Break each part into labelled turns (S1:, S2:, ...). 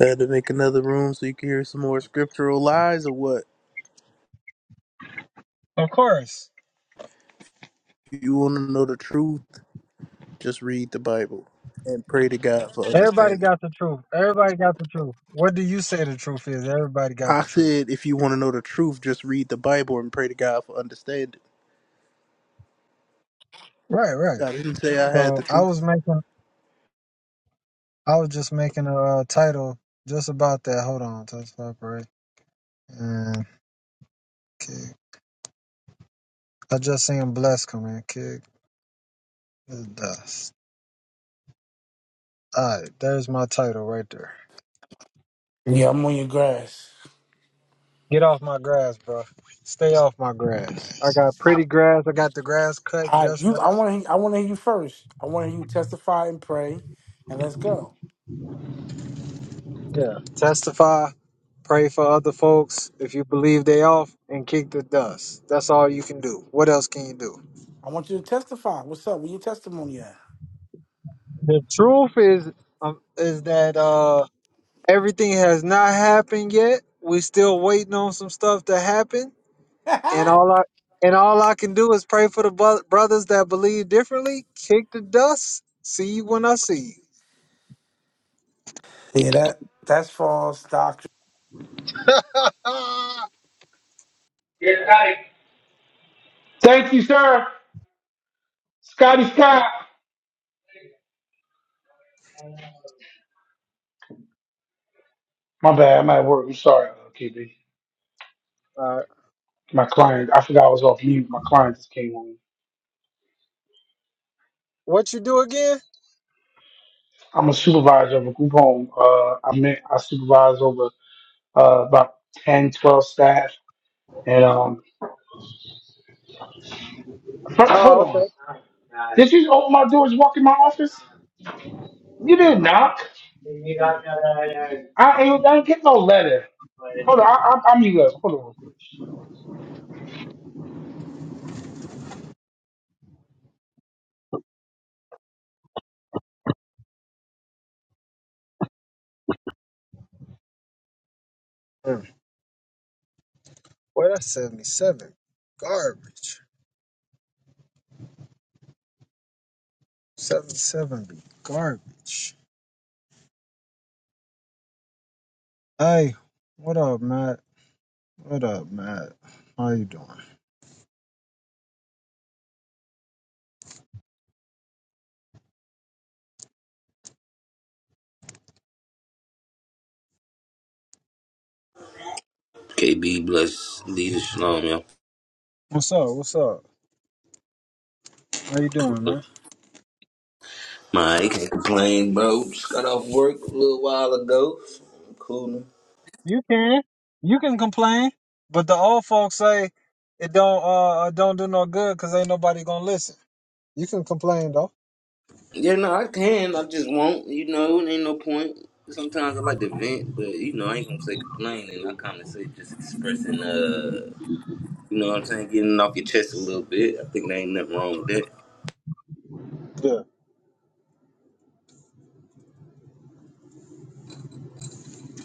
S1: I had to make another room so you can hear some more scriptural lies or what?
S2: Of course.
S1: If you want to know the truth, just read the Bible and pray to God for
S2: Everybody
S1: understanding.
S2: got the truth. Everybody got the truth. What do you say the truth is? Everybody got
S1: I
S2: the truth.
S1: said, if you want to know the truth, just read the Bible and pray to God for understanding.
S2: Right, right.
S1: I didn't say I had the
S2: So I was
S1: truth.
S2: making, I was just making a uh, title just about that. Hold on, touch up, right? And kick. I just seen Bless come in, kick the dust. All right, there's my title right there.
S3: Yeah, I'm on your grass.
S2: Get off my grass, bro. Stay off my grass. I got pretty grass. I got the grass cut
S3: I
S2: just right.
S3: you I want to I want to hear you first. I want to hear you testify and pray, and let's go.
S2: Yeah. Testify, pray for other folks if you believe they off, and kick the dust. That's all you can do. What else can you do?
S3: I want you to testify. What's up? Where your testimony at?
S2: The truth is, um, is that uh, everything has not happened yet. We still waiting on some stuff to happen, and all I and all I can do is pray for the bro- brothers that believe differently. Kick the dust. See you when I see you.
S3: yeah, that that's false doctrine. Yeah, Scotty. Thank you, sir. Scotty Scott. My bad. I'm at work. I'm sorry, uh, KB.
S2: All right.
S3: My client. I forgot I was off mute. My client just came on.
S2: What you do again?
S3: I'm a supervisor of a group home. Uh, I meant I supervise over uh, about ten, twelve staff, and um. Ho- Hold
S2: Oh,
S3: on.
S2: okay.
S3: Did you open my doors, walk in my office? You didn't knock. I ain't, I ain't get no letter. Hold on, I, I, I'm you up. Hold on real quick.
S2: Hmm. Well, that's seventy-seven. Garbage. Seven seven be garbage. Hey, what up, Matt? What up, Matt? How you doing?
S4: KB bless leader shalom, yo.
S2: What's up? What's up? How you doing,
S4: Cool.
S2: man?
S4: My, I Can't complain, bro. Just got off work a little while ago. So I'm coolin'.
S2: You can, you can complain, but the old folks say it don't uh don't do no good, cause ain't nobody gonna listen. You can complain though.
S4: Yeah, no, I can. I just won't. You know, it ain't no point. Sometimes I like to vent, but you know, I ain't gonna say complaining. I kind of say just expressing, uh, you know what I'm saying, getting it off your chest a little bit. I think there ain't nothing wrong with that.
S2: Yeah.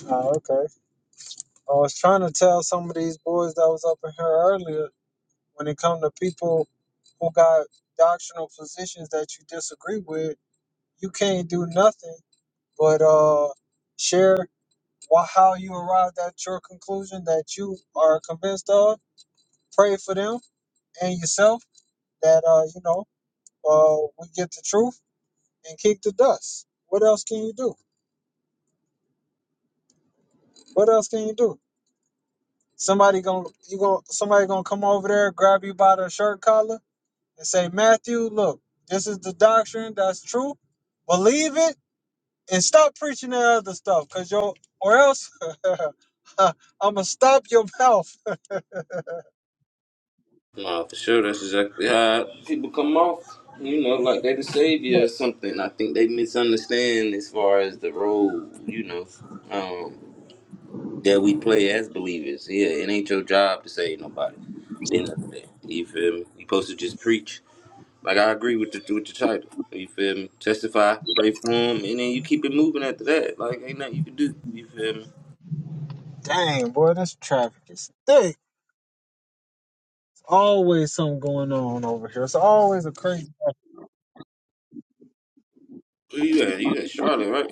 S2: Oh, okay. I was trying to tell some of these boys that was up in here earlier when it come to people who got doctrinal positions that you disagree with, you can't do nothing but uh, share why, how you arrived at your conclusion that you are convinced of. Pray for them and yourself that uh, you know uh, we get the truth and kick the dust. What else can you do? What else can you do? Somebody gonna you gonna somebody gonna come over there, grab you by the shirt collar, and say, Matthew, look, this is the doctrine that's true. Believe it and stop preaching that other stuff, cause yo or else I'm gonna stop your mouth
S4: No, for sure. That's exactly how people come off. You know, like they the savior or something. I think they misunderstand as far as the role, you know, um, that we play as believers. Yeah, it ain't your job to save nobody. Then nothing there. You feel me? You supposed to just preach. Like I agree with the with the title. You feel me? Testify, pray for him, and then you keep it moving after that. Like ain't nothing you can do. You feel me?
S2: Dang, boy, this traffic is thick. It's always something going on over here. It's always a crazy.
S4: Where you at? You at Charlotte, right?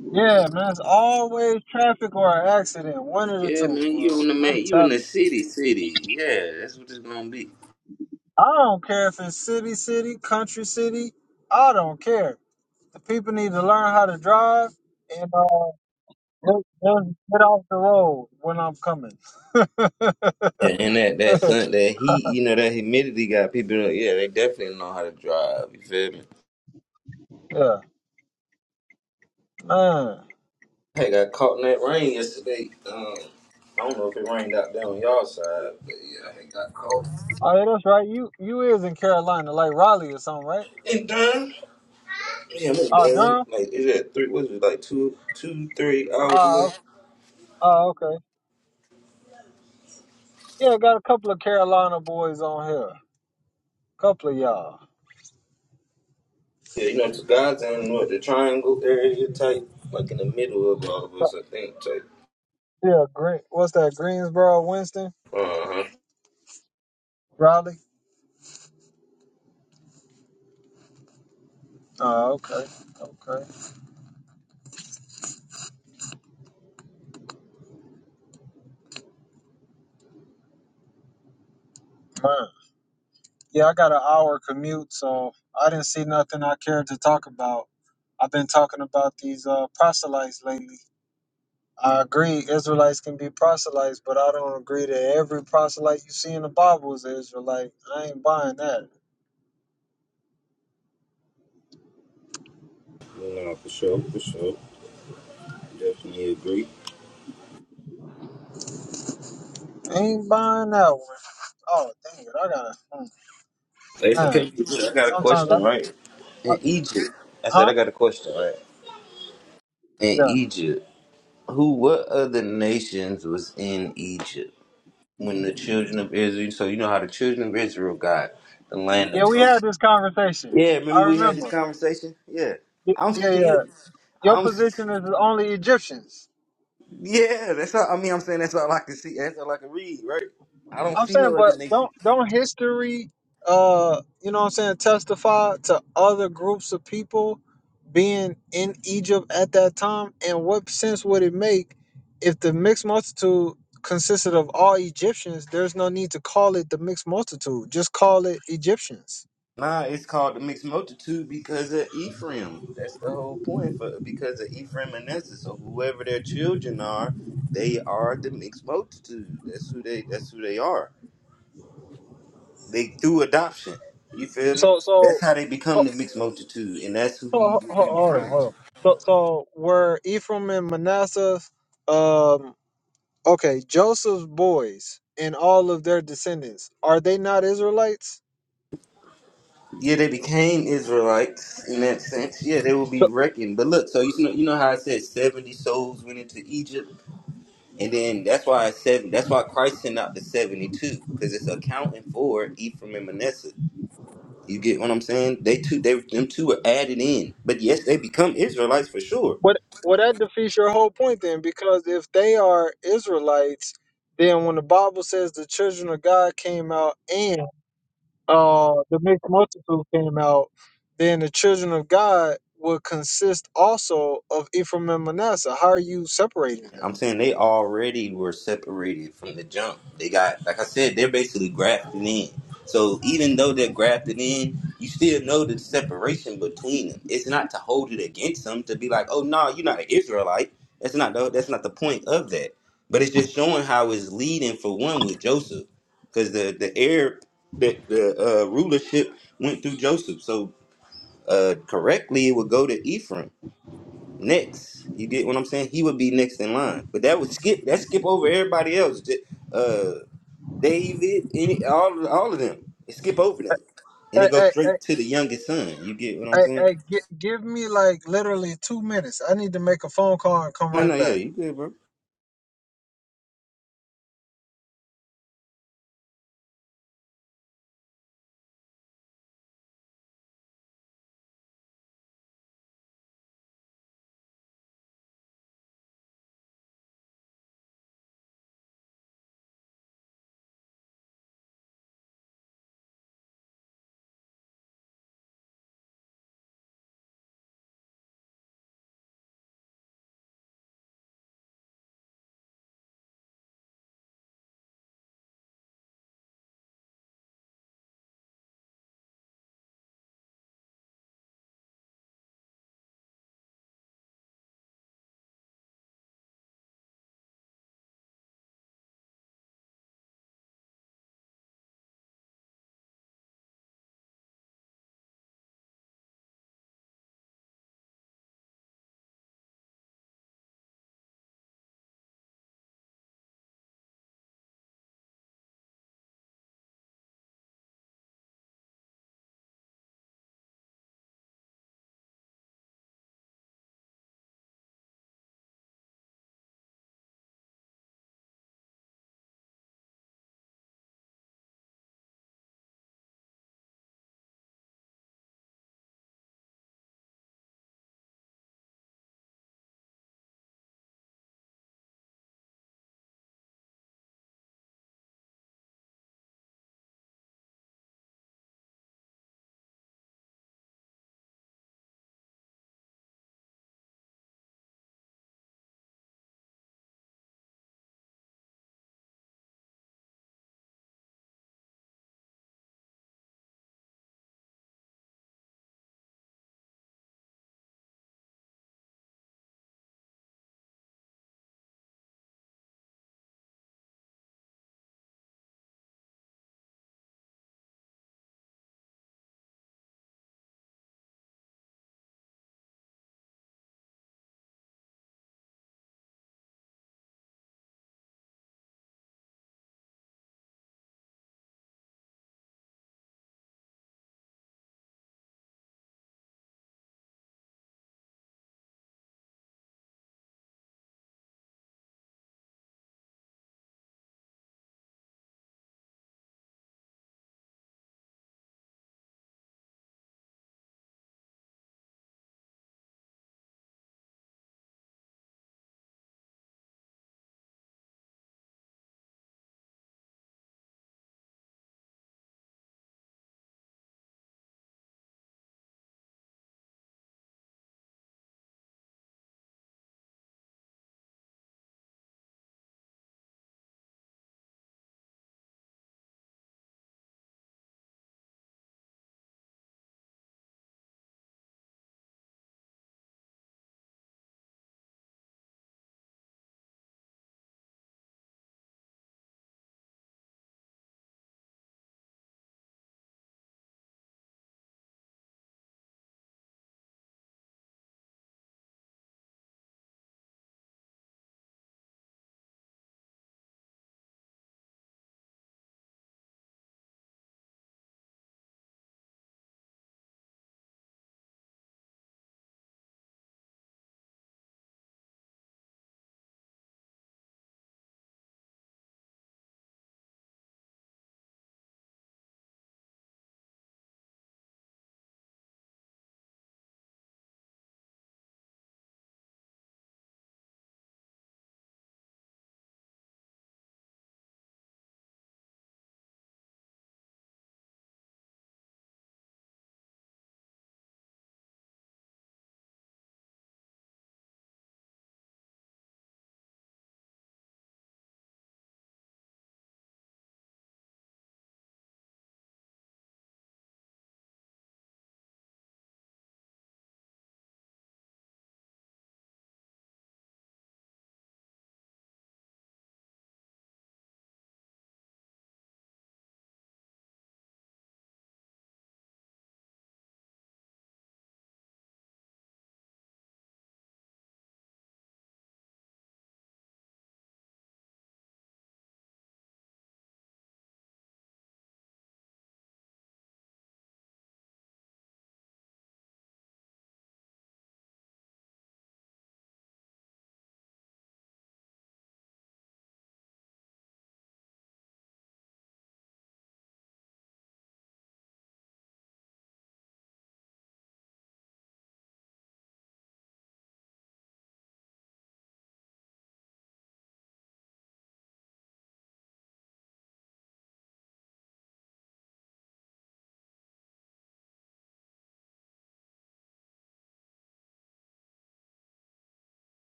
S2: Yeah, man, it's always traffic or an accident. One of the
S4: Yeah,
S2: two,
S4: man. You
S2: boy.
S4: on the man.
S2: I'm
S4: You in
S2: telling
S4: the
S2: you.
S4: city, city. Yeah, that's what it's gonna be.
S2: I don't care if it's city, city, country, city. I don't care. The people need to learn how to drive and uh, just, just get off the road when I'm coming.
S4: Yeah, and that that sun, that heat, you know, that humidity got people. Yeah, they definitely know how to drive. You feel me?
S2: yeah, man. Oh,
S4: Hey, got caught in that rain yesterday. Um, I don't know if it rained out there on y'all side, but yeah, I got caught.
S2: yeah, that's right. You you is in Carolina, like Raleigh or something, right?
S4: in done. Yeah, I'm in
S2: Uh,
S4: Durham.
S2: Durham.
S4: Like it's at three. What is it? Like two, two, three hours
S2: Oh,
S4: away.
S2: Oh, okay. Yeah, got a couple of Carolina boys on here. Couple of y'all.
S4: Yeah, you know, to guys and what the triangle area type, like in the middle of all of us, I think type.
S2: Yeah, Green. What's that? Greensboro, Winston,
S4: Uh huh.
S2: Raleigh. Oh, okay. Okay. Man. Yeah, I got an hour commute, so I didn't see nothing I cared to talk about. I've been talking about these uh, proselytes lately. I agree Israelites can be proselytes, but I don't agree that every proselyte you see in the Bible is an Israelite. I ain't buying that.
S4: No, for sure, for sure. Definitely agree.
S2: ain't buying that one. Oh, dang it. I gotta, hmm,
S4: They
S2: man.
S4: okay. I
S2: Sometimes I,
S4: got
S2: I
S4: In Egypt, I said I
S2: huh?
S4: got a question. Right. In
S2: Yeah.
S4: Egypt, who, what other nations was in Egypt when the children of Israel? So you know how the children of Israel got the land of
S2: Yeah, we
S4: Goshen.
S2: had this conversation.
S4: Yeah,
S2: I
S4: remember we had this
S2: remember.
S4: conversation. Yeah,
S2: Y-
S4: I'm
S2: Yeah, yeah.
S4: still,
S2: Your
S4: I'm,
S2: position is only Egyptians.
S4: yeah. That's all. I mean, I'm saying that's all I can see. That's all I can read. Right. I don't
S2: I'm
S4: see
S2: saying,
S4: no
S2: but
S4: other nation.
S2: don't don't history uh you know what I'm saying testify to other groups of people being in Egypt at that time? And what sense would it make if the mixed multitude consisted of all Egyptians, there's no need to call it the mixed multitude. Just call it Egyptians.
S4: Nah, it's called the mixed multitude because of Ephraim. That's the whole point for because of Ephraim and Manasseh. So whoever their children are, they are the mixed multitude. That's who they that's who they are. They through adoption. You feel me?
S2: So
S4: That's
S2: so
S4: how they
S2: ho-
S4: become the mixed multitude, and that's who
S2: So
S4: he
S2: ho-
S4: would be
S2: hold on,
S4: referring
S2: hold
S4: to.
S2: on. So so were Ephraim and Manasseh, um, okay, Joseph's boys and all of their descendants are they not Israelites?
S4: Yeah, they became Israelites in that sense. Yeah, they will be
S2: So
S4: reckoned. But look, so you know you know how I said seventy souls went into Egypt? And then that's why I said that's why Christ sent out the seventy two because it's accounting for Ephraim and Manasseh. You get what I'm saying? They two, they them two are added in, but yes, they become Israelites for sure.
S2: what? Well, that defeats your whole point then, because if they are Israelites, then when the Bible says the children of God came out and uh, the mixed multitude came out, then the children of God would consist also of Ephraim and Manasseh. How are you separating
S4: I'm
S2: them?
S4: saying they already were separated from the jump. They got, like I said, they're basically grafted in. So even though they're grafted in, you still know the separation between them. It's not to hold it against them to be like, oh no, you're not an Israelite. That's not the, that's not the point of that. But it's just showing how it's leading for one with Joseph, because the the heir the the uh, rulership went through Joseph. So uh, correctly, it would go to Ephraim next. You get what I'm saying? He would be next in line, but that would skip that skip over everybody else. J- Uh, David, any all all of them, it skip over them, and it
S2: Hey,
S4: goes
S2: hey,
S4: straight to the youngest son. You get what I'm
S2: Hey,
S4: saying?
S2: hey, gi- give me like literally two minutes. I need to make a phone call and come
S4: No, no,
S2: right
S4: yeah,
S2: back.
S4: you good, bro.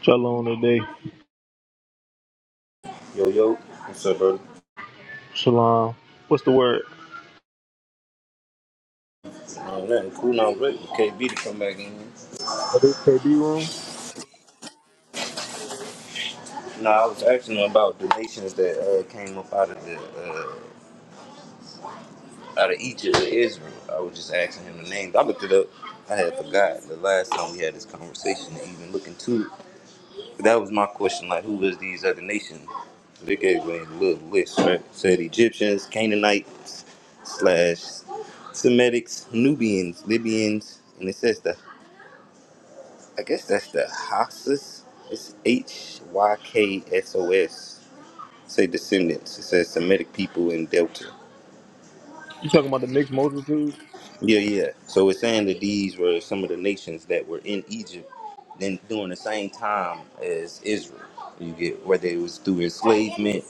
S5: Shalom today.
S4: Yo, yo, what's up, bro?
S5: Shalom. What's the word?
S4: Uh, nothing cool, now, but KB to come back in.
S5: Oh, this KB room?
S4: No, I was asking him about the nations that uh, came up out of the uh, out of Egypt and Israel. I was just asking him the names. I looked it up. I had forgot the last time we had this conversation to even look into it. That was my question. Like, who was these other nations? They gave me a little list, right? Said Egyptians, Canaanites, slash Semitics, Nubians, Libyans, and it says the. I guess that's the Hyksos. It's H Y K S O S. Say descendants. It says Semitic people in Delta.
S5: You talking about the mixed multitude?
S4: Yeah, yeah. So it's saying that these were some of the nations that were in Egypt then during the same time as Israel. You get whether it was through enslavement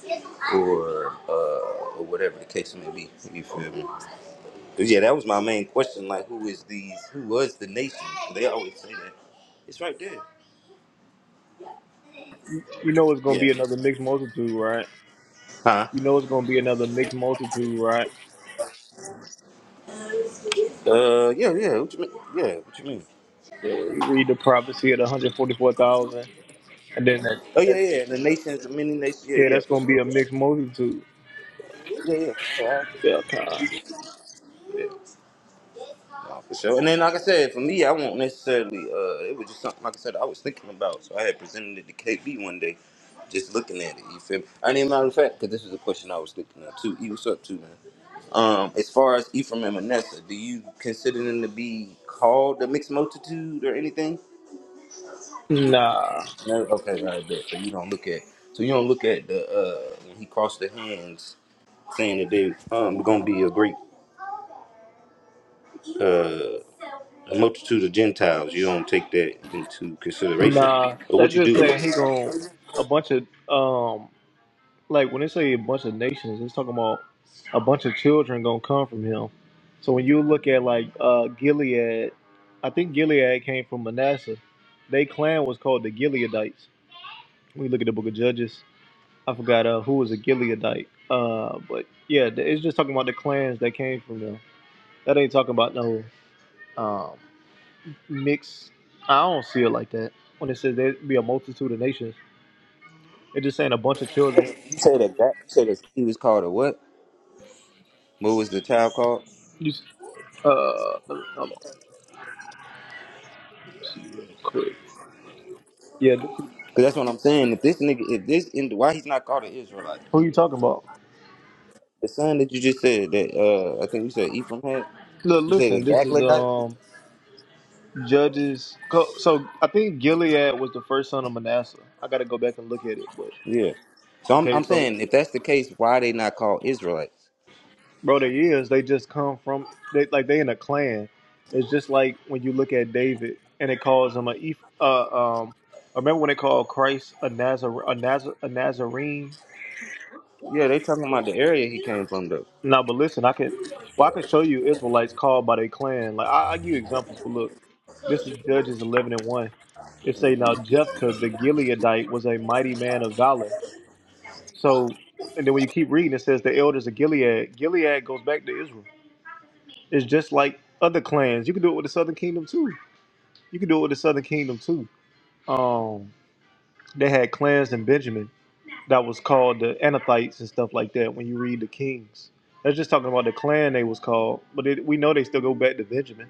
S4: or uh, or whatever the case may be. You feel me? But yeah, that was my main question. Like, who is these? Who was the nation? They always say that. It's right there.
S5: You know it's gonna
S4: Yeah.
S5: be another mixed multitude, right?
S4: Huh?
S5: You know it's gonna be another mixed multitude, right?
S4: Uh, yeah, yeah. What you mean? Yeah, what you mean?
S5: Yeah, You read the prophecy of the hundred forty four thousand, and then that,
S4: Oh yeah,
S5: that
S4: yeah. The nations, the many nations. Yeah,
S5: yeah,
S4: yeah,
S5: that's
S4: for
S5: gonna be
S4: sure,
S5: a
S4: for
S5: mixed
S4: sure.
S5: multitude.
S4: Yeah, yeah. Yeah. I agree.
S5: Yeah, okay.
S4: Yeah. Nah, for sure. And then, like I said, for me, I won't necessarily. Uh, it was just something, like I said, I was thinking about. So I had presented it to KB one day, just looking at it. You feel me? And as a matter of fact, because this is a question I was thinking of too. E, what's up, too, man? Um, as far as Ephraim and Manasseh, do you consider them to be called the mixed multitude or anything?
S5: Nah,
S4: No. Okay, all right, bet. So you don't look at. So you don't look at the uh, when he crossed the hands, saying that they um gonna be a great uh a multitude of Gentiles. You don't take that into consideration,
S5: nah.
S4: But what
S5: That's
S4: you do
S5: just
S4: with
S5: saying he
S4: that?
S5: gonna a bunch of um like when they say a bunch of nations, it's talking about a bunch of children gonna come from him. So when you look at like uh, Gilead, I think Gilead came from Manasseh. They clan was called the Gileadites. When you look at the Book of Judges, I forgot uh, who was a Gileadite, uh, but yeah, th- it's just talking about the clans that came from them. That ain't talking about no um, mix. I don't see it like that. When it says there be a multitude of nations, it's just saying a bunch of children.
S4: You say that, that you say that he was called a what? What was the child called?
S5: You s- Uh, let me- hold on, see real quick. Yeah, this is,
S4: Because that's what I'm saying. If this nigga, if this, in, why he's not called an Israelite?
S5: who you talking about?
S4: The son that you just said that uh I think you said Ephraim had.
S5: Look,
S4: You said a
S5: listen, this is
S4: Gaglite.
S5: um Judges. Co- So I think Gilead was the first son of Manasseh. I got to go back and look at it, but
S4: Yeah. So I'm
S5: okay.
S4: I'm
S5: So,
S4: saying if that's the case, why they not called Israelites?
S5: bro, they is they just come from they like they in a clan. It's just like when you look at David and it calls him a Eph- uh um. Remember when they called Christ a Nazar a Nazar a Nazarene?
S4: Yeah, they talking about the area he came from though.
S5: No, but listen, I could, well, I could show you Israelites called by their clan. Like I, I give you examples, but look, this is Judges eleven and one. It say now Jephthah the Gileadite was a mighty man of valor. So, and then when you keep reading, it says the elders of Gilead. Gilead goes back to Israel. It's just like other clans. You can do it with the Southern Kingdom too. You can do it with the Southern Kingdom too. Um, they had clans in Benjamin. that was called the Anathites and stuff like that. When you read the Kings, that's just talking about the clan they was called. But it, we know they still go back to Benjamin.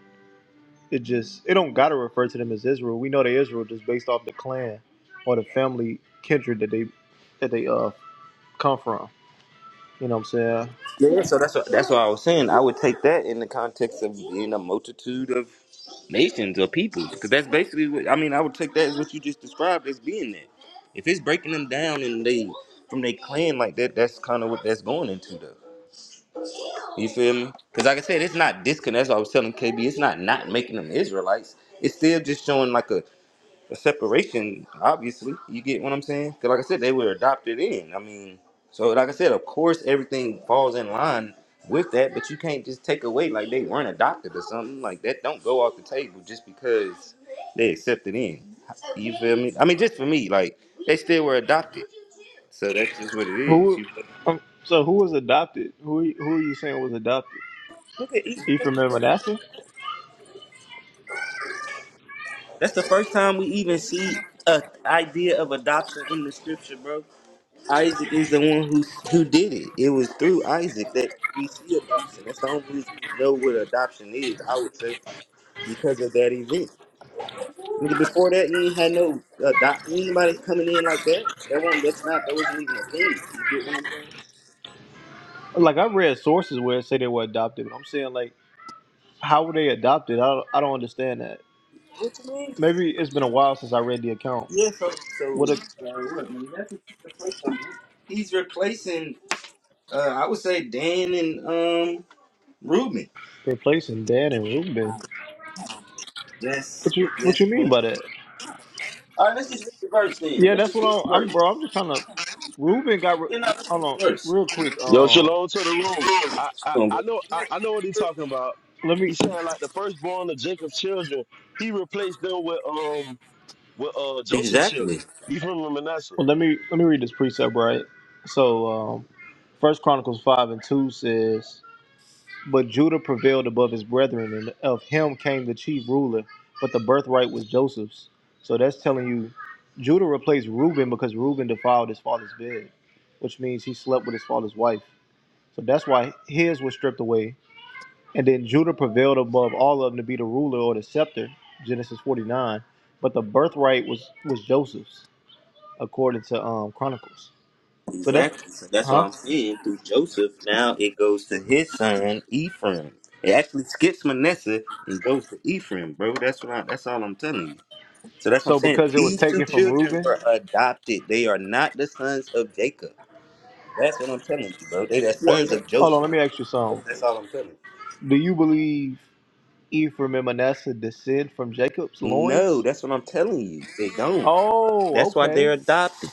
S5: It just it don't gotta refer to them as Israel. We know they Israel just based off the clan or the family kindred that they that they uh come from. You know what I'm saying?
S4: Yeah, so that's what, that's what I was saying. I would take that in the context of being a multitude of nations or peoples, because that's basically what I mean. I would take that as what you just described as being there. If it's breaking them down and they from their clan like that, that's kind of what that's going into, though. You feel me? Because like I said, it's not disconnect. That's what I was telling KB. It's not not making them Israelites. It's still just showing like a a separation, obviously. You get what I'm saying? 'Cause like I said, they were adopted in. I mean, so like I said, of course everything falls in line with that, but you can't just take away like they weren't adopted or something. Like that don't go off the table just because they accepted in. You feel me? I mean, just for me, like they still were adopted. So that's just what it is.
S5: Who?
S4: You feel
S5: Um, so who was adopted? Who who are you saying was adopted?
S4: me?
S5: Ephraim and Manasseh?
S4: That's the first time we even see a idea of adoption in the scripture, bro. Isaac is the one who who did it. It was through Isaac that we see adoption. That's the only reason we know what adoption is. I would say because of that event. Nigga, Before that, you ain't had no adopt anybody coming in like that. That won't. That's not. That wasn't even a thing. You get what I'm saying?
S5: Like I read sources where it say they were adopted, but I'm saying like how were they adopted? I don't, I don't understand that.
S4: What you mean?
S5: Maybe it's been a while since I read the account.
S4: Yeah. So so
S5: What a
S4: uh, what? Man, that's what he's replacing. He's replacing. Uh, I would say Dan and um Reuben.
S5: replacing Dan and Ruben.
S4: Yes.
S5: What you what
S4: Yes.
S5: you mean by that?
S4: All right, let's just read the verse then.
S5: Yeah,
S4: Let's
S5: that's
S4: just
S5: what
S4: read
S5: I'm,
S4: the
S5: I'm
S4: verse.
S5: bro. I'm just trying to. Ruben got. Re,
S4: You know, let's
S5: hold
S4: read
S5: on,
S4: the verse.
S5: real quick.
S6: Yo,
S5: Um,
S6: shalom to the room. I I,
S4: Come on, bro.
S6: I know I, I know what he's talking about.
S5: let me
S6: He said like the firstborn of Jacob's children, he replaced them with um with uh Joseph's
S4: Exactly.
S6: children, Ephraim and Manasseh.
S5: well, let me let me read this precept right. So, um, First Chronicles five and two says, "But Judah prevailed above his brethren, and of him came the chief ruler. But the birthright was Joseph's." So that's telling you, Judah replaced Reuben because Reuben defiled his father's bed, which means he slept with his father's wife. So that's why his was stripped away. And then Judah prevailed above all of them to be the ruler or the scepter, Genesis 49. But the birthright was was Joseph's, according to um, Chronicles. So that's,
S4: Exactly. So that's why
S5: huh?
S4: I'm saying through Joseph, now it goes to his son Ephraim. It actually skips Manasseh and goes to Ephraim, bro. That's what I, that's all I'm telling you. So that's what I'm
S5: So
S4: saying.
S5: because it was
S4: These two
S5: taken from
S4: children
S5: Reuben,
S4: were adopted. They are not the sons of Jacob. That's what I'm telling you, bro. They the
S5: what?
S4: sons of
S5: Hold on, let
S4: Joseph.
S5: me ask you
S4: That's,
S5: something.
S4: that's all I'm telling you.
S5: Do you believe Ephraim and Manasseh descend from Jacob's
S4: No,
S5: loins?
S4: that's what I'm telling you. They don't.
S5: Oh,
S4: That's why they're
S5: okay.
S4: adopted.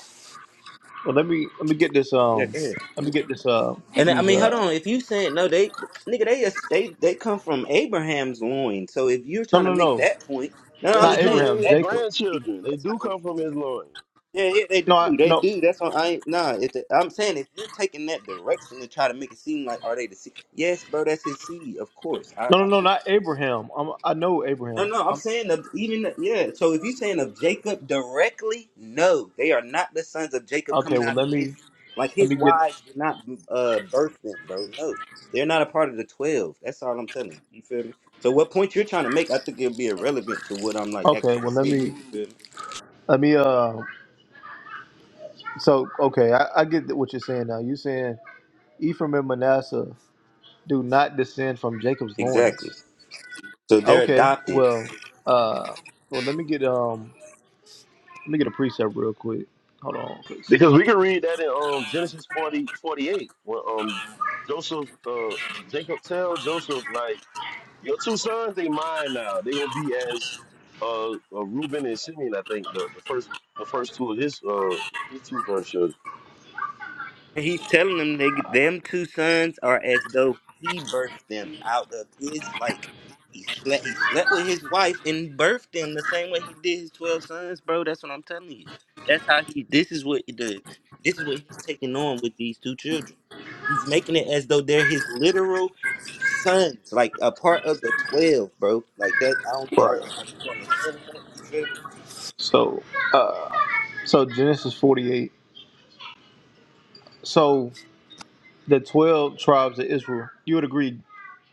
S5: Well, let me let me get this.
S4: Yeah,
S5: Um,
S4: go
S5: let me get this. Uh,
S4: And I
S5: these.
S4: mean, hold
S5: Uh,
S4: on. If you saying no, they nigga, they just- they they come from Abraham's loin. So if you're
S5: no,
S4: trying to
S5: no,
S4: make
S5: no,
S4: that point, no, no, I'm
S6: They
S5: not
S4: just
S6: do
S4: saying
S6: they
S5: Abraham.
S6: his
S4: that
S5: Jacob.
S4: point. would be-
S6: grandchildren. They
S4: That's
S6: do
S4: not what
S6: come
S4: I'm
S6: from his
S4: saying, bro.
S6: loins.
S4: Yeah, yeah, they
S5: No, I,
S4: do, they
S5: no.
S4: do. That's why I ain't nah. If the, I'm saying if you're taking that direction to try to make it seem like are they the seed? Yes, bro, that's his seed, of course. I,
S5: No, no,
S4: I
S5: no, not Abraham. i I know
S4: No,
S5: Abraham.
S4: no, I'm
S5: I'm,
S4: saying of even yeah. So if you're saying of Jacob directly, no, they are not the sons of Jacob
S5: okay,
S4: coming
S5: well
S4: out of
S5: let
S4: his
S5: me
S4: like
S5: let
S4: his
S5: me get.
S4: wives did not uh birth them, bro. No, they're not a part of the twelve. That's all I'm telling you. You feel me? So what point you're trying to make, I think it'll be irrelevant to what I'm like
S5: Okay,
S4: actually
S5: well let
S4: saying.
S5: me
S4: You feel me?
S5: let me. Uh, so okay, I, I get what you're saying now. You're saying Ephraim and Manasseh do not descend from Jacob's loins.
S4: Exactly. So they're
S5: Okay,
S4: adopted.
S5: well, uh, well let me get um let me get a precept real quick. Hold on, please.
S6: Because we can read that in um Genesis forty forty eight 48, when um Joseph uh J- Jacob tell Joseph like your two sons they mine now. They gonna be as uh, uh Reuben and Simeon, I think the, the first the first two of his uh his two first children.
S4: And he's telling them they them two sons are as though he birthed them out of his like he slept he slept with his wife and birthed them the same way he did his twelve sons, bro. That's what I'm telling you. That's how he this is what he did. This is what he's taking on with these two children. He's making it as though they're his literal sons, like a part of the twelve, bro. Like that I don't are,
S5: Right.
S4: are you understanding that? You feel me?
S5: So, uh, so Genesis 48. So the 12 tribes of Israel. You would agree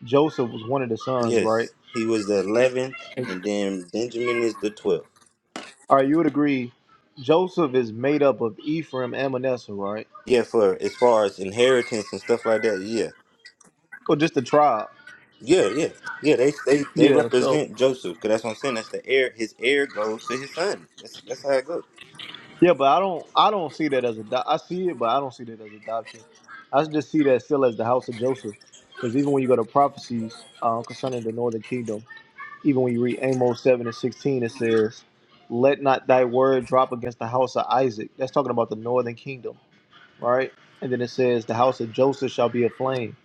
S5: Joseph was one of the sons, right?
S4: Yes. He was the eleventh and then Benjamin is the twelfth.
S5: All right, you would agree Joseph is made up of Ephraim and Manasseh, right?
S4: Yeah, for as far as inheritance and stuff like that. Yeah,
S5: Or just the tribe.
S4: yeah, yeah, yeah. They they they
S5: Yeah, so
S4: represent Joseph because that's what I'm saying. That's the heir. His heir goes to his son. That's that's how it goes.
S5: Yeah, but I don't I don't see that as a I see it, but I don't see that as adoption. I just see that still as the house of Joseph. Because even when you go to prophecies uh, concerning the northern kingdom, even when you read Amos 7 and 16, it says, Let not thy word drop against the house of Isaac. That's talking about the northern kingdom. right? And then it says, the house of Joseph shall be aflame.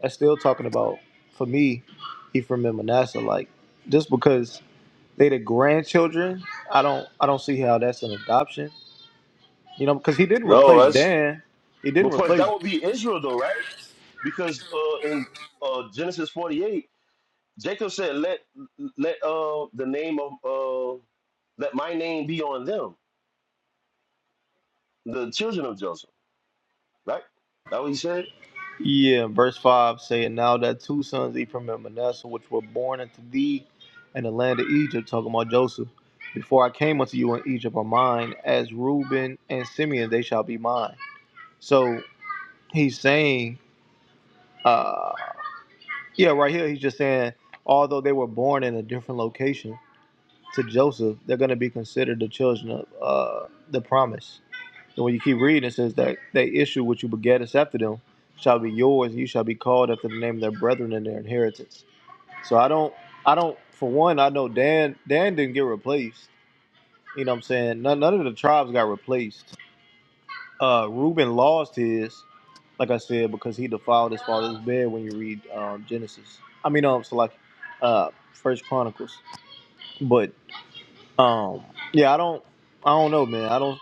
S5: That's still talking about, for me, Ephraim and Manasseh. Like, just because they the grandchildren, I don't, I don't see how that's an adoption. You know, because he didn't
S6: No,
S5: replace
S6: that's
S5: Dan. He didn't
S6: because that
S5: replace.
S6: would be Israel, though, right? Because uh, in uh, Genesis forty-eight, Jacob said, "Let let uh, the name of uh, let my name be on them, the children of Joseph." Right? That what he said.
S5: Yeah, verse five saying, now that two sons, Ephraim and Manasseh, which were born unto thee in the land of Egypt, talking about Joseph. Before I came unto you in Egypt are mine, as Reuben and Simeon they shall be mine. So he's saying Uh, yeah, right here he's just saying, although they were born in a different location to Joseph, they're going to be considered the children of uh, the promise. And when you keep reading, it says that they issue which you begettest after them shall be yours, and you shall be called after the name of their brethren and their inheritance. So I don't, I don't. For one, I know Dan. Dan didn't get replaced. You know what I'm saying? None, none of the tribes got replaced Uh, Reuben lost his, like I said, because he defiled his father's bed. When you read um, Genesis, I mean, um, so like, uh, First Chronicles. But um, yeah, I don't, I don't know, man. I don't,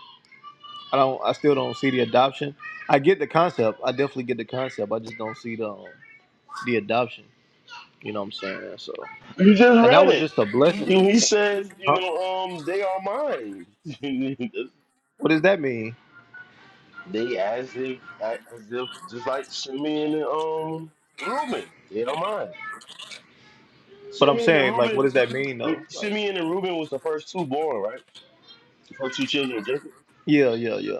S5: I don't, I still don't see the adoption. I get the concept. I definitely get the concept. I just don't see the um, the adoption. You know what I'm saying? So,
S6: You just
S5: and that
S6: read
S5: was
S6: it.
S5: just a blessing.
S6: You- He says, "You
S5: Huh?
S6: know, um, they are mine."
S5: What does that mean?
S6: they as if as if just like Simeon and um Reuben, they are mine.
S5: But I'm
S6: Simeon and
S5: saying, like, what
S6: Reuben,
S5: does that mean
S6: with
S5: though? Like,
S6: Simeon and Reuben was the first two born, right? The first two children of Jacob.
S5: yeah, yeah, yeah.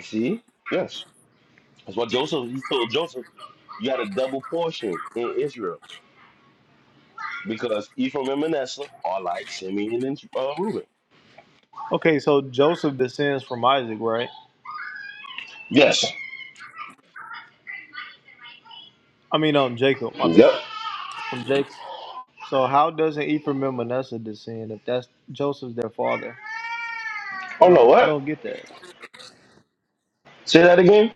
S6: See? Yes. That's why Joseph, he told Joseph, you got a double portion in Israel because Ephraim and Manasseh are like Simeon and uh, Reuben.
S5: Okay, so Joseph descends from Isaac, right?
S6: Yes.
S5: I mean, um, Jacob. My bad.
S6: Yep.
S5: From Jacob. So how doesn't Ephraim and Manasseh descend if that's Joseph's their father? I
S6: Oh, no,
S5: don't. I
S6: what?
S5: don't get that.
S6: Say that again?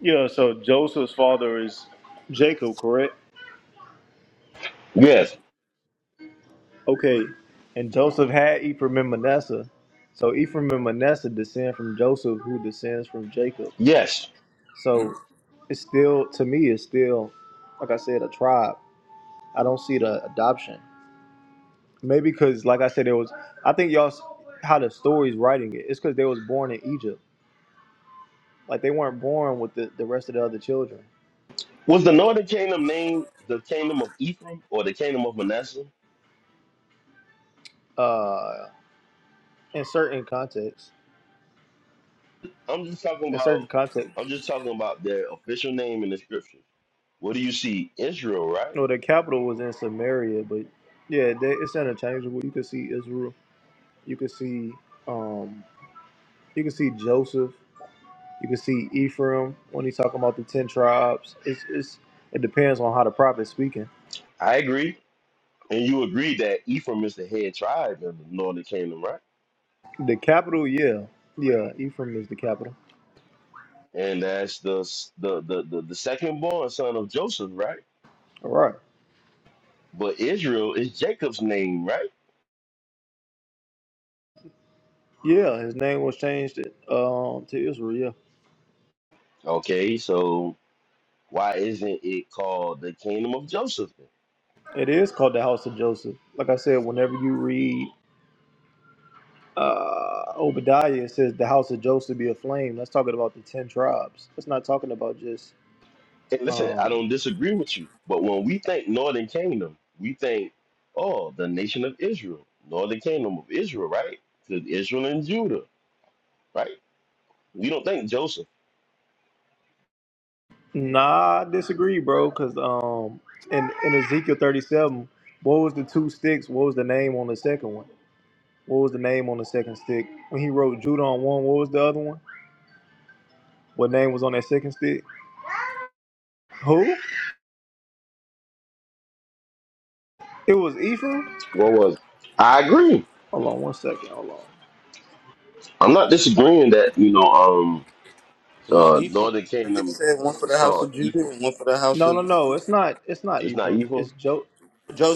S5: Yeah, so Joseph's father is Jacob, correct?
S6: Yes.
S5: Okay. And Joseph had Ephraim and Manasseh. So Ephraim and Manasseh descend from Joseph, who descends from Jacob.
S6: Yes.
S5: So it's still, to me, it's still, like I said, a tribe. I don't see the adoption. Maybe because, like I said, it was, I think y'all, s- how the story's writing it, it's because they was born in Egypt. Like they weren't born with the, the rest of the other children.
S6: Was the northern kingdom named the kingdom of Ephraim or the kingdom of Manasseh?
S5: Uh, in certain contexts,
S6: I'm just talking
S5: in certain
S6: about.
S5: contexts,
S6: I'm just talking about their official name in the scriptures. What do you see? Israel, right?
S5: no, the capital was in Samaria, but yeah, they, it's interchangeable. You could see Israel. You could see um, you could see Joseph. You can see Ephraim when he's talking about the ten tribes. It's it's it depends on how the prophet's speaking.
S6: I agree. And you agreed that Ephraim is the head tribe in the northern kingdom, right?
S5: The capital, yeah, yeah, Ephraim is the capital.
S6: And that's the s- the the the, the second born son of Joseph, right?
S5: All right,
S6: But Israel is Jacob's name, right?
S5: yeah, his name was changed um to Israel. Yeah.
S6: Okay, so why isn't it called the kingdom of Joseph?
S5: It is called the house of Joseph. Like I said, whenever you read uh, Obadiah, it says the house of Joseph be aflame. That's talking about the ten tribes. That's not talking about just.
S6: And listen, I
S5: Um,
S6: don't disagree with you, but when we think northern kingdom, we think, oh, the nation of Israel, northern kingdom of Israel, right? Because Israel and Judah, right? We don't think Joseph.
S5: nah, I disagree, bro. Because um, in in Ezekiel thirty seven, what was the two sticks? What was the name on the second one? What was the name on the second stick? When he wrote Judah on one, what was the other one? What name was on that second stick? Who? It was Ephraim.
S6: What was I agree.
S5: Hold on one second. Hold on.
S6: I'm not disagreeing that you know. um.
S4: It was
S6: Uh,
S4: Ephraim.
S6: Northern
S4: I think it
S6: Kingdom
S4: said one
S6: was-
S4: for
S6: it's
S4: the house
S6: called
S4: of Judah
S6: Ephraim.
S4: and one for the house
S5: No,
S4: of
S5: no, no. It's not. It's not
S6: It's not
S5: Ephraim. It's
S6: Ephraim.
S5: Joe.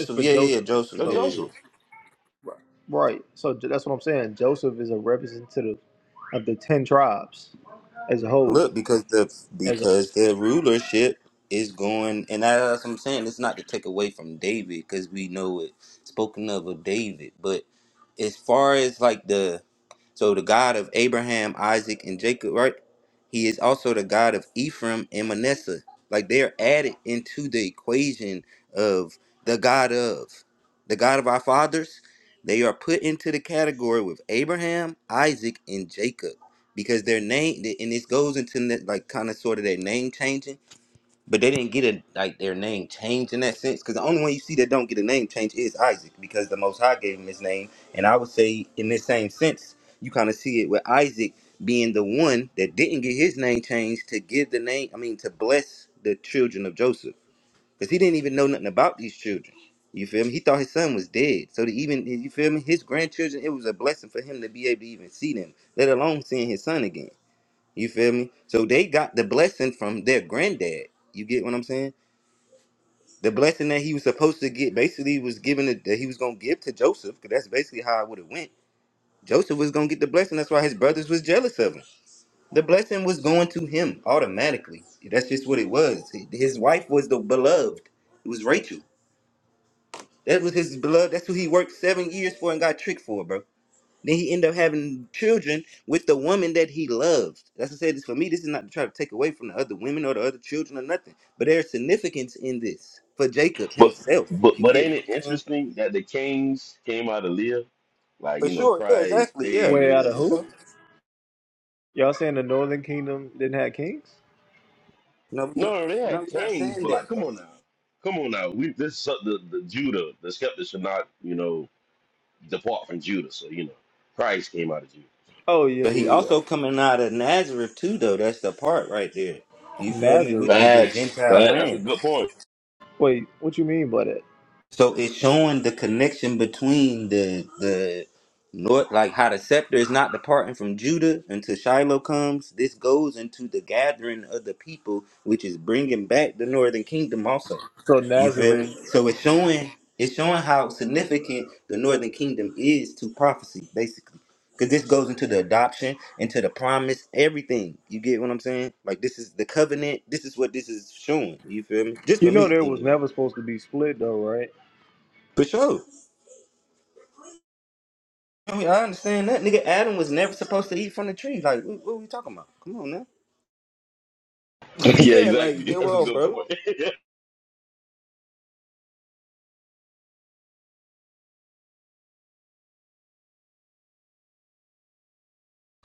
S5: It's for
S4: Yeah, yeah, yeah,
S5: Joseph.
S4: Joseph.
S6: That's
S4: Yeah,
S5: So
S4: yeah. yeah.
S6: Joseph.
S5: right. So j- that's what I'm saying. Joseph is a representative of the ten tribes as a whole.
S4: Look, because the
S5: As a
S4: because the rulership is going, and as I'm saying, it's not to take away from David because we know it spoken of of David, but as far as like the so the God of Abraham, Isaac, and Jacob, right? He is also the God of Ephraim and Manasseh. Like they are added into the equation of the God of the God of our fathers. They are put into the category with Abraham, Isaac, and Jacob because their name and this goes into that, like kind of sort of their name changing, but they didn't get a like their name changed in that sense. Because the only one you see that don't get a name change is Isaac, because the Most High gave him his name. And I would say in this same sense, you kind of see it with Isaac being the one that didn't get his name changed to give the name. I mean, to bless the children of Joseph, because he didn't even know nothing about these children. You feel me? He thought his son was dead. So to even you feel me, his grandchildren, it was a blessing for him to be able to even see them, let alone seeing his son again. You feel me? So they got the blessing from their granddad. You get what I'm saying? The blessing that he was supposed to get basically was given to, that he was gonna give to Joseph, because that's basically how it would have went. Joseph was gonna get the blessing. That's why his brothers was jealous of him. The blessing was going to him automatically. That's just what it was. His wife was the beloved. It was Rachel. That was his beloved. That's who he worked seven years for and got tricked for, bro. Then he ended up having children with the woman that he loved. That's what I said. This for me. This is not to try to take away from the other women or the other children or nothing. But there's significance in this for Jacob
S6: But
S4: himself.
S6: but
S4: You
S6: but
S4: get
S6: ain't
S4: what
S6: it
S4: I'm saying?
S6: interesting that the kings came out of Leah, like
S4: For
S6: you know
S4: sure. Yeah.
S6: Christ,
S4: Exactly. Yeah.
S5: way
S4: Yeah.
S5: out of
S6: David.
S4: that's
S5: who?
S4: all.
S5: Y'all saying the Northern Kingdom didn't have kings?
S4: No, we're
S6: No,
S4: not,
S6: no, they
S4: no,
S6: had
S4: we're not
S6: kings,
S4: saying
S6: but like,
S4: that.
S6: come
S4: Bro.
S6: on now, come on now. We this so- the the Judah, the skeptics should not you know depart from Judah. So you know Christ came out of Judah.
S5: Oh yeah,
S4: But he
S5: yeah,
S4: also coming out of Nazareth too, though. That's the part right there.
S5: yeah.
S4: You feel me? Which
S5: Nazareth.
S4: is the
S6: Facts.
S4: Gentile
S6: That, that's a
S4: land.
S6: good point.
S5: Wait, what you mean by that?
S4: So it's showing the connection between the the north, like how the scepter is not departing from Judah until Shiloh comes. This goes into the gathering of the people, which is bringing back the northern kingdom. Also,
S5: So
S4: you feel
S5: Nazareth.
S4: me? So it's showing it's showing how significant the northern kingdom is to prophecy, basically. Because this goes into the adoption, into the promise, everything. You get what I'm saying? Like this is the covenant. This is what this is showing. You feel me? Just for
S5: You know
S4: me,
S5: there was
S4: anyway.
S5: never supposed to be split though, right?
S4: For sure. I mean, I understand that. Nigga, Adam was never supposed to eat from the tree. Like, what, what we talking about? Come on now.
S6: yeah,
S4: yeah, like,
S6: exactly.
S4: get
S6: That's a
S4: well,
S6: good
S4: bro.
S6: point.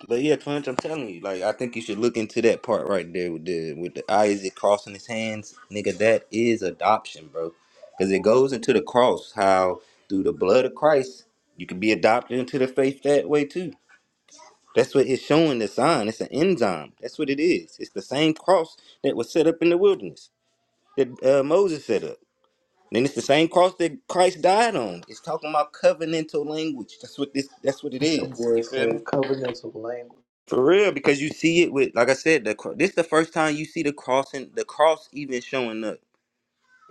S4: But yeah, Punch, I'm telling you, like, I think you should look into that part right there with the with the Isaac crossing his hands, nigga. That is adoption, bro, because it goes into the cross. How through the blood of Christ, you can be adopted into the faith that way too. That's what it's showing. The sign. It's an enzyme. That's what it is. It's the same cross that was set up in the wilderness that uh, Moses set up. Then it's the same cross that Christ died on. It's talking about covenantal language. That's what this. That's what it is.
S5: That
S4: You
S5: boy
S4: feel me?
S5: said covenantal language.
S4: For real, because you see it with, like I said, the cro- this is the first time you see the crossing, the cross even showing up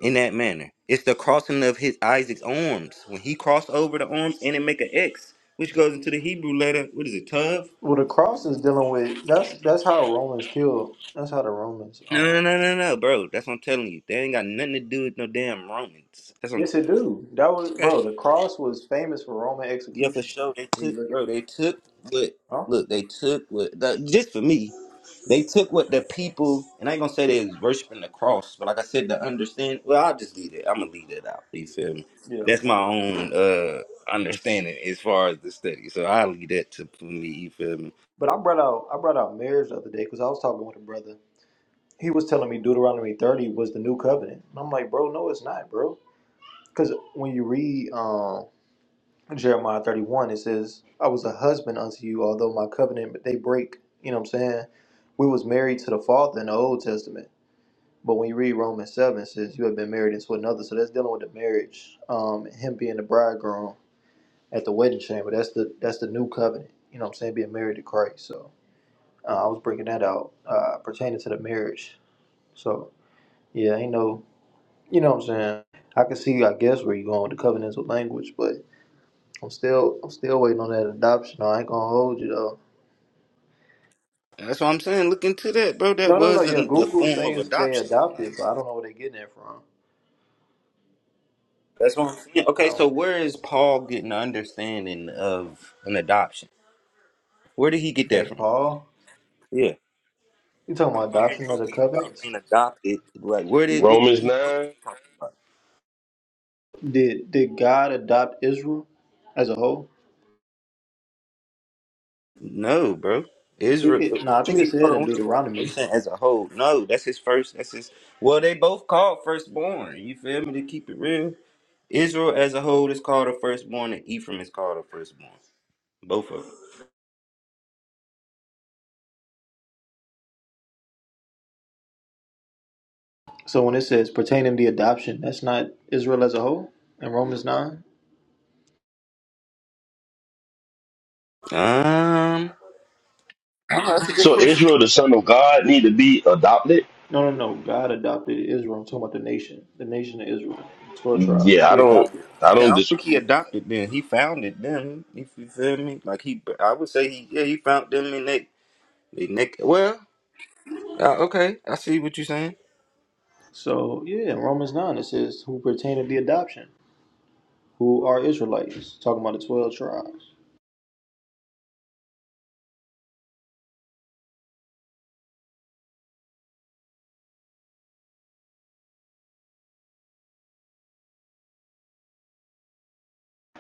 S4: in that manner. It's the crossing of his Isaac's arms when he crossed over the arms and it make an X, which goes into the Hebrew letter. What is it? Tav?
S5: Well, the cross is dealing with that's that's how Romans killed. That's how the Romans.
S4: No, no, no,
S5: um
S4: no, no, no, bro. That's what I'm telling you. That ain't got nothing to do with no damn Romans. That's what I'm
S5: Yes,
S4: telling
S5: it do. That was
S4: you.
S5: bro. The cross was famous for Roman
S4: Yeah, for
S5: execution.
S4: sure. They
S5: When
S4: took,
S5: you look at,
S4: bro. They took what?
S5: huh?
S4: Look, they took what? The, just for me, they took what the people. And I ain't gonna say they was worshiping the cross, but like I said, to understand. Well, I'll just leave it. I'm gonna leave that out. You feel me?
S5: Yeah,
S4: That's my
S5: kind, kind.
S4: own uh understanding as far as the study. So I'll leave that to for me. You feel me?
S5: But I brought out I brought out marriage the other day because I was talking with a brother. He was telling me Deuteronomy thirty was the new covenant, and I'm like, bro, no, it's not, bro. Because when you read um, Jeremiah thirty one, it says, "I was a husband unto you, although my covenant but they break." You know what I'm saying? We was married to the Father in the Old Testament. But when you read Romans seven, it says you have been married into another, so that's dealing with the marriage, um, him being the bridegroom at the wedding chamber. That's the that's the new covenant. You know what I'm saying? Being married to Christ. So uh, I was bringing that out uh, pertaining to the marriage. So yeah, ain't no, you know what I'm saying. I can see, I guess, where you're going with the covenantal language, but I'm still I'm still waiting on that adoption. I ain't gonna hold you though.
S4: And that's what I'm saying. Look into that, bro. That
S5: No, no, no.
S4: was
S5: Yeah,
S4: an, the
S5: Google
S4: form of
S5: says they
S4: adoption. Like
S5: adopted, but I don't know where they getting it from.
S4: that's what I'm saying.
S5: Like I
S4: Okay, so
S5: don't.
S4: where is Paul getting the understanding of an adoption? Where did he get
S5: They
S4: that from?
S5: Paul.
S4: Yeah.
S5: You talking
S4: talking
S5: about
S4: about in
S5: adoption of
S4: rumors
S5: the
S4: about
S5: covenants?
S4: being adopted. Like, where did what did
S6: Romans
S4: he what did
S6: nine.
S4: he talk about?
S5: Did did God adopt Israel as a whole?
S4: No, bro.
S5: I think
S4: Israel.
S5: it. No, I
S4: What you
S5: think it
S4: mean? Hold
S5: said
S4: on.
S5: in
S4: What you mean? are you
S5: Deuteronomy.
S4: saying as a whole? No, that's his first. That's his. Well, they both called firstborn. You feel me? To keep it real, Israel as a whole is called a firstborn, and Ephraim is called a firstborn. Both of them.
S5: So when it says pertaining the adoption, that's not Israel as a whole in Romans nine.
S4: Um, I don't know, that's a good
S6: So
S4: question.
S6: Israel, the son of God, need to be adopted.
S5: No, no, no. God adopted Israel. I'm talking about the nation, the nation of Israel, twelve tribes.
S6: Yeah, I
S5: He
S6: don't
S5: adopted.
S6: I
S4: Yeah, I
S6: don't
S4: don't think he
S6: disagree with
S4: adopted them. He found it then. If you feel me, like he, I would say he, yeah, he found them in they, they neck. Well. Uh, okay, I see what you're saying.
S5: So yeah, in Romans nine it says who pertain to the adoption, who are Israelites. Talking about the twelve tribes.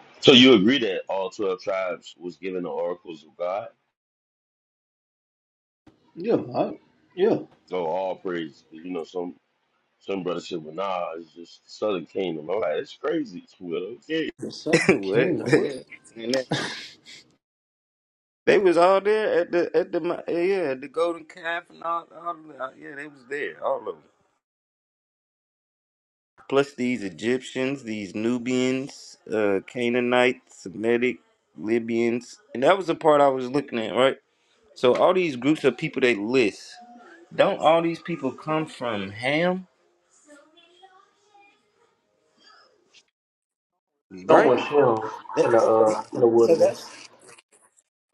S6: that. So you agree that all twelve tribes was given the oracles of God?
S5: Yeah, I, yeah.
S6: So all praise you know, some some brother said, Well nah, it's just the Southern Kingdom. I'm like, it's crazy. Well, okay.
S5: The southern
S4: what?
S5: kingdom. What?
S4: they was all there at the at the mo- yeah yeah, at the Golden Calf and all, all of them. Uh, Yeah, they was there, all of them. Plus these Egyptians, these Nubians, uh, Canaanites, Semitic, Libyans, and that was the part I was looking at, right? So all these groups of people they list, don't all these people come from Ham, right?
S5: Someone was him in
S4: That-
S5: the
S4: okay,
S5: uh, in the
S4: so
S5: wilderness.
S4: that's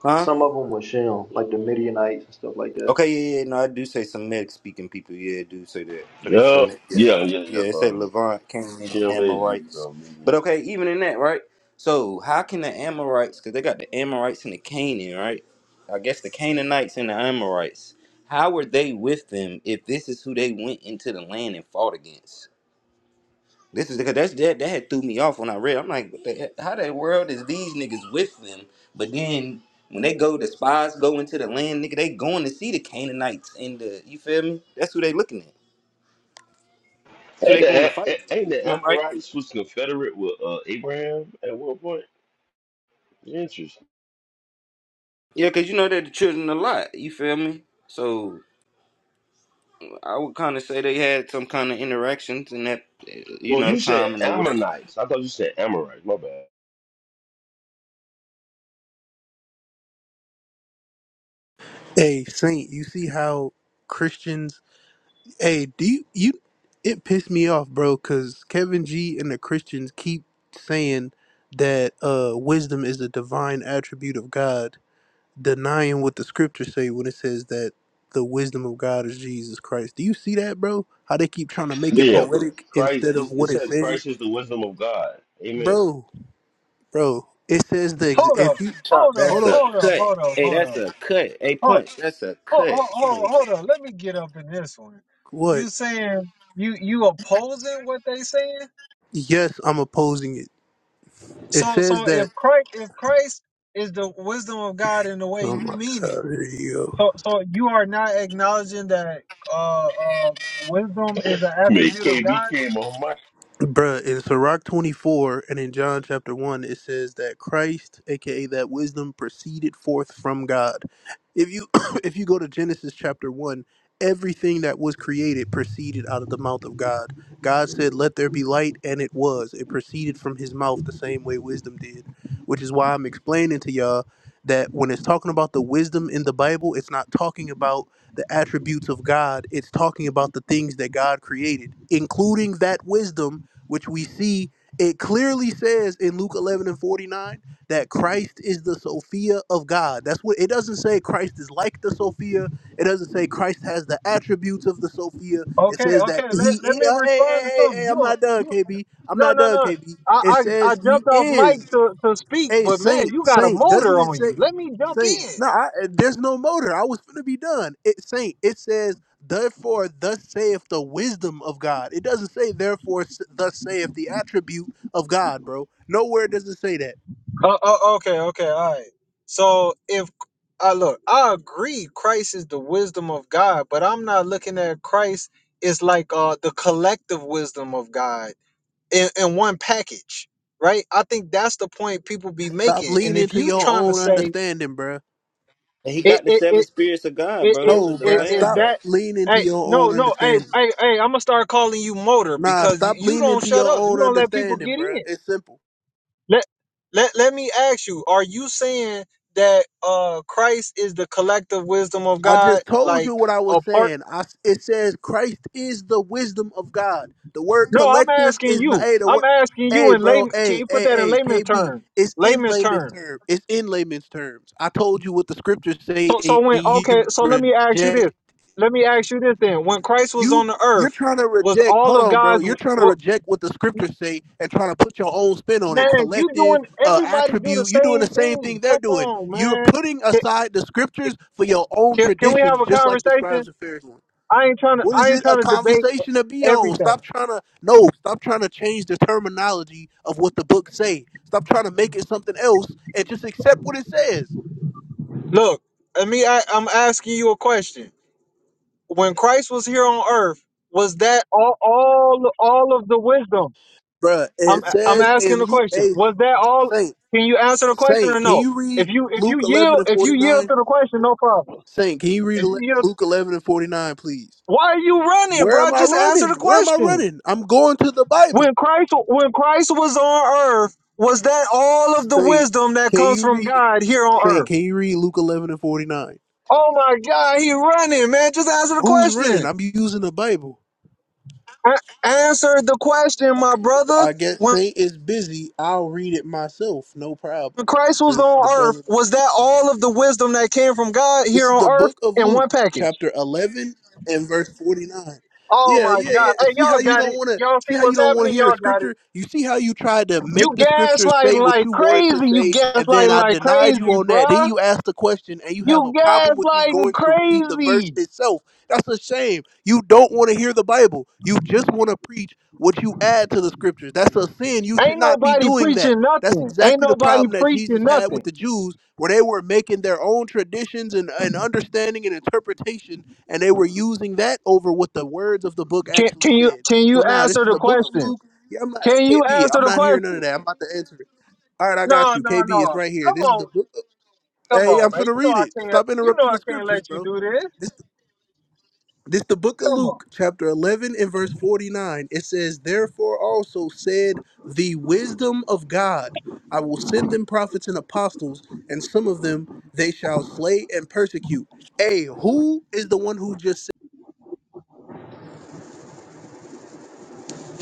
S4: huh?
S5: Some of them were Shem, like the Midianites and stuff like that.
S4: Okay, yeah, yeah, no, I do say some Semitic speaking people. Yeah, I do say that for they
S6: Yeah,
S4: Semitic. Yeah,
S6: yeah, yeah,
S4: yeah,
S6: yeah.
S4: they say
S6: Um
S4: Levant, Canaan,
S6: Shem is
S4: Amorites.
S6: um,
S4: But
S6: Midian.
S4: okay, even in that, right? So how can the Amorites? Because they got the Amorites and the Canaan, right? I guess the Canaanites and the Amorites. How were they with them if this is who they went into the land and fought against? This is because that's that that had threw me off when I read. I'm like, what the, heck? how the world is these niggas with them? But then when they go, the spies go into the land, nigga. They going to see the Canaanites and the you feel me? That's who they looking at. That's who
S6: Ain't
S4: they going to
S6: the,
S4: fight.
S6: a- ain't the
S4: Am I right?
S6: Amorites was confederate with uh, Abraham at one point? Interesting.
S4: Yeah, because you know they're the children a lot. You feel me? So I would kind of say they had some kind of interactions in that eh, you
S6: Well,
S4: know
S6: you said
S4: time and over there.
S6: Ammonites. I thought you said Amorites. My bad.
S1: Hey, Saint, you see how Christians. Hey, do you. you it pissed me off, bro, because Kevin G and the Christians keep saying that uh, wisdom is a divine attribute of God denying what the scriptures say when it says that the wisdom of God is Jesus Christ. Do you see that, bro? How they keep trying to make it
S6: Yeah,
S1: poetic
S6: Christ.
S1: instead of
S6: It it
S1: what it
S6: says Christ
S1: says,
S6: is the wisdom of God. Amen.
S1: bro? Bro, it says the ex-
S2: Hold
S1: if
S2: up,
S1: you
S2: hold
S1: hold
S2: up,
S4: That's
S1: on,
S4: a
S2: hold up,
S4: cut.
S2: hold up,
S4: Hey,
S2: hold
S4: that's
S2: up.
S4: a cut. Hey,
S2: Hold,
S4: punch. That's a
S2: hold,
S4: cut.
S2: hold,
S4: And
S2: hold, hold up. Let me get up in this one.
S1: what?
S2: You saying you you opposing what they saying?
S1: Yes, I'm opposing it. It
S2: So
S1: says
S2: so
S1: that.
S2: if Christ if Christ is the wisdom of God in the way
S1: Oh
S2: you
S1: my
S2: mean
S1: God!
S2: it,
S1: Here you go.
S2: so so you are not acknowledging that uh, uh wisdom is an
S6: Man,
S2: attribute of
S6: KB
S2: God.
S6: came on my
S1: Bruh, in Sirach 24 and in John chapter 1, it says that Christ, aka that wisdom, proceeded forth from God. If you if you go to Genesis chapter 1, everything that was created proceeded out of the mouth of God. God said, Let there be light, and it was. It proceeded from his mouth the same way wisdom did. Which is why I'm explaining to y'all that when it's talking about the wisdom in the Bible, it's not talking about the attributes of God. It's talking about the things that God created, including that wisdom which we see it clearly says in Luke 11 and 49 that Christ is the Sophia of God. That's what it doesn't say Christ is like the Sophia. It doesn't say Christ has the attributes of the Sophia. It
S2: Okay,
S1: says
S2: okay.
S1: that
S2: Let
S1: he
S2: let me
S1: uh, hey,
S2: respond to
S1: hey, hey,
S2: something.
S1: hey, I'm
S2: You
S1: not done,
S2: you
S1: KB. I'm
S2: No,
S1: not
S2: no,
S1: done,
S2: no.
S1: KB. It
S2: I, I I
S1: says he
S2: jumped off
S1: is.
S2: mic to, to speak,
S1: Hey,
S2: but man,
S1: Saint,
S2: you got a
S1: Saint, doesn't
S2: motor
S1: it
S2: on you.
S1: say
S2: Let me jump
S1: Saint?
S2: in.
S1: No, I, there's no motor. I was gonna be done. It Saint. It says, therefore, thus saith the wisdom of God. It doesn't say, therefore, s- thus saith the attribute of God, bro. Nowhere does it say that.
S2: Uh, uh, okay, okay, all right. So if I look, I agree, Christ is the wisdom of God, but I'm not looking at Christ as like uh the collective wisdom of God in, in one package, right? I think that's the point people be
S1: Stop
S2: making. And
S1: leaning
S2: if
S1: to
S2: you
S1: your
S2: trying to
S1: own
S2: say
S1: understanding, bro.
S4: he
S2: it,
S4: got the
S2: it,
S4: seven spirits of God,
S2: Is,
S4: bro. That's
S2: is,
S1: No,
S4: what the
S2: is
S1: bro.
S4: lamb
S2: is
S1: Stop
S4: got.
S2: that?
S1: leaning to
S2: Hey,
S1: your own
S2: no, no, hey,
S1: understanding.
S2: hey, hey! I'm gonna start calling you Motor
S1: Nah,
S2: because you,
S1: stop
S2: you
S1: leaning
S2: don't
S1: to
S2: shut
S1: your
S2: up. You
S1: own
S2: don't let people
S1: understanding,
S2: get
S1: bro.
S2: in.
S1: It's simple.
S2: Let let let me ask you: Are you saying that uh Christ is the collective wisdom of
S1: I
S2: God,
S1: just told
S2: like
S1: you what I was
S2: apart?
S1: saying. I, it says Christ is the wisdom of God. The word
S2: No, I'm
S1: collective
S2: asking
S1: is
S2: you.
S1: not. Hey, the
S2: I'm
S1: word.
S2: asking
S1: Hey,
S2: you in
S1: bro.
S2: layman. Can
S1: Hey,
S2: you put
S1: hey,
S2: that in
S1: hey.
S2: layman's
S1: KB.
S2: terms?
S1: It's in
S2: Layman's
S1: layman's
S2: terms.
S1: terms. It's in layman's terms. I told you what the scriptures say,
S2: So so
S1: and
S2: when okay,
S1: you
S2: so let me ask you
S1: rejected
S2: this. Let me ask you this then. When Christ was
S1: you
S2: on the
S1: you're
S2: earth,
S1: trying to
S2: was
S1: reject.
S2: all
S1: Hold
S2: of
S1: on, bro.
S2: God's?
S1: You're trying to reject what the scriptures say and trying to put your own spin on it.
S2: Man, you
S1: Collective
S2: doing
S1: uh,
S2: everybody do the
S1: attribute. You're doing the
S2: same
S1: same thing
S2: thing.
S1: they're
S2: Come
S1: doing.
S2: on,
S1: You're
S2: man.
S1: putting
S2: Can,
S1: aside the scriptures for your own
S2: can, can we have
S1: traditions,
S2: a
S1: just like the
S2: conversation?
S1: scribes and Pharisees.
S2: I ain't trying to
S1: What is
S2: I ain't
S1: it a
S2: trying to debate
S1: conversation to be on?
S2: everything.
S1: Stop trying to no. Stop trying to change the terminology of what the book say. Stop trying to make it something else and just accept what it says,
S2: Look, I mean I, I'm asking you a question. When Christ was here on earth, was that all all all of the wisdom?
S1: Bruh,
S2: I'm
S1: It
S2: I'm
S1: says
S2: asking
S1: in
S2: the
S1: Luke
S2: question.
S1: eight,
S2: Was that all
S1: Saint
S2: can you answer the question or
S1: Saint. Can
S2: no?
S1: you read
S2: If you if you
S1: Luke eleven
S2: yield
S1: and
S2: if
S1: forty
S2: you yield
S1: nine?
S2: to the question, no problem.
S1: Saint, can you read
S2: If
S1: ele-
S2: you yield
S1: Luke 11 and 49, please?
S2: why are you running,
S1: Where
S2: bro?
S1: am I
S2: Just answer
S1: running?
S2: the
S1: Where am I
S2: question.
S1: running? I'm going to the Bible.
S2: When Christ when Christ was on earth, was that all of the
S1: Saint,
S2: wisdom that
S1: can
S2: comes
S1: you
S2: from
S1: read
S2: God here on
S1: Saint,
S2: earth?
S1: can you read Luke 11 and 49?
S2: Oh my God, he running, man. Just answer the
S1: Who's running?
S2: question.
S1: I'm using the Bible.
S2: A- answer the question, my
S1: Okay, well,
S2: brother.
S1: I guess
S2: When
S1: Saint is busy. I'll read it myself. No problem.
S2: Christ was
S1: Since the
S2: on earth,
S1: brother
S2: was that all of the wisdom that came from God
S1: This
S2: here
S1: is
S2: on
S1: the
S2: earth
S1: book of
S2: in one
S1: Luke,
S2: package?
S1: chapter 11 and verse 49.
S2: Oh
S1: Yeah,
S2: my
S1: yeah, yeah.
S2: God. Hey,
S1: See how
S2: y'all
S1: you
S2: got
S1: don't
S2: it.
S1: want to
S2: Y'all
S1: see
S2: see
S1: how you
S2: what's
S1: don't want to
S2: happening?
S1: hear the
S2: Y'all got it.
S1: scripture? You see how you tried to
S2: You
S1: make the scripture
S2: gaslighting
S1: say what
S2: like
S1: you wanted to
S2: crazy. You
S1: say and then
S2: gaslighting
S1: I
S2: like
S1: denied you
S2: crazy,
S1: on that. Then
S2: bruh.
S1: you asked the question and you have a
S2: You
S1: problem with me
S2: gaslighting
S1: going to read the verse
S2: crazy.
S1: itself. That's a shame. You don't want to hear the Bible. You just want to preach what you add to the scriptures. That's a sin. You should
S2: Ain't
S1: not be
S2: nobody
S1: doing that.
S2: preaching
S1: That's
S2: nothing. Ain't
S1: exactly the
S2: nobody
S1: problem that Jesus
S2: preaching
S1: had with
S2: nothing.
S1: the Jews, where they were making their own traditions and, and understanding and interpretation, and they were using that over what the words of the book
S2: Can
S1: actually
S2: can you
S1: said.
S2: can you
S1: So now this
S2: answer
S1: is
S2: the
S1: the book of
S2: question?
S1: Luke. Yeah, I'm not
S2: Can you
S1: KB.
S2: answer
S1: I'm
S2: the
S1: not hearing none of
S2: question?
S1: that. I'm about to answer it. All right, I got
S2: No,
S1: you.
S2: no,
S1: KB, it's
S2: no.
S1: right here.
S2: Come
S1: This is the
S2: on,
S1: book. Of,
S2: come
S1: hey,
S2: on,
S1: I'm
S2: man.
S1: finna
S2: You know
S1: read
S2: I
S1: it.
S2: can't.
S1: Stop
S2: You know
S1: interrupting the
S2: I can't
S1: scriptures,
S2: let you
S1: bro.
S2: do this.
S1: This the book of
S2: Come on.
S1: Luke, chapter 11 and verse 49. It says, Therefore also said the wisdom of God, I will send them prophets and apostles, and some of them they shall slay and persecute. Hey, who is the one who just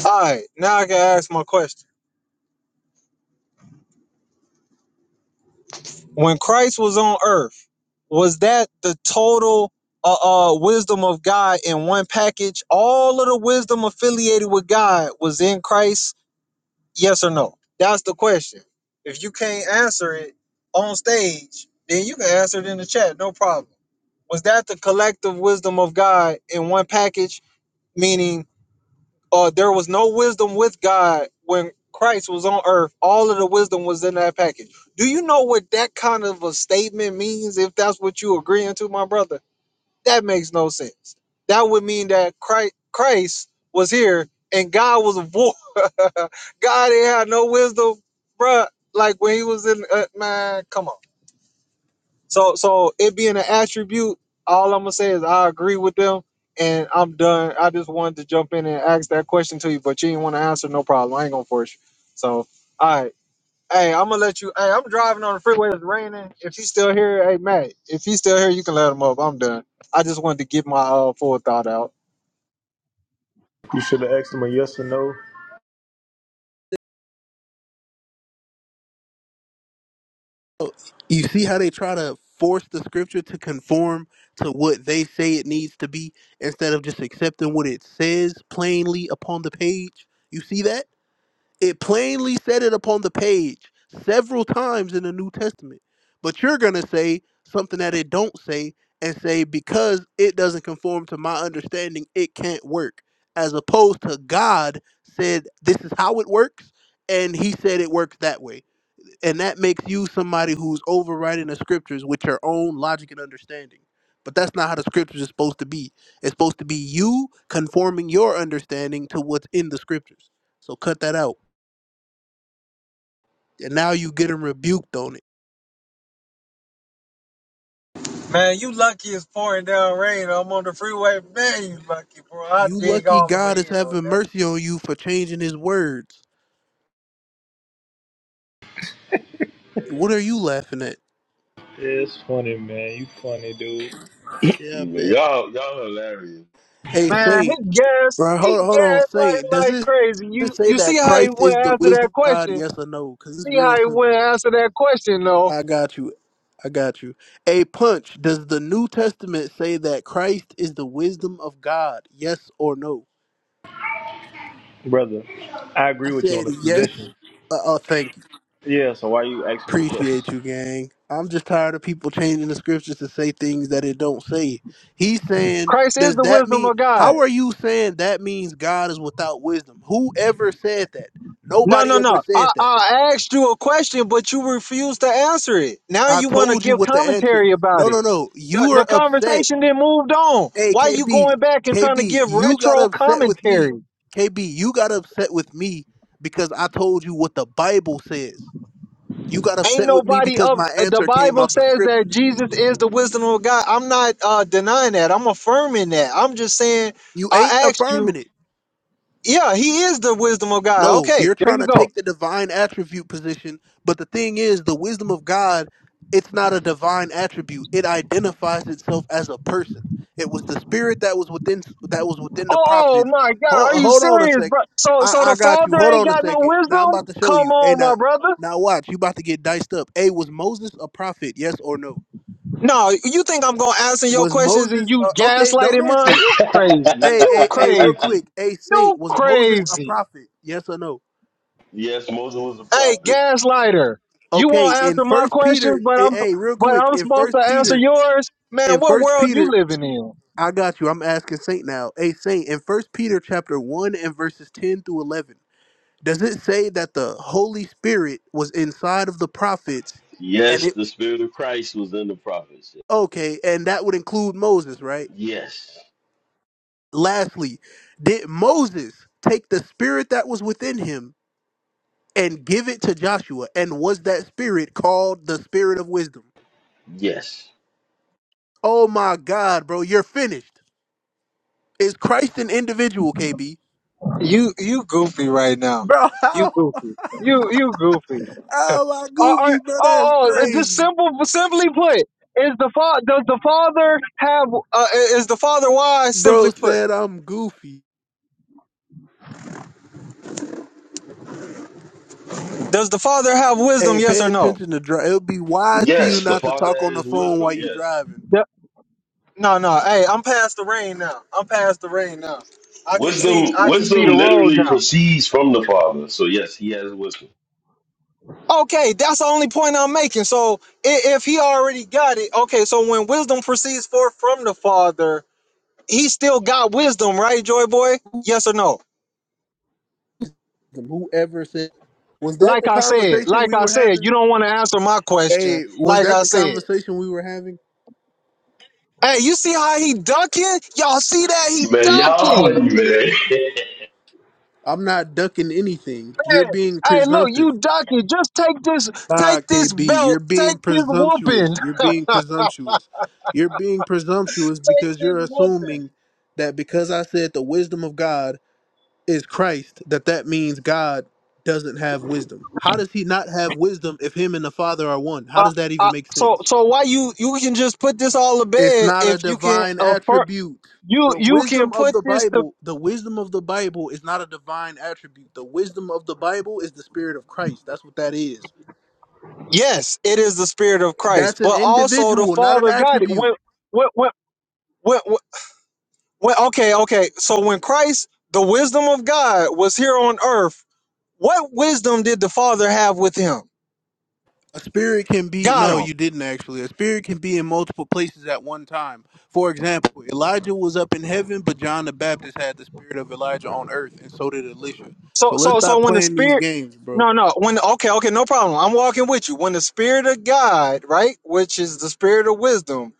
S2: All right, now I can ask my question. When Christ was on Earth, was that the total uh, uh wisdom of God in one package? All of the wisdom affiliated with God was in Christ Yes or no? That's the question. If you can't answer it on stage, then you can answer it in the chat, no problem. Was that the collective wisdom of God in one package? Meaning, uh, there was no wisdom with God when Christ was on earth. All of the wisdom was in that package. Do you know what that kind of a statement means if that's what you agreeing to, my brother? That makes no sense. That would mean that Christ, Christ was here and God was a boy. God didn't have no wisdom, bruh. Like when he was in, uh, man, come on. So, so it being an attribute, all I'm gonna say is I agree with them, and I'm done. I just wanted to jump in and ask that question to you, but you didn't want to answer. No problem. I ain't gonna force you. So, all right. Hey, I'm gonna let you. Hey, I'm driving on the freeway. It's raining. If he's still here, hey Matt, if he's still here, you can let him up. I'm done. I just wanted to get my uh, full thought out.
S1: said, you see how they try to force the scripture to conform to what they say it needs to be instead of just accepting what it says plainly upon the page? You see that? It plainly said it upon the page several times in the New Testament. But you're going to say something that it don't say and say because it doesn't conform to my understanding, it can't work. As opposed to God said this is how it works and he said it works that way. And that makes you somebody who's overriding the scriptures with your own logic and understanding. But that's not how the scriptures is supposed to be. It's supposed to be you conforming your understanding to what's in the scriptures. So cut that out and now you getting rebuked on it.
S2: Man, you lucky it's pouring down rain. I'm on the freeway. Man, you lucky, bro. I
S1: You
S2: dig
S1: lucky
S2: all the
S1: God
S2: way
S1: is
S2: in on
S1: having
S2: that.
S1: mercy on you for changing his words. What are you laughing at?
S5: It's funny, man. You funny, dude.
S1: Yeah, I
S6: man,
S1: bet.
S6: y'all, y'all hilarious.
S1: Hey,
S2: Man,
S1: Saint,
S2: he gassed.
S1: bro,
S2: He
S1: hold, hold on,
S2: gassed like
S1: Saint. Does
S2: like
S1: this,
S2: crazy.
S1: does it
S2: You
S1: say
S2: you see
S1: that
S2: how he
S1: Christ
S2: went
S1: is the
S2: after
S1: wisdom
S2: that
S1: of God?
S2: question.
S1: Yes or no? Because it's
S2: See
S1: real
S2: how he went
S1: simple.
S2: after that question though.
S1: I got you. I got you. Hey, Punch, does the New Testament say that Christ is the wisdom of God? Yes or no?
S5: Brother, I
S1: I
S5: agree with you on
S1: said
S5: this
S1: yes.
S5: position.
S1: Uh, oh, thank you.
S5: Yeah, so why you asking me the question?
S1: Appreciate you, gang. I'm just tired of people changing the scriptures to say things that it don't say. He's saying,
S2: Christ is
S1: does
S2: the
S1: that
S2: wisdom
S1: mean?
S2: of God.
S1: How are you saying that means God is without wisdom? Whoever said that?
S2: No,
S1: Nobody
S2: no,
S1: ever
S2: no.
S1: said
S2: I,
S1: that.
S2: I asked you a question, but you refused to answer it. Now
S1: I
S2: you want to
S1: told you
S2: give
S1: what the answer.
S2: commentary about
S1: No,
S2: it.
S1: no, no. You
S2: The, the
S1: are upset.
S2: conversation then moved on.
S1: Hey,
S2: Why you
S1: KB,
S2: going back and trying to
S1: KB,
S2: give
S1: you got
S2: retro
S1: upset with me.
S2: commentary?
S1: KB, you got upset with me because I told you what the Bible says. You got
S2: Ain't
S1: upset with me
S2: nobody
S1: because
S2: of
S1: my
S2: the
S1: answer came
S2: Bible
S1: out the
S2: says that
S1: scriptures.
S2: Jesus is the wisdom of God. I'm not uh, denying that. I'm affirming that. I'm just saying
S1: You ain't
S2: I asked
S1: affirming
S2: you.
S1: it.
S2: Yeah, he is the wisdom of God.
S1: No,
S2: Okay,
S1: you're
S2: there
S1: trying
S2: you
S1: to
S2: go.
S1: take the divine attribute position, but the thing is, the wisdom of God, it's not a divine attribute. It identifies itself as a person. It was the spirit that was within that was within the
S2: Oh
S1: prophets.
S2: my God, are
S1: Hold,
S2: you
S1: hold on a
S2: serious,
S1: sec.
S2: bro? So,
S1: I,
S2: so
S1: I
S2: the
S1: got you.
S2: father
S1: Hold
S2: ain't
S1: on a
S2: got no
S1: second. Now I'm about
S2: wisdom?
S1: to show
S2: Come
S1: you. Hey,
S2: on,
S1: now,
S2: my brother.
S1: now watch. You about to get diced up. Hey, was Moses a prophet? Yes or no?
S2: No, you think I'm gonna answer your
S1: Was
S2: questions and
S1: Moses
S2: you
S1: uh, okay? Don't
S2: gaslighting
S1: answer
S2: mine?
S1: it.
S2: You crazy?
S1: Hey,
S2: You
S1: hey, hey, real
S2: crazy?
S1: quick. Hey, saint,
S2: You
S1: was Moses a
S2: crazy?
S1: prophet? Yes or no?
S6: Yes, Moses was a
S2: Hey,
S6: prophet.
S2: gaslighter, you
S1: Okay,
S2: won't
S1: in
S2: answer my
S1: First
S2: questions,
S1: Peter,
S2: but
S1: eh,
S2: I'm,
S1: hey, real
S2: but
S1: quick,
S2: I'm
S1: in
S2: supposed
S1: First
S2: to answer
S1: Peter,
S2: yours. Man,
S1: in
S2: what
S1: First
S2: world you
S1: Peter,
S2: living in?
S1: I got you. I'm asking Saint now. Hey, Saint, in First Peter chapter one and verses ten through eleven, does it say that the Holy Spirit was inside of the prophets, and
S6: Yes,
S1: it
S6: the Spirit of Christ was in the prophets.
S1: okay, and that would include Moses, right?
S6: Yes,
S1: Lastly, did Moses take the spirit that was within him and give it to Joshua, and was that spirit called the Spirit of Wisdom?
S6: yes,
S1: Oh my God, bro, you're finished. Is Christ an individual, KB?
S2: You, you goofy right now.
S1: Bro,
S2: You
S1: how?
S2: goofy. You, you goofy.
S1: Oh my
S2: Or,
S1: goofy,
S2: or,
S1: bro, that's
S2: oh, oh, uh, just
S1: crazy.
S2: simple, simply put, is the fa- does the father have uh, is the father wise?
S1: Bro
S2: Simply put,
S1: said I'm goofy.
S2: does the father have wisdom?
S1: Hey,
S2: Yes
S1: pay
S2: or no?
S1: attention to drive. It'll be wise for you
S6: yes. The
S1: not to
S6: Father
S1: talk on the
S6: has
S1: phone
S6: wisdom.
S1: while you
S6: Yes,
S1: driving.
S2: Yep. No, no. Hey, I'm past the rain now. I'm past the rain now. I can
S6: wisdom.
S2: see, I can see
S6: Wisdom
S2: the road
S6: literally
S2: now.
S6: proceeds from the Father. So yes, He has wisdom.
S2: Okay, that's the only point I'm making. So i- if he already got it, okay. So when wisdom proceeds forth from the father, he still got wisdom, right, Joy Boy? Yes or no?
S1: Whoever said, was that
S2: like
S1: the
S2: I said,
S1: conversation
S2: like
S1: we
S2: I
S1: were
S2: said,
S1: having?
S2: you don't want to answer my question.
S1: Hey, was
S2: Like
S1: that
S2: I
S1: the
S2: said,
S1: conversation we were having?
S2: hey, you see how he ducking? Y'all see that he
S6: Man, y'all
S2: ducking?
S6: funny, man.
S1: I'm not ducking anything. You're
S2: Man,
S1: being
S2: hey, look,
S1: presumptive.
S2: you ducking. Just take this,
S1: Nah,
S2: take this
S1: KB, you're
S2: belt, take
S1: being
S2: this whooping,
S1: presumptuous. You're being presumptuous. You're being presumptuous
S2: take
S1: because
S2: this
S1: you're
S2: whooping.
S1: assuming that because I said the wisdom of God is Christ, that that means God doesn't have wisdom. How does he not have wisdom if him and the Father are one? How
S2: Uh,
S1: does that
S2: uh,
S1: even make
S2: so,
S1: sense?
S2: so why you you can just put this all to
S1: It's
S2: bed
S1: not a
S2: if you can
S1: divine
S2: affirm
S1: attribute.
S2: you
S1: The
S2: you can
S1: wisdom of
S2: put
S1: the
S2: this to
S1: Bible, the wisdom of the Bible is not a divine attribute. The wisdom of the Bible is the spirit of Christ. That's what that is.
S2: yes, it is the spirit of Christ,
S1: That's an
S2: but also the
S1: individual, not an
S2: Father got it
S1: attribute.
S2: when when when. when, Well, okay, okay. So when Christ, the wisdom of God, was here on earth, what wisdom did the Father have with him?
S1: A spirit can be
S2: Got
S1: no,
S2: him.
S1: you didn't actually. A spirit can be in multiple places at one time. For example, Elijah was up in heaven, but John the Baptist had the spirit of Elijah on earth, and so did Elisha.
S2: So,
S1: So let's
S2: so, so
S1: stop
S2: when the
S1: playing these
S2: Spirit,
S1: games, bro.
S2: no, no, when okay, okay, no problem. I'm walking with you. When the Spirit of God, right, which is the Spirit of wisdom,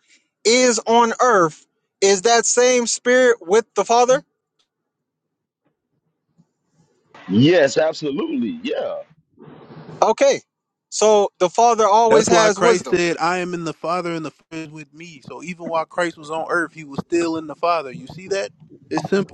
S2: is on earth, is that same Spirit with the Father?
S6: yes, absolutely. Yeah.
S2: Okay. So the Father
S1: That's
S2: always
S1: why
S2: has
S1: Christ
S2: wisdom.
S1: said, "I am in the Father, and the Father is with me." So even while Christ was on earth, he was still in the Father. You see that? It's simple.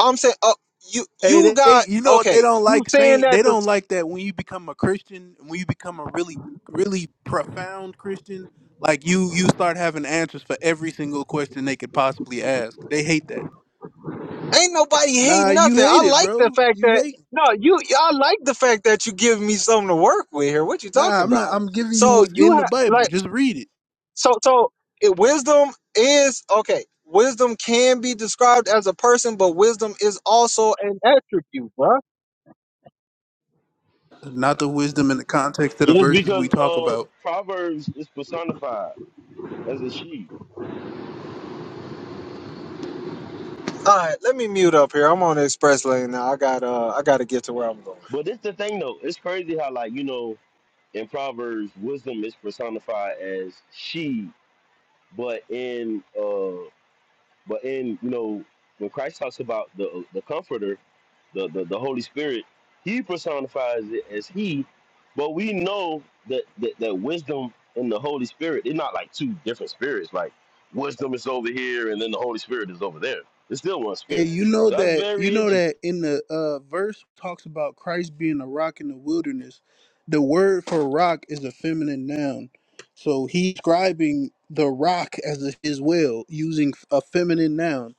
S2: I'm saying, uh, you,
S1: Hey,
S2: you
S1: they, they-
S2: got
S1: you know what they
S2: okay.
S1: don't
S2: You
S1: like
S2: saying
S1: saying?
S2: that
S1: They
S2: the
S1: don't like that when you become a Christian, when you become a really, really profound Christian, like you, you start having answers for every single question they could possibly ask. They hate that.
S2: Ain't nobody hate
S1: Nah, you
S2: nothing. I
S1: hate it,
S2: like the
S1: bro.
S2: fact
S1: You
S2: that
S1: hate.
S2: no, you. I like the fact that you give me something to work with here. What you
S1: Nah,
S2: talking
S1: I'm not.
S2: about?
S1: I'm giving you
S2: So
S1: what's
S2: you
S1: in the
S2: have
S1: Bible.
S2: like
S1: Just read it,
S2: so so. It, wisdom is okay. Wisdom can be described as a person, but wisdom is also an attribute, bruh.
S1: not the wisdom in the context of the
S6: Just
S1: verses we
S6: because
S1: talk
S6: uh
S1: about.
S6: Proverbs is personified as a sheep.
S2: All right, let me mute up here. I'm on the express lane now. I got uh, I got to get to where I'm going.
S6: But it's the thing though. It's crazy how like you know in Proverbs wisdom is personified as she, but in uh but in you know when Christ talks about the the Comforter, the the, the Holy Spirit, he personifies it as he. But we know that, that that wisdom and the Holy Spirit, they're not like two different spirits. Like wisdom is over here, and then the Holy Spirit is over there. It's still one
S1: Hey,
S6: spirit.
S1: you know
S6: So That's
S1: that you
S6: very
S1: know
S6: interesting.
S1: that in the uh, verse talks about Christ being a rock in the wilderness. The word for rock is a feminine noun, so he's describing the rock as a, his well using a feminine noun.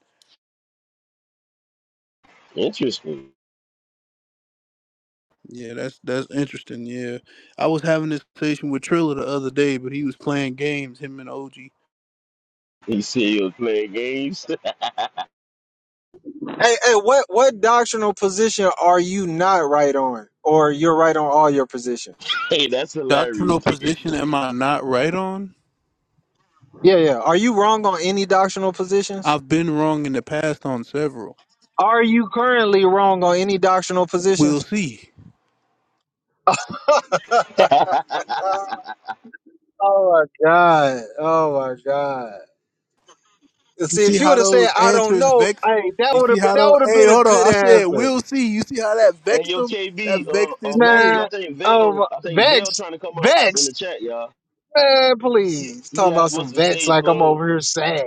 S6: Interesting.
S1: Yeah, that's that's interesting. Yeah, I was having this conversation with Trilla the other day, but he was playing games. Him and OG.
S6: You see, you playing games.
S2: Hey, hey, what what doctrinal position are you not right on, or you're right on all your positions?
S6: Hey, that's hilarious.
S1: Doctrinal
S6: hey,
S1: position? Am I not right on?
S2: Yeah, yeah. Are you wrong on any doctrinal positions?
S1: I've been wrong in the past on several.
S2: Are you currently wrong on any doctrinal
S1: We'll
S2: positions?
S1: see.
S2: Uh, oh my god! Oh my god!
S1: You
S2: See,
S1: see
S2: if you
S1: how
S2: would have said
S1: those
S2: I don't
S1: answers
S2: know,
S1: vex?
S2: hey, that
S1: You
S2: would
S1: see
S2: have been
S1: how
S2: that
S1: those?
S2: would have
S1: Hey,
S2: been a
S1: hold on.
S2: good
S1: I said
S2: answer,
S1: we'll see. You see how that vexed
S6: yo,
S1: them? That
S6: KB,
S1: vexed
S6: uh,
S1: his
S6: uh, Matthew,
S1: spirit.
S2: man.
S6: I think
S2: Oh,
S6: Vail,
S2: my-
S6: I think Vail
S2: vex,
S6: trying to come up in
S2: vex,
S6: the chat, y'all.
S2: man,
S6: He,
S2: please.
S6: he
S2: Talking
S6: asked,
S2: about some
S6: "What's the
S2: vex
S6: stage
S2: like I'm
S6: closed?"
S2: over here sad.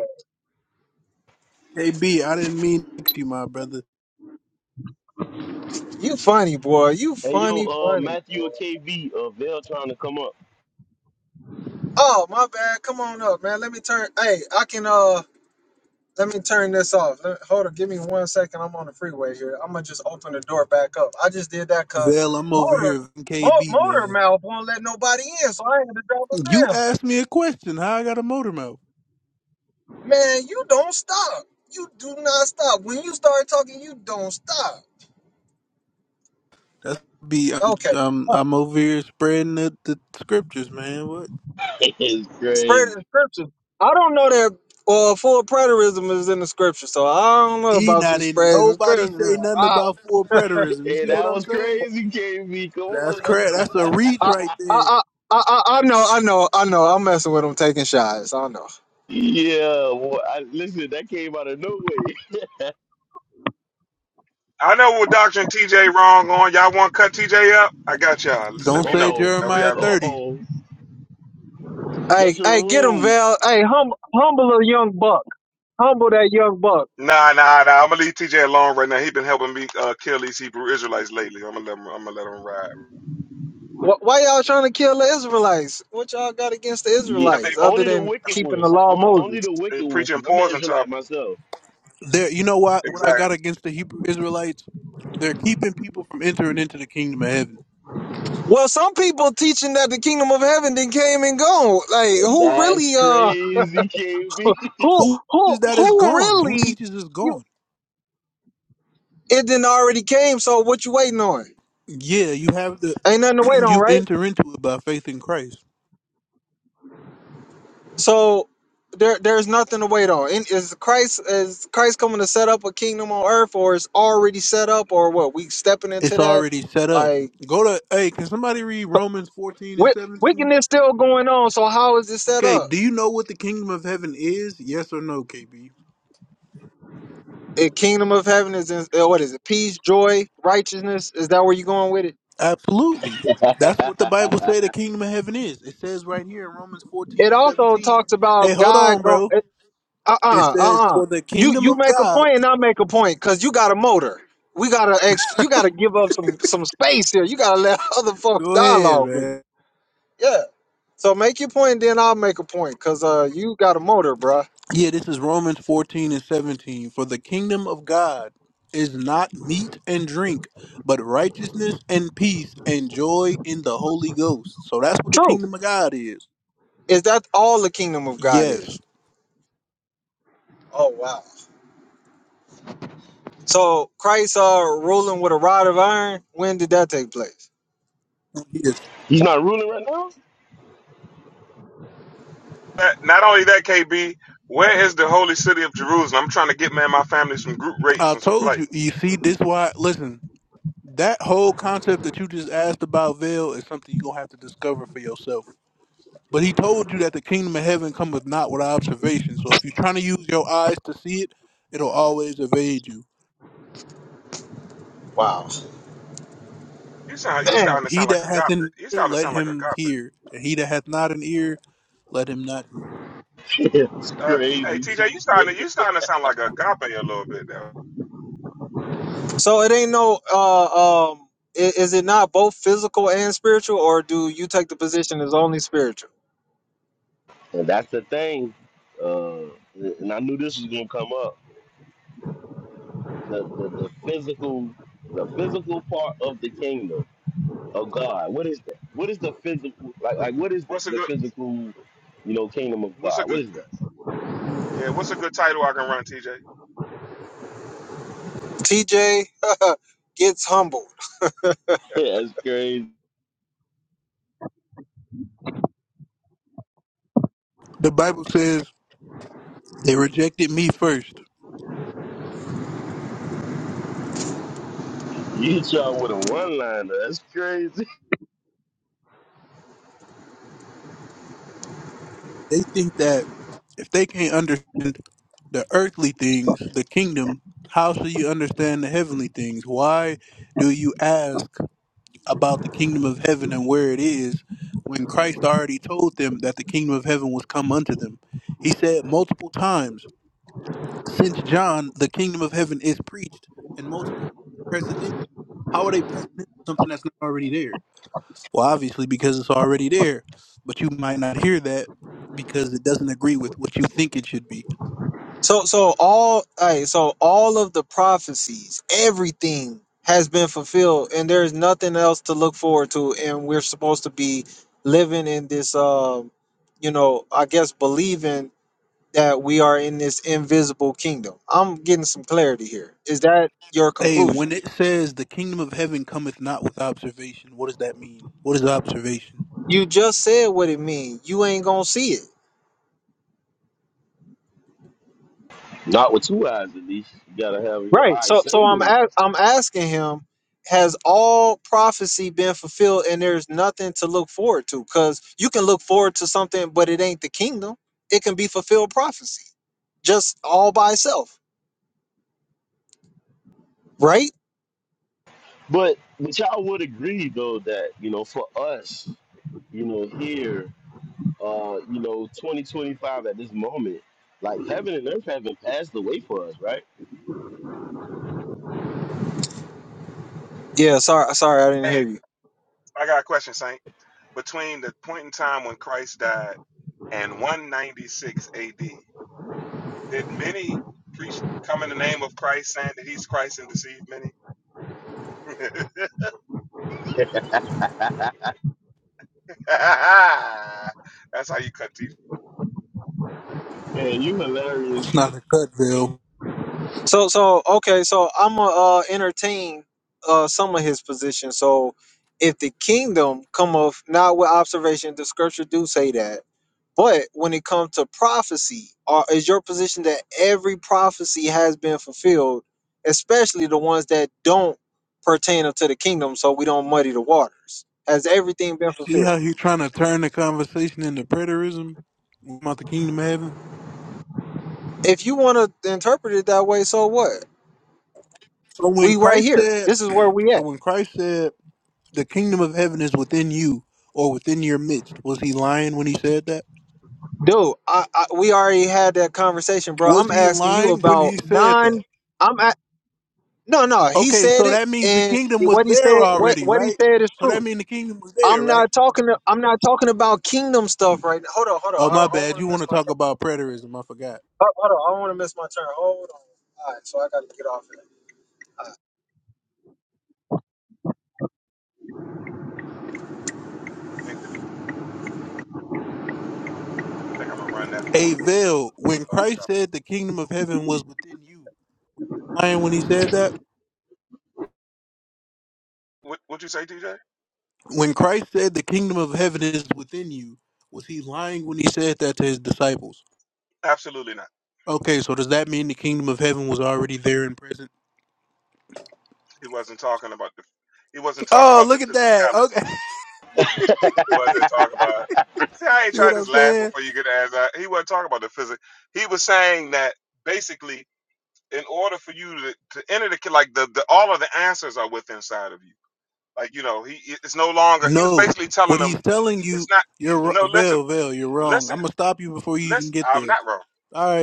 S1: KB, I didn't mean to vex you, my brother.
S2: You funny boy. You
S6: Hey, yo,
S2: funny,
S6: uh,
S2: funny
S6: Matthew or
S2: boy.
S6: KB, uh, Vail trying to come up.
S2: Oh my bad. Come on up, man. Let me turn. Hey, I can. Uh. Let me turn this off. Let, hold on, give me one second. I'm on the freeway here. I'm gonna just open the door back up. I just did that cause
S1: Vel, I'm over here
S2: motor,
S1: with
S2: mo-
S1: KB,
S2: motor
S1: man.
S2: mouth won't let nobody in, so I had to drop it
S1: You
S2: down.
S1: asked me a question. How I got a motor mouth?
S2: Man, you don't stop. You do not stop. When you start talking, you don't stop.
S1: That's be. I'm,
S2: Okay,
S1: I'm, I'm over here spreading the, the scriptures, man. What?
S6: it's
S2: spread
S6: crazy.
S2: the scriptures. I don't know that uh, full preterism is in the scripture, so I don't know
S1: See,
S2: about
S1: now
S2: you
S1: didn't
S2: spreading the
S1: nobody
S2: scripture.
S1: say nothing
S2: I,
S1: about full preterism. You
S6: Hey,
S1: see what
S6: that
S1: I'm
S6: was
S1: saying?
S6: crazy, KB. Come
S1: That's
S6: on.
S1: correct. That's a reach
S2: I, I,
S6: now.
S1: right there.
S2: I, I, I I know, I know, I know. I'm messing with them taking shots. I know.
S6: yeah, boy, I, listen, that came out of nowhere.
S7: I know what Doctor TJ wrong on. Y'all want to cut TJ up? I got y'all. Just let
S1: Don't
S6: uh
S7: me
S1: say
S7: know.
S6: oh,
S7: Whatever
S1: Jeremiah
S7: y'all.
S6: uh
S1: 30.
S6: oh,
S2: Hey,
S6: just a
S2: hey, get him,
S6: room.
S2: Val. Hey, hum, humble a young buck. Humble that young buck.
S7: Nah, nah, nah. I'm gonna leave TJ alone right now. He been helping me uh, kill these Hebrew Israelites lately. I'm gonna let him. I'm gonna let him ride.
S2: Wh- Why y'all trying to kill the Israelites? What y'all got against the
S6: Yeah,
S7: Cause they
S2: Israelites other
S6: only the
S2: than
S6: wicked
S2: keeping the
S6: ones.
S2: law of
S6: O- only
S2: Moses?
S6: the
S7: they
S6: wicked ones.
S7: preaching
S6: Cause I'm an
S7: poison to our
S6: Israelite myself.
S1: There, you know what? What I
S7: exactly.
S1: got against the Hebrew Israelites? They're keeping people from entering into the kingdom of heaven.
S2: Well, some people teaching that the kingdom of heaven then came and gone. Like, who
S6: That's
S2: really, uh,
S6: crazy, KB.
S2: who,
S1: Who
S2: who,
S1: is that is
S2: who
S1: gone? Who
S2: really,
S1: teaches is
S2: you,
S1: gone?
S2: it didn't already came, so what you waiting on?
S1: Yeah, you have the
S2: Ain't nothing to wait on,
S1: you
S2: right?
S1: enter into it by faith in Christ.
S2: So there there's nothing to wait on. And is Christ is Christ coming to set up a kingdom on earth or is already set up or what? We stepping
S1: It's
S2: into that
S1: already set up.
S2: like
S1: Go to hey, can somebody read Romans fourteen and
S2: wi-
S1: seventeen?
S2: wickedness still going on. So how is it set
S1: Okay,
S2: up?
S1: do you know what the kingdom of heaven is? Yes or no, KB?
S2: The kingdom of heaven is in, uh, what is it? Peace, joy, righteousness. Is that where you're going with it?
S1: Absolutely. That's what the Bible say the kingdom of heaven is. It says right here in Romans fourteen
S2: It
S1: and
S2: also
S1: seventeen.
S2: talks
S1: Hey,
S2: about
S1: hold
S2: God
S1: on,
S2: going.
S1: bro.
S2: Uh uh
S1: It
S2: uh
S1: says,
S2: uh. uh.
S1: For the
S2: You
S1: kingdom
S2: you
S1: of
S2: make a
S1: God.
S2: point and I make a point because you got a motor. We gotta ex- You gotta give up some some space here. You gotta let other folks
S1: Go ahead,
S2: dialogue.
S1: man.
S2: Yeah. So make your point, then I'll make a point, cause uh, you got a motor, bruh.
S1: Yeah, this is Romans 14 and 17. For the kingdom of God is not meat and drink, but righteousness and peace and joy in the Holy Ghost. So that's what the
S2: True.
S1: kingdom of God is.
S2: Is that all the kingdom of God
S1: Yes.
S2: is? Oh wow. So Christ uh ruling with a rod of iron. When did that take place?
S1: Yes.
S6: He's not ruling right now.
S7: Not only that, KB. Where is the holy city of Jerusalem? I'm trying to get me and my family some group rates
S1: I
S7: and some
S1: told you,
S7: flights.
S1: you see, this why listen, that whole concept that you just asked about veil is something you're gonna have to discover for yourself. But he told you that the kingdom of heaven cometh not with observation. So if you're trying to use your eyes to see it, it'll always evade you.
S2: Wow.
S7: You sound you
S2: Man.
S7: starting to
S1: He
S7: sound like
S1: that hath
S7: agape.
S1: an
S7: You
S1: ear,
S7: starting to
S1: let
S7: sound like
S1: him
S7: agape.
S1: hear. And he that hath not an ear, let him not hear.
S6: It's
S7: Uh, hey
S6: crazy,
S7: TJ, you starting to,
S6: TJ.
S7: you starting to sound like agape a little bit now.
S2: So it ain't no uh um. i- Is it not both physical and spiritual, or do you take the position as only spiritual?
S6: And that's the thing. Uh, and I knew this was gonna come up. The, the the physical the physical part of the kingdom of God. What is that? What is the physical like like what is the,
S7: What's a
S6: the
S7: good?
S6: physical, you know, kingdom of
S7: What's a
S6: God?
S7: good?
S6: What is that?
S7: Yeah, what's a good title I can run, TJ?
S2: TJ gets humbled.
S6: That's crazy.
S1: The Bible says they rejected me first.
S6: You hit y'all with a one liner. That's crazy.
S1: They think that if they can't understand the earthly things, the kingdom, how shall you understand the heavenly things? Why do you ask? about the kingdom of heaven and where it is when Christ already told them that the kingdom of heaven was come unto them. He said multiple times, since John, the kingdom of heaven is preached, and multiple presseth in. How are they pressing into something that's not already there? Well, obviously, because it's already there, but you might not hear that because it doesn't agree with what you think it should be.
S2: So so all right, so all of the prophecies, everything has been fulfilled and there's nothing else to look forward to and we're supposed to be living in this um you know, I guess believing that we are in this invisible kingdom. I'm getting some clarity here. Is that your
S1: Hey,
S2: conclusion?
S1: when it says the kingdom of heaven cometh not with observation, what does that mean? What is observation?
S2: You just said what it means. You ain't going to see it.
S6: Not with two eyes, at least. You gotta have your
S2: Right.
S6: eye
S2: So so I'm
S6: single.
S2: a- I'm asking him, has all prophecy been fulfilled and there's nothing to look forward to? Because you can look forward to something, but it ain't the kingdom. It can be fulfilled prophecy just all by itself. Right?
S6: But but y'all would agree though that you know for us, you know here, uh, you know, 2025 at this moment, like heaven and earth haven't passed away for us, right?
S2: Yeah, sorry sorry I didn't
S7: Hey,
S2: hear you.
S7: I got a question, Saint. Between the point in time when Christ died and 196 AD, did many preach come in the name of Christ saying that he's Christ and deceive many? That's how you cut TJ.
S6: And you hilarious.
S1: It's not a cut, Bill.
S2: So so okay, so I'm gonna uh, entertain uh, some of his positions. So if the kingdom come of not with observation, the scripture do say that. But when it comes to prophecy, are, is your position that every prophecy has been fulfilled, especially the ones that don't pertain to the kingdom, so we don't muddy the waters? Has everything been
S1: See
S2: fulfilled?
S1: how he trying to turn the conversation into preterism about the kingdom of heaven?
S2: If you want to interpret it that way, so what?
S1: So when
S2: We right
S1: Christ
S2: here.
S1: said,
S2: This is where we at.
S1: so when Christ said, the kingdom of heaven is within you or within your midst, was he lying when he said that?
S2: Dude, I, I, we already had that conversation, bro.
S1: Was
S2: I'm
S1: he
S2: asking you
S1: lying when he
S2: about
S1: said
S2: non.
S1: that?
S2: I'm at, no, no. He
S1: Okay,
S2: said
S1: so
S2: it,
S1: that means the
S2: and
S1: kingdom was
S2: what he
S1: there
S2: said, what
S1: already,
S2: what he
S1: right?
S2: said is
S1: So
S2: true.
S1: that means the kingdom was there,
S2: I'm
S1: right?
S2: not talking. To, I'm not talking about kingdom stuff right now. Hold on, hold on.
S1: Oh,
S2: I
S1: my
S2: don't, I don't
S1: bad.
S2: want
S1: You
S2: to
S1: want
S2: miss
S1: to
S2: my.
S1: talk
S2: Turn.
S1: about preterism. I forgot.
S2: Hold, hold on, I don't want to miss my turn. Hold on. All right, so I got to get off of
S7: I think I'm gonna run that fourth
S1: A
S7: piece.
S1: veil. When
S7: Uh,
S1: Christ
S7: copy.
S1: said the kingdom of heaven was within you, lying when he said that?
S7: What would you say, TJ?
S1: When Christ said the kingdom of heaven is within you, was he lying when he said that to his disciples?
S7: Absolutely not.
S1: Okay, so does that mean the kingdom of heaven was already there and present?
S7: He wasn't talking about the he wasn't talking
S1: Oh,
S7: about the
S1: look at that.
S7: physicality.
S1: Okay.
S6: they
S7: He wasn't talking about See, I ain't
S1: See
S7: tried
S1: what
S7: to
S1: I'm
S7: just laugh
S1: saying?
S7: before you get asked. Uh, he wasn't talking about the physics. He was saying that basically, in order for you to, to enter the ki- like the, the all of the answers are within inside of you. Like you know, he it's no longer. He was
S1: No.
S7: basically telling
S1: What
S7: them
S1: he's telling
S7: it's
S1: you,
S7: not.
S1: you're
S7: No, listen,
S1: Veil, Veil, you're wrong. I'm
S7: listen,
S1: going to stop you before you even
S7: listen.
S1: get
S7: I'm
S1: there.
S7: not wrong.
S1: All right.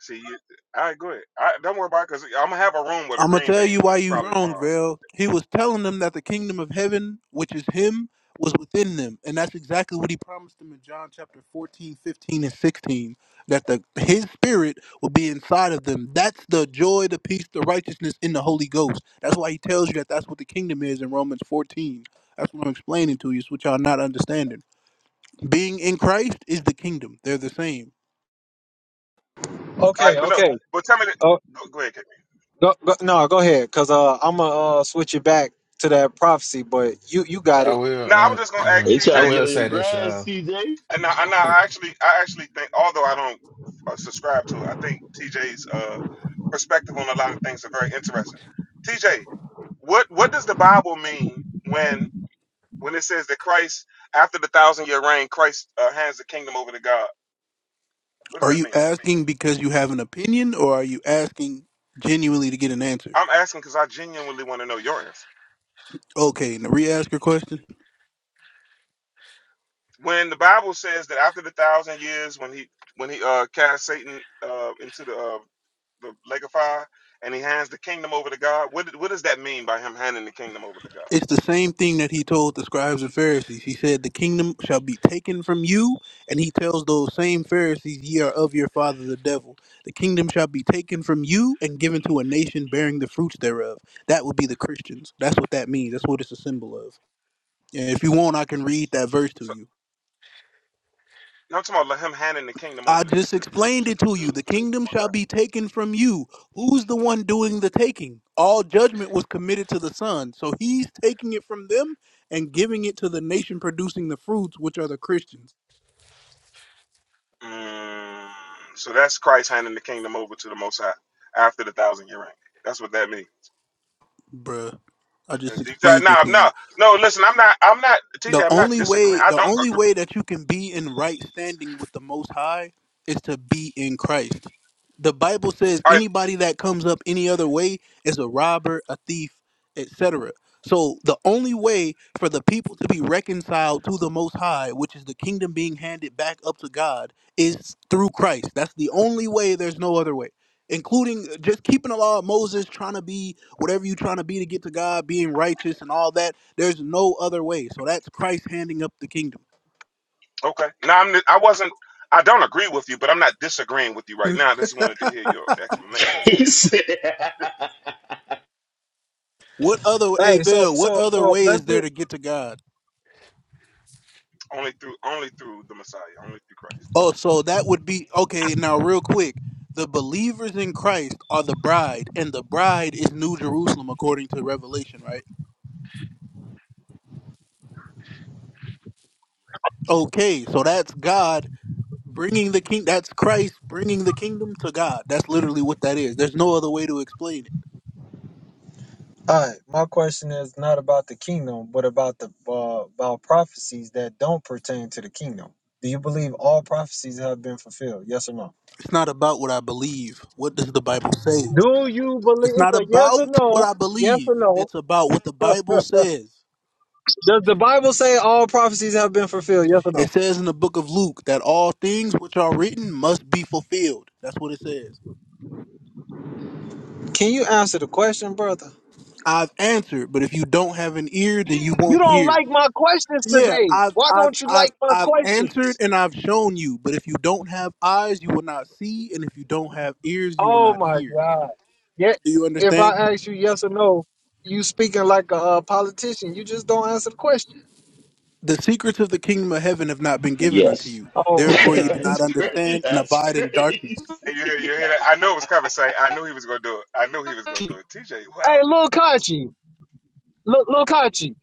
S7: See, you, all right, go ahead. All right, don't worry about it because I'm gonna have a room with a
S1: I'm gonna
S7: green
S1: tell
S7: bean
S1: you
S7: uh,
S1: why you
S7: probably
S1: wrong,
S7: tomorrow. So,
S1: Val. He was telling them that the kingdom of heaven, which is him, was within them, and that's exactly what he promised them in John chapter 14, 15, and 16. That the his spirit will be inside of them. That's the joy, the peace, the righteousness in the Holy Ghost. That's why he tells you that that's what the kingdom is in Romans 14. That's what I'm explaining to you. It's what y'all not understanding. Being in Christ is the kingdom. They're the same.
S2: that. All right.
S7: all right,
S2: Okay,
S7: but no,
S2: okay.
S7: but tell me that.
S2: Oh,
S7: Go, go ahead, Kate.
S2: go, go, no, go ahead, cause uh, I'm gonna uh, switch it back to that prophecy, but you you got
S8: I
S2: it.
S7: Now I was
S8: will.
S7: just gonna ask
S8: Uh,
S6: try
S8: I
S7: TJ.
S6: to get
S8: will
S6: on your
S8: say this,
S6: grass,
S8: y'all.
S6: CJ.
S7: And I, and I actually, I actually think, although I don't uh, subscribe to it, I think TJ's uh, perspective on a lot of things are very interesting. TJ, what what does the Bible mean when when it says that Christ, after the thousand year reign, Christ uh, hands the kingdom over to God? What does
S1: Are
S7: that
S1: you
S7: mean?
S1: asking because you have an opinion, or are you asking genuinely to get an answer?
S7: I'm asking because I genuinely want to know your answer.
S1: Okay, now re-ask your question.
S7: When the Bible says that after the thousand years, when he when he uh, cast Satan uh, into the uh, the lake of fire, and he hands the kingdom over to God. What what does that mean by him handing the kingdom over to God?
S1: It's the same thing that he told the scribes and Pharisees. He said, "The kingdom shall be taken from you," and he tells those same Pharisees, "Ye are of your father the devil. The kingdom shall be taken from you and given to a nation bearing the fruits thereof." That would be the Christians. That's what that means. That's what it's a symbol of. And if you want, I can read that verse to
S7: So
S1: you.
S7: no, I'm talking about like, him handing the kingdom
S1: I
S7: over to
S1: just
S7: to to
S1: explained
S7: to
S1: it to
S7: to,
S1: you. The
S7: to the
S1: kingdom
S7: Most
S1: shall be taken from you. Who's the one doing the taking? All judgment was committed to the Son. So he's taking it from them and giving it to the nation producing the fruits, which are the Christians.
S7: High. Mm, so that's Christ handing the kingdom over to the Most High after the thousand year reign. That's what that means.
S1: Bruh, I just
S7: That's deep. No,
S1: explained it
S7: no,
S1: to you.
S7: no. No, Listen, I'm not. I'm not.
S1: the
S7: TJ, I'm not
S1: only
S7: disagreeing.
S1: way
S7: I
S1: the
S7: don't
S1: only
S7: agree.
S1: way that you can be in right standing with the most high is to be in christ the bible says
S7: All right.
S1: anybody that comes up any other way is a robber a thief etc so the only way for the people to be reconciled to the most high which is the kingdom being handed back up to god is through christ that's the only way there's no other way including just keeping the law of moses trying to be whatever you're trying to be to get to god being righteous and all that there's no other way. So that's Christ handing up the kingdom.
S7: Okay. No, I'm. I wasn't. I don't agree with you, but I'm not disagreeing with you right now. I just wanted to hear your explanation of it.
S6: He said,
S1: What other
S2: Hey, so
S1: Avil, what
S2: so
S1: other
S2: so
S1: way
S2: let's
S1: is
S2: do.
S1: there to get to God?
S7: Only through, only through the Messiah, only through Christ.
S1: Oh, so that would be okay, now real quick. The believers in Christ are the bride, and the bride is New Jerusalem according to Revelation, right? Okay, so that's God bringing the king that's Christ bringing the kingdom to God. That's literally what that is. There's no other way to explain it.
S2: All right, my question is not about the kingdom, but about the uh, about prophecies that don't pertain to the kingdom. Do you believe all prophecies have been fulfilled? Yes or no?
S1: It's not about what I believe. What does the Bible say?
S2: Do you believe
S1: It's
S2: it's
S1: not
S2: a yes
S1: about
S2: or
S1: what
S2: no?
S1: I
S2: Yes
S1: believe.
S2: or no?
S1: It's about what the Bible says.
S2: Does the Bible say all prophecies have been fulfilled? Yes or
S1: It
S2: no?
S1: says in the book of Luke that all things which are written must be fulfilled. That's what it says.
S2: Can you answer the question, brother?
S1: I've answered, but if you don't have an ear, then you
S2: You
S1: won't
S2: don't
S1: hear.
S2: like my questions
S1: Yeah,
S2: today.
S1: I've
S2: Why
S1: I've
S2: don't you
S1: I've
S2: like my
S1: I've answered
S2: questions?
S1: and I've shown you, but if you don't have eyes, you will not see, and if you don't have ears, you will
S2: Oh
S1: not
S2: my
S1: hear.
S2: God. Yeah,
S1: Do you
S2: if I
S1: understand?
S2: ask you yes or no, you speaking like a, uh politician. You just don't answer the question.
S1: The secrets of the kingdom of heaven have not been given unto
S6: yes.
S1: you.
S2: Oh my
S1: Therefore you
S2: God.
S1: do
S2: Here
S1: not
S6: That's
S2: we
S6: cra-
S2: go.
S1: understand and
S6: That's
S1: abide in darkness.
S6: crazy.
S7: And You hear, you hear that? I know it was coming. Say, I knew he was gonna do it. I knew he was gonna do it. TJ, wow.
S2: Hey, Lil Kachi. Lil, Lil Kachi.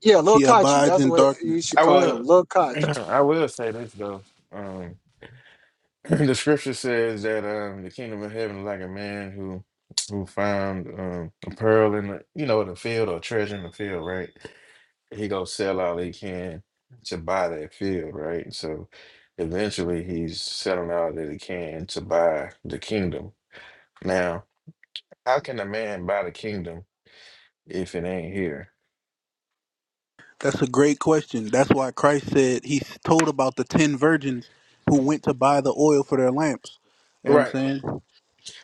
S2: Yeah, Lil
S1: He
S2: Kachi.
S1: abides
S2: That's
S1: in
S2: what you
S1: darkness.
S2: should
S8: I
S2: call him.
S8: will.
S2: Lil Kachi.
S8: I will say this though. Um, the scripture says that um, the kingdom of heaven is like a man who who found um, a pearl in the you know in the field or treasure in the field, right? He go sell all he can to buy that field, right? So eventually he's selling all that he can to buy the kingdom. Now, how can a man buy the kingdom if it ain't here?
S1: That's a great question. That's why Christ said he s- told about the ten virgins who went to buy the oil for their lamps. You know what I'm
S8: Right.
S1: saying?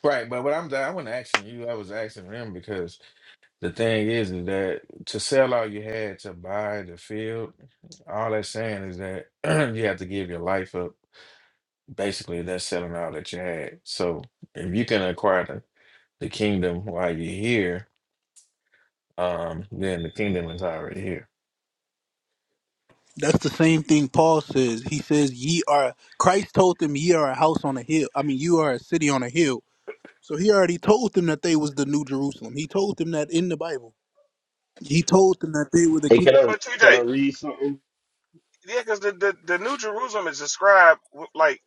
S8: Right, but what I'm I wasn't asking you, I was asking them because the thing is, is that to sell all you had to buy the field, all that's saying is that you have to give your life up. Basically, that's selling all that you had. So if you can acquire the, the kingdom while you're here, um, then the kingdom is already here.
S1: That's the same thing Paul says. He says, Ye are Christ told them ye are a house on a hill. I mean you are a city on a hill. So he already told them that they was the new Jerusalem. He told them that in the Bible. He told them that they were the
S6: Hey,
S1: kingdom
S6: can I
S7: But
S6: can
S7: TJ,
S6: I read something?
S7: yeah, because the, the the New Jerusalem is described with, like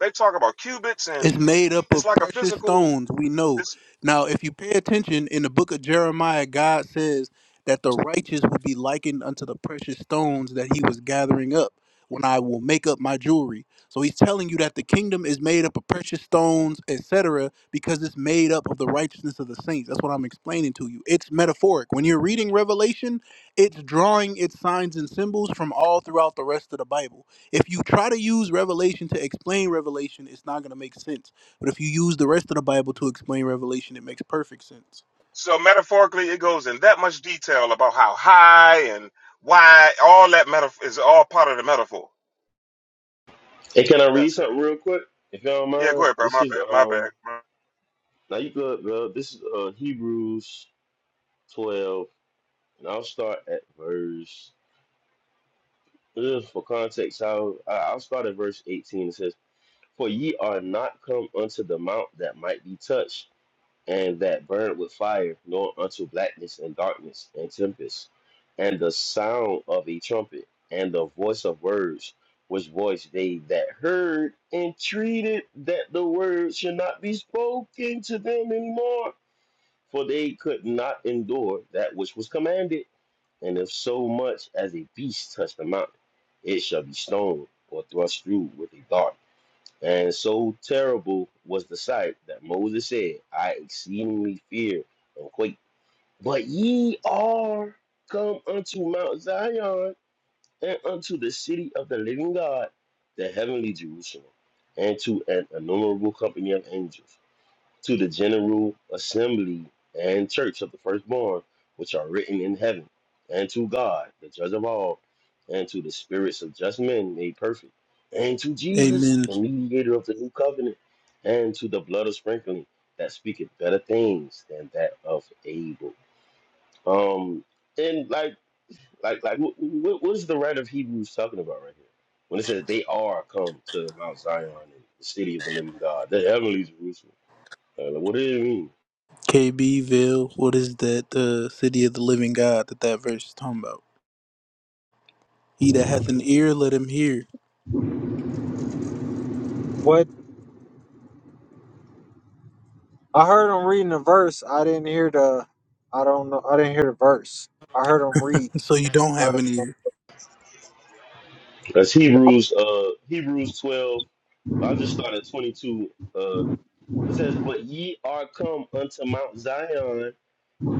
S7: they talk about cubits, and
S1: It's made up
S7: it's
S1: of
S7: like a
S1: precious
S7: physical.
S1: stones, we know.
S7: This
S1: Now, if you pay attention in the book of Jeremiah, God says that the righteous will be likened unto the precious stones that he was gathering up when I will make up my jewelry. So he's telling you that the kingdom is made up of precious stones, etc., because it's made up of the righteousness of the saints. That's what I'm explaining to you. It's metaphoric. When you're reading Revelation, it's drawing its signs and symbols from all throughout the rest of the Bible. If you try to use Revelation to explain Revelation, it's not going to make sense. But if you use the rest of the Bible to explain Revelation, it makes perfect sense.
S7: so metaphorically, it goes in that much detail about how high and wide. All that metaphor is all part of the metaphor.
S6: Hey, can I read
S7: That's crazy.
S6: something real quick? If you don't
S7: Yeah, go
S6: mind,
S7: ahead, bro.
S6: this
S7: My
S6: is
S7: bad. My bad.
S6: um
S7: My-
S6: now you good, bro. This is uh Hebrews twelve, and I'll start at verse uh, for context. I'll I- I'll start at verse eighteen. It says, "For ye are not come unto the mount that might be touched." and that burned with fire, nor unto blackness and darkness and tempest, and the sound of a trumpet, and the voice of words, which voice they that heard entreated that the word should not be spoken to them anymore, for they could not endure that which was commanded. And if so much as a beast touch the mountain, it shall be stoned or thrust through with a dart. And so terrible was the sight that Moses said, I exceedingly fear and quake. But ye are come unto Mount Zion and unto the city of the living God, the heavenly Jerusalem, and to an innumerable company of angels to the general assembly and church of the firstborn, which are written in heaven, and to God, the judge of all, and to the spirits of just men made perfect, and to Jesus,
S1: Amen.
S6: the mediator of the new covenant, and to the blood of sprinkling that speaketh better things than that of Abel. Um, and like, like, like, what, what what is the writer of Hebrews talking about right here? When it says they are come to Mount Zion and the city of the living God, the heavenly Jerusalem. Uh, what does it mean?
S1: KBville, what is that? The city of the living God that that verse is talking about. He that hath an ear, let him hear.
S2: What? I heard him reading the verse. I didn't hear the. I don't know. I didn't hear the verse. I heard him read.
S1: So you don't
S2: I,
S1: have
S2: don't
S1: an
S2: know.
S1: ear.
S6: That's Hebrews uh Hebrews twelve. I just started twenty two. Uh, it says, "But ye are come unto Mount Zion."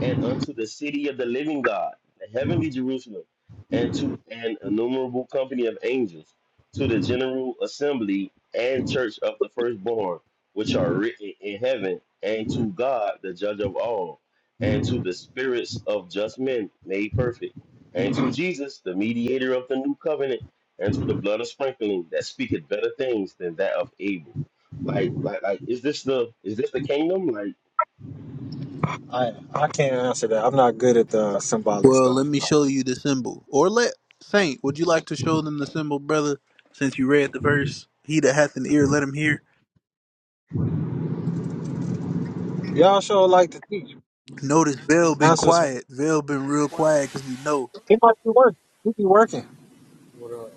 S6: and unto the city of the living God, the heavenly Jerusalem, and to an innumerable company of angels, to the general assembly and church of the firstborn, which are written in heaven, and to God, the judge of all, and to the spirits of just men made perfect, and to Jesus, the mediator of the new covenant, and to the blood of sprinkling that speaketh better things than that of Abel. Like, like, like, is this the is this the kingdom? Like
S2: I I can't answer that. I'm not good at the symbolic
S1: Well, let
S2: stuff.
S1: me show you the symbol. Or let Saint, would you like to show them the symbol, brother? Since you read the verse, he that hath an ear, let him hear.
S2: Y'all sure like to teach.
S1: Notice Vale been
S2: Answer some.
S1: quiet. Vale been real
S9: Right.
S1: quiet because he know
S2: He might be working. He be working.
S9: What up?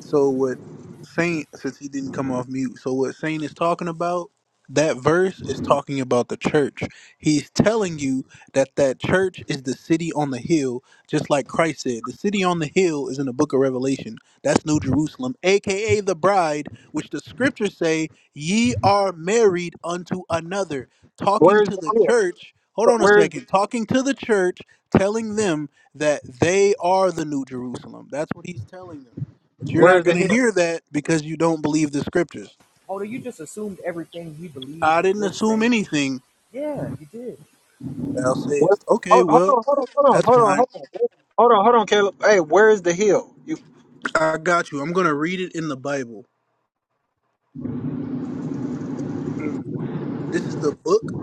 S1: So what Saint, since he didn't come off mute, so what Saint is talking about, that verse is talking about the church. He's telling you that that church is the city on the hill, just like Christ said. The city on the hill is in the book of Revelation. That's New Jerusalem, aka the bride, which the scriptures say, ye are married unto another. Talking
S2: Where's
S1: to
S2: the
S1: the
S2: hill?
S1: church, hold on a
S2: Where's
S1: second, talking to the church, telling them that they are the New Jerusalem. That's what he's telling them. But you're
S2: Where's
S1: not
S2: the
S1: going to
S2: hill?
S1: hear that because you don't believe the scriptures.
S9: Although you just assumed everything he believed
S1: I
S9: and
S1: didn't
S9: would
S1: assume
S9: say.
S1: anything.
S9: Yeah, he did.
S1: Thou
S2: What?
S1: sayest, okay,
S2: Hold, hold
S1: well,
S2: on, hold on, hold on,
S1: that's
S2: hold on,
S1: fine.
S2: hold on, hold on, hold on, Caleb. Hey, where is the hill? You
S1: I got you. I'm going to read it in the Bible. Mm. This is the book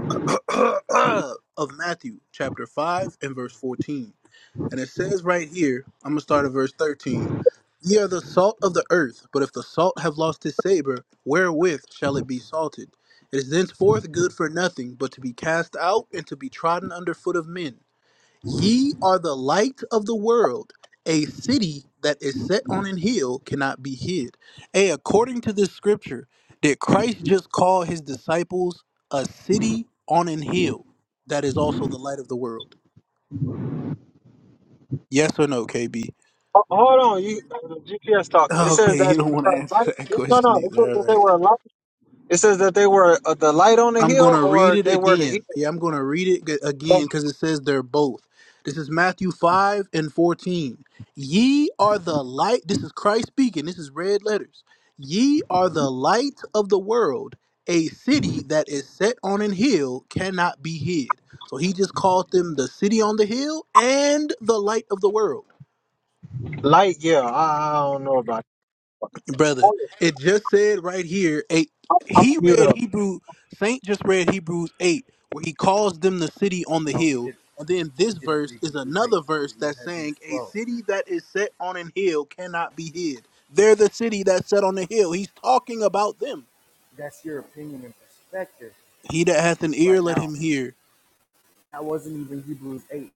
S1: of Matthew, chapter 5, and verse 14. And it says right here, I'm going to start at verse 13. Ye are the salt of the earth, but if the salt have lost its savor, wherewith shall it be salted? It is thenceforth good for nothing but to be cast out and to be trodden under foot of men. Ye are the light of the world. A city that is set on an hill cannot be hid. Hey, according to this scripture, did Christ just call his disciples a city on an hill that is also the light of the world? Yes or no, KB?
S2: ho- hold on. You uh, GPS talking. It says
S1: Okay,
S2: that
S1: you don't want
S2: uh,
S1: to
S2: light-
S1: answer that
S2: no,
S1: question
S2: no. It says
S1: either. All
S2: that they
S1: right.
S2: were a light. It says that they were uh, the light on the
S1: I'm going
S2: hill,
S1: to read
S2: or
S1: it
S2: they were the hill.
S1: again. Yeah, I'm going to read it g- again
S2: Thank
S1: because it says they're both. This is Matthew 5 and 14. Ye are the light. This is Christ speaking. This is red letters. Ye are the light of the world. A city that is set on an hill cannot be hid. So he just called them the city on the hill and the light of the world.
S2: you. Light. Yeah, I, I don't know about. It.
S1: brother.
S2: Hold on,
S1: It just said right here. Eight.
S2: I'm gonna
S1: He
S2: mute
S1: read
S2: up.
S1: Hebrew. Saint just read Hebrews eight, where he calls them the city on the
S9: No, he
S1: hill.
S9: did.
S1: And then this
S9: He didn't
S1: verse
S9: read
S1: is
S9: Hebrews eight.
S1: another verse
S9: He read
S1: that's
S9: Hebrews
S1: saying, "A
S9: twelve.
S1: city that is set on an hill cannot be hid." They're the city that's set on the hill. He's talking about them.
S9: That's your opinion and perspective
S1: He that hath an ear,
S9: right
S1: let
S9: now.
S1: him hear.
S9: I wasn't even Hebrews eight.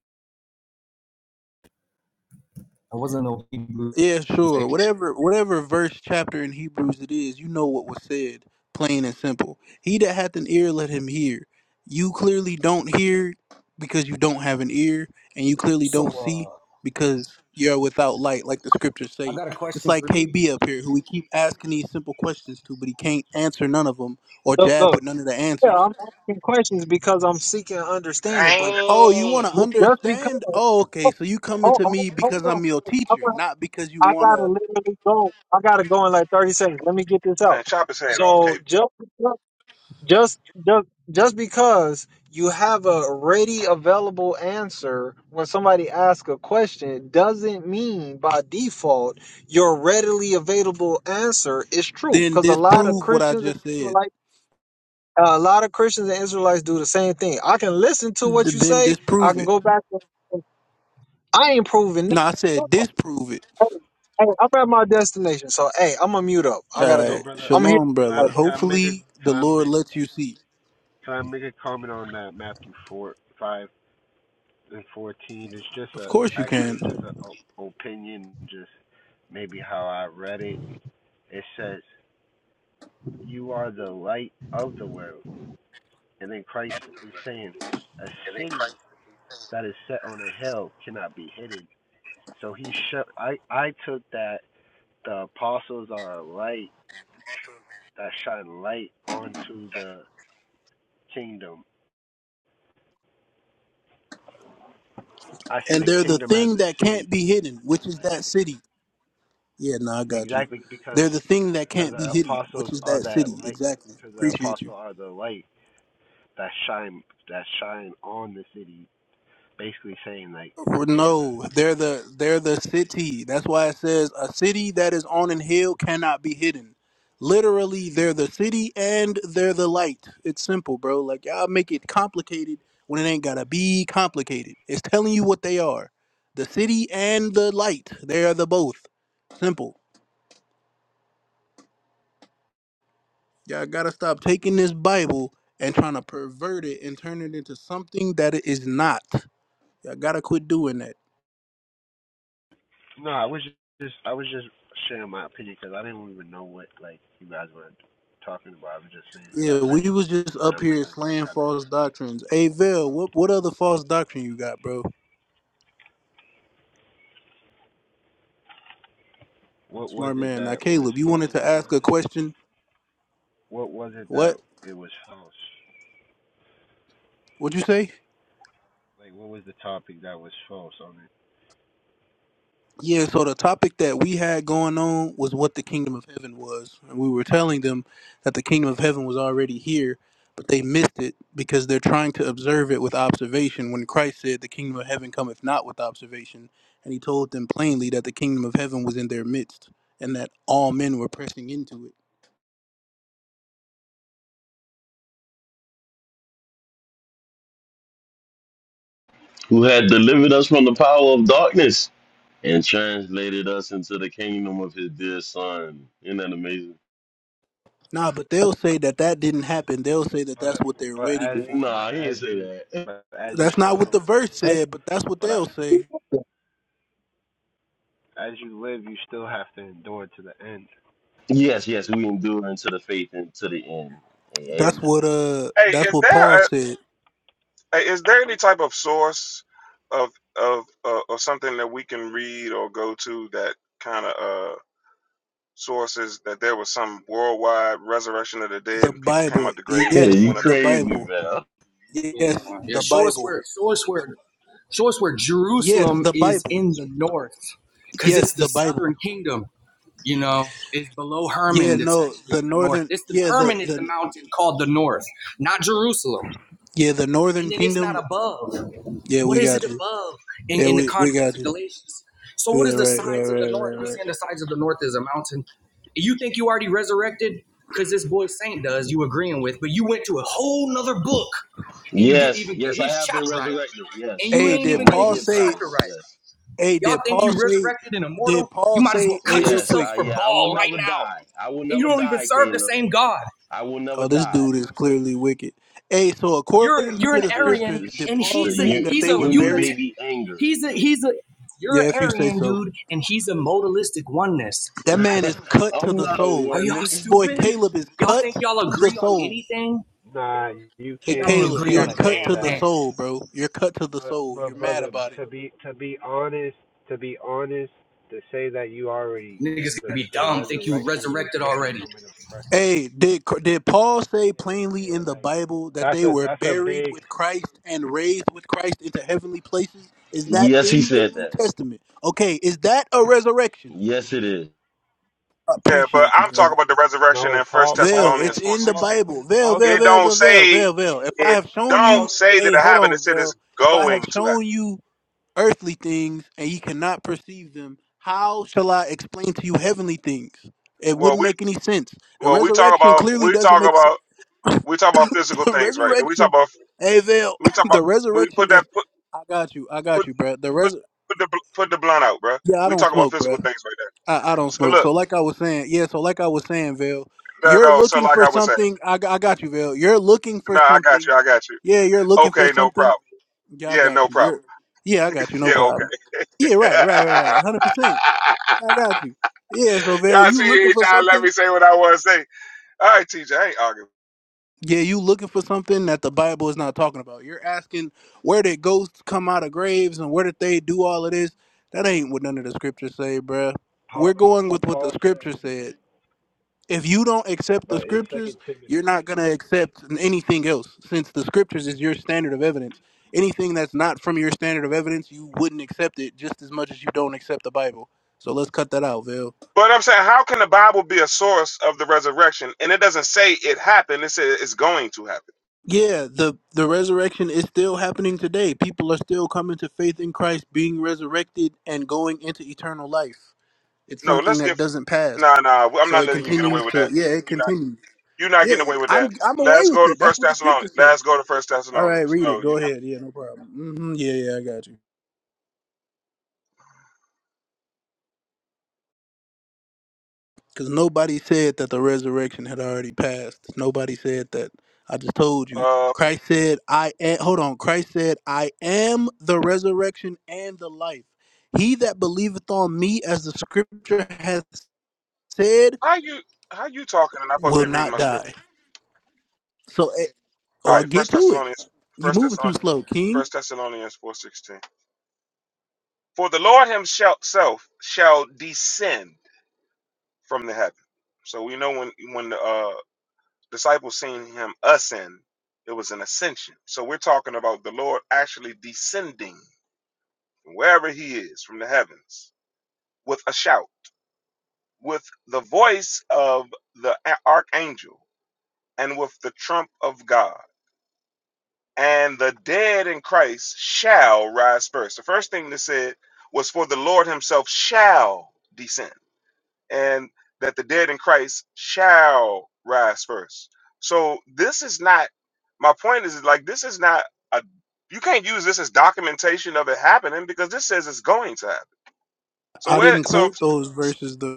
S9: I wasn't no Hebrews
S1: Yeah, sure.
S9: eight.
S1: Whatever whatever verse chapter in Hebrews it is, you know what was said, plain and simple. He that hath an ear let him hear. You clearly don't hear because you don't have an ear, and you clearly
S9: So,
S1: don't see
S9: uh,
S1: because you're without light, like the scriptures
S9: I
S1: say.
S9: got a
S1: Just
S9: question
S1: like
S9: for you.
S1: KB up here, who we keep asking these simple questions to, but he can't answer none of them or
S2: Look,
S1: jab
S2: look.
S1: with none of the
S2: Yeah,
S1: answers.
S2: I'm asking questions because I'm seeking understanding, but
S1: Oh, you
S7: Dang,
S1: want to
S2: just because.
S1: understand? Oh, okay. So you coming
S2: Hold,
S1: to
S2: hold,
S1: me because I'm your
S2: hold
S1: teacher,
S2: on.
S1: not because you
S2: I
S1: want to.
S2: gotta literally go. I gotta go in like thirty seconds. Let me get this
S7: man,
S2: out.
S7: chop his head off, K.
S2: So just just just just because you have a ready available answer when somebody asks a question doesn't mean by default your readily available answer is true.
S1: Then
S2: Because a lot of
S1: disprove what I
S2: Christians and
S1: just said.
S2: Israelites, uh, a lot of Christians and Israelites do the same thing. I can listen to
S1: Th-
S2: what you
S1: Then
S2: say. I
S1: disprove
S2: can
S1: it.
S2: go back. To, I ain't proving.
S1: No, I
S2: nothing.
S1: said disprove it.
S2: Hey, hey, I'm at my destination, so hey, I'm gonna mute up.
S10: Hey,
S2: I gotta
S1: All
S10: hey,
S2: go.
S1: right,
S10: brother,
S2: I'm
S10: um,
S2: here.
S1: shalom,
S10: can I
S2: I
S1: brother.
S2: gotta go.
S10: can I make a
S1: Hopefully,
S10: can
S1: the
S10: I
S1: Lord
S10: make
S1: lets you see.
S10: can I make a comment on that Matthew four five and fourteen? It's just
S1: Of
S10: a
S1: course, you
S10: actually
S1: can.
S10: just an opinion, just maybe how I read it. It says, "You are the light of the world," and then Christ is saying, "A city that is set on a hill cannot be hidden." So he sh- I I took that the apostles are a light that shine light onto the kingdom I see
S1: And
S10: the
S1: they're the
S10: kingdom as
S1: thing
S10: a
S1: that
S10: city,
S1: can't be hidden,
S10: and
S1: which is
S10: like
S1: that city. Yeah, no, I got you.
S10: exactly because
S1: They're the thing that
S10: because
S1: can't be
S10: the
S1: hidden, which
S10: apostles
S1: is
S10: are
S1: that
S10: that
S1: city.
S10: light,
S1: Exactly.
S10: because the
S1: Appreciate you.
S10: apostles are the light that shine that shine on the city. Basically saying like they're
S1: No,
S10: the.
S1: they're the they're the city. That's why it says a city that is on an hill cannot be hidden. Literally, they're the city and they're the light. It's simple, bro. Like y'all make it complicated when it ain't gotta be complicated. It's telling you what they are. The city and the light. They are the both. Simple. Y'all gotta stop taking this Bible and trying to pervert it and turn it into something that it is not. Y'all gotta quit doing that.
S10: No, I was just I was just sharing my opinion because I didn't even know what like you guys were talking about. I was just saying because
S1: Yeah,
S10: I read
S1: we
S10: it,
S1: was just
S10: and
S1: up
S10: I'm like
S1: here
S10: I, I
S1: slaying
S10: kind
S1: false doctrines. Hey, Vel, what what other false doctrine you got, bro?
S10: of what was
S1: Smart
S10: it
S1: man. Now,
S10: that was
S1: Caleb, you
S10: false?
S1: wanted to
S10: What
S1: ask
S10: was
S1: a
S10: it?
S1: question.
S10: What was it that
S1: What?
S10: it was false?
S1: What'd you say?
S10: Like what was the topic that was false on it?
S1: Yeah. So the topic that we had going on was what the kingdom of heaven was, and we were telling them that the kingdom of heaven was already here, but they missed it because they're trying to observe it with observation. When Christ said, "The kingdom of heaven cometh not with observation," and he told them plainly that the kingdom of heaven was in their midst, and that all men were pressing into it.
S6: who had delivered us from the power of darkness and translated us into the kingdom of his dear son. Isn't that amazing?
S1: Nah, but they'll say that that didn't happen. They'll say that that's
S10: But
S1: what they're
S10: but
S1: waiting
S10: as
S1: for.
S10: but
S6: Nah, he
S10: as
S6: didn't say
S10: you
S6: that.
S10: but as you
S1: That's not what
S10: still
S1: the verse said, but that's what
S10: but I
S1: they'll
S10: f-
S1: say.
S10: as you live you still have to endure to the end.
S6: Yes, yes, we endure into the faith and to the end. Hey,
S1: That's
S6: amen,
S1: what uh
S7: Hey,
S1: that's
S7: is
S1: what
S7: there?
S1: Paul said.
S7: Hey, Is there any type of source of of uh, of something that we can read or go to that kind of uh, sources that there was some worldwide resurrection of the dead
S1: The
S7: and people came
S1: Bible.
S7: out the
S6: bro.
S7: graves and
S1: Yes,
S6: you
S7: went up
S1: the
S7: in there?
S6: crazy,
S1: Bible.
S6: man.
S1: Yes,
S9: Yeah, yeah.
S1: the
S9: Show us
S1: Bible.
S9: where. Show us where. Show us where
S1: Yes,
S9: Jerusalem
S1: the
S9: is
S1: Bible.
S9: in the north, because
S1: Yes,
S9: it's the
S1: the
S9: southern
S1: Bible.
S9: kingdom. You know, it's below
S1: Yeah,
S9: Hermon that's
S1: no,
S9: actually
S1: the
S9: in the north.
S1: northern
S9: This the
S1: yeah, the
S9: Hermon is the
S1: the
S9: mountain called the north, not Jerusalem.
S1: yeah, the northern
S9: And then it's not
S1: kingdom.
S9: above.
S1: Yeah,
S9: What
S1: we
S9: is it
S1: got you.
S9: above in,
S1: Yeah,
S9: in the
S1: we we
S9: context of
S1: got you.
S9: Galatians? So what
S1: Yeah,
S9: is the
S1: right, right,
S9: sides of the
S1: right,
S9: north? You're
S1: right, right.
S9: saying the sides of the north is a mountain. You think you already resurrected? Because this boy Saint does, you agreeing with, but you went to a whole nother book and you didn't
S6: Yes,
S9: even get
S6: yes, I
S9: his
S6: have been
S9: chapter right.
S6: resurrected.
S9: And
S6: Yes,
S9: you
S1: Hey,
S9: ain't
S6: yes,
S1: did
S6: I'm
S9: even get
S6: raised
S1: Paul
S6: with
S9: his
S1: say
S9: chapter
S6: Christ.
S9: right.
S6: Yes,
S1: hey,
S9: Y'all
S1: did
S9: think
S1: Paul
S9: you
S1: say
S9: resurrected and
S1: did
S9: immortal? You
S1: Paul
S9: might as well
S1: say hey
S9: cut
S1: real
S6: yes,
S1: quick
S9: yourselves
S6: I,
S9: for
S6: yeah, I will
S9: ball right
S6: never
S9: now
S6: die. I will
S9: and you
S6: never
S9: don't even
S6: die,
S9: serve the
S6: Caleb.
S9: same God.
S6: I will never
S1: Oh, this
S6: die.
S1: dude is clearly wicked. Hey, so
S9: You're
S1: according
S9: you're
S1: to
S9: an
S6: It's
S1: the
S6: the,
S9: Arian,
S1: scriptures,
S6: it's,
S1: did
S9: and
S6: it's
S1: Paul
S6: the
S9: he's a
S1: say that
S6: u-
S9: he's
S1: they
S9: a
S1: were
S6: uni
S9: unit.
S1: buried?
S6: baby anger.
S9: He's a he's a you're
S1: Yeah,
S9: an
S1: if you say
S9: Arian
S1: so.
S9: dude, and he's a modalistic oneness.
S1: That man is cut to
S6: I'm
S1: the
S6: not a
S1: soul.
S9: Are y'all
S1: This
S6: oneness.
S1: boy
S9: stupid?
S1: Caleb is
S9: Y'all
S1: cut
S9: think y'all
S1: to the
S9: agree on
S1: soul.
S9: anything?
S10: Nah, you
S1: Hey,
S10: can't
S9: Y'all don't
S10: you
S1: Caleb,
S9: agree
S10: can't
S1: you're
S9: on a
S1: cut
S10: say
S1: to
S9: damn
S1: the
S10: that.
S9: thing.
S1: soul, bro. You're cut to the
S10: But
S1: soul. You're
S10: but
S1: mad
S10: brother,
S1: about it.
S10: to be to be honest, to be honest, to say that you already
S9: Niggas
S10: the
S9: gonna be
S10: the
S9: dumb. Think you
S10: resurrection and the
S9: resurrected
S10: second
S9: already.
S10: coming of Christ.
S1: Hey, did did Paul say
S10: Yeah,
S1: plainly
S10: yeah,
S1: in the
S10: like
S1: Bible that
S10: that's
S1: they
S10: a
S1: were
S10: that's a
S1: buried
S10: big
S1: with Christ and raised with Christ into heavenly places? Is that
S6: Yes, he
S1: in the
S6: said
S1: New
S6: that.
S1: Testament? Okay, is that a resurrection?
S6: Yes, it is.
S1: I
S7: Yeah, but
S1: appreciate you,
S7: I'm
S1: brother.
S7: talking about the resurrection
S10: no.
S7: in First
S10: Paul Paul
S1: Veil,
S7: Thessalonians
S1: it's
S10: said
S7: four
S1: in the
S10: Paul
S7: sixteen.
S1: Bible. Veil,
S10: Paul
S1: veil,
S7: It
S10: said
S1: veil,
S7: don't
S1: veil, veil,
S7: say
S1: veil, veil. If I
S7: it
S1: have shown
S7: don't
S1: you,
S10: Paul said
S7: say that
S1: hey,
S7: it
S1: hold
S7: happened. It
S1: on,
S7: said it's
S1: veil. If I have
S7: going to happen.
S1: shown you earthly things and you cannot perceive them, how shall I explain to you heavenly things? It
S7: Well,
S1: wouldn't
S7: we
S1: make any sense. The
S7: well we talk
S1: resurrection
S7: about
S1: clearly
S7: we
S1: doesn't
S7: talk
S1: make sense.
S7: about we talk about physical
S1: The
S7: things, right? We talk
S1: resurrection,
S7: about
S1: hey, veil,
S7: we talk about
S1: the
S7: we
S1: resurrection
S7: put that
S1: that's,
S7: put.
S1: I got you, I
S7: put
S1: got you, bruh. The
S7: put,
S1: res,
S7: put the bl- put the blunt out, bro.
S1: yeah, I
S7: We
S1: don't
S7: talk about
S1: smoke,
S7: physical
S1: bruh.
S7: things right now.
S1: I, I don't
S7: So
S1: smoke.
S7: look,
S1: So like I was saying, yeah. So like I was saying, Vale,
S7: no,
S1: you're
S7: no. So
S1: looking
S7: like
S1: for
S7: I was saying,
S1: something. I, got- I got you, Vale. You're looking for
S7: no, I got you,
S1: something.
S7: I got you.
S1: Yeah, you're looking for
S7: Okay, no
S1: something.
S7: problem.
S1: Yeah, I
S7: Yeah,
S1: got
S7: no
S1: you.
S7: problem.
S1: You're. Yeah, I got you. No
S7: Yeah, okay.
S1: problem. Yeah, right, right, right, right. Hundred percent. I got you. Yeah. So Vale,
S7: y'all
S1: you looking
S7: see,
S1: for
S7: y'all let me
S1: something?
S7: say what I want to say. All right, TJ, I ain't arguing.
S1: Yeah, you looking for something that the Bible is not talking about. You're asking where did ghosts come out of graves and where did they do all of this? That ain't what none of the scriptures say, bruh. We're
S10: Paul
S1: going with
S10: but
S1: what the
S10: Paul says
S1: scripture said. if you don't accept the
S10: but in Second
S1: scriptures,
S10: Timothy.
S1: you're not going to accept anything else since the scriptures is your standard of evidence. Anything that's not from your standard of evidence, you wouldn't accept it just as much as you don't accept the Bible. So let's cut that out, Vil.
S7: But I'm saying, how can the Bible be a source of the resurrection? And it doesn't say it happened. It says it's going to happen.
S1: Yeah, the the resurrection is still happening today. People are still coming to faith in Christ, being resurrected and going into eternal life. It's
S7: No,
S1: something
S7: let's
S1: that
S7: get.
S1: doesn't pass.
S7: Nah, nah. I'm
S1: So
S7: not
S1: it
S7: letting you get away
S1: continues
S7: with that.
S1: to yeah, it
S7: You're not.
S1: continues.
S7: You're not
S1: Yeah,
S7: getting away with
S1: I'm
S7: that.
S1: I'm away
S7: Let's
S1: with
S7: go to
S1: it. That's
S7: First
S1: what the
S7: Thessalonians.
S1: scriptures say.
S7: Let's go to First
S1: All right,
S7: Thessalonians.
S1: read
S7: No,
S1: it. Go
S7: you're
S1: ahead. Yeah, no problem. hmm Yeah, yeah, I got you. Because nobody said that the resurrection had already passed. Nobody said that. I just told
S7: not.
S1: you.
S7: Uh,
S1: Christ said, "I am." Hold on. Christ said, "I am the resurrection and the life. He that believeth on me, as the Scripture hath said,
S7: How you how you talking and I'm supposed to
S1: will
S7: be reading
S1: not
S7: my
S1: die."
S7: scripture?
S1: So, eh,
S7: All
S1: or
S7: right,
S1: get
S7: First
S1: to it.
S7: Thessalonians,
S1: You
S7: First
S1: moving too
S7: Thessalonians,
S1: slow, King.
S7: First Thessalonians four sixteen. For the Lord Himself shall descend from the heaven. So we know when when the uh, disciples seen Him ascend, it was an ascension. So we're talking about the Lord actually descending from wherever He is from the heavens with a shout, with the voice of the a- archangel, and with the trump of God. and the dead in Christ shall rise first. The first thing that said was for the Lord himself shall descend, and that the dead in Christ shall rise first. So this is not my point is like this is not a you can't use this as documentation of it happening because this says it's going to happen. So
S1: I
S7: where
S1: didn't
S7: so
S1: quote those verses. though.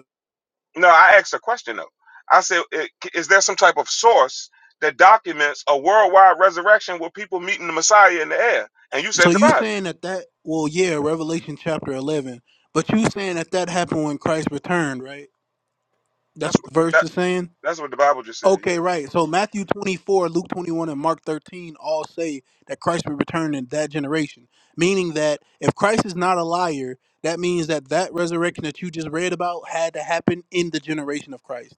S7: no, I asked a question though. I said, i- is there some type of source that documents a worldwide resurrection where people meeting the Messiah in the air? And you
S1: So
S7: said the
S1: you
S7: Bible.
S1: saying that that well, yeah, Revelation chapter eleven, but you saying that that happened when Christ returned, right? That's
S7: That's
S1: what the
S7: what
S1: verse
S7: that,
S1: is saying.
S7: that's what the Bible just said.
S1: Okay,
S7: Yeah,
S1: right. So Matthew twenty four, Luke twenty one, and Mark thirteen all say that Christ will return in that generation. Meaning that if Christ is not a liar, that means that that resurrection that you just read about had to happen in the generation of Christ.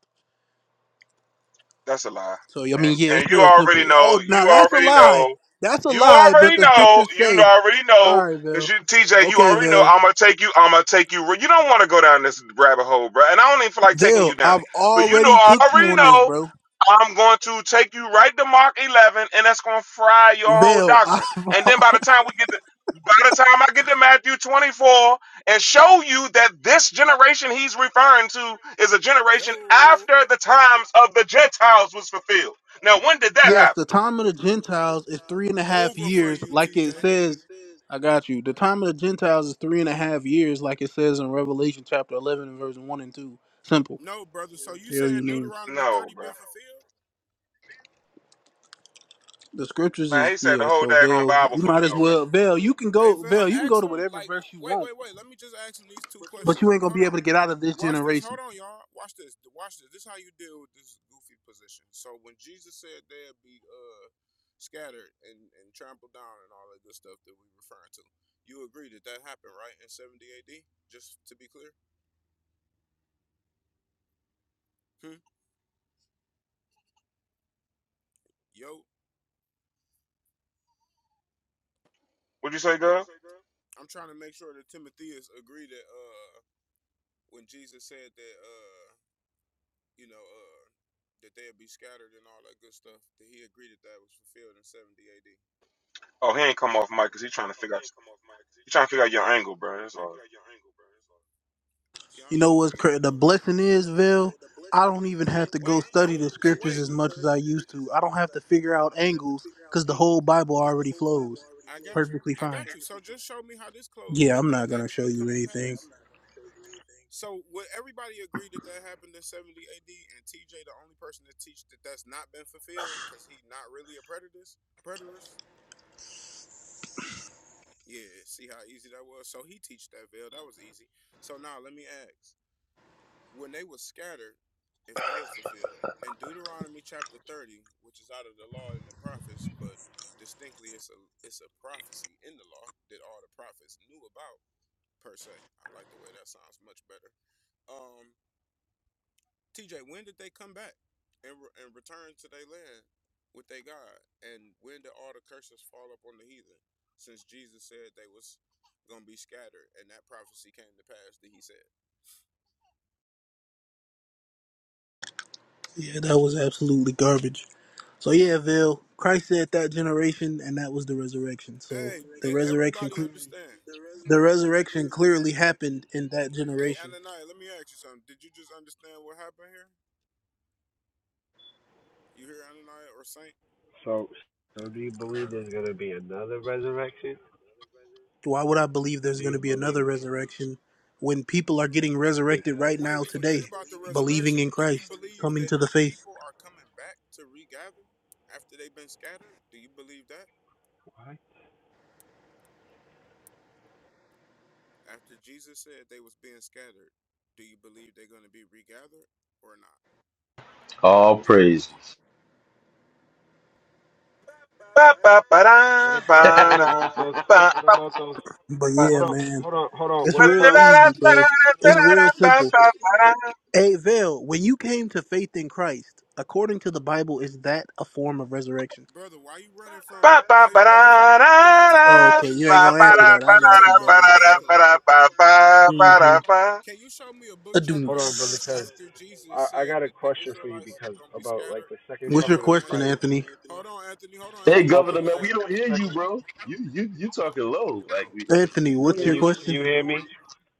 S7: that's a lie.
S1: So I
S7: And
S1: mean, yeah, it's
S7: and you
S1: real
S7: already
S1: simple.
S7: know.
S1: Oh, now
S7: You
S1: that's a
S7: already
S1: lie.
S7: know.
S1: That's a
S7: You
S1: lie. But
S7: already
S1: the
S7: know.
S1: scriptures
S7: You
S1: say,
S7: already know.
S1: all right,
S7: Cause
S1: Bill.
S7: you, TJ, you
S1: Okay,
S7: already know.
S1: Bill.
S7: I'm gonna take you. I'm gonna take you. You don't want to go down this rabbit hole, bro. And I don't even feel like taking
S1: Vale,
S7: you down
S1: I've
S7: it. But you know,
S1: already
S7: I
S1: cooked you
S7: already
S1: on this,
S7: know.
S1: bro.
S7: I'm going to take you right to Mark 11, and that's going to fry your whole
S1: Vale,
S7: doctrine.
S1: I've
S7: And then by the time we get to by the time I get to Matthew 24 and show you that this generation he's referring to is a generation after
S11: Yo,
S7: the times of the Gentiles was fulfilled. Now, when did that
S1: yes, the
S7: happen?
S11: Yes,
S1: time of
S11: the
S1: the
S11: time of the
S1: Gentiles is
S11: Gentiles
S1: three and
S11: is
S1: a half
S11: over for
S1: years,
S11: you,
S1: like
S11: years,
S1: it
S11: like TJ. it
S1: says.
S11: says.
S1: I got you. The time of the Gentiles is three and a half years, like it says in Revelation chapter eleven, and verse one and two. Simple.
S11: No, brother. So you you.
S1: Hell, you
S11: saying
S1: mean
S11: Deuteronomy
S7: No,
S11: 30
S7: bro.
S11: been no. fulfilled?
S1: the scriptures
S7: Man,
S1: is
S7: he said the
S1: yeah.
S7: whole
S1: So
S7: daggone
S1: Vale,
S7: Bible
S1: you
S7: fulfilled.
S1: might as
S7: Bro.
S1: well
S11: you can
S1: Vale.
S11: go.
S1: You can
S11: Hey
S1: go
S11: Val,
S1: Vale. You can
S11: ask
S1: go to
S11: him
S1: whatever
S11: like
S1: verse you
S11: wait,
S1: want,
S11: wait, wait. Let me just ask him these two
S1: but
S11: questions.
S1: you ain't gonna
S11: Hold
S1: be
S11: on.
S1: able to get out of
S11: Watch
S1: this
S11: this.
S1: generation.
S11: Hold on, y'all. Watch this. Watch this. This is how you deal with this goofy position. So when Jesus said they'd be uh scattered and, and trampled down and all that good stuff that we referring to, you agree that that happened, right? In 70 AD? Just to be clear? Hmm? Yo,
S7: Would you say, girl?
S11: I'm trying to make sure that Timotheus agreed that uh when Jesus said that Uh, you know, uh, that they'll be scattered and all that good stuff. That he agreed that that was fulfilled in 70 AD.
S7: Oh, he ain't come off mic because he's trying to figure out he trying to figure out your angle, bro. That's all.
S11: Y'all
S1: You
S11: know
S1: know
S11: he's
S1: what's
S11: spook. He
S1: the
S11: know the angle
S1: blessing
S11: though. You
S1: is,
S11: know what's
S1: Vil?
S11: cra The
S1: I
S11: blessing
S1: don't
S11: is,
S1: even have
S11: Vil.
S1: to go
S11: Wait,
S1: study
S11: don't I don't.
S1: the
S11: even Hey, have
S1: scriptures
S11: wait.
S1: as
S11: to go
S1: much as
S11: study
S1: I
S11: the
S1: used
S11: scriptures
S1: to.
S11: as
S1: I don't
S11: much as
S1: have
S11: I
S1: to
S11: used
S1: figure
S11: to.
S1: out
S11: I don't have to
S1: angles
S11: figure out
S1: because the whole
S11: angles
S1: Bible
S11: because the
S1: already
S11: whole Bible
S1: flows
S11: already I got
S1: perfectly
S11: you. I
S1: fine.
S11: got you. So just show me how this closed.
S1: Yeah,
S11: Did
S1: I'm
S11: that
S1: not gonna show
S11: actually
S1: you
S11: come to pass? Yeah,
S1: anything.
S11: I'm not going to show you anything. So would everybody agree that that happened in 70 AD and TJ the only person that teach that that's not been fulfilled because he not really a preterist? Preterist? Yeah, see how easy that was? So he teach that veil. That was easy. So now let me ask. When they were scattered, if that was fulfilled, in Deuteronomy chapter 30, which is out of the law and the prophets, but distinctly it's a it's a prophecy in the law that all the prophets knew about per se. I like the way that sounds much better. Um TJ, when did they come back and re- and return to their land with their God? And when did all the curses fall up on the heathen? Since Jesus said they was gonna be scattered, and that prophecy came to pass that He said.
S1: Yeah, that was absolutely garbage. So yeah, Vil, Christ said that generation, and that was the resurrection.
S11: The
S1: So
S11: Hey,
S1: the
S11: did
S1: resurrection,
S11: everybody
S1: clearly,
S11: understand? the
S1: the
S11: resurrection
S1: resurrection
S11: clearly
S1: clearly
S11: happened in
S1: happened
S11: that
S1: in that
S11: generation. Hey,
S1: generation.
S11: Ananiah, let me ask you something. Did you just understand what happened here? You hear Ananiah or Saint?
S10: So, so do you
S11: So,
S10: believe there's gonna be
S11: do you
S10: another
S11: believe there's going to
S10: resurrection?
S11: be another resurrection?
S1: Why would I believe there's
S10: Do
S1: going to
S10: you
S1: be another
S10: believe
S1: resurrection when people are getting
S11: resurrected right now
S1: resurrected right
S10: because
S11: today,
S1: now
S11: Wait, forget
S1: today,
S11: about the
S1: believing
S11: resurrection.
S1: in
S11: Do you
S1: Christ,
S11: believe
S1: coming
S11: that
S1: to the
S11: the
S1: faith?
S11: people are coming back to regather after they've been scattered? Do you believe that?
S10: why?
S11: After Jesus said they was being scattered, do you believe they're going to be regathered or not?
S6: All praises.
S7: Ba ba ba
S10: What
S7: da
S10: about what
S7: ba
S10: about those?
S7: da
S10: What
S7: ba
S10: about those?
S1: But
S7: ba.
S1: yeah,
S10: Hold on,
S1: man,
S10: hold on, hold on.
S1: it's
S7: Ba
S10: What
S7: ba
S1: real
S10: about
S7: da da
S1: easy,
S7: ba ba da
S1: bro.
S10: what
S1: It's
S10: about
S1: real
S7: ba ba
S1: simple.
S7: da
S1: Hey, Vale, when you came to faith in Christ, according to the Bible, is that a form of resurrection?
S11: Brother, why you running from
S7: ba ba
S11: why you
S7: ba da
S11: running from we're not talking about
S1: Oh,
S11: the
S1: okay, you
S7: ba
S1: ain't
S10: but
S11: resurrection.
S1: gonna
S7: ba ba da da ba ba
S1: answer
S7: da
S10: but
S1: that.
S7: ba
S1: I
S11: We're
S1: got
S11: talking
S1: you,
S11: about
S1: brother.
S7: da
S10: what
S7: ba
S10: about
S11: regathering.
S7: da
S10: the?
S7: ba ba ba
S1: Mm-hmm.
S7: da ba.
S11: Can you show me a book, chapter,
S10: Hold
S11: and
S10: on, brother,
S11: verse
S10: because
S1: Adoom.
S11: after Jesus
S10: I I
S11: said
S10: got a
S11: that the
S10: question for you
S11: Israelites
S10: because
S11: are gonna be
S10: about like
S11: scattered?
S10: the second
S11: Hold
S1: What's
S11: on,
S1: your
S11: hold
S10: coming
S11: on,
S10: of
S1: question,
S11: Anthony.
S10: Christ.
S1: Anthony?
S11: Hold on, Anthony. Hold on,
S6: hey,
S11: Anthony. This is
S10: About the
S11: my
S6: Governor, man, we
S10: second
S11: last.
S6: don't
S10: the
S6: hear you,
S10: second.
S6: bro. You you you talking low. Like we
S1: Anthony,
S6: we don't
S1: what's
S10: Can
S6: hear
S1: your
S11: Anthony,
S10: you
S6: you.
S10: can
S11: what's
S1: question?
S10: you
S11: your
S10: hear me?
S11: question?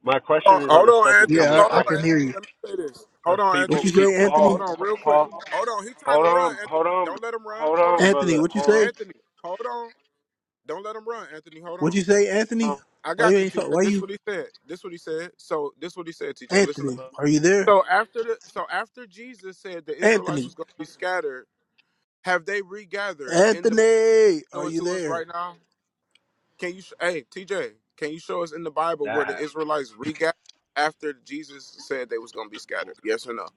S10: My question is on
S11: hold
S10: the
S11: on,
S10: second
S11: Anthony.
S10: coming
S1: Yeah,
S10: of
S11: Hold
S1: I, I
S10: Christ
S11: on,
S1: can
S10: because
S1: hear
S11: Anthony.
S1: you.
S11: Let me say this. Hold
S10: because
S11: on,
S10: people
S1: What
S11: Anthony,
S1: you
S10: pe-
S11: real
S1: say,
S11: quick.
S1: Anthony?
S11: Hold
S10: Paul
S11: on, real quick.
S10: Paul
S11: Hold on. He's trying
S10: Hold
S11: to run,
S10: on, hold
S11: Anthony.
S10: on,
S11: Don't let him run.
S10: hold
S11: Hold
S10: on,
S11: on,
S1: Anthony,
S10: brother.
S1: what you
S10: Hold
S1: say?
S11: Anthony. Hold on. Don't let him run, Anthony. Hold
S1: What
S11: on.
S1: you say,
S10: on.
S1: Anthony?
S11: I
S1: Why you
S11: got you,
S1: ain't
S11: TJ.
S1: talk? Why
S11: This is
S1: you,
S11: what he said. This is what he said. So this is what he said, TJ. Listen.
S1: Anthony?
S10: Brother.
S1: Are you there?
S11: So after the so after Jesus said the Israelites
S1: Anthony,
S11: was going to be scattered, have they regathered in the
S1: Anthony, are
S11: show it
S1: you
S11: to us
S1: there?
S11: right now? Can you sh- hey TJ? Can you show us in the Bible
S10: That
S11: where the
S10: happened.
S11: Israelites regathered after Jesus said they was going to be scattered? Yes or no?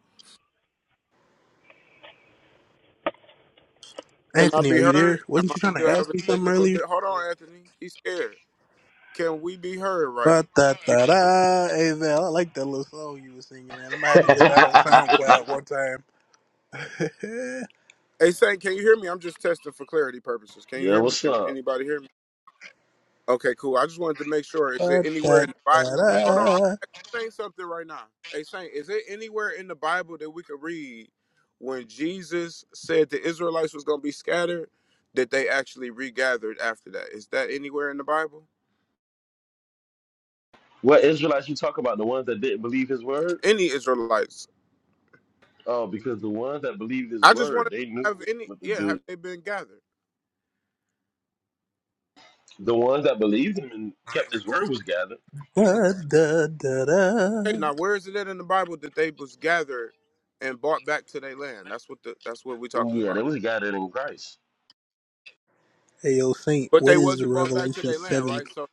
S11: Can I
S1: Anthony, are
S11: be
S1: you there?
S11: heard? Am
S1: Wasn't
S11: I
S1: you trying to
S11: still
S1: ask
S11: having
S1: me something
S11: technical?
S1: earlier?
S11: Di- Hold
S10: Yeah,
S11: on, Anthony. He's scared. Can we be heard right?
S1: Ba da da da. Hey Val, I like that little song you was singing, man. I might have to get that on SoundCloud one time.
S11: Hey, Saint, can you hear me? I'm just testing for clarity purposes. Can you
S6: yeah,
S11: hear me?
S6: what's
S11: Can
S6: up?
S11: anybody hear me? Okay, cool. I just wanted to make sure. Is it
S1: ba
S11: anywhere
S1: da
S11: in the Bible?
S1: da
S11: Hold on,
S1: da.
S11: I'm saying something right now. Hey, Saint, is it anywhere in the Bible that we could read when Jesus said the Israelites was gonna be scattered that they actually regathered after that? Is that anywhere in the Bible?
S6: What Israelites you talk about? The ones that didn't believe his word?
S11: Any Israelites?
S6: Oh, because the ones that believed his
S11: I just want
S6: word, they
S11: to have
S6: knew
S11: any.
S6: what to
S11: Yeah, have
S6: do.
S11: they been gathered?
S6: The ones that believed him and kept his word was gathered.
S1: Ba da da
S11: Okay,
S1: da.
S11: now where is it at in the Bible that they was gathered and brought back to their land? That's what the that's what we're talking
S6: Yeah,
S11: about.
S6: they was gathered in Christ.
S1: Hey yo, Saint,
S11: But
S1: what
S11: they
S1: is
S11: wasn't brought back to
S1: Revelation
S11: their land,
S1: seven?
S11: right? So.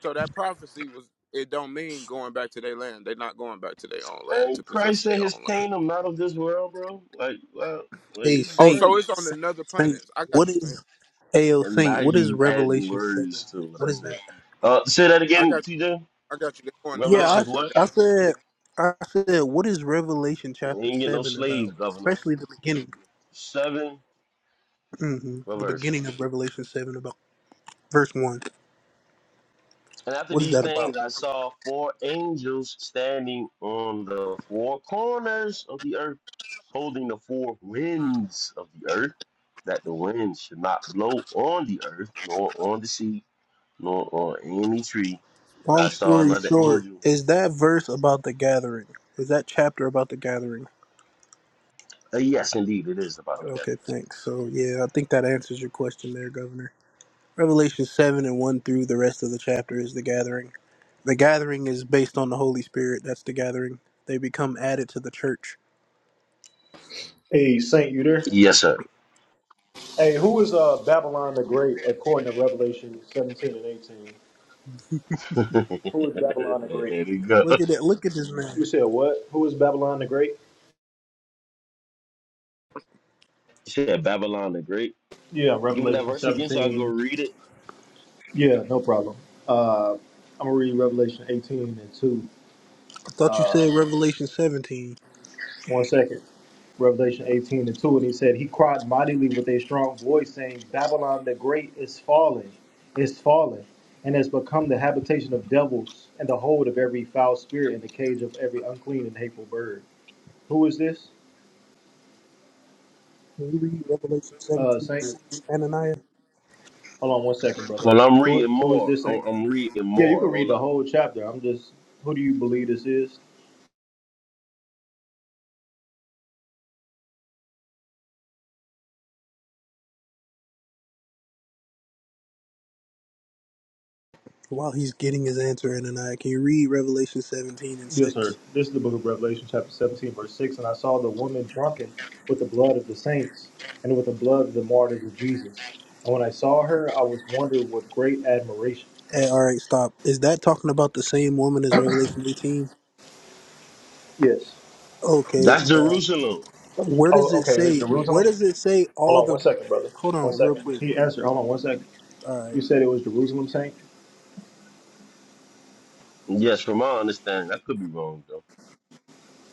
S11: So that prophecy was it don't mean going back to their land. They're not going back to their own land to
S6: Ain't
S11: possess
S6: Christ
S11: their
S6: said his
S11: own land.
S6: kingdom not of this world, bro? Like, wow, like
S1: Hey
S6: this is
S11: Oh,
S1: Saint,
S11: so
S6: crazy.
S11: it's on
S1: Saint,
S11: another
S1: Saint,
S11: planet. I got
S1: what
S11: you,
S1: is?
S11: Saint.
S1: Ayo,
S6: And
S1: Saint,
S6: now
S1: what is
S6: you adding
S1: Revelation 7?
S6: words to what
S1: What
S6: I
S1: is
S6: said.
S1: that?
S6: Uh, say that
S11: I got
S6: again,
S11: you.
S6: TJ.
S11: I got you. They're going to
S1: Yeah, I,
S6: Revelations
S11: Mars. I got.
S6: what?
S1: I said, I said, what is Revelation
S6: You
S1: chapter
S6: ain't get no
S1: 7
S6: slaves,
S1: about?
S6: governor.
S1: Especially the beginning.
S6: Seven,
S1: hmm The
S6: reverse.
S1: beginning of Revelation 7 about verse 1.
S6: And after
S1: What is
S6: these
S1: that
S6: things,
S1: about?
S6: I saw four angels standing on the four corners of the earth, holding the four winds of the earth, that the wind should not blow on the earth, nor on the sea, nor on any tree. And I
S1: Long
S6: saw
S1: story
S6: another
S1: short,
S6: angel.
S1: is that verse about the gathering? Is that chapter about the gathering?
S6: Uh, yes, indeed, it is about the gathering.
S1: Okay, thanks. So, yeah, I think that answers your question there, Governor. Revelation 7 and 1 through the rest of the chapter is the gathering. The gathering is based on the Holy Spirit. That's the gathering. They become added to the church.
S5: Hey, Saint, you there?
S6: Yes, sir.
S5: Hey, who is uh, Babylon the Great according to Revelation 17 and 18? Who is Babylon the
S6: there
S5: Great?
S6: you go.
S1: Look at that. Look at this man.
S5: You said what? Who is Babylon the Great?
S6: Shit, Babylon the Great.
S5: Yeah,
S6: Give me that
S5: Revelation
S6: verse again so I go
S5: 17.
S6: read it.
S5: Yeah, no problem. Uh, I'm going to read Revelation 18 and 2.
S1: I thought you
S5: Uh,
S1: said Revelation 17.
S5: One second. Revelation 18 and 2, and he said, He cried mightily with a strong voice, saying, Babylon the Great is fallen, is fallen, and has become the habitation of devils, and the hold of every foul spirit, and the cage of every unclean and hateful bird. Who is this,
S1: Can you read Revelation
S5: uh,
S1: 17
S5: Saint?
S1: and 6, Ananiah?
S5: Hold on one second, brother.
S6: Well, I'm
S5: Who,
S6: reading
S5: who is
S6: more.
S5: this,
S6: I'm,
S5: Saint?
S6: I'm reading
S5: Yeah, you
S6: more.
S5: can read
S6: Hold
S5: the
S6: up.
S5: whole chapter. I'm just, who do you believe this is?
S1: While he's getting his answer, Ananias, can you read Revelation 17 and
S5: Yes, sir.
S1: 6?
S5: This is the book of Revelation, chapter 17, verse 6. And I saw the woman drunken with the blood of the saints and with the blood of the martyrs of Jesus. And when I saw her, I was wondering with great admiration.
S1: Hey, all right, stop. Is that talking about the same woman as Revelation 18?
S5: Yes.
S1: Okay.
S6: That's
S1: Uh,
S6: Jerusalem.
S1: where does
S5: Oh,
S1: it
S5: okay. It's
S1: say? Where
S5: Jerusalem.
S1: does it say all
S5: Hold on
S1: the?
S5: one second, brother.
S1: Hold
S5: One
S1: on, real
S5: second.
S1: quick.
S5: He answered. Hold on one second.
S1: All right.
S5: You said it was Jerusalem, Saint?
S6: Yes, from my understanding. I could be wrong, though.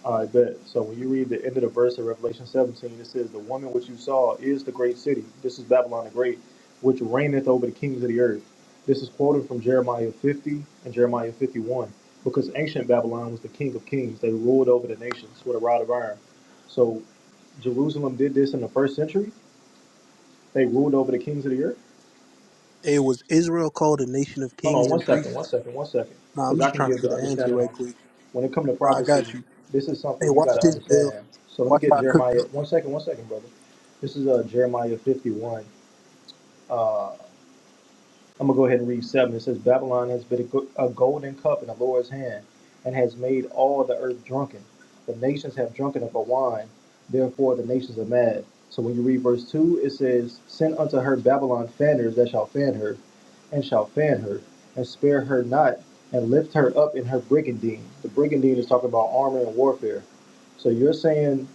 S5: I bet. So when you read the end of the verse of Revelation 17, it says, The woman which you saw is the great city. This is Babylon the Great, which reigneth over the kings of the earth. This is quoted from Jeremiah 50 and Jeremiah 51, because ancient Babylon was the king of kings. They ruled over the nations with a rod of iron. So Jerusalem did this in the first century. They ruled over the kings of the earth.
S1: It was Israel called a nation of
S5: Hold
S1: kings
S5: on one
S1: and
S5: second, one
S1: priests.
S5: second, one second.
S1: No, I'm
S5: Because I
S1: just
S5: can
S1: trying
S5: give
S1: to get
S5: the
S1: an answer
S5: understanding
S1: right
S5: on
S1: quick.
S5: when it comes to
S1: No, I
S5: prophecy,
S1: got you.
S5: this is
S1: Hey,
S5: something you
S1: watch
S5: got to
S1: this, Bill.
S5: understand. So let me
S1: Watch how
S5: get
S1: I cook
S5: Jeremiah.
S1: this man.
S5: One second, one second, brother. This is uh, Jeremiah 51. uh, I'm gonna go ahead and read seven. It says, Babylon has been a, golden cup in the Lord's hand, and has made all the earth drunken. The nations have drunken of her wine; therefore the nations are mad. So when you read verse two, it says, Send unto her Babylon fanners that shall fan her, and shall fan her, and spare her not, and lift her up in her brigandine. The brigandine is talking about armor and warfare. So you're saying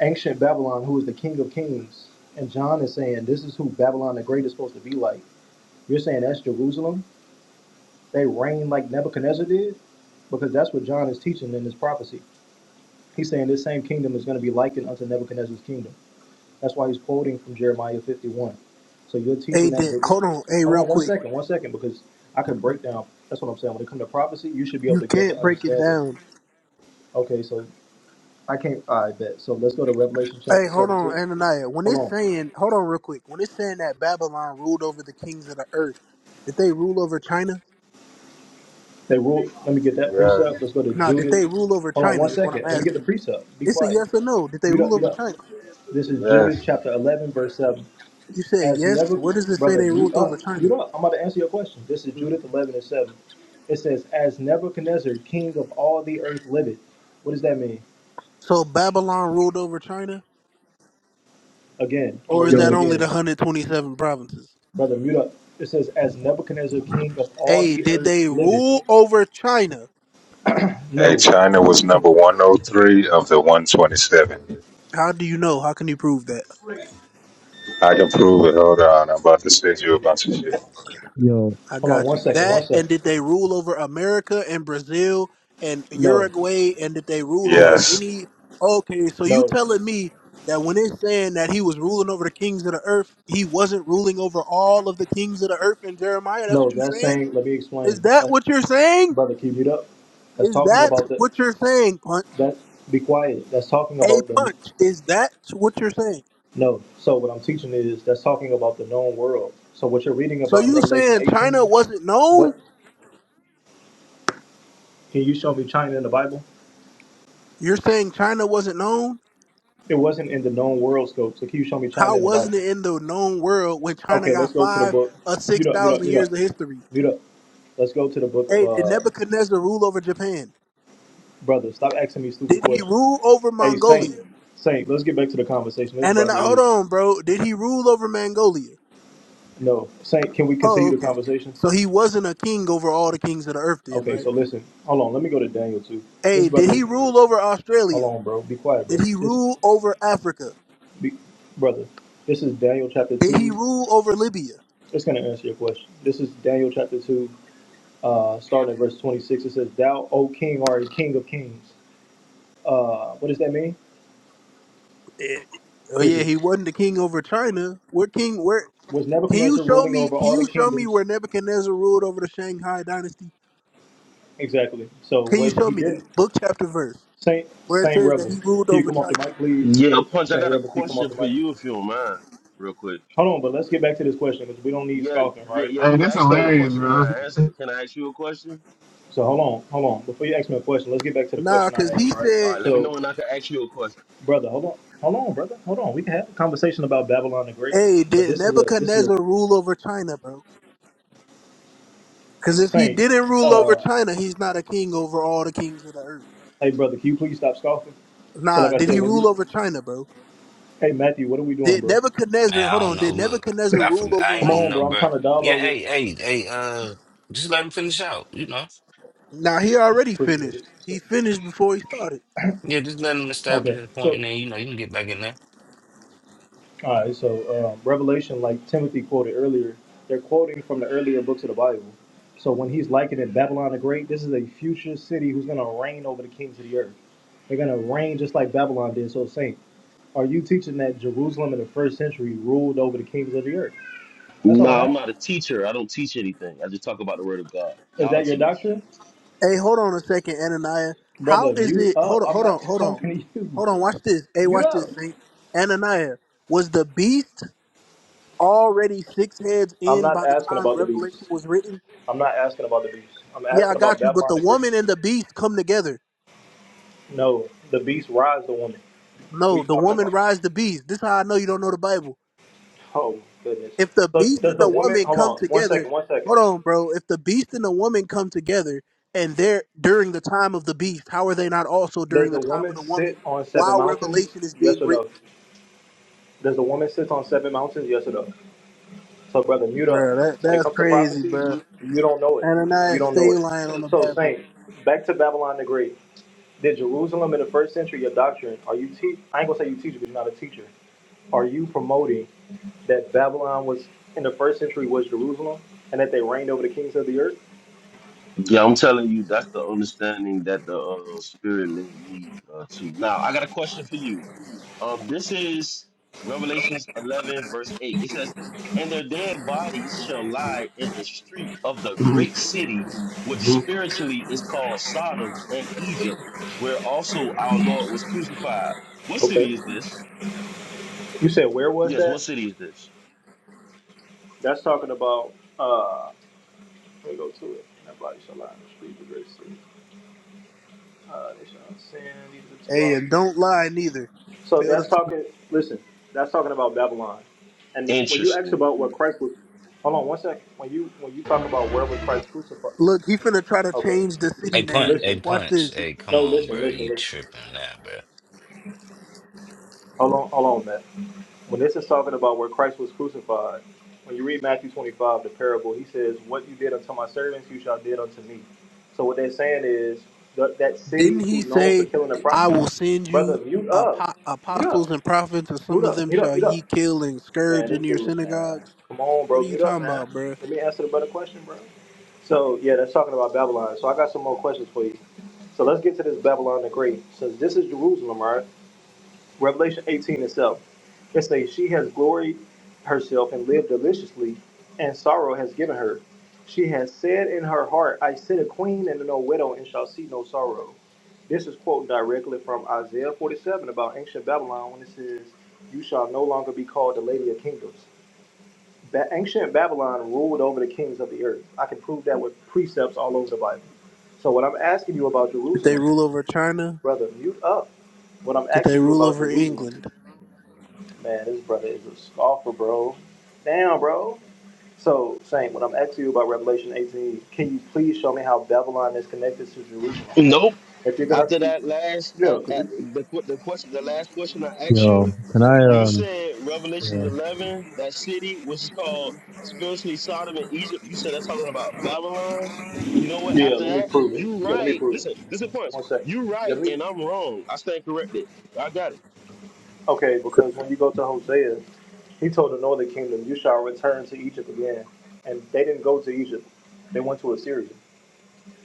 S5: ancient Babylon, who is the king of kings, and John is saying this is who Babylon the Great is supposed to be like. You're saying that's Jerusalem? They reign like Nebuchadnezzar did? Because that's what John is teaching in his prophecy. He's saying this same kingdom is going to be likened unto Nebuchadnezzar's kingdom. That's why he's quoting from Jeremiah 51. So you're
S1: Hey,
S5: teaching that.
S1: Dick,
S5: Jer-
S1: hold on. Hey,
S5: Hold
S1: real
S5: on one
S1: quick.
S5: second, one second, because I can break down. That's what I'm saying. When it comes to prophecy, you should be able
S1: You
S5: to give
S1: can't
S5: the
S1: break it
S5: understanding.
S1: down.
S5: Okay, so I can't. I bet. So let's go to Revelation
S1: Hey,
S5: chapter
S1: hold on,
S5: 17.
S1: Ananiah. When
S5: Hold
S1: it's
S5: on.
S1: saying, hold on, real quick. When it's saying that Babylon ruled over the kings of the earth, did they rule over China?
S5: They rule. Let me get that
S12: Yes,
S5: precept. Let's go to
S1: No, did they
S5: Judith.
S1: rule over
S5: Hold on
S1: China?
S5: one
S1: Is what I'm
S5: second. Let me get the
S1: asking. you.
S5: precept. Be
S1: It's a
S5: quiet.
S1: yes or no. Did they
S5: Mute
S1: rule
S5: up, mute
S1: over
S5: up.
S1: China?
S5: This is Judith
S12: yes.
S5: chapter 11, verse 7.
S1: You said
S5: As
S1: yes.
S5: never,
S1: Where does it say
S5: brother,
S1: they
S5: mute
S1: ruled over
S5: up.
S1: China?
S5: Mute up. I'm about to answer your question. This is Judith 11 and 7. It says, As Nebuchadnezzar, king of all the earth, liveth. What does that mean?
S1: So Babylon ruled over China,
S5: Again, I'm
S1: or
S5: going to
S1: is
S5: read
S1: that
S5: it
S13: Yo,
S1: only the
S5: again.
S1: 127 provinces?
S5: Brother, mute up. It says, As Nebuchadnezzar, king of all
S1: Hey,
S5: the
S1: did
S5: earth,
S1: they
S5: liveth.
S1: rule over China?
S12: Hey,
S5: No.
S12: China was number
S5: Hold
S12: 103 of the 127.
S1: How do you know? How can you prove that?
S12: I can prove it. Hold on. I'm about to send you a bunch of shit.
S13: yo,
S1: I
S5: on
S1: got
S5: one
S1: you.
S5: second. One
S1: That and
S5: second.
S1: did they rule over America and Brazil and
S5: No,
S1: Uruguay and did they rule
S5: no,
S1: over
S12: Yes.
S1: any? Okay, so you
S5: no,
S1: telling me that when it's saying that he was ruling over the kings of the earth, he wasn't ruling over all of the kings of the earth in Jeremiah? That's
S5: no.
S1: what you're
S5: That's
S1: saying?
S5: saying, let me
S1: Is
S5: explain.
S1: that
S5: That's,
S1: what you're saying?
S5: brother, keep it up. That's
S1: Is
S5: talking
S1: that
S5: about the,
S1: what you're saying, Punch?
S5: that's, be quiet. That's talking
S1: A
S5: about the
S1: punch. Is that what you're saying?
S5: No. So what I'm teaching is that's talking about the known world. So what you're reading
S1: So
S5: about in
S1: you
S5: Revelation
S1: saying China
S5: 18,
S1: wasn't known?
S5: what can you show me China in the Bible?
S1: You're saying China wasn't known?
S5: It wasn't in the known world scope. So can you show me
S1: How
S5: China in the Bible?
S1: wasn't it in the known world when China
S5: Okay, let's
S1: got
S5: go to the
S1: five
S5: book.
S1: or six
S5: Mute up, mute up,
S1: thousand
S5: mute
S1: years
S5: up,
S1: of history?
S5: mute up. Let's go to the book of
S1: Hey, did
S5: uh
S1: Nebuchadnezzar rule over Japan?
S5: brother. Stop asking me stupid
S1: Did he
S5: questions.
S1: rule over
S5: Hey Saint,
S1: Mongolia?
S5: Saint, let's get back to the conversation. This
S1: And then
S5: brother
S1: hold
S5: is
S1: on, bro. Did he rule over Mongolia?
S5: no Saint. Can we
S1: Oh,
S5: continue the
S1: okay.
S5: conversation?
S1: So he wasn't a king over all the kings of the earth, then,
S5: Okay,
S1: right?
S5: so listen. Hold on. Let me go to Daniel too. This
S1: Hey, did
S5: brother.
S1: he rule over
S5: Hold
S1: Australia?
S5: on, bro. Be quiet,
S1: Did
S5: bro.
S1: he
S5: This
S1: rule over Africa?
S5: Be, brother, this is Daniel chapter
S1: Did he
S5: 2.
S1: rule over Libya?
S5: It's going to answer your question. This is Daniel chapter 2, uh, starting at verse 26. It says, Thou, O king, art a king of kings. Uh, what does that mean?
S1: Eh, Oh yeah, he
S5: Crickets.
S1: wasn't the king over China. What king? Where?
S5: Was
S1: Can you
S5: Nebuchadnezzar
S1: show
S5: ruling
S1: me?
S5: over
S1: Can
S5: all the
S1: you show me
S5: kingdoms?
S1: where Nebuchadnezzar ruled over the Shanghai dynasty?
S5: Exactly. So
S1: Can you
S5: what
S1: show
S5: he
S1: me that
S5: didn't,
S1: book, chapter, verse,
S5: Saint,
S1: where it
S5: Saint
S1: says that
S5: Rebel,
S1: he ruled
S5: can you
S1: over
S5: come off the
S1: China?
S5: mic, please?
S6: Yeah, Punch, I
S5: Saint
S6: got a
S5: Rebel, can you come off
S6: question
S5: the
S6: for
S5: mic?
S6: you if you don't mind, real quick.
S5: Hold on, but let's get back to this question because we don't need
S6: Yeah,
S5: scoffing,
S6: yeah,
S5: right?
S6: yeah.
S14: Hey,
S6: You
S14: this
S6: asked me
S5: So,
S6: a
S14: hilarious,
S6: question and
S14: bro.
S6: I answered it. Can I ask you a question?
S5: so hold on, hold on. Before you ask me a question, let's get back to the
S1: Nah,
S5: question I
S1: because
S5: had,
S1: he
S5: right?
S6: All
S1: said,
S6: right, let me
S5: So
S6: know when I can ask you a question.
S5: brother. Hold on, hold on, brother. Hold on. We can have a conversation about Babylon the Great,
S1: "Hey,
S5: but
S1: did
S5: this is a this is
S1: Nebuchadnezzar
S5: a
S1: rule over China, bro? Because if he
S5: saint.
S1: didn't rule over
S5: Uh,
S1: China, he's not a king over all the kings of the earth."
S5: hey, brother, can you please stop scoffing? So,
S1: Nah,
S5: like I
S1: did he
S5: said, when you,
S1: rule over China, bro?
S5: hey Matthew, what are we doing,
S1: Did
S5: bro?
S1: Nebuchadnezzar?
S4: Man,
S1: Hold
S4: I don't
S1: on,
S4: know.
S1: did
S4: Look,
S1: Nebuchadnezzar
S4: I
S1: rule
S4: forgot.
S1: over
S4: I
S5: Come
S4: ain't even
S5: on,
S1: Rome?
S4: know,
S5: bro. I'm
S4: bro.
S5: trying to
S4: Yeah,
S5: dialogue with.
S4: hey, hey, hey. Uh, just let him finish out. You know.
S1: Nah, he already
S5: Appreciate it.
S1: finished.
S5: So-
S1: He finished before he started.
S4: Yeah, just let him establish
S5: okay,
S4: his point,
S5: so
S4: and then you know you can get back in there.
S5: all right, so um, Revelation, like Timothy quoted earlier, they're quoting from the earlier books of the Bible. So when he's likening Babylon the Great, this is a future city who's gonna reign over the kings of the earth. They're gonna reign just like Babylon did. So, saint. Are you teaching that Jerusalem in the first century ruled over the kings of the earth? That's all I'm
S6: No, I'm
S5: asking.
S6: not a teacher. I don't teach anything. I just talk about the word of God.
S5: Is
S6: Y'all
S5: that your
S6: teach.
S5: doctrine?
S1: Hey, hold on a second, Ananias. How
S5: Brother,
S1: is
S5: mute
S1: it?
S5: up.
S1: Hold on,
S5: I'm
S1: hold on,
S5: not
S1: hold on,
S5: talking to you.
S1: hold on. Watch this. Hey,
S5: Mute
S1: watch this.
S5: up.
S1: Saint. Ananias, was the beast already six heads
S5: I'm
S1: in
S5: not
S1: by the
S5: asking
S1: time
S5: about the
S1: Revelation
S5: beast.
S1: was written?
S5: I'm not asking about the beast. I'm
S1: Yeah, I
S5: asking about
S1: got you. But
S5: Babylon
S1: the
S5: the Great.
S1: woman and the beast come together.
S5: No, the beast rides the woman. What
S1: No,
S5: are you
S1: the
S5: talking
S1: woman
S5: about?
S1: rides the beast. This is how I know you don't know the Bible.
S5: Oh, goodness.
S1: If the
S5: So
S1: beast and
S5: does the
S1: the
S5: woman,
S1: woman
S5: hold
S1: come
S5: on, one
S1: together,
S5: second, one second.
S1: hold on, bro. If the beast and the woman come together and they're during the time of the beast, how are they not also
S5: Does
S1: during the
S5: the
S1: time of
S5: woman
S1: the
S5: sit
S1: woman
S5: on seven
S1: while
S5: mountains?
S1: Revelation is
S5: Yes
S1: being
S5: or
S1: written?
S5: no? Does the woman sit on seven mountains? Yes or no? Look, brother, mute up.
S1: Bro, that
S5: When it
S1: that's
S5: comes to
S1: crazy,
S5: prophecy,
S1: bro.
S5: you don't know it. You
S1: Ananias
S5: don't know
S1: stay
S5: it.
S1: lying on the
S5: So,
S1: Bible.
S5: Saint, back to Babylon the Great. Did Jerusalem in the first century your doctrine? Are you teach? I ain't gonna say you teach, but you're not a teacher. Are you promoting that Babylon was in the first century was Jerusalem, and that they reigned over the kings of the earth?
S6: Yeah, I'm telling you, that's the understanding that the uh, Spirit led me uh, to. Now, I got a question for you. Um, this is Revelations 11, verse 8. It says, And their dead bodies shall lie in the street of the great city, which spiritually is called Sodom and Egypt, where also our Lord was crucified. What
S5: Okay.
S6: city is this?
S5: You said where was
S6: Yes, what
S5: that?
S6: city is this?
S5: That's talking about. uh Let me go to it. That body shall lie in the street, the great city. Uh, they shall not sin. These are two
S1: Hey,
S5: hours.
S1: and don't lie neither.
S5: So
S1: Tell the
S5: that's
S1: truth.
S5: talking. Listen, that's talking about Babylon. And when you ask
S6: Interesting.
S5: about what Christ was, hold on one second. When you when you talk about where was Christ crucified?
S1: Look, he finna try to
S5: Okay,
S1: change the city
S4: Hey, punch.
S1: name.
S4: Hey,
S5: listen.
S1: Watch
S4: punch.
S1: this.
S4: Hey, come
S5: No,
S4: on,
S5: listen,
S4: bro.
S5: listen,
S4: You
S5: listen.
S4: tripping now, bro?
S5: Hold on, hold on, Matt. When this is talking about where Christ was crucified, when you read Matthew 25, the parable, he says, "What you did unto my servants, you shall did unto me." So what they're saying is that that
S1: Didn't
S5: city
S1: he
S5: who's known for
S1: say,
S5: killing the pro-
S1: "I will send
S5: brother,
S1: you
S5: mute up,
S1: apo-
S5: mute up,
S1: apostles and prophets, and
S5: mute
S1: some of
S5: up,
S1: them
S5: mute up,
S1: shall
S5: mute up.
S1: ye kill and
S5: Man,
S1: scourge in
S5: this
S1: your
S5: dude, man.
S1: synagogues"?
S5: Come on,
S1: What
S5: bro.
S1: are you
S5: Mute up,
S1: talking
S5: man.
S1: about, bro?
S5: Let me answer the better question, bro. So, yeah, that's talking about Babylon. So, I got some more questions for you. So, let's get to this Babylon the Great. Since this is Jerusalem, right? Revelation 18 itself. It says, She has gloried herself and lived deliciously, and sorrow has given her. She has said in her heart, I sit a queen and no widow, and shall see no sorrow. This is quoting directly from Isaiah 47 about ancient Babylon when it says, You shall no longer be called the Lady of Kingdoms. That ancient Babylon ruled over the kings of the earth. I can prove that with precepts all over the Bible. So what I'm asking you about
S1: Did they
S5: Jerusalem,
S1: rule over China?
S5: brother, mute up. What I'm
S1: Did they
S5: asking you
S1: rule
S5: about
S1: over
S5: Jerusalem,
S1: England?
S5: man, this brother is a scoffer, bro. Damn, bro. So, Saint, when I'm asking you about Revelation 18, can you please show me how Babylon is connected to Jerusalem?
S6: Nope.
S5: If you're gonna,
S6: After that last, uh,
S5: yeah, 'cause
S6: uh,
S5: it,
S6: the que- the question, the last question I asked
S13: yo,
S6: you,
S13: can I,
S6: you
S13: um,
S6: said
S13: yeah,
S6: Revelations 11, that city which is called spiritually Sodom and Egypt. You said that's talking about Babylon. You know what?
S5: yeah,
S6: After
S5: let me
S6: that,
S5: prove it.
S6: you
S5: Yeah, let me
S6: right.
S5: prove it.
S6: Listen, this is points.
S5: One second.
S6: You
S5: Yeah,
S6: right,
S5: Let me.
S6: and I'm wrong. I stand corrected. I got it.
S5: Okay, because when you go to Hosea, he told the northern kingdom, You shall return to Egypt again. And they didn't go to Egypt, they went to Assyria.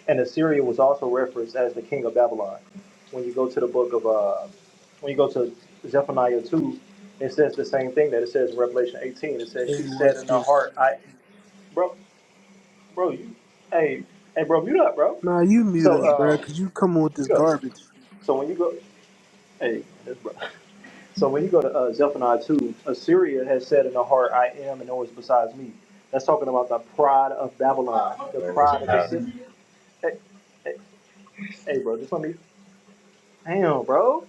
S5: And Assyria was also referenced as the king of Babylon. When you go to the book of, uh, when you go to Zephaniah 2, it says the same thing that it says in Revelation 18. It says,
S1: Hey,
S5: She said
S1: watch
S5: in her
S1: this.
S5: heart, I, bro, bro, you, hey, hey, bro, mute up, bro.
S1: Nah, you mute
S5: So,
S1: up, bro,
S5: um,
S1: cause you coming with this
S5: mute up.
S1: garbage.
S5: So when you go, hey, that's bro." So when you go to uh, Zephaniah 2, Assyria has said in her heart, I am and no one's besides me. That's talking about the pride of Babylon,
S12: No,
S5: the
S12: it's
S5: pride of the
S12: not.
S5: city. Hey, hey, hey, bro, just let me. Damn, bro.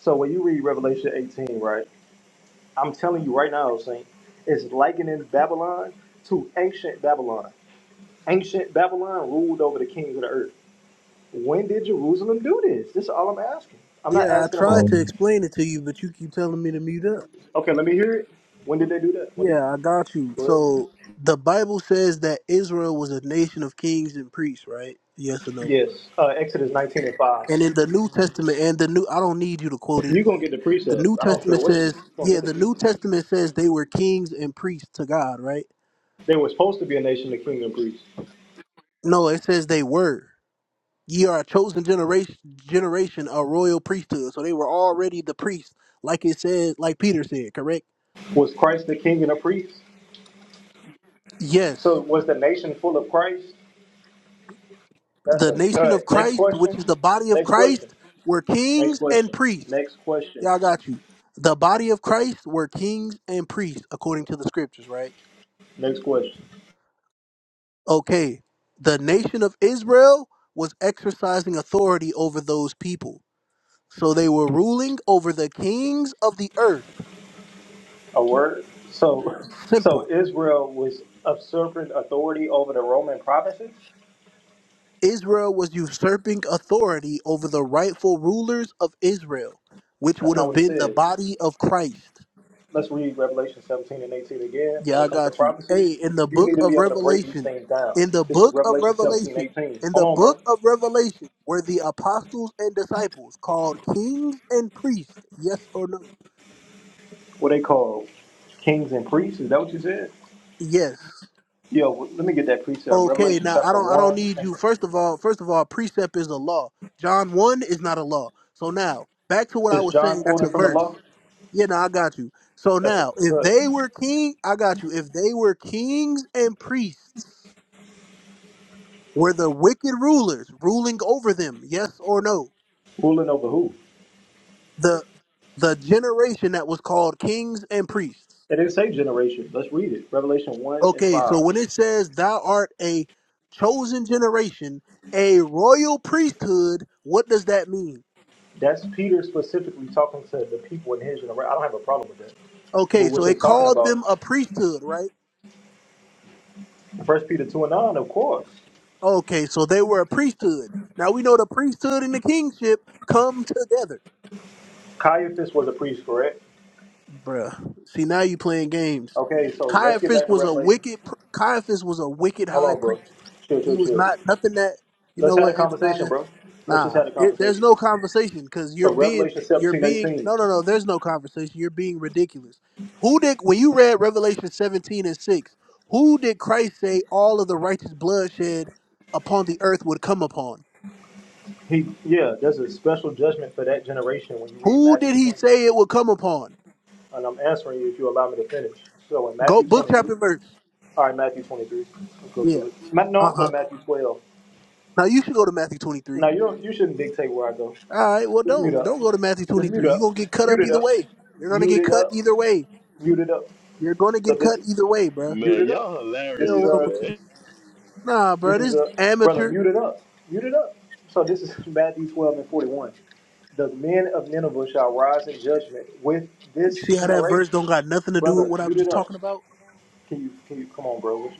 S5: So when you read Revelation 18, right? I'm telling you right now, Saint, it's likening Babylon to ancient Babylon. Ancient Babylon ruled over the kings of the earth. When did Jerusalem do this? This is all I'm asking. I'm not
S1: Yeah, I
S5: asking
S1: tried
S5: about,
S1: to
S13: um,
S1: explain it to you, but you keep telling me to mute up.
S5: okay, let me hear it. When did they do that? When did,
S1: Yeah, I got you.
S5: go ahead.
S1: So the Bible says that Israel was a nation of kings and priests, right? Yes or no?
S5: Yes, uh, Exodus 19 and 5.
S1: And in the New Testament, and the new, I don't need you to quote
S5: You're going to
S1: anything.
S5: get the
S1: The New
S5: precepts. I don't care
S1: Testament
S5: what you
S1: says,
S5: do. You're going to
S1: yeah,
S5: get the
S1: the New
S5: precepts.
S1: Testament says they were kings and priests to God, right?
S5: They were supposed to be a nation, the king and priest.
S1: No, it says they were. Ye are a chosen generation, generation, a royal priesthood. So they were already the priests, like it says, like Peter said, correct?
S5: Was Christ the king and a priest?
S1: Yes.
S5: So was the nation full of Christ? That's
S1: the
S5: a
S1: nation of
S5: cut. Next
S1: Christ, which is
S5: question.
S1: the body of
S5: Next question.
S1: Christ, were
S5: Next
S1: kings and
S5: question.
S1: priests.
S5: Next question.
S1: Y'all got you. The body of Christ were kings and priests, according to the scriptures, right?
S5: Next question.
S1: Okay. The nation of Israel was exercising authority over those people. So they were ruling over the kings of the earth.
S5: A word. So, so
S1: Simple.
S5: Israel was usurping authority over the Roman provinces?
S1: Israel was usurping authority over the rightful rulers of Israel, which
S5: That's
S1: would
S5: not
S1: have
S5: what it
S1: been the
S5: says.
S1: body of Christ.
S5: let's read Revelation 17 and 18 again.
S1: Yeah,
S5: When
S1: I
S5: it comes to
S1: got you.
S5: prophecy,
S1: Hey, in the
S5: you
S1: book
S5: need to be
S1: of
S5: able to break these
S1: Revelation,
S5: things down.
S1: in the
S5: This is
S1: book of
S5: Revelation 17,
S1: Revelation,
S5: 18.
S1: in
S5: Hold
S1: the
S5: on,
S1: book
S5: bro.
S1: of Revelation, were the apostles and disciples called kings and priests? Yes or no?
S5: What they call kings and priests? Is that what you said?
S1: Yes.
S5: Yo, w- let me get that precept.
S1: Okay.
S5: Revelation
S1: Now I
S5: chapter
S1: don't. I don't
S5: 1.
S1: need
S5: And
S1: you.
S5: ver-
S1: First of all, first of all, precept is a law. John one is not a law. So now back to what I
S5: is
S1: was
S5: John
S1: saying. That's a
S5: quoting from the
S1: verse.
S5: law?
S1: Yeah. Now I got you. So
S5: That's a
S1: now if
S5: cut.
S1: they were king, I got you. If they were kings and priests. Were the wicked rulers ruling over them? Yes or no?
S5: Ruling over who?
S1: The the generation that was called kings and priests.
S5: It didn't say generation. Let's read it. Revelation 1 and
S1: Okay,
S5: 5.
S1: so when it says thou art a chosen generation, a royal priesthood, what does that mean?
S5: That's Peter specifically talking to the people in his generation. I don't have a problem with that. But
S1: Okay,
S5: what
S1: so it
S5: they're talking
S1: called
S5: about,
S1: them a priesthood, right?
S5: First Peter 2 and 9, of course.
S1: Okay, so they were a priesthood. Now we know the priesthood and the kingship come together.
S5: Caiaphas was a priest, correct?
S1: Bruh. See now you playing games.
S5: Okay, so let's get back
S1: Caiaphas
S5: to
S1: was a
S5: Revelation.
S1: wicked pr- Caiaphas was a wicked
S5: Hold
S1: high
S5: on, bro.
S1: priest.
S5: Chill,
S1: He
S5: chill,
S1: was
S5: chill.
S1: not nothing that you
S5: Let's
S1: know
S5: have a
S1: what
S5: conversation,
S1: Ananias.
S5: bro. Let's just
S1: Nah,
S5: have a
S1: it, there's
S5: conversation.
S1: no conversation because you're
S5: So
S1: being
S5: Revelation
S1: you're
S5: 17:18.
S1: being no no no. There's no conversation. You're being ridiculous. Who did when you read Revelation 17 and 6? Who did Christ say all of the righteous bloodshed upon the earth would come upon?
S5: He yeah, there's a special judgment for that generation when you read
S1: Who
S5: Matthew
S1: did he
S5: 20.
S1: say it would come upon?
S5: And I'm answering you if you allow me to finish. So in
S1: Go
S5: Matthew
S1: book
S5: 23.
S1: chapter verse.
S5: All right, Matthew 23. Let's go
S1: Yeah.
S5: to it. Ma- No,
S1: Uh
S5: I'm going
S1: huh.
S5: to Matthew 12.
S1: Now you should go to Matthew 23.
S5: Now, you don't, you shouldn't dictate where I go.
S1: All right, well
S5: Just mute
S1: don't
S5: up.
S1: don't go to Matthew
S5: Just mute
S1: 23. You're
S5: up.
S1: gonna get cut
S5: Mute
S1: up
S5: it
S1: either
S5: up.
S1: way. You're gonna
S5: Mute
S1: get
S5: it
S1: cut
S5: up.
S1: either way.
S5: Mute it up.
S1: You're gonna
S5: So
S1: get cut
S5: this.
S1: either way, bruh.
S5: Mute
S6: Man,
S5: it up.
S6: y'all
S1: Yeah,
S5: This is
S6: hilarious,
S1: wrong
S5: a
S1: with you.
S6: man.
S1: Nah,
S5: this
S1: bruh,
S5: is
S1: this
S5: a brother.
S1: amateur.
S5: Mute it up. Mute it up. So this is Matthew twelve and forty one. The men of Nineveh shall rise in judgment with this
S1: See how that verse
S5: generation.
S1: don't got nothing to do with
S5: Brother,
S1: what I'm
S5: mute it
S1: just
S5: up.
S1: talking about?
S5: Can you can you come on, bro? What you-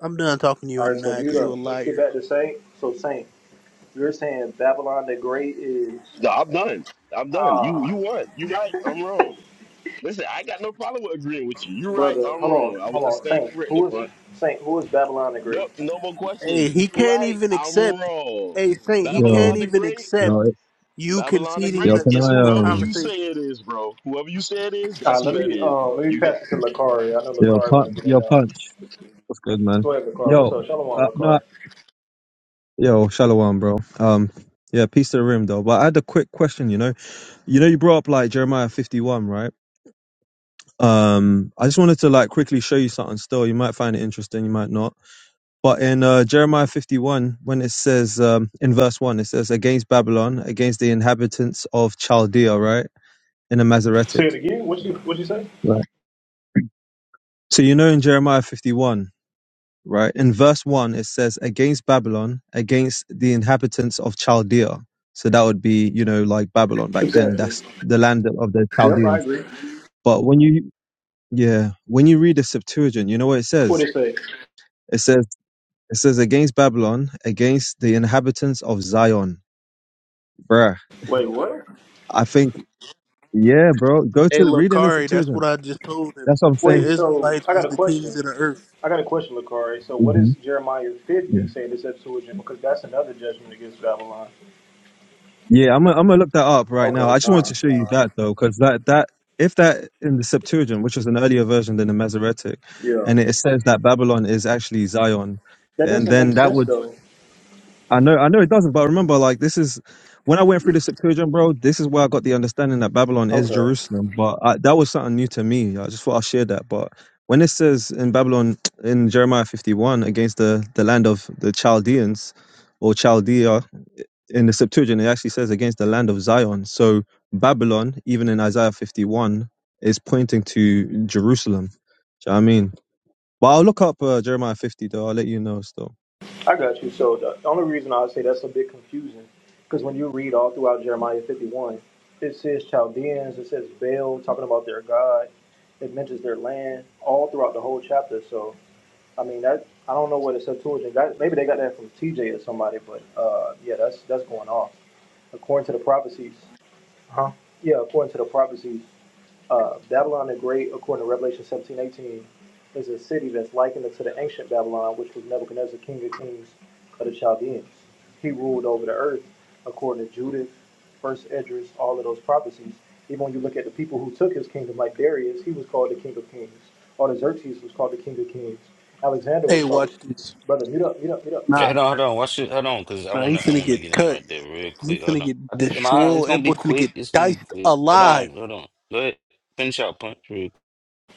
S1: I'm done talking to you,
S5: All right, so
S1: Ananias,
S5: mute
S1: because you a
S5: up. Let's get
S1: liar.
S5: back to Saint. So Saint, you're saying Babylon the Great is
S6: No, I'm done. I'm done. You
S5: ah,
S6: you won. You right. I'm wrong. Listen, I got no problem with agreeing with you. You right.
S5: brother.
S6: I'm
S5: Hold
S6: wrong.
S5: on, hold
S6: I, I
S5: on,
S6: stand
S5: Saint. Who
S6: corrected,
S5: is Saint? Who is Babylon the Great?
S6: Nope, no more
S1: Hey,
S6: questions.
S1: he
S6: You
S1: can't
S6: right,
S1: even
S6: I'm
S1: accept.
S6: wrong.
S1: Hey, Saint, he
S13: yo,
S1: can't
S6: Babylon the
S1: even
S6: Great,
S1: accept
S13: yo,
S1: you
S6: Babylon the
S1: conceding
S13: yo,
S6: Great
S1: the,
S13: can
S6: is
S13: I,
S1: the
S6: whoever
S13: um,
S6: you say
S1: conversation.
S6: it is, bro. Whoever you say it is,
S5: Uh,
S6: that's who
S5: let
S6: that
S5: me
S6: is,
S5: uh,
S6: bro.
S5: let me
S6: You
S5: pass
S6: got
S5: this to Lakari. I know
S13: yo,
S5: Lakari want
S13: punch,
S5: to get in
S13: yo,
S5: now.
S13: punch. What's good, man?
S5: Go ahead, Lakari. What's
S13: Yo,
S5: up? Shalom,
S13: uh, no,
S5: Lakari.
S13: yo, Shalom, bro. Um, yeah, peace to the room, though. But I had a quick question, you know, you know, you brought up like Jeremiah 51, right? Um, I just wanted to like quickly show you something still. You might find it interesting, you might not. But in uh, Jeremiah 51, when it says, um, in verse 1, it says, against Babylon, against the inhabitants of Chaldea, right? in a
S5: Say it
S13: Masoretic.
S5: again. What you what you say?
S13: Right. So you know in Jeremiah 51, right? In verse 1 it says against Babylon, against the inhabitants of Chaldea. So that would be, you know, like Babylon back then,
S5: Exactly.
S13: that's the land of the
S5: Yep, I
S13: Chaldeans.
S5: agree.
S13: But when you yeah, when you read the Septuagint, you know what it
S5: What
S13: says?
S5: did it say?
S13: It says it says against Babylon, against the inhabitants of Zion. Bruh.
S5: Wait, what?
S13: I think yeah, bro. Go
S1: Hey,
S13: to the read in the
S1: Lakari, that's what
S13: Septuagint.
S1: I just told him.
S13: That's what I'm
S1: The
S13: saying.
S5: Wait. So
S1: Israelites
S5: I got
S1: was
S5: a
S1: the kings
S5: question.
S1: of the earth.
S5: I got a question, Lucari. So what is
S13: Mhm.
S5: Jeremiah fifty saying this Septuagint? Because that's another judgment against Babylon.
S13: Yeah, I'm gonna I'm gonna look that up right now.
S5: Okay,
S13: I just wanted to
S5: con,
S13: show you
S5: con.
S13: that though, because that that if that in the Septuagint, which was an earlier version than the Masoretic,
S5: Yeah.
S13: and it says that Babylon is actually Zion,
S5: That
S13: and
S5: doesn't
S13: then
S5: make
S13: that
S5: sense
S13: would
S5: though.
S13: I know I know it doesn't, but remember like this is when I went through the Septuagint, bro. This is where I got the understanding that Babylon is
S5: Okay.
S13: Jerusalem, but I, that was something new to me. I just thought I'll share that, but. When it says in Babylon in Jeremiah 51 against the, the land of the Chaldeans or Chaldea in the Septuagint, it actually says against the land of Zion. So Babylon, even in Isaiah 51, is pointing to Jerusalem. Do you know what I mean? But I'll look up uh, Jeremiah 50, though. I'll let you know still.
S5: I got you. So the only reason I say that's a bit confusing, because when you read all throughout Jeremiah 51, it says Chaldeans, it says Baal, talking about their God, it mentions their land all throughout the whole chapter. So I mean that I don't know what it's Septuagint got. Maybe they got that from TJ or somebody, but uh, yeah, that's that's going off according to the prophecies. Huh? Yeah, according to the prophecies uh, Babylon the Great, according to Revelation seventeen eighteen, is a city that's likened to the ancient Babylon, which was Nebuchadnezzar, king of kings of the Chaldeans. He ruled over the earth, according to Judith, First Esdras, all of those prophecies. Even when you look at the people who took his kingdom, like Darius, he was called the king of kings. Artaxerxes was called the king of kings. Alexander
S1: Hey,
S5: was called the
S1: watch this.
S5: brother. Mute up, mute up, mute up, mute up.
S4: Yeah,
S1: Nah,
S4: hold on, hold on. Watch it. Hold on, cause I
S1: nah, you
S4: wanna, I
S1: finna
S4: wanna
S1: get
S4: get in
S1: cut.
S4: right there real
S1: He
S4: quick. Hold
S1: finna
S4: on.
S1: get
S4: I just, am I? It's
S1: destroyed.
S4: gonna
S1: That
S4: be
S1: boy finna
S4: quick.
S1: get
S4: It's gonna be
S1: diced
S4: quick. Hold on,
S1: alive.
S4: hold on. Go ahead. Finish out, punch. Real.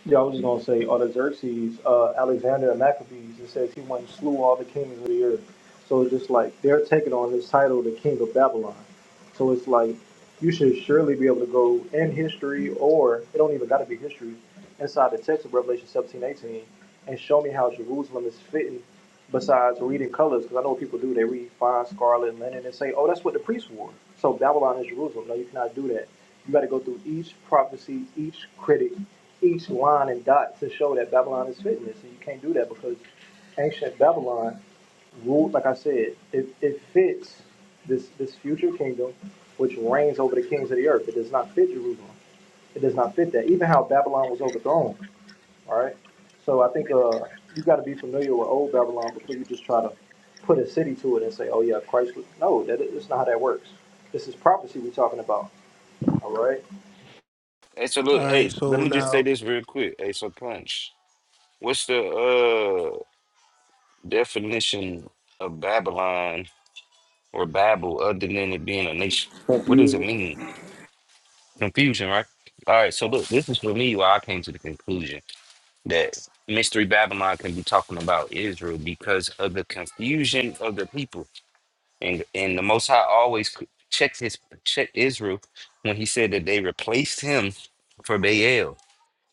S5: Yeah, I was just gonna say Artaxerxes, uh, Alexander and Maccabees. It says he once slew all the kings of the earth. So it's just like they're taking on this title, the King of Babylon. So it's like you should surely be able to go in history, or it don't even got to be history, inside the text of Revelation 17 18, and show me how Jerusalem is fitting. Besides reading colors, because I know what people do, they read fine scarlet and linen and say, "Oh, that's what the priests wore." So Babylon is Jerusalem. No, you cannot do that. You got to go through each prophecy, each critic, each line and dot to show that Babylon is fitness. And you can't do that because ancient Babylon ruled, like I said, it, it fits this, this future kingdom which reigns over the kings of the earth. It does not fit Jerusalem. It does not fit that. Even how Babylon was overthrown. All right. So I think uh, you got to be familiar with old Babylon before you just try to put a city to it and say, oh, yeah, Christ. Was... No, that, that's not how that works. This is prophecy we're talking about. All right.
S4: Hey, so look.
S1: All right,
S4: Hey, let
S1: so
S4: me just say
S1: now,
S4: this real quick. Hey, so punch. What's the uh? definition of Babylon or Babel other than it being a nation? What does it
S5: Confusion.
S4: mean? Confusion, right? All right, so look, this is for me why I came to the conclusion that Mystery Babylon can be talking about Israel because of the confusion of the people. And and the Most High always c- checked his checked Israel when he said that they replaced him for Baal.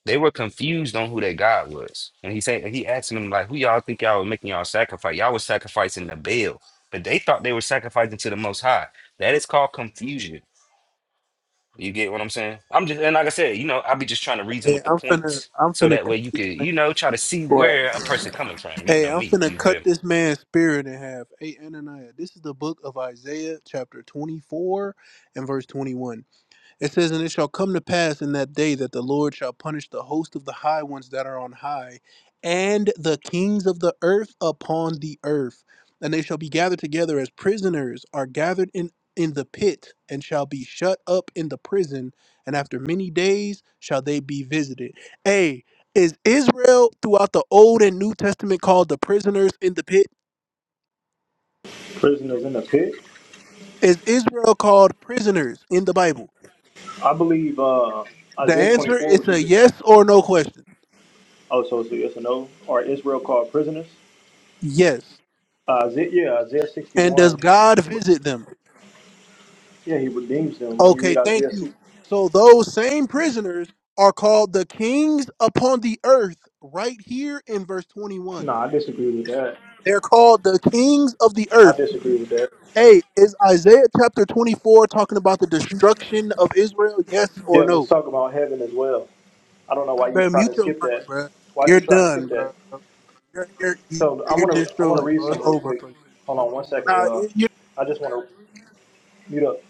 S4: They were confused on who their God was. And he said he asked them, like, who y'all think y'all were making y'all sacrifice? Y'all was sacrificing the Baal, but they thought they were sacrificing to the most high. That is called confusion. You get what I'm saying? I'm just and like I said, you know, I'll be just trying to reason
S1: hey,
S4: with the
S1: I'm finna,
S4: points
S1: I'm
S4: so
S1: finna
S4: that way
S1: cut
S4: you
S1: this
S4: could,
S1: man.
S4: you know, try to see
S5: Right.
S4: where a person coming from. You
S1: Hey,
S4: know
S1: I'm
S4: me,
S1: finna
S4: you
S1: cut
S4: feel me?
S1: this man's spirit in half. Hey, Ananiah, this is the book of Isaiah, chapter 24 and verse 21. It says, And it shall come to pass in that day that the Lord shall punish the host of the high ones that are on high, and the kings of the earth upon the earth. And they shall be gathered together as prisoners are gathered in, in the pit, and shall be shut up in the prison. And after many days shall they be visited. Hey, is Israel throughout the Old and New Testament called the prisoners in the pit?
S5: Prisoners in the pit.
S1: Is Israel called prisoners in the Bible?
S5: I believe uh,
S1: The
S5: Isaiah
S1: answer
S5: 24,
S1: is
S5: which
S1: a
S5: is
S1: yes or no question.
S5: oh, so it's a yes or no, or Israel called prisoners.
S1: Yes.
S5: Uh, Isaiah, yeah, Isaiah
S1: And does
S5: 61.
S1: God visit them?
S5: Yeah, he redeems them. When you
S1: Okay,
S5: read
S1: thank
S5: Isaiah
S1: you.
S5: 6,
S1: So those same prisoners are called the kings upon the earth right here in verse 21.
S5: no, I disagree with that.
S1: They're called the kings of the
S5: I
S1: earth.
S5: disagree with that.
S1: Hey, is Isaiah chapter 24 talking about the destruction of Israel? Yes or
S5: Yeah, but it's
S1: no?
S5: talking about heaven as well. I don't know why you
S1: Bro,
S5: try
S1: mute
S5: to
S1: your
S5: skip
S1: mic,
S5: that.
S1: bro.
S5: Why'd
S1: You're
S5: you try to
S1: done,
S5: skip
S1: bro.
S5: that?
S1: You're, you're,
S5: So I
S1: you're
S5: want to I want to
S1: destroyed,
S5: read
S1: bro. It's
S5: some real
S1: over
S5: quick.
S1: for you.
S5: Hold on one second,
S1: Nah,
S5: y'all.
S1: you you-
S5: I just want to. Mute up.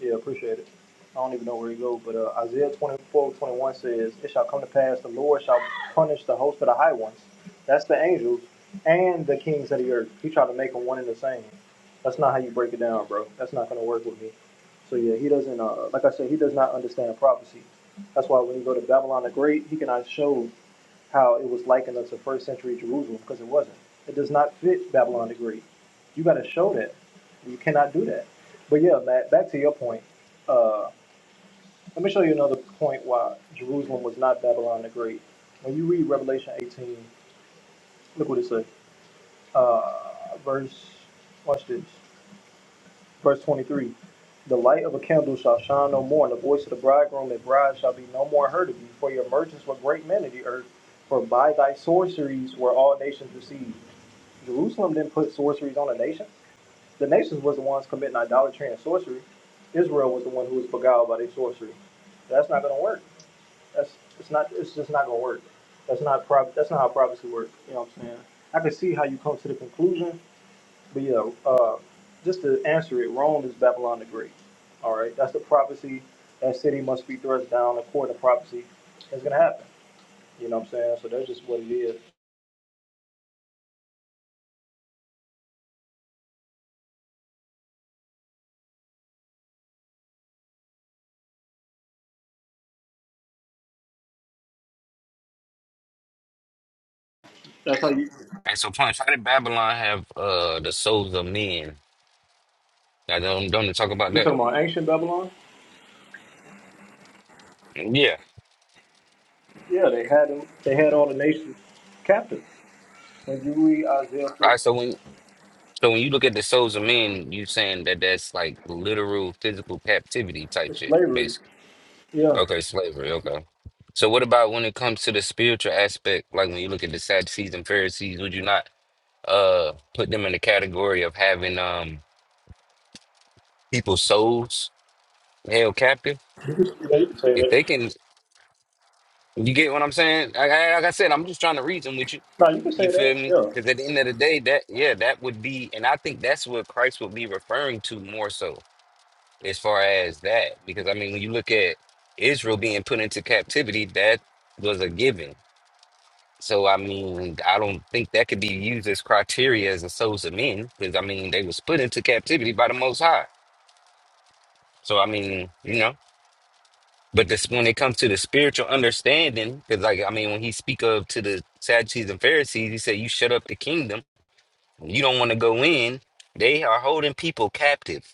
S5: Yeah, appreciate it. I don't even know where he goes, but uh, Isaiah 24 21 says, It shall come to pass, the Lord shall punish the host of the high ones. That's the angels and the kings of the earth. He tried to make them one and the same. That's not how you break it down, bro. That's not going to work with me. So, yeah, he doesn't, uh, like I said, he does not understand prophecy. That's why when you go to Babylon the Great, he cannot show how it was likened unto first century Jerusalem because it wasn't. It does not fit Babylon the Great. You got to show that. You cannot do that. But yeah, Matt, back to your point. Uh, let me show you another point why Jerusalem was not Babylon the Great. When you read Revelation 18, look what it says. Uh, verse, watch this. Verse 23. The light of a candle shall shine no more, and the voice of the bridegroom and bride shall be no more heard of you, for your merchants were great men of the earth, for by thy sorceries were all nations deceived. Jerusalem didn't put sorceries on the nations. The nations was the ones committing idolatry and sorcery. Israel was the one who was beguiled by their sorcery. That's not gonna work. That's it's not it's just not gonna work. That's not prob that's not how prophecy works. You know what I'm saying? I can see how you come to the conclusion, but yeah, uh, just to answer it, Rome is Babylon the Great. All right, that's the prophecy. That city must be thrust down according to prophecy. It's gonna happen. You know what I'm saying? So that's just what it is. That's how you
S4: And so punch, how did Babylon have uh the souls of men? Now don't don't they talk about
S5: you
S4: that.
S5: talking about ancient Babylon?
S4: Yeah.
S5: Yeah, they had them. They had all the nations captive. When you read Isaiah
S4: All
S5: 40,
S4: right, so when So when you look at the souls of men, you saying that that's like literal physical captivity type
S5: it's
S4: shit,
S5: slavery.
S4: basically.
S5: Yeah,
S4: Okay, slavery. Okay. So what about when it comes to the spiritual aspect? Like when you look at the Sadducees and Pharisees, would you not uh put them in the category of having um people's souls held captive?
S5: you can, yeah, you can say
S4: If
S5: that.
S4: they can, you get what I'm saying? Like, I- like I said, I'm just trying to reason with you.
S5: No, you can say
S4: You feel
S5: that.
S4: me?
S5: Yeah,
S4: Because at the end of the day, that yeah, that would be, and I think that's what Christ would be referring to more so as far as that because i mean when you look at israel being put into captivity that was a given so i mean i don't think that could be used as criteria as the souls of men because i mean they was put into captivity by the most high so i mean you know but this when it comes to the spiritual understanding because like i mean when he speak of to the sadducees and pharisees he said you shut up the kingdom you don't want to go in they are holding people captive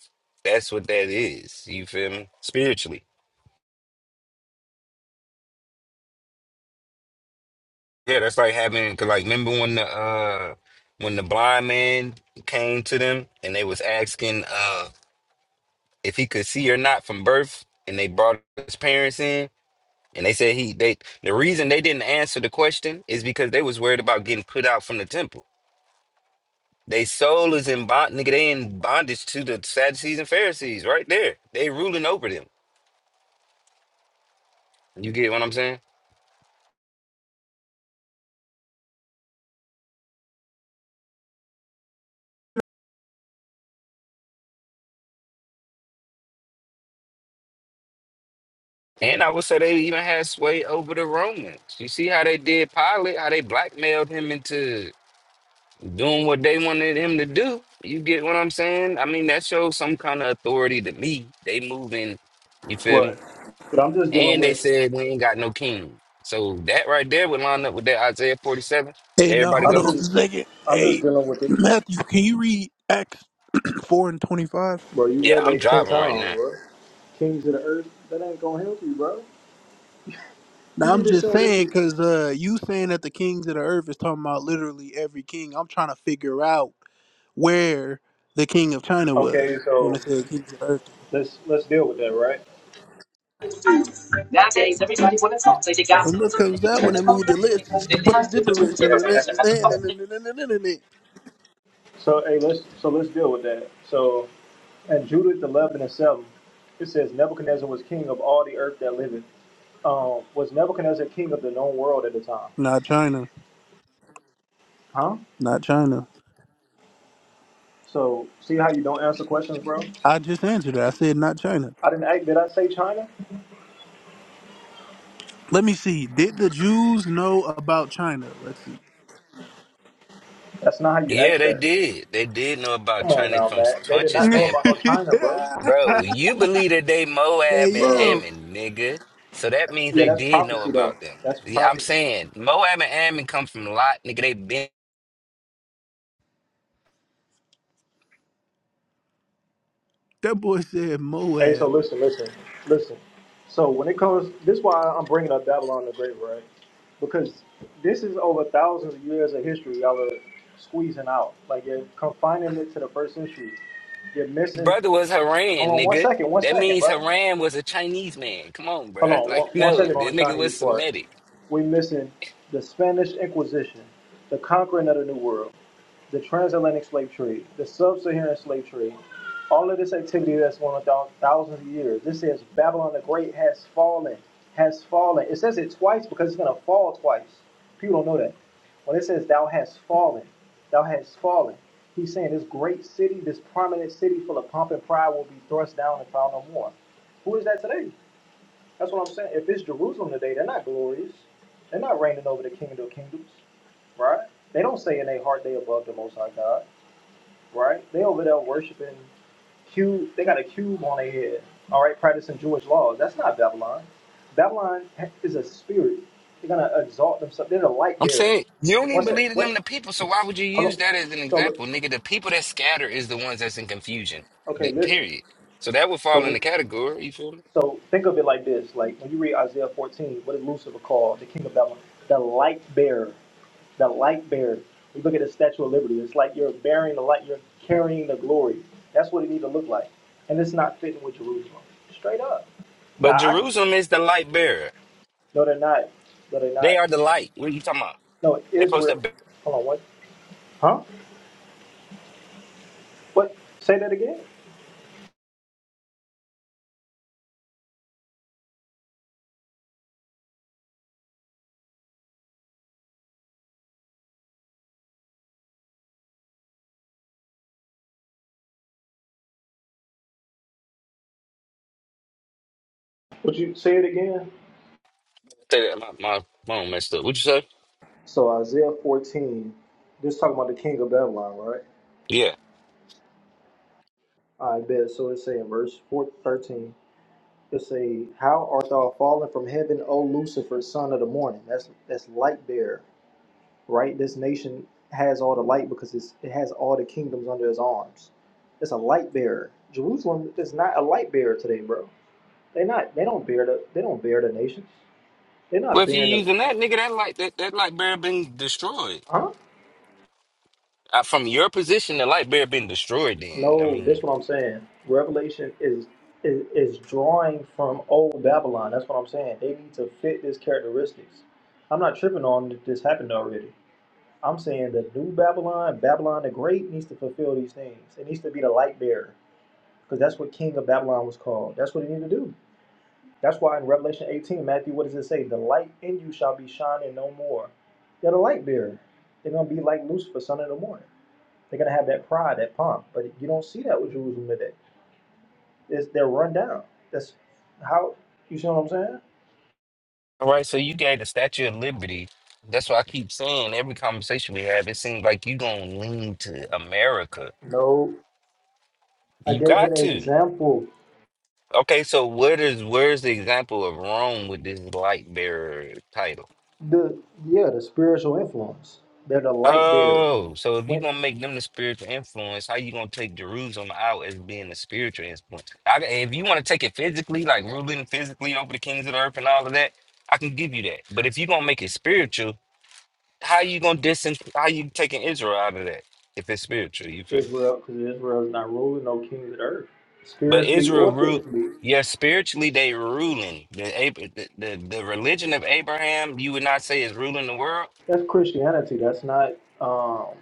S4: that's what that is you feel me spiritually Yeah, that's like having, cause like remember when the uh when the blind man came to them and they was asking uh if he could see or not from birth, and they brought his parents in and they said he they the reason they didn't answer the question is because they was worried about getting put out from the temple. They soul is in bond nigga, they in bondage to the Sadducees and Pharisees right there. They ruling over them. You get what I'm saying? And I would say they even had sway over the Romans. You see how they did Pilate, how they blackmailed him into doing what they wanted him to do. You get what I'm saying? I mean, that shows some kind of authority to me. They moving, you feel me?
S5: right. But I'm just dealing
S4: And they
S5: with.
S4: said we ain't got no king. So that right there would line up with that Isaiah 47 that
S1: hey, now
S4: everybody
S1: hold
S5: I'm
S4: go
S1: on a
S4: to.
S5: just.
S1: second.
S5: I'm just
S1: Hey,
S5: dealing with it.
S1: Matthew, can you read Acts 4 and 25?
S5: Bro, you
S4: Yeah,
S5: read
S4: I'm
S5: that ten
S4: driving right
S5: times,
S4: now.
S5: bro. Kings of the earth. That ain't gonna help you, bro. You
S1: Now I'm
S5: need to
S1: just
S5: show this.
S1: saying,
S5: With...
S1: cause uh, you saying that the kings of the earth is talking about literally every king. I'm trying to figure out where the king of China
S5: Okay,
S1: was when
S5: so
S1: they said kings of the earth.
S5: let's let's deal with that, right?
S12: Nowadays, everybody's one of the songs they got.
S1: And this comes
S12: You can
S1: out when
S12: send
S1: they
S12: the phone
S1: moved the
S12: back when
S1: list.
S12: they
S1: It's
S12: hold
S1: just a
S12: their
S1: bunch
S12: lips
S1: of
S12: to
S1: gibberish and then- and
S12: the
S1: then- and then-
S12: phone.
S1: and then- and then- and
S5: So hey, let's so let's deal with that. So at Judith eleven and seven, it says Nebuchadnezzar was king of all the earth that liveth. um, was Nebuchadnezzar king of the known world at the time.
S1: not China,
S5: Huh?
S1: not China.
S5: So see how you don't answer questions, bro?
S1: I just answered that. I said not China.
S5: I didn't act. Did I say China?
S1: Let me see. Did the Jews know about China? Let's see.
S5: That's not how you
S4: Yeah,
S5: act
S4: they
S5: that.
S4: did. They did know about
S5: Come on
S4: China
S5: now,
S4: from
S5: man. They did
S4: Tunch's
S5: not know about no
S4: standpoint.
S5: China, bro.
S4: Bro, you believe that they
S1: hey
S4: Moab and
S5: Bro.
S1: yo,
S4: Ammon, nigga. So that means
S5: Yeah,
S4: they
S5: that's
S4: did know
S5: prophecy though.
S4: about them.
S5: That's
S4: Yeah, I'm
S5: prophecy.
S4: saying Moab and Ammon come from Lot, nigga. They been
S1: that boy said
S5: Hey,
S1: Moab.
S5: so listen, listen, listen. So when it comes, this is why I'm bringing up Babylon the Great, right? Because this is over thousands of years of history y'all are squeezing out. Like you're confining it to the first century. You're missing.
S4: brother was Haran,
S5: Hold on one
S4: nigga.
S5: second, one
S4: That
S5: second,
S4: means
S5: brother.
S4: Haran was a Chinese man. Come on,
S5: Hold
S4: bruh.
S5: on
S4: Like,
S5: one, one
S4: no,
S5: second
S4: this
S5: on the
S4: nigga was
S5: Chinese part.
S4: Semitic.
S5: We missing the Spanish Inquisition, the conquering of the New World the transatlantic slave trade, the sub-Saharan slave trade, all of this activity that's going on thousands of years. This says Babylon the Great has fallen, has fallen. It says it twice because it's going to fall twice. People don't know that. When it says thou hast fallen, thou hast fallen, he's saying this great city, this prominent city full of pomp and pride will be thrust down and found no more. Who is that today? That's what I'm saying. If it's Jerusalem today, they're not glorious. They're not reigning over the kingdom of kingdoms, right? They don't say in their heart they above the Most High God right? They over there worshiping cube. They got a cube on their head, all right? Practicing Jewish laws. That's not Babylon. Babylon ha- is a spirit. They're gonna exalt themselves. They're the light
S4: I'm
S5: bearer.
S4: saying you don't even
S5: What's that?
S4: believe in
S5: What?
S4: them, the people. So why would you
S5: Hold
S4: use
S5: on.
S4: that as an
S5: So look-
S4: example, nigga? The people that scatter is the ones that's in confusion.
S5: okay,
S4: The-
S5: listen.
S4: Period. So that would
S5: So
S4: fall in
S5: we,
S4: the category. You feel me?
S5: so think of it like this: like when you read Isaiah 14, what is Lucifer called? The king of Babylon, the light bearer. The light bearer. We look at the Statue of Liberty. It's like you're bearing the light. You're carrying the glory. That's what it need to look like, and it's not fitting with Jerusalem. Straight up. Nah,
S4: But
S5: I,
S4: Jerusalem is the light bearer.
S5: no, they're not. No, they're
S4: They
S5: not.
S4: are the light. What are you talking about?
S5: No,
S4: They post
S5: Israel.
S4: that. bi-
S5: Hold on, what? Huh? What? Say that again. Would you say it again?
S4: say that, My, my phone messed up. What you say?
S5: So Isaiah 14. This talking about the king of Babylon, right?
S4: Yeah.
S5: I bet. So it say in verse 4 13, It say, "How art thou fallen from heaven, O Lucifer, son of the morning?" That's that's light bearer, right? This nation has all the light because it's, it has all the kingdoms under his arms. It's a light bearer. Jerusalem is not a light bearer today, bro They not. They don't bear the. They don't bear the nation. They're
S4: Well,
S5: not
S4: if you
S5: bearing the.
S4: using that, nigga, that light, that, that light bearer been destroyed.
S5: Huh?
S4: Uh, from your position, the light bear been destroyed. Then I
S5: No,
S4: mean,
S5: that's what I'm saying. Revelation is is, is drawing from old Babylon. That's what I'm saying. They need to fit this characteristics. I'm not tripping on that this happened already. I'm saying the new Babylon, Babylon the Great, needs to fulfill these things. It needs to be the light bearer because that's what King of Babylon was called. That's what he needed to do. That's why in Revelation 18, Matthew, what does it say? The light in you shall be shining no more. They're the light bearer. They're going to be like Lucifer, son of the morning. They're going to have that pride, that pomp. But you don't see that with Jerusalem today. It's, they're run down. That's how, you see what I'm saying?
S4: all right. So you gave the Statue of Liberty. That's why I keep saying every conversation we have, it seems like you gonna lean to America.
S5: No. I
S4: You
S5: gave an
S4: got to.
S5: example.
S4: Okay, so what is where's the example of Rome with this light bearer title?
S5: The Yeah, the spiritual influence. They're the light bearer.
S4: Oh, so if you
S5: When
S4: gonna make them the spiritual influence, how you gonna take Jerusalem out as being the spiritual influence? I, if you want to take it physically, like ruling physically over the kings of the earth and all of that, I can give you that. But if you're gonna make it spiritual, how you gonna distance how you taking Israel out of that if it's spiritual, you feel? me?
S5: Israel, because Israel is not ruling no king of the earth.
S4: But
S5: Spiritually
S4: Israel
S5: or
S4: root
S5: physically.
S4: yeah, spiritually they ruling. The, Ab- the the the religion of Abraham, you would not say is ruling the world.
S5: That's Christianity. That's not. Um,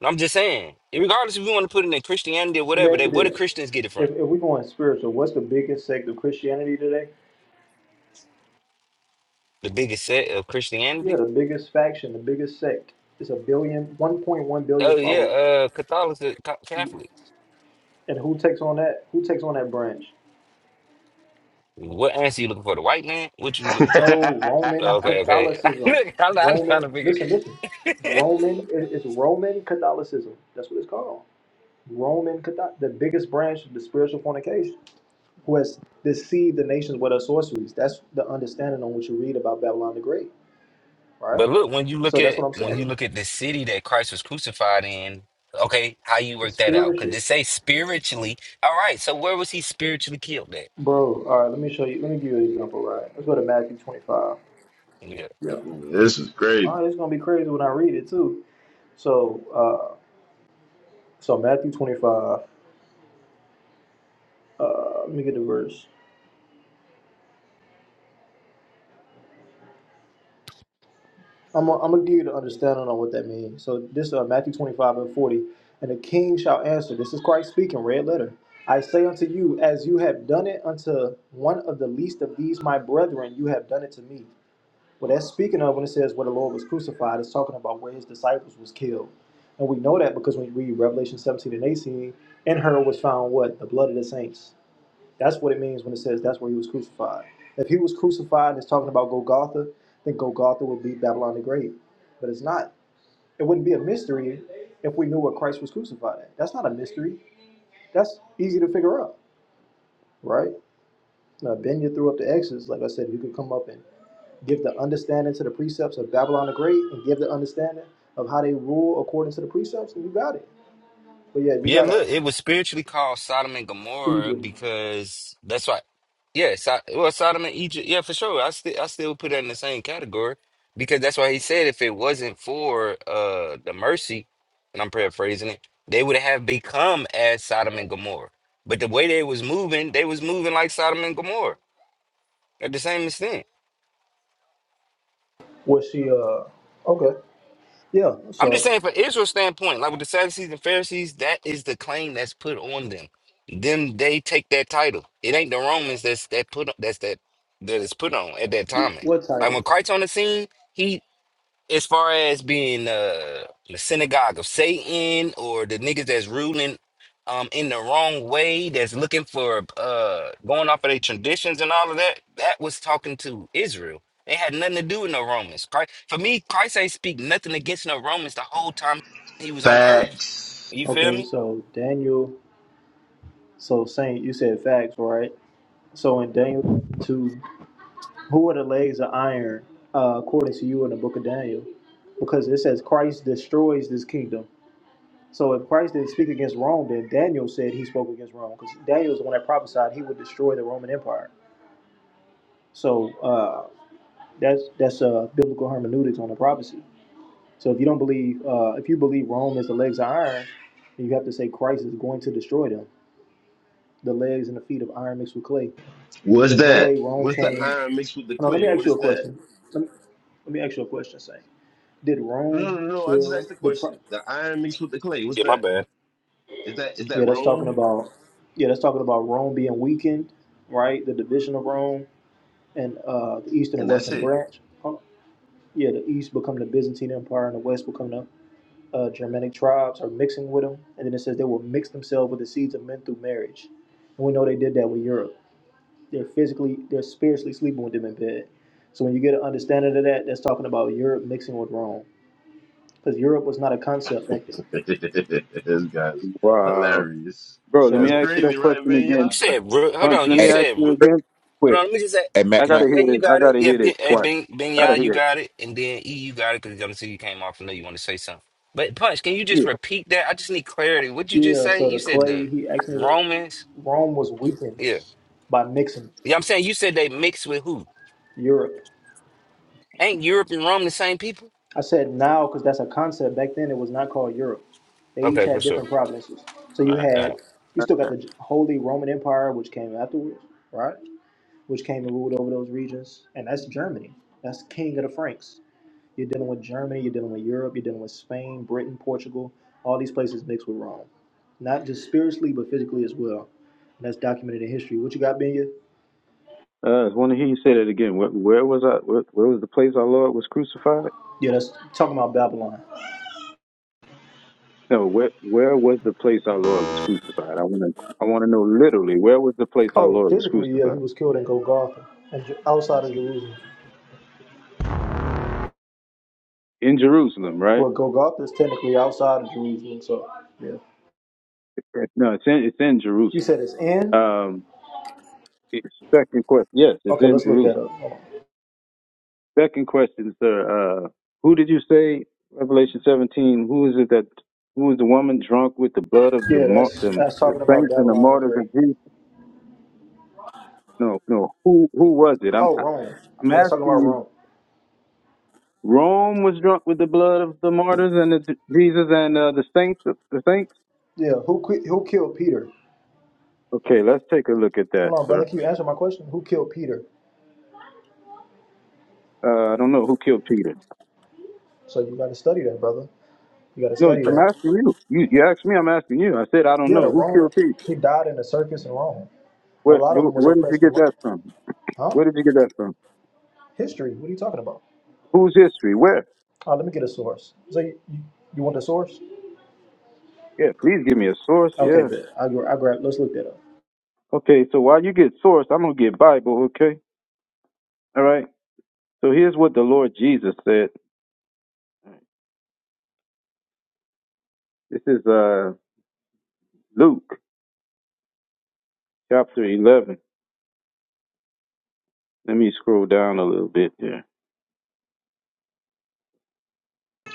S4: And I'm just saying, regardless if you want to put it in Christianity or
S5: Let me
S4: whatever,
S5: ask
S4: they
S5: you
S4: where do
S5: this.
S4: Christians get it from?
S5: If, if we're going spiritual, what's the biggest sect of Christianity today?
S4: The biggest set of
S5: Yeah,
S4: Christianity?
S5: the biggest faction, the biggest sect. It's a billion, one point one billion
S4: Oh yeah,
S5: followers.
S4: uh Catholics uh, Ca- Catholics.
S5: And who takes on that? Who takes on that branch?
S4: What answer you looking for? The white man? What you looking for?
S5: No,
S6: it.
S5: Roman
S4: Okay, okay.
S5: Catholicism.
S4: Look, I'm, not, I'm trying
S5: Roman,
S4: to figure.
S5: listen, listen. Roman, it- it's Roman Catholicism. That's what it's called. Roman Catholic, the biggest branch of the spiritual fornication, who has deceived the nations with her sorceries. That's the understanding on what you read about Babylon the Great, right?
S4: But look, when you look
S5: So that's
S4: at
S5: what I'm
S4: when
S5: saying.
S4: you look at the city that Christ was crucified in, okay, how you work that out? Because
S5: spiritual.
S4: it say spiritually. All right, so where was he spiritually killed at?
S5: Bro, all right, let me show you. Let me give you an example, right? Let's go to Matthew 25.
S4: Yeah.
S5: Yeah.
S6: This is
S5: All
S6: crazy.
S5: right, it's gonna be crazy when I read it too. So, uh, so Matthew 25. Uh, let me get the verse. I'm I'm gonna give you the understanding on what that means. So this uh, Matthew 25 and 40, and the king shall answer. This is Christ speaking, red letter. I say unto you, as you have done it unto one of the least of these my brethren, you have done it to me. Well, that's speaking of when it says where the Lord was crucified, it's talking about where his disciples was killed. And we know that because when you read Revelation 17 and 18, in her was found what? The blood of the saints. That's what it means when it says that's where he was crucified. If he was crucified and it's talking about Golgotha, then Golgotha would be Babylon the Great. But it's not. It wouldn't be a mystery if we knew where Christ was crucified at. That's not a mystery. That's easy to figure out, right? Now, Ben, you threw up the X's. Like I said, you could come up and Give the understanding to the precepts of Babylon the Great, and give the understanding of how they rule according to the precepts, and you got it. But yeah, you
S4: Yeah,
S5: got a
S4: look, it was spiritually called Sodom and Gomorrah
S5: Egypt.
S4: because that's why. Yeah, so, well, Sodom and Egypt. Yeah, for sure. I still I still put it in the same category because that's why he said if it wasn't for uh the mercy, and I'm paraphrasing it, they would have become as Sodom and Gomorrah. But the way they was moving, they was moving like Sodom and Gomorrah at the same extent.
S5: Was she uh okay. Yeah,
S4: I'm just
S5: so
S4: saying, from Israel's standpoint, like with the Sadducees and Pharisees, that is the claim that's put on them. Them they take that title. It ain't the Romans that's that put that's that that is put on at that time.
S5: what
S4: Like
S5: title?
S4: when Christ on the scene, he as far as being uh, the synagogue of Satan or the niggas that's ruling um in the wrong way, that's looking for uh going off of their traditions and all of that, that was talking to Israel. It had nothing to do with no Romans. Christ, for me, Christ ain't speak nothing against no Romans the whole time he was on the earth.
S6: Facts.
S4: You feel
S5: Okay,
S4: me?
S5: so Daniel so Saint, you said facts, right? So in Daniel two, who are the legs of iron, uh, according to you in the book of Daniel? Because it says Christ destroys this kingdom. So if Christ didn't speak against Rome, then Daniel said he spoke against Rome, because Daniel is the one that prophesied he would destroy the Roman Empire. So uh, that's that's uh, biblical hermeneutics on the prophecy. So if you don't believe, uh, if you believe Rome is the legs of iron, then you have to say Christ is going to destroy them, the legs and the feet of iron mixed with clay.
S6: What's
S5: There's no
S6: that?
S5: way Rome
S6: What's the
S5: came.
S6: iron mixed with the
S5: Hold on, let me
S6: clay?
S5: ask
S6: What
S5: you
S6: is
S5: a
S6: that?
S5: question. Let me, let me ask you a question. Say, did
S6: No, no,
S5: Rome
S6: no. no, I just
S5: kill
S6: asked the
S5: the? Pro-
S6: question. The iron mixed with the clay. What's
S4: Yeah, my
S6: that?
S4: bad.
S6: Is that is
S5: yeah,
S6: that
S5: that's talking
S6: wrong?
S5: about. Yeah, that's talking about Rome being weakened, right? The division of Rome and uh, the eastern and
S6: And that's
S5: western
S6: it.
S5: branch. Oh, yeah, the east become the Byzantine Empire and the west become the uh, Germanic tribes are mixing with them. And then it says they will mix themselves with the seeds of men through marriage. And we know they did that with Europe. They're physically, they're spiritually sleeping with them in bed. So when you get an understanding of that, that's talking about Europe mixing with Rome. Because Europe was not a concept back then.
S6: this guy's
S15: Wow.
S6: hilarious.
S15: Bro, let me
S6: That's
S5: So,
S15: ask you
S6: crazy,
S15: that
S6: right,
S15: question again.
S4: You
S6: man?
S4: said, Ru- hold
S15: Punch,
S4: on.
S15: let
S4: You
S15: me
S16: Hey,
S15: ask
S4: said,
S15: you
S4: Ru-
S16: real
S15: again.
S4: hold on.
S16: quick.
S4: Let me just say.
S16: Hey, Matt,
S15: I
S16: can I?
S15: gotta
S4: Yeah,
S15: hear
S4: you
S15: this. I
S4: got it.
S15: gotta
S4: Yeah,
S15: hear
S4: ben,
S15: this
S4: hey,
S15: twice.
S4: ben, ben, you
S15: Gotta
S4: you
S15: hear it.
S4: got it, and then E, you got it because I'm see you came off. I know you want to say something. But Punch, can you just
S15: Yeah.
S4: repeat that? I just need clarity. What you just
S5: yeah,
S4: say?
S5: so
S4: You
S5: the
S4: said
S5: clay,
S4: the
S5: he actually,
S4: Romans.
S5: Rome was weakened
S4: Yeah,
S5: by mixing
S4: yeah. I'm saying you said they mixed with who?
S5: Europe.
S4: Ain't Europe and Rome the same people?
S5: I said now because that's a concept. Back then, it was not called Europe. They each
S4: Okay, for
S5: had
S4: sure.
S5: different provinces. So you
S4: All right, all right.
S5: had, you still got the Holy Roman Empire, which came afterwards, right? Which came and ruled over those regions, and that's Germany. That's king of the Franks. You're dealing with Germany. You're dealing with Europe. You're dealing with Spain, Britain, Portugal. All these places mixed with Rome, not just spiritually but physically as well. And that's documented in history. What you got, Benya?
S15: Uh, I want to hear you say that again. Where, where was I? Where, where was the place our Lord was crucified?
S5: Yeah, that's talking about Babylon.
S15: No, where where was the place our Lord was crucified? I want to I want to know literally where was the place our
S5: Oh,
S15: Lord was
S5: physically, yeah, he
S15: crucified?
S5: was killed in Golgotha, and Ju- outside of Jerusalem.
S15: In Jerusalem, right?
S5: Well, Golgotha is technically outside of Jerusalem, so yeah.
S15: No, it's in it's in
S5: You
S15: Jerusalem.
S5: said it's in?
S15: Um, it's- second question. Yes, it's
S5: Okay,
S15: in
S5: let's look that
S15: Jerusalem.
S5: up. Hold on.
S15: Second question, sir. Uh, who did you say, Revelation 17, who is it that, who is the woman drunk with the blood of the,
S5: Yeah,
S15: mar-
S5: that's
S15: the,
S5: that's
S15: the
S5: talking about
S15: saints and the
S5: Babylon the
S15: martyrs of
S5: Great.
S15: Jesus? No, no. Who, who was it? I'm,
S5: Oh, Rome.
S15: I'm
S5: Yeah, that's talking
S15: asking
S5: about
S15: you.
S5: Rome.
S15: Rome was drunk with the blood of the martyrs and the, Jesus and uh, the saints, the saints.
S5: Yeah, who qui- who killed Peter?
S15: Okay, let's take a look at that,
S5: Hold on, brother.
S15: sir.
S5: Can you answer my question? Who killed Peter?
S15: Uh, I don't know who killed Peter.
S5: So you got to study that, brother. You got to
S15: No,
S5: study
S15: I'm
S5: that.
S15: asking you. You, you asked me. I'm asking you. I said I don't
S5: Yeah, the
S15: know who
S5: Rome.
S15: killed Peter.
S5: He died in a circus in Rome. A
S15: Where,
S5: lot of them was
S15: where did you
S5: oppressed in
S15: get
S5: Rome.
S15: that from?
S5: Huh?
S15: Where did you get that from?
S5: History. What are you talking about?
S15: Whose history? Where?
S5: Oh, let me get a source. So you, you you want the source?
S15: Yeah, please give me a source.
S5: Okay,
S15: Yeah.
S5: but I will grab. Let's look that up.
S15: Okay, so while you get source, I'm gonna get Bible, okay? All right. So here's what the Lord Jesus said. This is uh Luke chapter eleven. Let me scroll down a little bit here.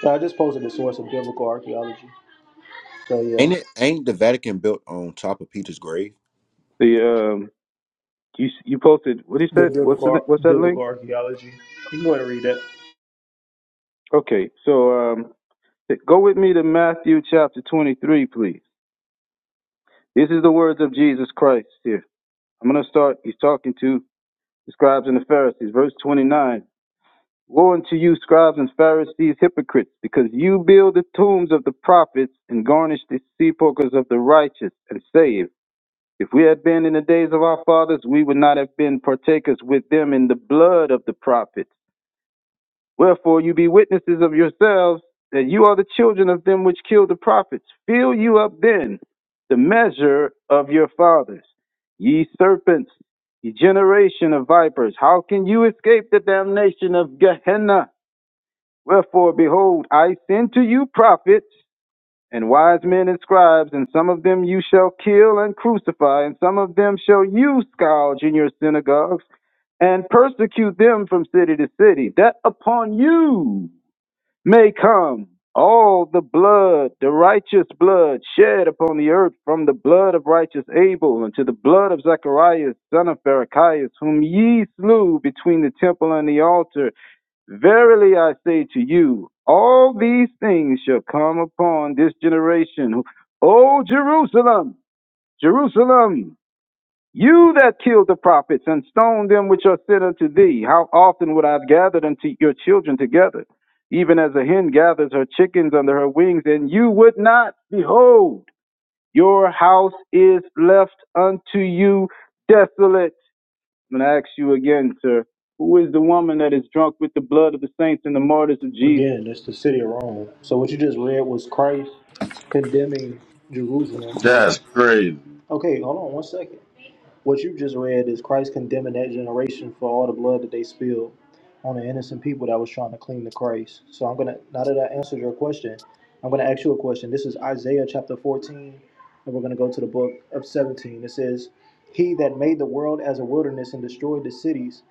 S5: Nah, I just posted the source of biblical archaeology. So yeah,
S16: Ain't it? Ain't the Vatican built on top of Peter's grave?
S15: The um you you posted what is
S5: the
S15: that? What's the,
S5: biblical
S15: what's that link?
S5: biblical archaeology. You can go ahead and read that.
S15: Okay, so um go with me to Matthew chapter twenty three, please. This is the words of Jesus Christ here. I'm gonna start he's talking to the scribes and the Pharisees, verse twenty nine. Woe unto you, scribes and Pharisees, hypocrites, because you build the tombs of the prophets and garnish the sepulchres of the righteous, and say, If if we had been in the days of our fathers, we would not have been partakers with them in the blood of the prophets. Wherefore you be witnesses of yourselves that you are the children of them which killed the prophets. Fill you up then the measure of your fathers. Ye serpents, ye generation of vipers, how can you escape the damnation of Gehenna? Wherefore, behold, I send to you prophets and wise men and scribes, and some of them you shall kill and crucify, and some of them shall you scourge in your synagogues and persecute them from city to city, that upon you may come all the blood, the righteous blood shed upon the earth, from the blood of righteous Abel unto the blood of Zacharias, son of Barachias, whom ye slew between the temple and the altar. Verily I say to you, all these things shall come upon this generation. O Jerusalem, Jerusalem, you that killed the prophets and stoned them which are sent unto thee, how often would I have gathered unto your children together, even as a hen gathers her chickens under her wings, and you would not? Behold, your house is left unto you desolate. I'm going to ask you again, sir. Who is the woman that is drunk with the blood of the saints and the martyrs of Jesus?
S5: Again, it's the city of Rome. So what you just read was Christ condemning Jerusalem for.
S6: That's crazy.
S5: Okay, hold on one second. What you just read is Christ condemning that generation for all the blood that they spilled on the innocent people that was trying to cling to Christ. So I'm gonna now that I answered your question, I'm gonna ask you a question. This is Isaiah chapter 14, and we're gonna go to the book of 17. It says, "He that made the world as a wilderness and destroyed the cities,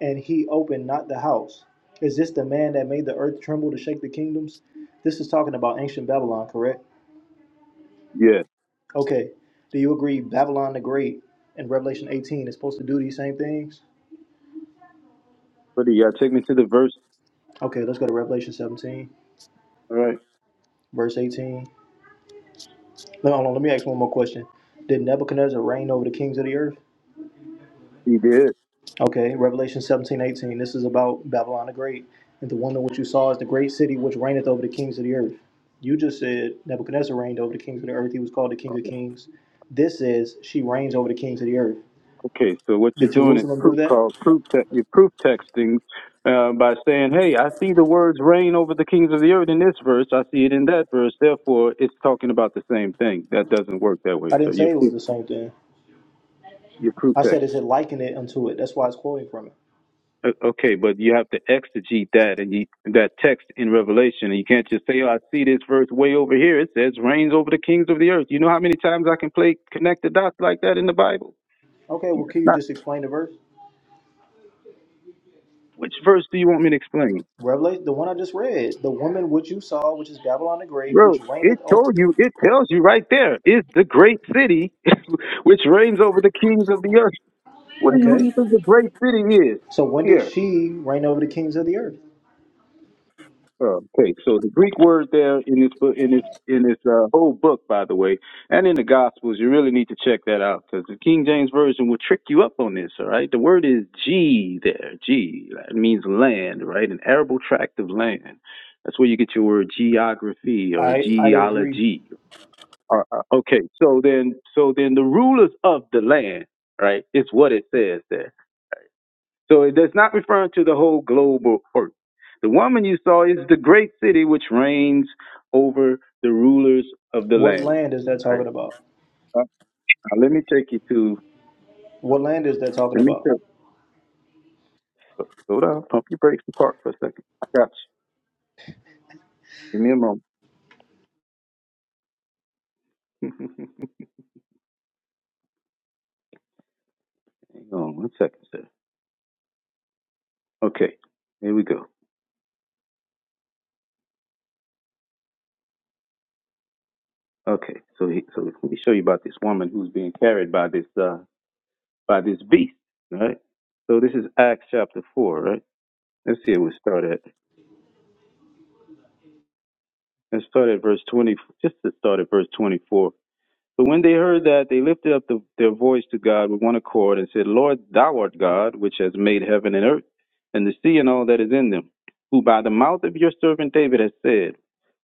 S5: and he opened not the house. Is this the man that made the earth tremble to shake the kingdoms?" This is talking about ancient Babylon, correct?
S15: Yeah.
S5: Okay. Do you agree Babylon the Great in Revelation 18 is supposed to do these same things?
S15: But you gotta take me to the verse.
S5: Okay, let's go to Revelation 17,
S15: All right.
S5: verse 18. No, hold on, let me ask one more question. Did Nebuchadnezzar reign over the kings of the earth?
S15: He did.
S5: Okay, Revelation 17 18. This is about Babylon the Great. And the wonder which you saw is the great city which reigneth over the kings of the earth. You just said Nebuchadnezzar reigned over the kings of the earth. He was called the king of kings. This says she reigns over the kings of the earth.
S15: Okay, so what you're
S5: Did
S15: doing is
S5: Jerusalem do
S15: proof
S5: that?
S15: called proof te- you're proof texting uh, by saying, Hey, I see the words reign over the kings of the earth in this verse, I see it in that verse, therefore it's talking about the same thing. That doesn't work that way.
S5: I
S15: So
S5: didn't
S15: you're
S5: say it was
S15: proof
S5: the same thing.
S15: you're proof
S5: I
S15: texting.
S5: said, is it should liken it unto it? That's why it's quoting from it.
S15: Okay, but you have to exegete that and you, that text in Revelation, and you can't just say, "Oh, I see this verse way over here. It says reigns over the kings of the earth." You know how many times I can play connect the dots like that in the Bible?
S5: Okay, well,
S15: Yes,
S5: can you
S15: Not
S5: just explain the verse?
S15: which verse do you want me to explain,
S5: Revelation, the one I just read, the woman which you saw, which is Babylon the Great,
S15: bro?
S5: which
S15: It
S5: reigneth over.
S15: told you. It tells you right there. It's the great city which reigns over the kings of the earth. What do you, who do you
S5: Okay,
S15: think the great city is?
S5: so when did
S15: Here.
S5: she reign over the kings of the earth?
S15: Okay, so the Greek word there in this book, in this in this uh, whole book, by the way, and in the Gospels, you really need to check that out because the King James version will trick you up on this. All right, the word is G there. G that means land, right? An arable tract of land. That's where you get your word geography or
S5: I I agree.
S15: geology. Uh, uh, okay, so then, so then the rulers of the land, right? It's what it says there. So it does not refer to the whole global earth. The woman you saw is the great city which reigns over the rulers of the
S5: What
S15: land.
S5: land is that
S15: All right.
S5: talking about?
S15: Now, now let me take you to,
S5: What land is that talking
S15: let me
S5: about?
S15: take, slow down, pump your brakes and park for a second. I got you. Give me a moment. Hang on one second, sir. Okay. Here we go. Okay. So, he, so let me show you about this woman who's being carried by this, uh, by this beast. Right. So this is Acts chapter 4, right? Let's see where we start at. and start at verse 20, just to start at verse 24. But when they heard that, they lifted up the, their voice to God with one accord and said, Lord, thou art God, which has made heaven and earth, and the sea and all that is in them, who by the mouth of your servant David has said,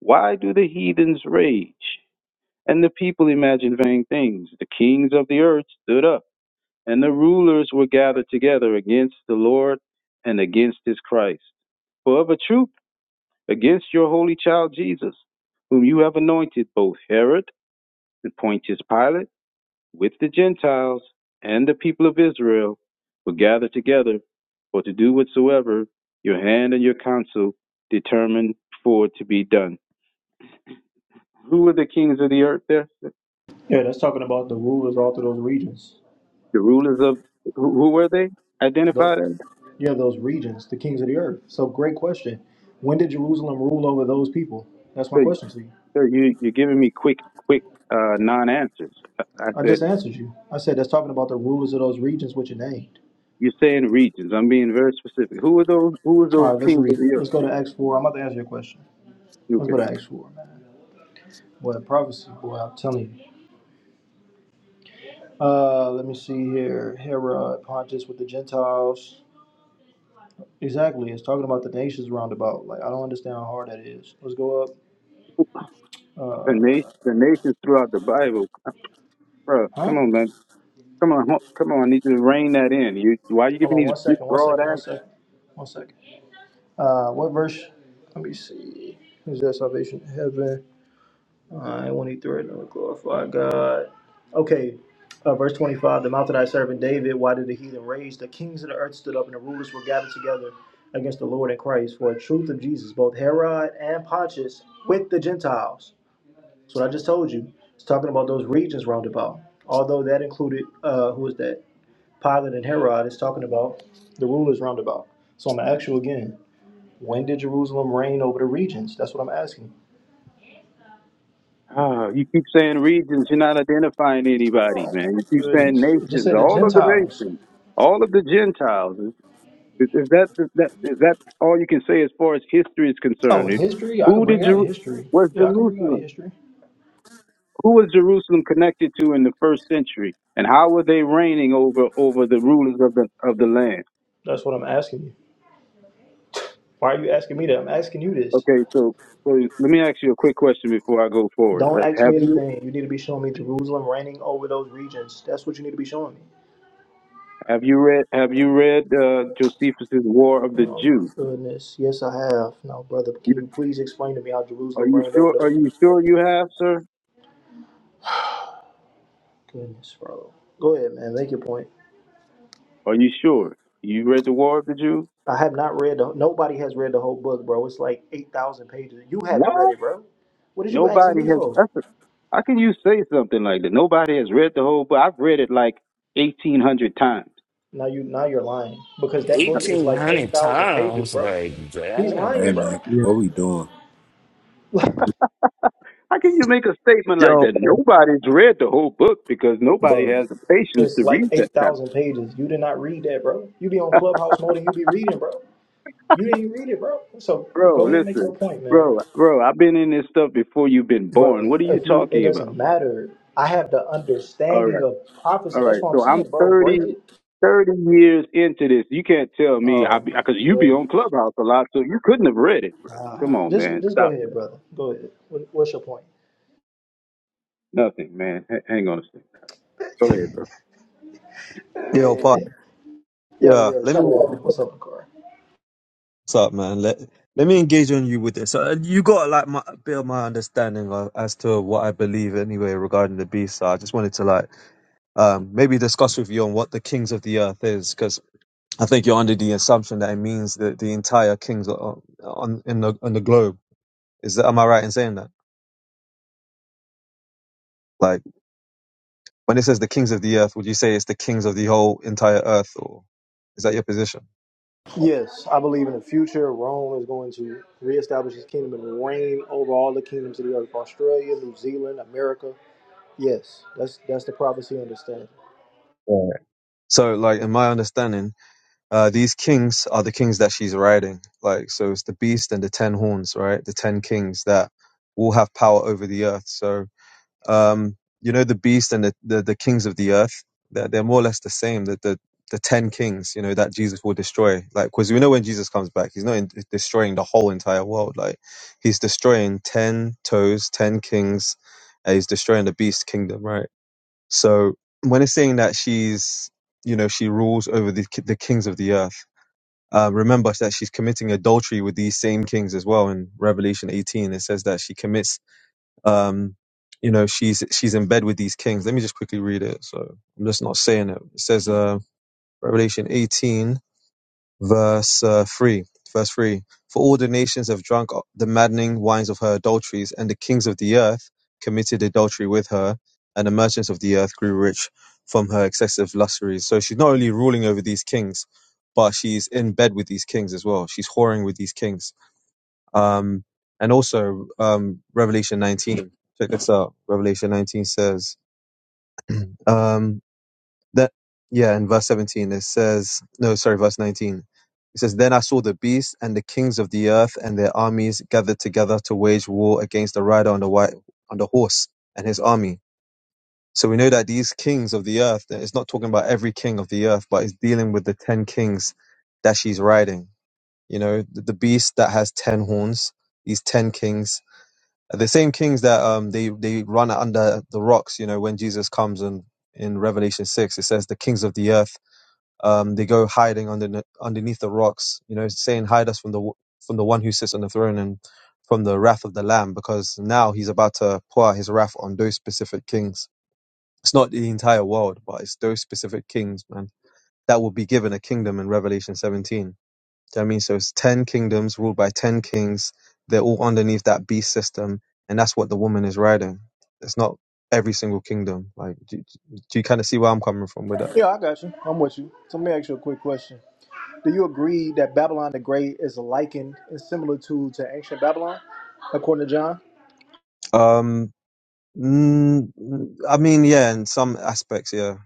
S15: Why do the heathens rage? And the people imagine vain things. The kings of the earth stood up, and the rulers were gathered together against the Lord and against his Christ. For of a truth against your holy child Jesus, whom you have anointed both Herod and Pontius Pilate with the Gentiles and the people of Israel were gathered together for to do whatsoever your hand and your counsel determined for to be done. Who were the kings of the earth there?
S5: Yeah, that's talking about the rulers all through those regions.
S15: The rulers of who, who were they
S5: Tho-
S15: identified as?
S5: yeah, those regions, the kings of the earth. So, great question. When did Jerusalem rule over those people? That's my
S15: So,
S5: question to you.
S15: so you you're giving me quick quick uh, non-answers. I, I
S5: I
S15: said
S5: just answered you. I said that's talking about the rulers of those regions which it named.
S15: you're saying regions. I'm being very specific. Who were those? Who were
S5: All
S15: those
S5: right, let's
S15: kings of
S5: read
S15: the
S5: it.
S15: earth?
S5: Let's go to Acts 4. I'm about to answer your question.
S15: You
S5: Let's
S15: can.
S5: go to Acts 4, man. What prophecy, boy, I'm telling you. Uh, let me see here. Herod, Pontus with the Gentiles. Exactly. It's talking about the nations roundabout. Like, I don't understand how hard that is. Let's go up.
S15: The nation, the
S5: Uh,
S15: nations throughout the Bible. Bro, come
S5: huh?
S15: on, man. Come on, ho- come on. I need to rein that in. You, why are you
S5: Hold
S15: giving
S5: on
S15: these
S5: one
S15: big,
S5: second, one
S15: broad
S5: second, one
S15: answers?
S5: second, one second. Uh, what verse? Let me see. Is that salvation? Heaven. I want to threaten or glorify God. Okay, uh, verse 25 The mouth of thy servant David, why did the heathen rage? The kings of the earth stood up and the rulers were gathered together against the Lord and Christ for the truth of Jesus, both Herod and Pontius with the Gentiles. That's what I just told you. It's talking about those regions round about. Although that included, uh, who is that? Pilate and Herod is talking about the rulers round about. So I'm going to ask you again. When did Jerusalem reign over the regions? That's what I'm asking.
S15: Ah, you keep saying regions. You're not identifying anybody, man. You keep saying
S5: Goodness. It just
S15: nations.
S5: said the
S15: All of the
S5: Gentiles.
S15: nations. All of the Gentiles. Is, is that is that is that all you can say as far as history is concerned?
S5: Oh,
S15: It-
S5: history? I
S15: Who
S5: could
S15: did
S5: bring out
S15: Jer-
S5: history.
S15: was
S5: Yeah, I could bring out
S15: Jerusalem?
S5: history.
S15: Who was Jerusalem connected to in the first century, and how were they reigning over over the rulers of the of the land?
S5: That's what I'm asking you. Why are you asking me that? I'm asking you this.
S15: Okay, so so let me ask you a quick question before I go forward.
S5: Don't
S15: Uh,
S5: ask
S15: have
S5: me
S15: you
S5: anything. You need to be showing me Jerusalem reigning over those regions. That's what you need to be showing me.
S15: have you read have you read uh, Josephus's War of the
S5: Oh my
S15: Jews?
S5: goodness. Yes, I have. Now, brother,
S15: You,
S5: can you please explain to me how
S15: are
S5: Jerusalem
S15: you
S5: reigned over
S15: sure?
S5: those
S15: Are you
S5: regions?
S15: sure you have, sir?
S5: Goodness, bro. Go ahead, man. Make your point.
S15: Are you sure you read the War of the Jews?
S5: I have not read the. Nobody has read the whole book, bro. It's like eight thousand pages. You haven't read
S15: What?
S5: it, bro. What did you asking
S15: Nobody
S5: me
S15: has.
S5: for?
S15: That's a, how can you say something like that? Nobody has read the whole book. I've read it like eighteen hundred times.
S5: Now you now you're lying because that book is
S4: Eighteen
S5: like eight
S4: hundred
S5: thousand pages,
S4: times,
S5: bro.
S4: like
S5: He's
S4: damn.
S16: Hey,
S5: lying, bro.
S16: man,
S13: Yeah.
S16: what we doing?
S15: How can you make a statement like
S13: Yo,
S15: that? Nobody's read the whole book because nobody
S5: Bro,
S15: has the patience
S5: it's
S15: to
S5: like
S15: read that
S5: eight
S15: kind of
S5: thousand pages. You did not read that, bro. You be on Clubhouse more than you be reading, bro. You didn't read it, bro. So
S15: Bro,
S5: go ahead and make
S15: listen.
S5: your point, man,
S15: Bro, bro, I've been in this stuff before you've been born.
S5: brother.
S15: What are you
S5: If you, it
S15: talking
S5: doesn't
S15: about?
S5: matter. I have the
S15: All
S5: understanding
S15: right.
S5: of
S15: All
S5: prophecy. That's
S15: right.
S5: what I'm
S15: So I'm
S5: saying, bro.
S15: thirty
S5: Break it.
S15: thirty years into this. You can't tell me
S5: Oh
S15: I
S5: my
S15: because you be
S5: goodness.
S15: on Clubhouse a lot, so you couldn't have read it, bro. Come
S5: Ah,
S15: on,
S5: just
S15: man.
S5: just go
S15: Stop
S5: ahead,
S15: that.
S5: brother. Go ahead. What, what's your point?
S15: Nothing, man. H- hang on a second. Go ahead, bro.
S13: yo, part.
S5: Yo,
S13: Yeah,
S5: yo,
S13: let me.
S5: shut up. What's up, Car?
S13: What's up, man? Let Let me engage on you with this. So uh, you got like my, a bit of my understanding of, as to what I believe anyway regarding the beast. So I just wanted to like um, maybe discuss with you on what the kings of the earth is, because I think you're under the assumption that it means that the entire kings o- on in the on the globe. Is that am I right in saying that? Like when it says the kings of the earth, would you say it's the kings of the whole entire earth, or is that your position?
S5: Yes, I believe in the future, Rome is going to reestablish his kingdom and reign over all the kingdoms of the earth Australia, New Zealand, America. Yes, that's that's the prophecy understanding.
S13: Right. So, like in my understanding, uh, these kings are the kings that she's riding. Like, so it's the beast and the ten horns, right? The ten kings that will have power over the earth. So Um, you know, the beast and the, the, the kings of the earth, they're, they're more or less the same. The, the, the 10 kings, you know, that Jesus will destroy. Like, because we know when Jesus comes back, he's not in, destroying the whole entire world. Like, he's destroying 10 toes, 10 kings, and he's destroying the beast kingdom, right? So, when it's saying that she's, you know, she rules over the, the kings of the earth, uh, remember that she's committing adultery with these same kings as well. In Revelation 18, it says that she commits um, you know, she's she's in bed with these kings. Let me just quickly read it. So I'm just not saying it. It says, uh, Revelation 18, verse uh, three. Verse three: For all the nations have drunk the maddening wines of her adulteries, and the kings of the earth committed adultery with her, and the merchants of the earth grew rich from her excessive luxuries. So she's not only ruling over these kings, but she's in bed with these kings as well. She's whoring with these kings um, and also, um, Revelation 19. Check this out. Revelation 19 says, um, that, yeah, in verse 17, it says, no, sorry, verse 19. It says, Then I saw the beast and the kings of the earth and their armies gathered together to wage war against the rider on the white, on the horse and his army. So we know that these kings of the earth, that it's not talking about every king of the earth, but it's dealing with the 10 kings that she's riding. You know, the, the beast that has 10 horns, these 10 kings the same kings that um they they run under the rocks you know when jesus comes and in revelation 6 it says the kings of the earth um they go hiding under underneath the rocks you know saying hide us from the from the one who sits on the throne and from the wrath of the lamb because now he's about to pour out his wrath on those specific kings it's not the entire world but it's those specific kings man that will be given a kingdom in revelation 17 do you know what I mean? So it's 10 kingdoms ruled by 10 kings. They're all underneath that beast system. And that's what the woman is riding. It's not every single kingdom. Like, do, do you kind of see where I'm coming from with that?
S5: Yeah, I got you. I'm with you. So let me ask you a quick question. Do you agree that Babylon the Great is likened and similar to, to ancient Babylon, according to John?
S13: Um, mm, I mean, yeah, in some aspects, yeah,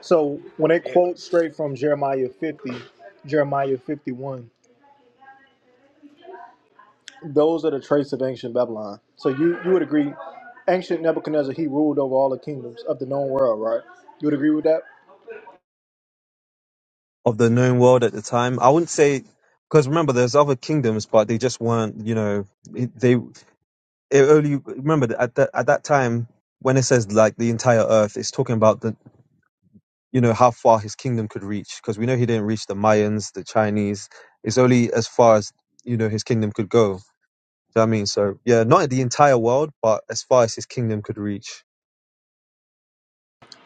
S5: So when they
S10: it,
S5: quote straight from Jeremiah 50, Jeremiah 51. Those are the traits of ancient Babylon. So you, you would agree, ancient Nebuchadnezzar, he ruled over all the kingdoms of the known world, right? You would agree with that?
S13: of the known world at the time. I wouldn't say, because remember, there's other kingdoms, but they just weren't, you know, it- they, it only, remember, that at that, at that time, when it says like the entire earth, it's talking about the you know how far his kingdom could reach because we know he didn't reach the mayans the chinese it's only as far as you know his kingdom could go do you know what i mean so yeah not the entire world but as far as his kingdom could reach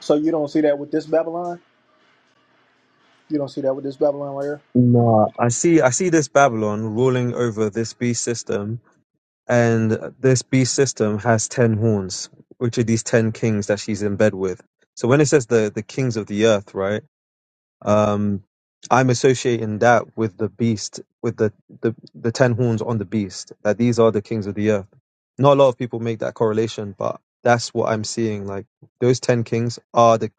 S5: So you don't see that with this Babylon? You don't see that with this Babylon right here?
S13: Nah, i see i see this babylon ruling over this beast system and this beast system has 10 horns which are these 10 kings that she's in bed with so when it says the the kings of the earth right Um, I'm associating that with the beast, with the, the, the ten horns on the beast, that these are the kings of the earth. Not a lot of people make that correlation, but that's what I'm seeing. Like those ten kings are the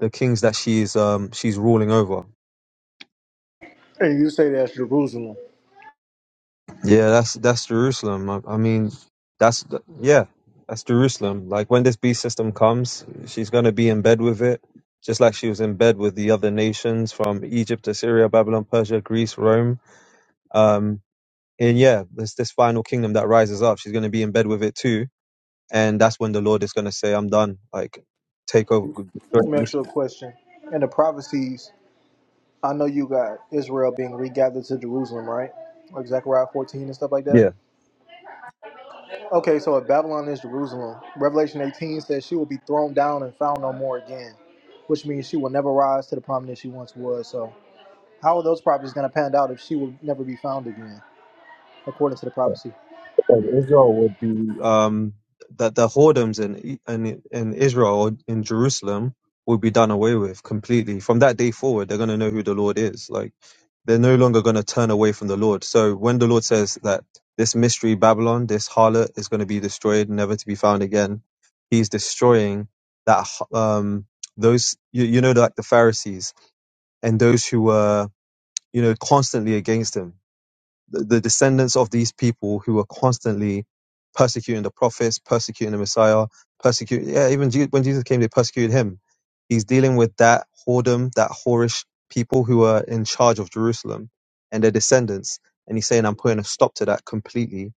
S13: the kings that she's um she's ruling over.
S5: And you say that's Jerusalem.
S13: Yeah, that's that's Jerusalem. I, I mean, that's the- yeah, that's Jerusalem. Like when this beast system comes, she's gonna be in bed with it, just like she was in bed with the other nations from Egypt, Assyria, Babylon, Persia, Greece, Rome. Um, and yeah, it's this final kingdom that rises up. She's going to be in bed with it too, and that's when the Lord is going to say, "I'm done. Like, take over."
S5: Let me ask you a question. In the prophecies, I know you got Israel being regathered to Jerusalem, right? Like Zechariah 14 and stuff like that.
S13: Yeah.
S5: Okay, so if Babylon is Jerusalem, Revelation 18 says she will be thrown down and found no more again, which means she will never rise to the prominence she once was. So How are those prophecies going to pan out if she will never be found again, according to the prophecy?
S13: But Israel would be um, that the whoredoms in in in Israel or in Jerusalem would be done away with completely. From that day forward, they're going to know who the Lord is. Like they're no longer going to turn away from the Lord. So when the Lord says that this mystery Babylon, this harlot, is going to be destroyed, never to be found again, He's destroying that um, those you, you know like the Pharisees and those who were you know constantly against Him the, the descendants of these people who were constantly persecuting the prophets, persecuting the Messiah, persecuting, yeah, even Je- when Jesus came, they persecuted him. He's dealing with that whoredom, that whorish people who are in charge of Jerusalem and their descendants. And he's saying, I'm putting a stop to that completely.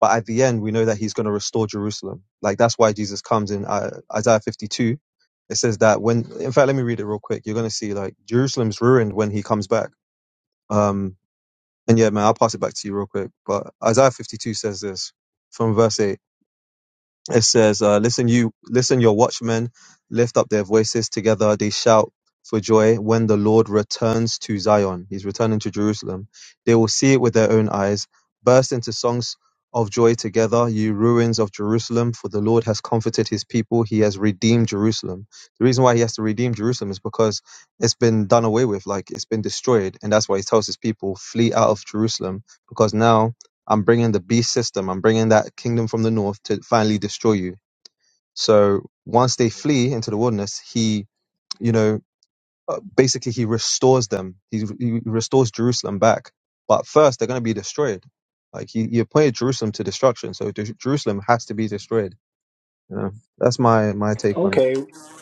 S13: But at the end, we know that he's going to restore Jerusalem. Like that's why Jesus comes in uh, Isaiah 52. It says that when, in fact, let me read it real quick. You're going to see like Jerusalem's ruined when he comes back. Um, and yeah, man, I'll pass it back to you real quick. But Isaiah 52 says this from verse 8 it says, uh, "Listen, you listen, your watchmen lift up their voices together; they shout for joy when the Lord returns to Zion. He's returning to Jerusalem. They will see it with their own eyes, burst into songs of joy together, you ruins of Jerusalem. For the Lord has comforted His people; He has redeemed Jerusalem. The reason why He has to redeem Jerusalem is because it's been done away with, like it's been destroyed, and that's why He tells His people flee out of Jerusalem because now." I'm bringing the beast system. I'm bringing that kingdom from the north to finally destroy you. So once they flee into the wilderness, he, you know, uh, basically he restores them. He, he restores Jerusalem back. But first, they're going to be destroyed. Like he, he appointed Jerusalem to destruction, so Jer- Jerusalem has to be destroyed. You know, that's my my take on it.
S5: Okay,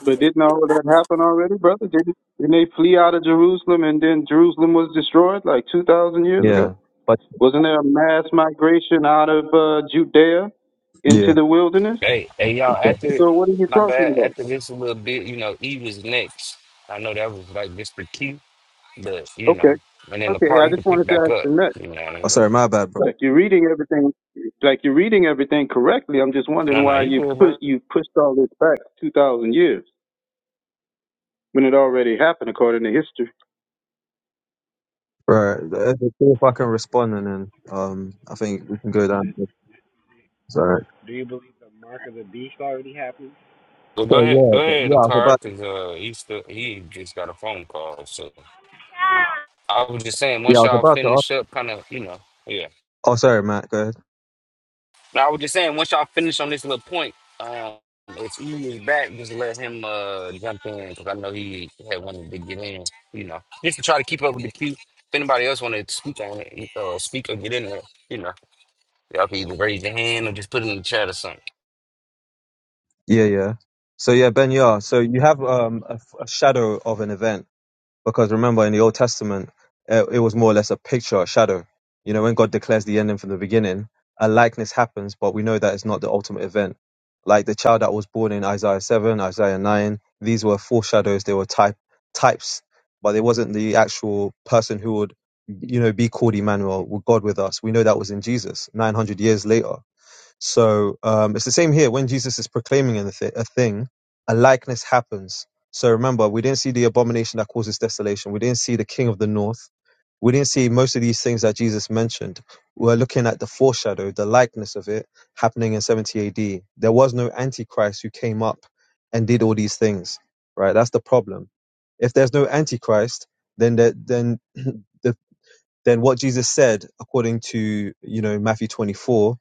S15: But didn't all that happen already, brother? Didn't, didn't they flee out of Jerusalem and then Jerusalem was destroyed like 2,000 years ago?
S13: Yeah, but
S15: Wasn't there a mass migration out of uh, Judea into
S13: yeah.
S15: the wilderness?
S4: Hey, hey, y'all.
S13: Oh,
S4: After
S15: So what are you
S4: my
S15: talking
S4: bad.
S15: about?
S4: After this a little bit, you know, E was next. I know that was like Mr. Keith. But you know,
S15: Okay.
S4: and in the
S15: Okay.
S4: car
S15: I
S4: you can
S15: just
S4: pick
S15: wanted to
S4: back
S15: ask
S4: up.
S15: the next.
S4: You know what I mean?
S13: sorry, my bad, bro.
S15: Like you're reading everything, like you're reading everything correctly. I'm just
S4: No,
S15: wondering
S4: no,
S15: why
S4: you
S15: you
S4: good,
S15: push
S4: bro.
S15: you pushed all this back 2,000 years when it already happened according to history.
S13: Right, let's see if I can respond, and then um, I think we can go down.
S10: it,
S13: Sorry.
S10: do you believe the mark of the beast already happened?
S4: Well, go
S13: So
S4: ahead, go
S13: yeah, but-
S4: ahead, the
S13: yeah. I was about
S4: car, cause uh, he still he just got a phone call. So I was just saying,
S13: Yeah,
S4: once
S13: I was
S4: y'all
S13: about to ask.
S4: finish up, kind of, you know, yeah.
S13: Oh, sorry, Matt. Go ahead.
S4: Now I was just saying, once y'all finish on this little point, um, if he is back, just let him uh jump in, cause I know he had wanted to get in. You know, just to try to keep up with the queue. If anybody else wanted to speak on it, uh, speak or get in there, you know, y'all can either raise your hand or just put it in the chat or something.
S13: Yeah, yeah. So yeah, Ben Yah. So you have um, a a shadow of an event because remember in the Old Testament, uh, it was more or less a picture, a shadow. You know, when God declares the ending from the beginning, a likeness happens, but we know that it's not the ultimate event. Like the child that was born in Isaiah seven, Isaiah nine, these were foreshadows. They were type types, but it wasn't the actual person who would, you know, be called Emmanuel, with God with us. We know that was in Jesus. Nine hundred years later So um, it's the same here. When Jesus is proclaiming anything, a thing, a likeness happens. So remember, we didn't see the abomination that causes desolation. We didn't see the king of the north. We didn't see most of these things that Jesus mentioned. We're looking at the foreshadow, the likeness of it happening in 70 AD. There was no antichrist who came up and did all these things, right? That's the problem. If there's no antichrist, then there, then the, then what Jesus said, according to you know Matthew 24,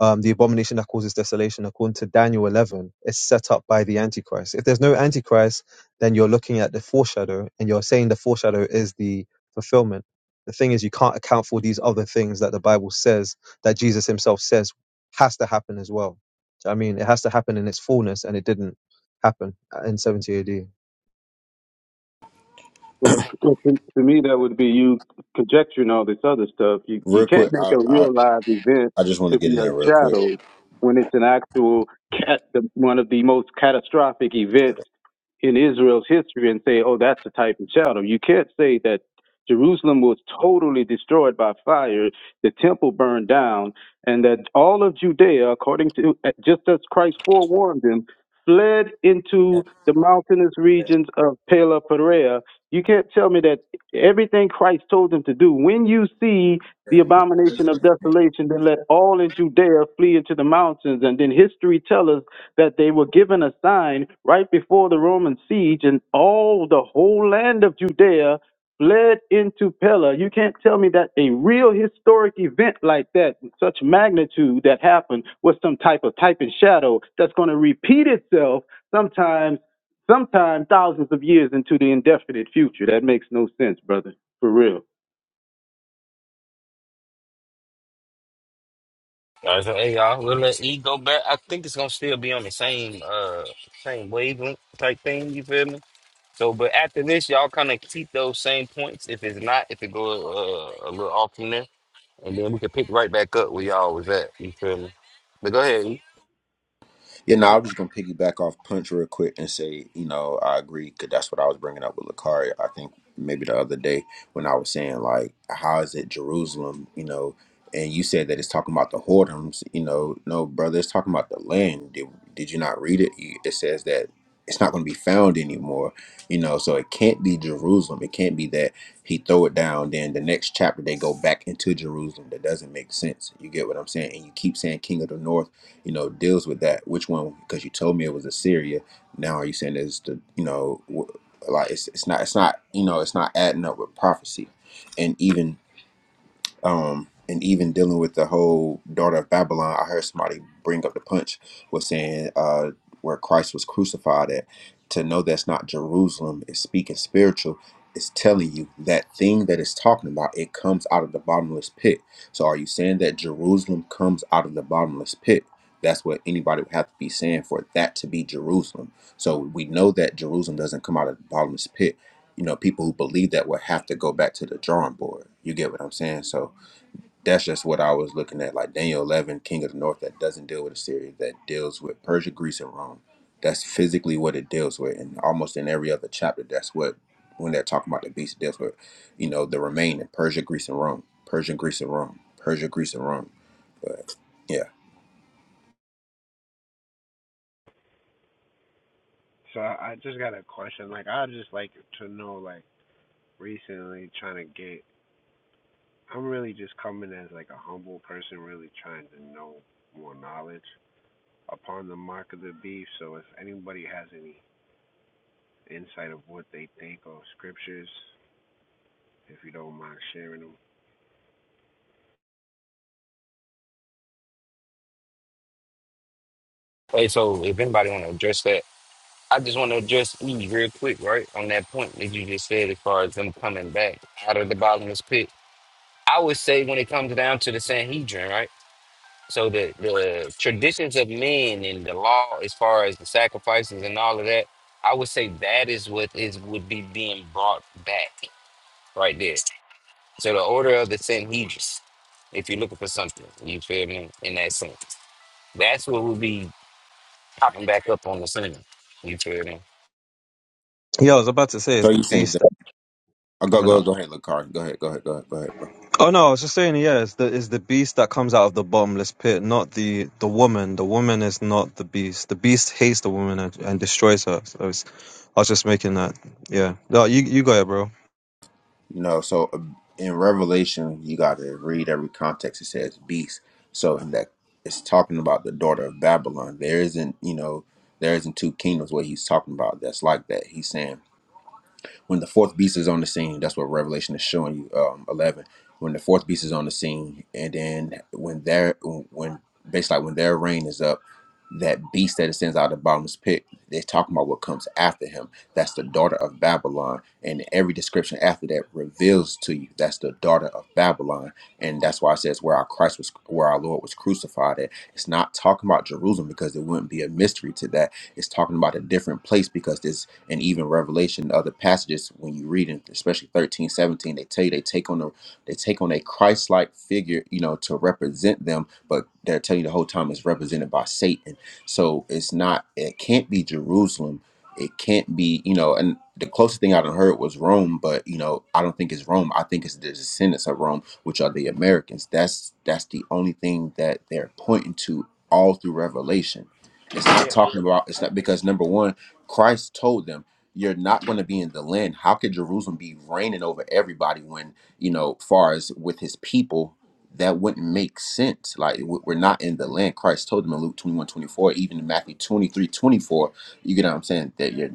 S13: um, the abomination that causes desolation, according to Daniel 11, is set up by the Antichrist. If there's no Antichrist, then you're looking at the foreshadow and you're saying the foreshadow is the fulfillment. The thing is, you can't account for these other things that the Bible says, that Jesus himself says has to happen as well. I mean, it has to happen in its fullness, and it didn't happen in 70 AD.
S15: Well, well, To to me, that would be you conjecturing all this other stuff. You you
S16: Real
S15: can't
S16: quick,
S15: make
S16: I
S15: a
S16: I,
S15: real live event
S16: I just want
S15: to
S16: to
S15: be
S16: get in
S15: a
S16: there real quick.
S15: shadow when it's an actual cat, the, one of the most catastrophic events in Israel's history, and say, "Oh, that's a type of shadow." You can't say that Jerusalem was totally destroyed by fire, the temple burned down, and that all of Judea, according to just as Christ forewarned them, fled into the mountainous regions of Pela Perea, you can't tell me that everything Christ told them to do. When you see the abomination of desolation, then let all in Judea flee into the mountains. And then history tells us that they were given a sign right before the Roman siege, and all the whole land of Judea fled into Pella. You can't tell me that a real historic event like that, in such magnitude that happened, was some type of type and shadow that's going to repeat itself sometimes sometime thousands of years into the indefinite future. That makes no sense, brother. For real.
S4: All right, so hey y'all, we'll let E go back. I think it's gonna still be on the same uh same wavelength type thing, you feel me? So but after this, y'all kinda keep those same points. If it's not, if it go uh, a little off from there, and then we can pick right back up where y'all was at, you feel me? But go ahead, E.
S16: Yeah, no, I was just gonna piggyback off Punch real quick and say, you know, I agree because that's what I was bringing up with Lakari. I think maybe the other day when I was saying like, how is it Jerusalem, you know, and you said that it's talking about the whoredoms, you know, no, brother, it's talking about the land. Did, did you not read it? You- It says that it's not going to be found anymore, you know, so it can't be Jerusalem. It can't be that he throw it down, then the next chapter they go back into Jerusalem. That doesn't make sense. You get what I'm saying? And you keep saying King of the North you know, deals with that. Which one? Because you told me it was Assyria. Now are you saying it's the, you know, wh- like it's, it's not, it's not, you know, it's not adding up with prophecy. And even um, and even dealing with the whole daughter of Babylon, I heard somebody bring up the punch was saying uh, where Christ was crucified at. To know that's not Jerusalem is speaking spiritual. It's telling you that thing that it's talking about. It comes out of the bottomless pit. So are you saying that Jerusalem comes out of the bottomless pit? That's what anybody would have to be saying for that to be Jerusalem. So we know that Jerusalem doesn't come out of the bottomless pit. You know, people who believe that would have to go back to the drawing board. You get what I'm saying? So that's just what I was looking at. Like Daniel 11, King of the North, that doesn't deal with Assyria, that deals with Persia, Greece, and Rome. That's physically what it deals with. And almost in every other chapter, that's what, when they're talking about the beast, it deals with, you know, the remaining Persia, Greece, and Rome. Persia, Greece, and Rome. Persia, Greece, and Rome. But yeah.
S10: so I just got a question. Like I just like to know. Like recently, trying to get. I'm really just coming as like a humble person, really trying to know more knowledge upon the mark of the beast. So if anybody has any insight of what they think of scriptures, if you don't mind sharing them.
S4: Hey, so if anybody wanna address that, I just wanna address E real quick, right? On that point that you just said as far as them coming back out of the bottomless pit. I would say when it comes down to the Sanhedrin, right? So the the traditions of men and the law, as far as the sacrifices and all of that, I would say that is what is would be being brought back right there. So the order of the Sanhedrin, if you're looking for something, you feel me? In that sense, that's what would be popping back up on the scene. You feel me?
S13: Yeah, I was about to say,
S16: So
S13: it's the
S16: you're saying
S13: beast
S16: that.
S13: that's
S16: Oh, go,
S13: coming
S16: go,
S13: up?
S16: go ahead, Lakari. Go ahead, go ahead, go ahead, go ahead. bro.
S13: Oh no, I was just saying, yeah, it's the it's the beast that comes out of the bottomless pit, not the the woman. The woman is not the beast. The beast hates the woman and, and destroys her. So it's, I was just making that. Yeah, no, you you go, it, bro.
S16: You know, so uh, in Revelation, you got to read every context. It says beast. So in that it's talking about the daughter of Babylon. There isn't, you know, there isn't two kingdoms what he's talking about that's like that. He's saying when the fourth beast is on the scene, that's what Revelation is showing you. Um, eleven. When the fourth beast is on the scene, and then when their when basically like when their reign is up, that beast that it sends out of the bottomless pit, they're talking about what comes after him. That's the daughter of Babylon, and every description after that reveals to you that's the daughter of Babylon, and that's why it says where our Christ was, where our Lord was crucified at. It's not talking about Jerusalem because it wouldn't be a mystery to that. It's talking about a different place because this and even Revelation, other passages when you read it, especially 13 17, they tell you they take on a they take on a Christ-like figure, you know, to represent them, but they're telling you the whole time it's represented by Satan. So it's not it can't be Jerusalem. It can't be, you know, and the closest thing I done heard was Rome, but you know, I don't think it's Rome. I think it's the descendants of Rome, which are the Americans. That's that's the only thing that they're pointing to all through Revelation. It's not
S10: Yeah.
S16: talking about it's not because number one Christ told them, "You're not going to be in the land. How could Jerusalem be reigning over everybody when you know, far as with His people, that wouldn't make sense. Like w- we're not in the land." Christ told them in Luke 21 24, even in Matthew 23 24. You get what I'm saying? That you're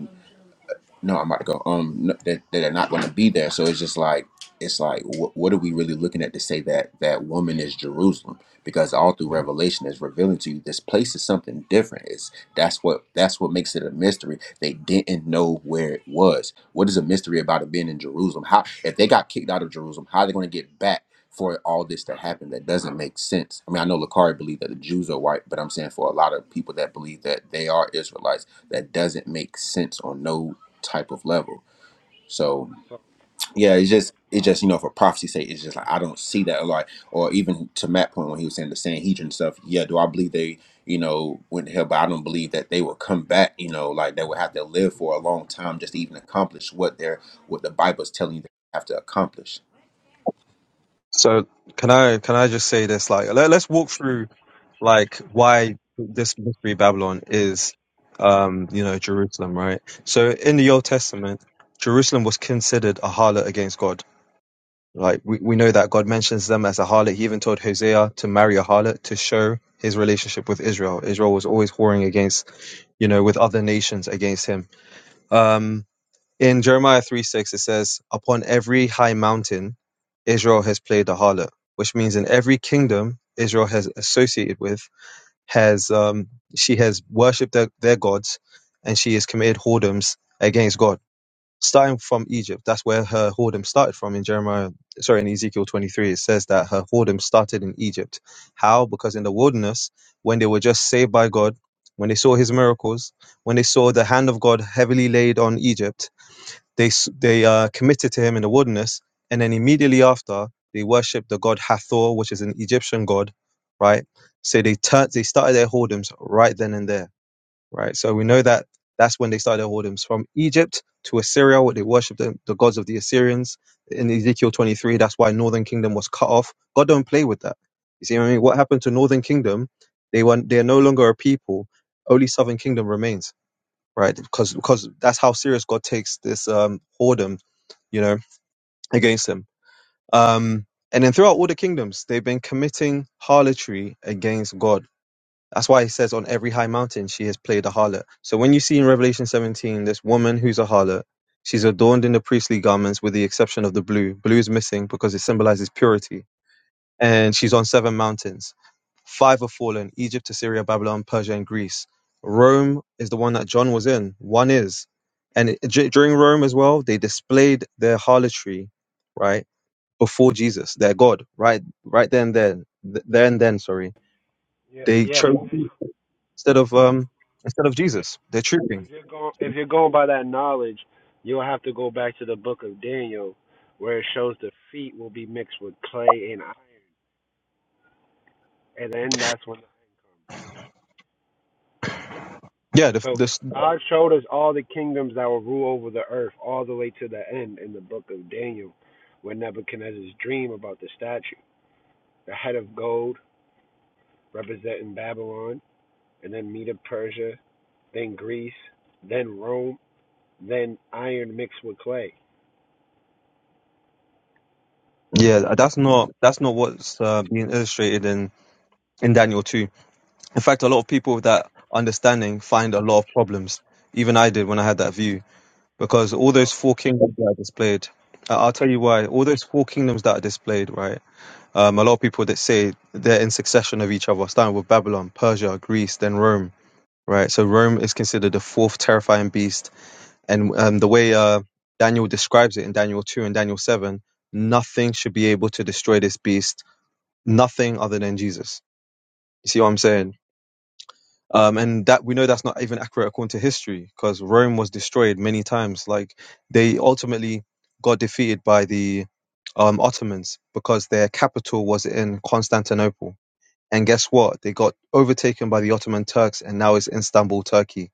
S16: no, I'm about to go. Um, no, that that are not going to be there. So it's just like it's like wh- what are we really looking at to say that that woman is Jerusalem? Because all through Revelation is revealing to you this place is something different. It's that's what that's what makes it a mystery. They didn't know where it was. What is a mystery about it being in Jerusalem? How if they got kicked out of Jerusalem, how are they going to get back? for all this to happen that doesn't make sense. I mean, I know Lakari believe that the Jews are white, but I'm saying for a lot of people that believe that they are Israelites, that doesn't make sense on no type of level. So
S10: So
S16: yeah, it's just it's just you know for prophecy sake, it's just like I don't see that a lot. Or even to Matt point when he was saying the Sanhedrin stuff, yeah, do I believe they you know went to hell? But I don't believe that they will come back. You know, like they would have to live for a long time just to even accomplish what they're what the Bible's telling you they have to accomplish.
S13: So can I can I just say this? Like, let, let's walk through like why this mystery Babylon is, um, you know, Jerusalem, right? So in the Old Testament, Jerusalem was considered a harlot against God Like we, we know that God mentions them as a harlot. He even told Hosea to marry a harlot to show his relationship with Israel. Israel was always warring against, you know, with other nations against him. Um, in Jeremiah 3 6, it says, Upon every high mountain, Israel has played a harlot, which means in every kingdom Israel has associated with, has um, she has worshipped their, their gods and she has committed whoredoms against God starting from Egypt. That's where her whoredom started from in Jeremiah, sorry, in Ezekiel 23. It says that her whoredom started in Egypt. How? Because in the wilderness, when they were just saved by God, when they saw his miracles, when they saw the hand of God heavily laid on Egypt, they, s- they uh, committed to him in the wilderness. And then immediately after, they worshiped the god Hathor, which is an Egyptian god, right? So they turned, they started their whoredoms right then and there right? So we know that that's when they started their whoredoms from Egypt to Assyria, where they worshipped the, the gods of the Assyrians. In Ezekiel 23, that's why Northern Kingdom was cut off. God don't play with that. You see what I mean? What happened to Northern Kingdom? They were they are no longer a people. Only Southern Kingdom remains, right? Because because that's how serious God takes this um whoredom you know, against them. Um, and then throughout all the kingdoms, they've been committing harlotry against God that's why it says on every high mountain she has played a harlot. So when you see in Revelation 17 this woman who's a harlot, she's adorned in the priestly garments with the exception of the blue. Blue is missing because it symbolizes purity. And she's on seven mountains. Five have fallen Egypt, Assyria, Babylon, Persia, and Greece. Rome is the one that John was in. One is. And it- dur- during Rome as well, they displayed their harlotry, right? Before Jesus, their God, right? Right then, then, Th- there and then, sorry.
S10: yeah,
S13: They
S10: yeah, but
S13: chose instead of um instead of Jesus. They're trooping.
S10: If you're going, if you're going by that knowledge, you'll have to go back to the book of Daniel, where it shows the feet will be mixed with clay and iron, and then that's when.
S13: Yeah, the,
S10: So
S13: this
S10: God showed us all the kingdoms that will rule over the earth, all the way to the end in the book of Daniel, where Nebuchadnezzar's dream about the statue, the head of gold representing Babylon, and then Medo Persia, then Greece, then Rome, then iron mixed with clay.
S13: yeah that's not that's not what's uh, being illustrated in in Daniel two. In fact, a lot of people with that understanding find a lot of problems. Even I did when I had that view because all those four kingdoms that are displayed. I- I'll tell you why. All those four kingdoms that are displayed, right? Um, a lot of people that say they're in succession of each other, starting with Babylon, Persia, Greece, then Rome, right? So Rome is considered the fourth terrifying beast And um, the way uh, Daniel describes it in Daniel 2 and Daniel 7, nothing should be able to destroy this beast, nothing other than Jesus. You see what I'm saying? Um, and that we know that's not even accurate according to history because Rome was destroyed many times. Like they ultimately got defeated by the um, Ottomans because their capital was in Constantinople and guess what? They got overtaken by the Ottoman Turks and now it's Istanbul, Turkey.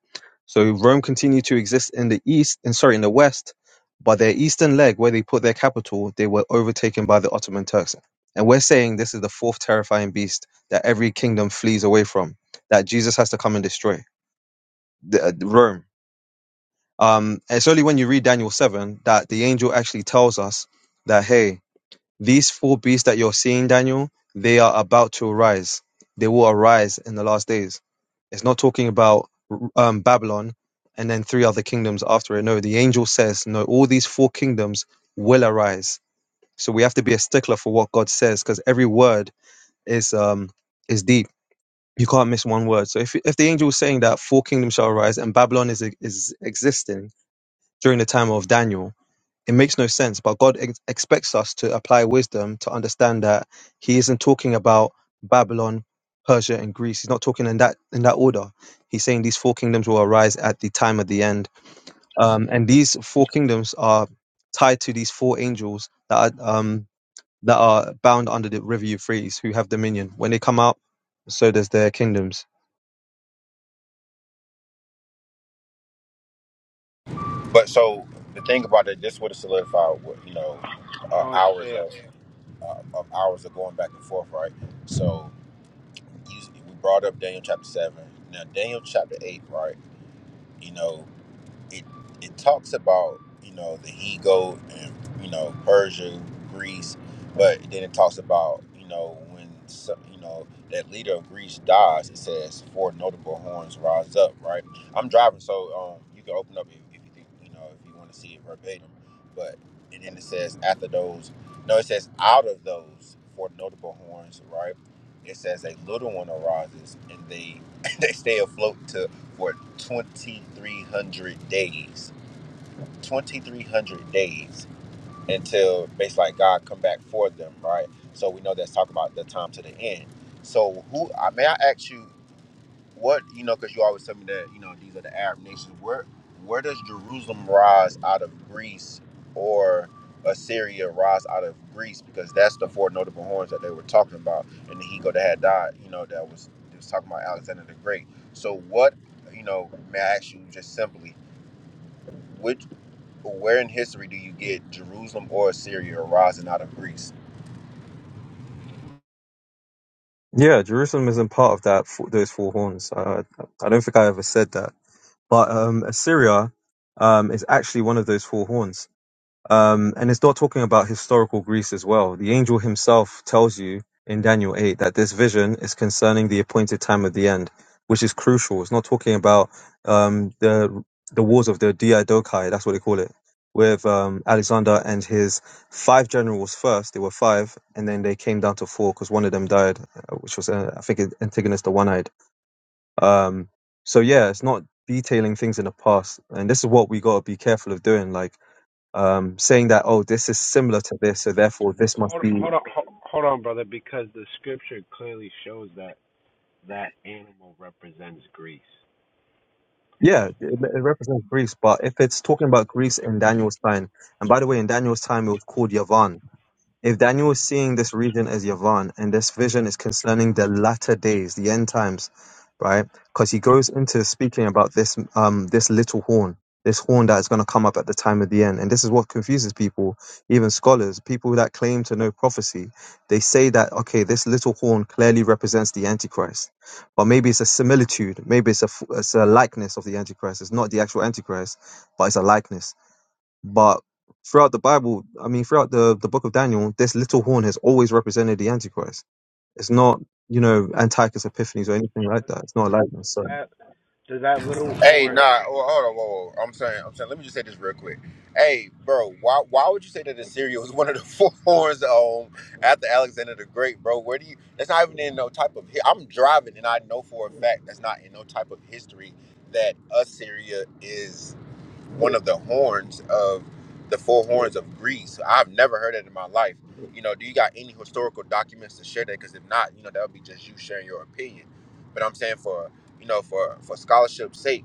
S13: So Rome continued to exist in the east and sorry, in the west, but their eastern leg where they put their capital, they were overtaken by the Ottoman Turks. And we're saying this is the fourth terrifying beast that every kingdom flees away from, that Jesus has to come and destroy. The, uh, Rome. Um, it's only when you read Daniel 7 that the angel actually tells us that, hey, these four beasts that you're seeing, Daniel, they are about to arise. They will arise in the last days. It's not talking about um, Babylon and then three other kingdoms after it. No, the angel says, no, all these four kingdoms will arise. So we have to be a stickler for what God says because every word is um is deep. You can't miss one word. So if if the angel is saying that four kingdoms shall arise and Babylon is is existing during the time of Daniel, it makes no sense, but God ex- expects us to apply wisdom to understand that He isn't talking about Babylon, Persia, and Greece. He's not talking in that in that order. He's saying these four kingdoms will arise at the time of the end, um, and these four kingdoms are tied to these four angels that are um, that are bound under the river Euphrates, who have dominion. When they come out, so does their kingdoms.
S16: But so the thing about it, this would have solidified, what, you know, uh,
S10: I would
S16: hours
S10: say
S16: of uh, of hours of going back and forth, right? So you, we brought up Daniel chapter seven. Now Daniel chapter eight, right? You know it it talks about you know the he goat and you know Persia, Greece, but then it talks about you know when some, you know that leader of Greece dies. It says four notable horns rise up. Right. I'm driving, so um, you can open up if, if you think you know if you want to see it verbatim. But and then it says after those, no, it says out of those four notable horns. Right. It says a little one arises, and they they stay afloat to for 2300 days 2300 days until basically like god come back for them right so we know that's talking about the time to the end so who i may i ask you what you know because you always tell me that you know these are the arab nations where where does jerusalem rise out of greece or assyria rise out of greece because that's the four notable horns that they were talking about and the eagle that had died you know that was it was talking about alexander the great so what you know may i ask you just simply which where in history do you get jerusalem or assyria rising out of greece
S13: Yeah, Jerusalem isn't part of that. fo- Those four horns. Uh, I don't think I ever said that. but um, Assyria um, is actually one of those four horns. Um, and it's not talking about historical Greece as well. The angel himself tells you in Daniel 8 that this vision is concerning the appointed time of the end, which is crucial. It's not talking about um, the the wars of the Diadochi, that's what they call it, with um, Alexander and his five generals first. They were five, and then they came down to four because one of them died, uh, which was, uh, I think, Antigonus the One Eyed um, so yeah, it's not detailing things in the past, and this is what we got to be careful of doing, like um, saying that oh, this is similar to this, so therefore this must
S10: Hold
S13: be.
S10: hold on hold, hold on, brother, because the scripture clearly shows that that animal represents Greece.
S13: Yeah, it, it represents Greece, but if it's talking about Greece in Daniel's time, and by the way, in Daniel's time it was called Yavan, If Daniel is seeing this region as Yavan, and this vision is concerning the latter days, the end times, right? Because he goes into speaking about this um this little horn, this horn that is going to come up at the time of the end, and this is what confuses people, even scholars, people that claim to know prophecy. They say that okay, this little horn clearly represents the Antichrist, but maybe it's a similitude, maybe it's a f- it's a likeness of the Antichrist. It's not the actual Antichrist, but it's a likeness but throughout the Bible, I mean, throughout the, the book of Daniel, this little horn has always represented the Antichrist. It's not, you know, Antiochus Epiphanes or anything like that. It's not a likeness. So,
S10: That does that little
S16: Hey, nah.
S10: horn?
S16: Well, hold on. Whoa, whoa. I'm saying. I'm saying. Let me just say this real quick. Hey, bro. Why? Why would you say that Assyria was one of the four horns um, after Alexander the Great, bro? Where do you? That's not even in no type of. hi- I'm driving, and I know for a fact that's not in no type of history that Assyria is one of the horns of the four horns of Greece. I've never heard it in my life. You know, do you got any historical documents to share that? Because if not, you know, that would be just you sharing your opinion. But I'm saying for you know for for scholarship's sake,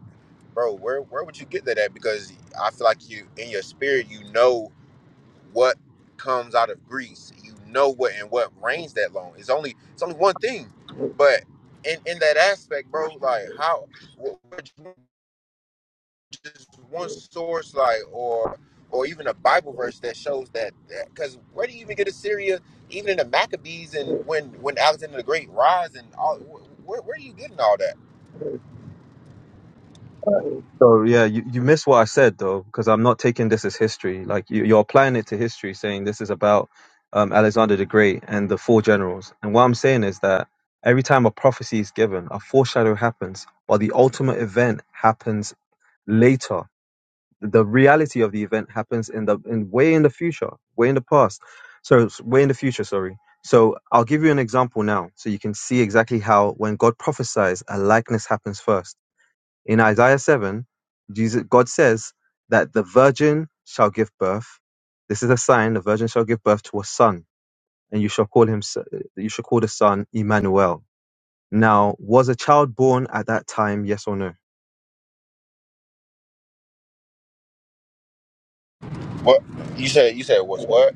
S16: bro, where where would you get that at? Because I feel like you in your spirit, you know what comes out of Greece. You know what and what reigns that long. It's only it's only one thing, but in in that aspect, bro, like how what, what you just one source like or or even a bible verse that shows that because where do you even get assyria even in the maccabees and when when alexander the great rise and all wh- where, where are you getting all that
S13: so yeah, you, you missed what I said though, because I'm not taking this as history. Like you, you're applying it to history, saying this is about um, Alexander the Great and the four generals. And what I'm saying is that every time a prophecy is given, a foreshadow happens, but the ultimate event happens later the reality of the event happens in the in way in the future, way in the past. So it's way in the future, sorry. So I'll give you an example now, so you can see exactly how when God prophesies, a likeness happens first. In Isaiah seven, Jesus God says that the virgin shall give birth. This is a sign: the virgin shall give birth to a son, and you shall call him. s- uh, You shall call the son Emmanuel. Now, was a child born at that time? Yes or no?
S16: what you said you said was what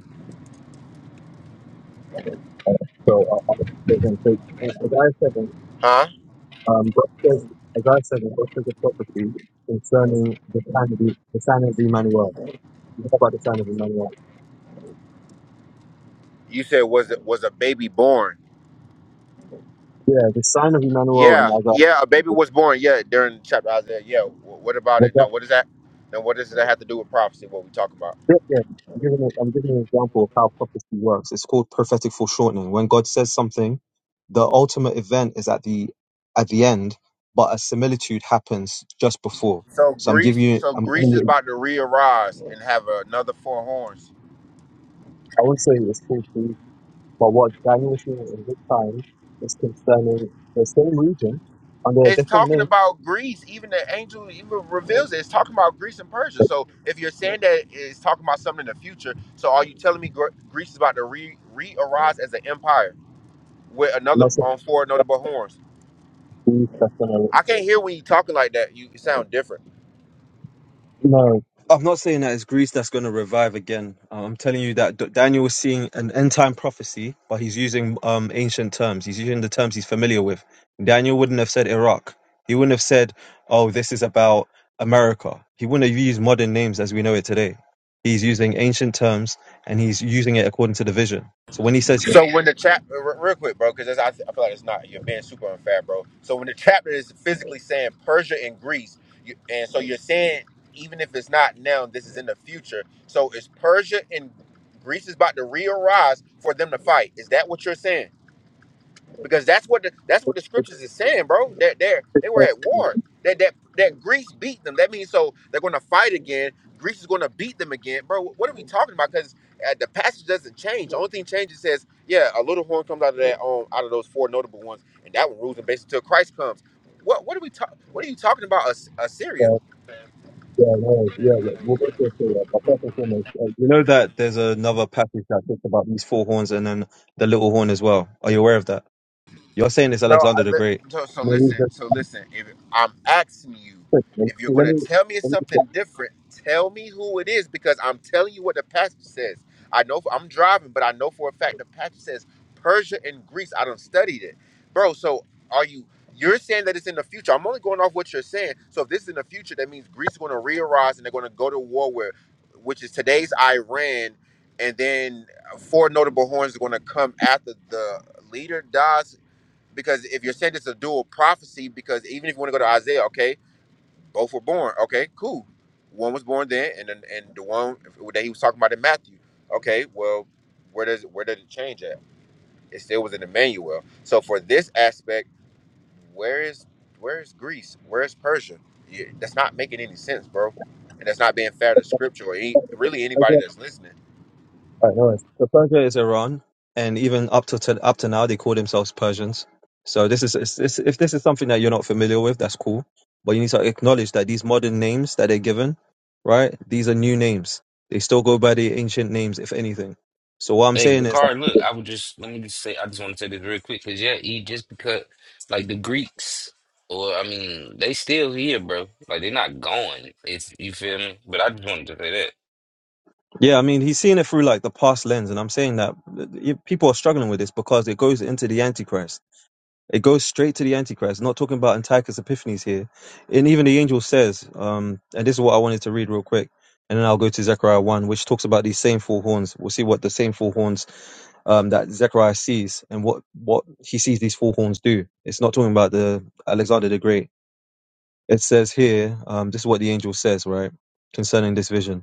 S13: So, uh, uh, so Isaiah 7
S16: huh
S13: Um, God says, as I said, in God says a prophecy concerning the sign of the, the sign of Emmanuel. You know about the sign of Emmanuel.
S16: you said was it was a baby born
S13: Yeah, the sign of Emmanuel and
S16: yeah
S13: as
S16: yeah a baby
S13: I
S16: was born yeah during chapter isaiah yeah wh- what about
S13: the
S16: it now
S13: God-
S16: what is that now what does that have to do with prophecy what we talking about
S13: yeah, yeah, I'm giving, a, I'm giving an example of how prophecy works. It's called prophetic foreshortening. When God says something, the ultimate event is at the at the end, but a similitude happens just before.
S16: so
S13: So I'm giving
S16: greece
S13: you,
S16: so
S13: I'm giving
S16: greece is
S13: you,
S16: about to re-arise and have another four horns
S13: I won't say it's called, but what Daniel was trying
S16: it's talking about Greece. Even the angel even reveals it. It's talking about Greece and Persia. So if you're saying that it's talking about something in the future, so are you telling me Gre- Greece is about to re re arise as an empire with another on four notable horns?
S13: time,
S16: I can't hear when you talking like that. You you sound different.
S13: I'm not saying that it's Greece that's going to revive again. Uh, I'm telling you that D- Daniel was seeing an end time prophecy, but he's using um, ancient terms. He's using the terms he's familiar with. Daniel wouldn't have said Iraq. He wouldn't have said, "Oh, this is about America." He wouldn't have used modern names as we know it today. He's using ancient terms and he's using it according to the vision. So when he says, "Yeah,
S16: So when the chapter, real quick, bro, because I, I feel like it's not. You're being super unfair, bro. So when the chapter is physically saying Persia and Greece, you, and so you're saying even if it's not now, this is in the future. So is Persia and Greece is about to re-arise for them to fight? Is that what you're saying? because that's what the that's what the scriptures is saying, bro. That they they were at war. That that that Greece beat them. That means so they're going to fight again. Greece is going to beat them again, bro. What are we talking about? Because uh, the passage doesn't change. The only thing changes says, yeah, a little horn comes out of that um out of those four notable ones, and that one rules them basically till Christ comes. What what are we talking? What are you talking about? As- Assyria?
S13: yeah, no, yeah," like, we'll get to it, but first and foremost, uh, you know that there's another passage that talks about these four horns and then the little horn as well. Are you aware of that? You're saying it's
S16: No,
S13: Alexander
S16: I
S13: the
S16: li-
S13: Great.
S16: so, so
S13: No, he's
S16: listen,
S13: just-
S16: so listen. If I'm asking you,
S13: Let
S16: if you're going to
S13: me,
S16: tell me
S13: let me,
S16: something different, tell me who it is because I'm telling you what the passage says. I know I'm driving, but I know for a fact the passage says Persia and Greece. I don't studied it, bro. So are you? You're saying that it's in the future. I'm only going off what you're saying. So if this is in the future, that means Greece is going to re-arise and they're going to go to war where, which is today's Iran, and then four notable horns are going to come after the leader dies because if you're saying it's a dual prophecy, because even if you want to go to Isaiah, okay, both were born, okay, cool. One was born then, and then and the one that he was talking about in Matthew, okay, well, where does where did it change at? It still was in Emmanuel. So for this aspect, where is where is Greece? Where is Persia? You, that's not making any sense, bro, and that's not being fair to Scripture or any, really
S13: Persia,
S16: anybody
S13: alright,
S16: that's listening.
S13: no worries. So Persia is Iran, and even up to, to up to now, they call themselves Persians. So this is it's, it's, if this is something that you're not familiar with, that's cool. But you need to acknowledge that these modern names that they're given, right? These are new names. They still go by the ancient names, if anything. So what I'm
S4: Hey,
S13: saying is that
S4: Lakar, look, I would just let me just say, I just want to say this real quick because yeah, he just because like the Greeks, or I mean, they still here, bro. Like they're not going. It's you feel me? But I just wanted to say that.
S13: yeah, I mean, he's seeing it through like the past lens, and I'm saying that uh, you- people are struggling with this because it goes into the Antichrist. It goes straight to the Antichrist. Not talking about Antiochus Epiphanes here. And even the angel says, um, and this is what I wanted to read real quick, and then I'll go to Zechariah 1, which talks about these same four horns. We'll see what the same four horns um, that Zechariah sees and what, what he sees these four horns do. It's not talking about the Alexander the Great. It says here, um, this is what the angel says, right, concerning this vision.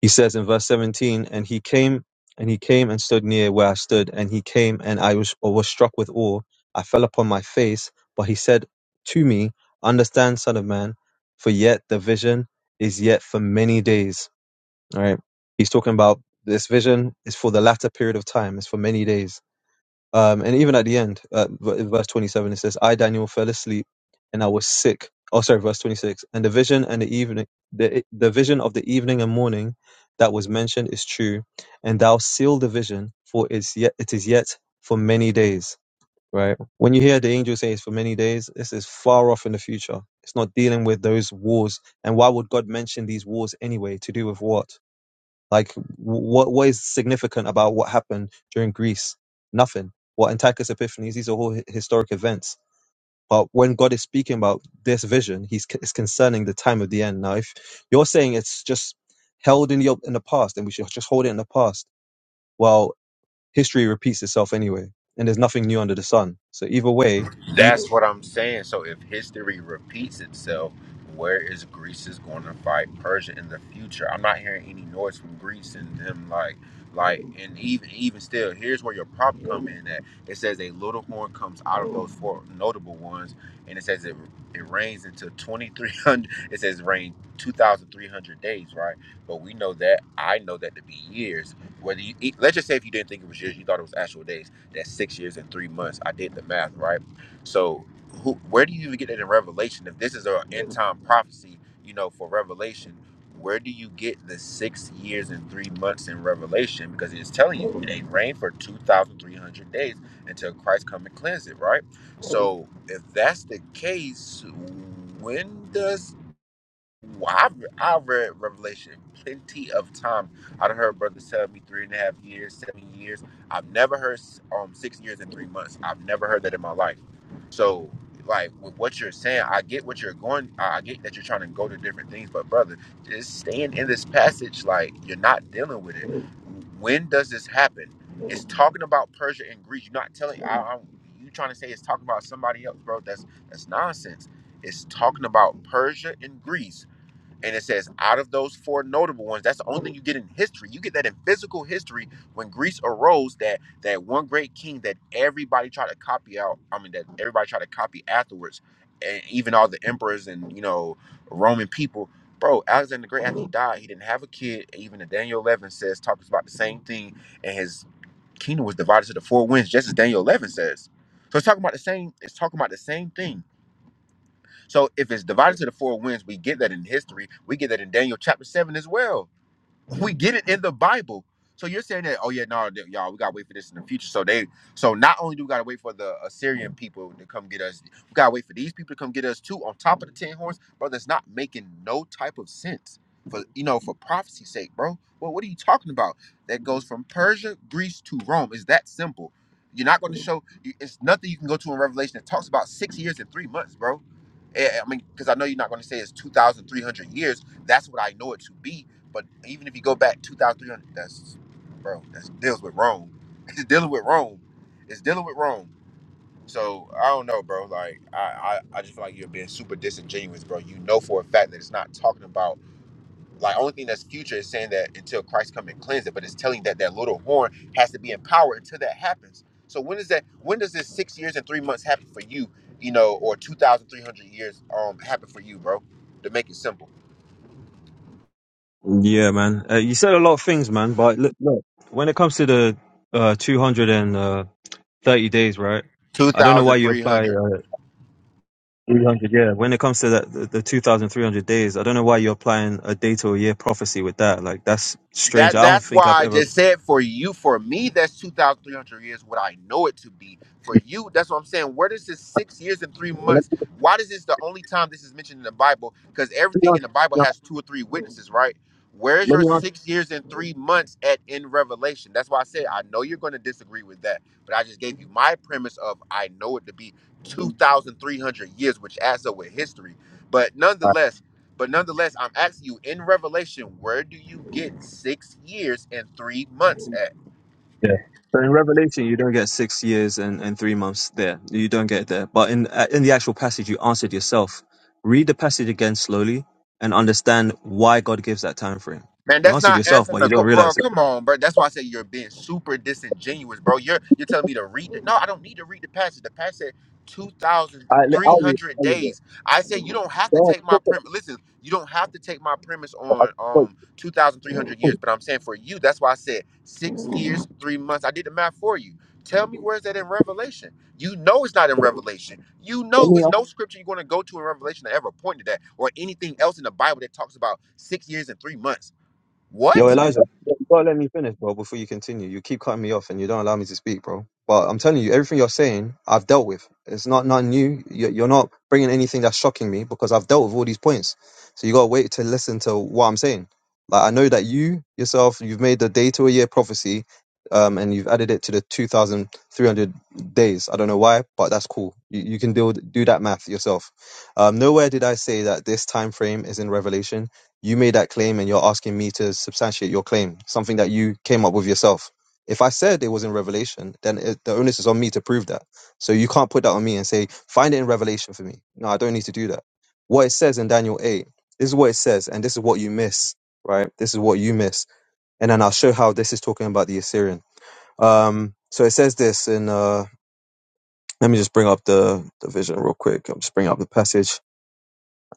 S13: He says in verse 17, and he came and he came and stood near where I stood, and he came and I was, or was struck with awe. I fell upon my face, but he said to me, Understand, son of man, for yet the vision is yet for many days. All right. He's talking about this vision is for the latter period of time, it's for many days. Um, and even at the end, uh, v- verse 27, it says, I, Daniel, fell asleep and I was sick. Oh, sorry, verse 26. And the vision and the evening, the, the vision of the evening and morning that was mentioned is true. And thou seal the vision, for it's yet, it is yet for many days. Right? When you hear the angel say it's for many days, this is far off in the future. It's not dealing with those wars. And why would God mention these wars anyway? To do with what? Like, what what is significant about what happened during Greece? Nothing. What Antiochus Epiphanes? These are all hi- historic events. But when God is speaking about this vision, He's c- it's concerning the time of the end. Now, if you're saying it's just held in the in the past, and we should just hold it in the past, well, history repeats itself anyway, and there's nothing new under the sun. So either way, the
S16: That's what I'm saying. So if history repeats itself, where is Greece is going to fight Persia in the future? I'm not hearing any noise from Greece and them like like and even even still, here's where your problem come in at. It says a little horn comes out of those four notable ones and it says it it rains until 2300 it says rain 2300 days, right? But we know that I know that to be years. Whether you e, let's just say if you didn't think it was years, you thought it was actual days. That's 6 years and 3 months. I did the math, right? So, who, where do you even get it in Revelation? If this is an end time prophecy, you know, for Revelation, where do you get the six years and three months in Revelation? Because it's telling you it ain't rained for 2,300 days until Christ come and cleanse it, right? So, if that's the case, when does well, I've, i read Revelation plenty of times. I've heard brothers tell me three and a half years, seven years. I've never heard um six years and three months. I've never heard that in my life. So, like with what you're saying, I get what you're going. I I get that you're trying to go to different things, but brother, just staying in this passage, like you're not dealing with it. When does this happen? It's talking about Persia and Greece. You're not telling. I, I'm, you trying to say it's talking about somebody else, bro? That's that's nonsense. It's talking about Persia and Greece and it says, out of those four notable ones, that's the only thing you get in history. You get that in physical history when Greece arose, that that one great king that everybody tried to copy out. I mean, that everybody tried to copy afterwards, and even all the emperors and you know Roman people. Bro, Alexander the Great after he died, he didn't have a kid. Even Daniel 11 says talks about the same thing, and his kingdom was divided to the four winds, just as Daniel 11 says. So it's talking about the same. It's talking about the same thing so if it's divided to the four winds, we get that in history. We get that in Daniel chapter seven as well we get it in the Bible. So you're saying that, oh yeah, no, th- y'all, we gotta wait for this in the future. So they, so not only do we gotta wait for the Assyrian people to come get us, we gotta wait for these people to come get us too. On top of the ten horns, bro, that's not making no type of sense for you know for prophecy's sake, bro. Well, what are you talking about? That goes from Persia, Greece to Rome. Is that simple? You're not going to show. you- It's nothing you can go to in Revelation that talks about six years and three months, bro. Eh, eh, I mean, because I know you're not going to say it's two thousand three hundred years. That's what I know it to be but even if you go back 2,300, that's, bro, that's deals with Rome. It's dealing with Rome. It's dealing with Rome. So I don't know, bro. Like I, I, I just feel like you're being super disingenuous, bro. You know for a fact that it's not talking about like only thing that's future is saying that until Christ come and cleanse it, but it's telling that that little horn has to be in power until that happens. So when is that? When does this six years and three months happen for you? You know, or two thousand three hundred years um happen for you, bro? To make it simple,
S13: yeah, man, uh, you said a lot of things, man. But look, look when it comes to the uh, 230 days, right?
S16: two
S13: I don't know why
S16: thousand
S13: you
S16: three
S13: apply.
S16: hundred.
S13: 300, yeah. When it comes to that, the, the 2,300 days, I don't know why you're applying a date or a year prophecy with that. Like, that's strange.
S16: That
S13: I don't
S16: that's why
S13: think I've
S16: I
S13: ever.
S16: just said for you, for me, that's two thousand three hundred years. What I know it to be for you, that's what I'm saying. Where does this six years and three
S13: Let
S16: months? Why does this the only time this is mentioned in the Bible? Because
S13: me
S16: everything
S13: ask-
S16: in the Bible
S13: no,
S16: has two or three witnesses, right? Where's
S13: let
S16: your
S13: me ask
S16: six years and three months at in Revelation? That's why I said I know you're going to disagree with that, but I just gave you my premise of I know it to be two thousand three hundred years, which adds up with history. But
S13: that.
S16: nonetheless but nonetheless, I'm asking you in Revelation, where do you get six years and three months at?
S13: Yeah. So in Revelation, you don't get six years and, and three months there. You don't get it there. But in uh, in the actual passage, you answered yourself. Read the passage again slowly and understand why God gives that time frame.
S16: Man,
S13: You
S16: that's
S13: answered
S16: not
S13: yourself,
S16: answering
S13: but
S16: the
S13: you don't
S16: co- bro.
S13: realize it.
S16: Come on, bro. That's why I say you're being super disingenuous, bro. You're you're telling me to read the no. I don't need to read the passage. The passage said two thousand
S13: I,
S16: three
S13: I'll read.
S16: hundred
S13: I'll read it.
S16: days. I said you don't have to
S13: Go ahead,
S16: take my
S13: put the
S16: premise. Listen, you don't have to take my premise on
S13: point.
S16: um two thousand three hundred years. But I'm saying for you, that's why I said six years, three months. I did the math for you. Tell me where's that in Revelation? You know it's not in Revelation. You
S13: Let
S16: know
S13: me
S16: it's no scripture you're going to go to in Revelation that ever pointed to that or anything else in the Bible that talks about six years and three months. What?
S13: Yo, Elijah, you gotta let me finish, bro, before you continue. You keep cutting me off and you don't allow me to speak, bro. But I'm telling you, everything you're saying, I've dealt with. It's not nothing new. You- You're not bringing anything that's shocking me because I've dealt with all these points. So you gotta wait to listen to what I'm saying. Like I know that you yourself, you've made the day to a year prophecy, um, and you've added it to the 2,300 days. I don't know why, but that's cool. You, you can do do that math yourself. Um, nowhere did I say that this time frame is in Revelation you made that claim and you're asking me to substantiate your claim, something that you came up with yourself. If I said it was in Revelation, then it, the onus is on me to prove that. So you can't put that on me and say, find it in Revelation for me. No, I don't need to do that. What it says in Daniel 8, this is what it says, and this is what you miss, right? This is what you miss. And then I'll show how this is talking about the Assyrian. Um, so it says this in, uh, let me just bring up the, the vision real quick. I'm just bring up the passage.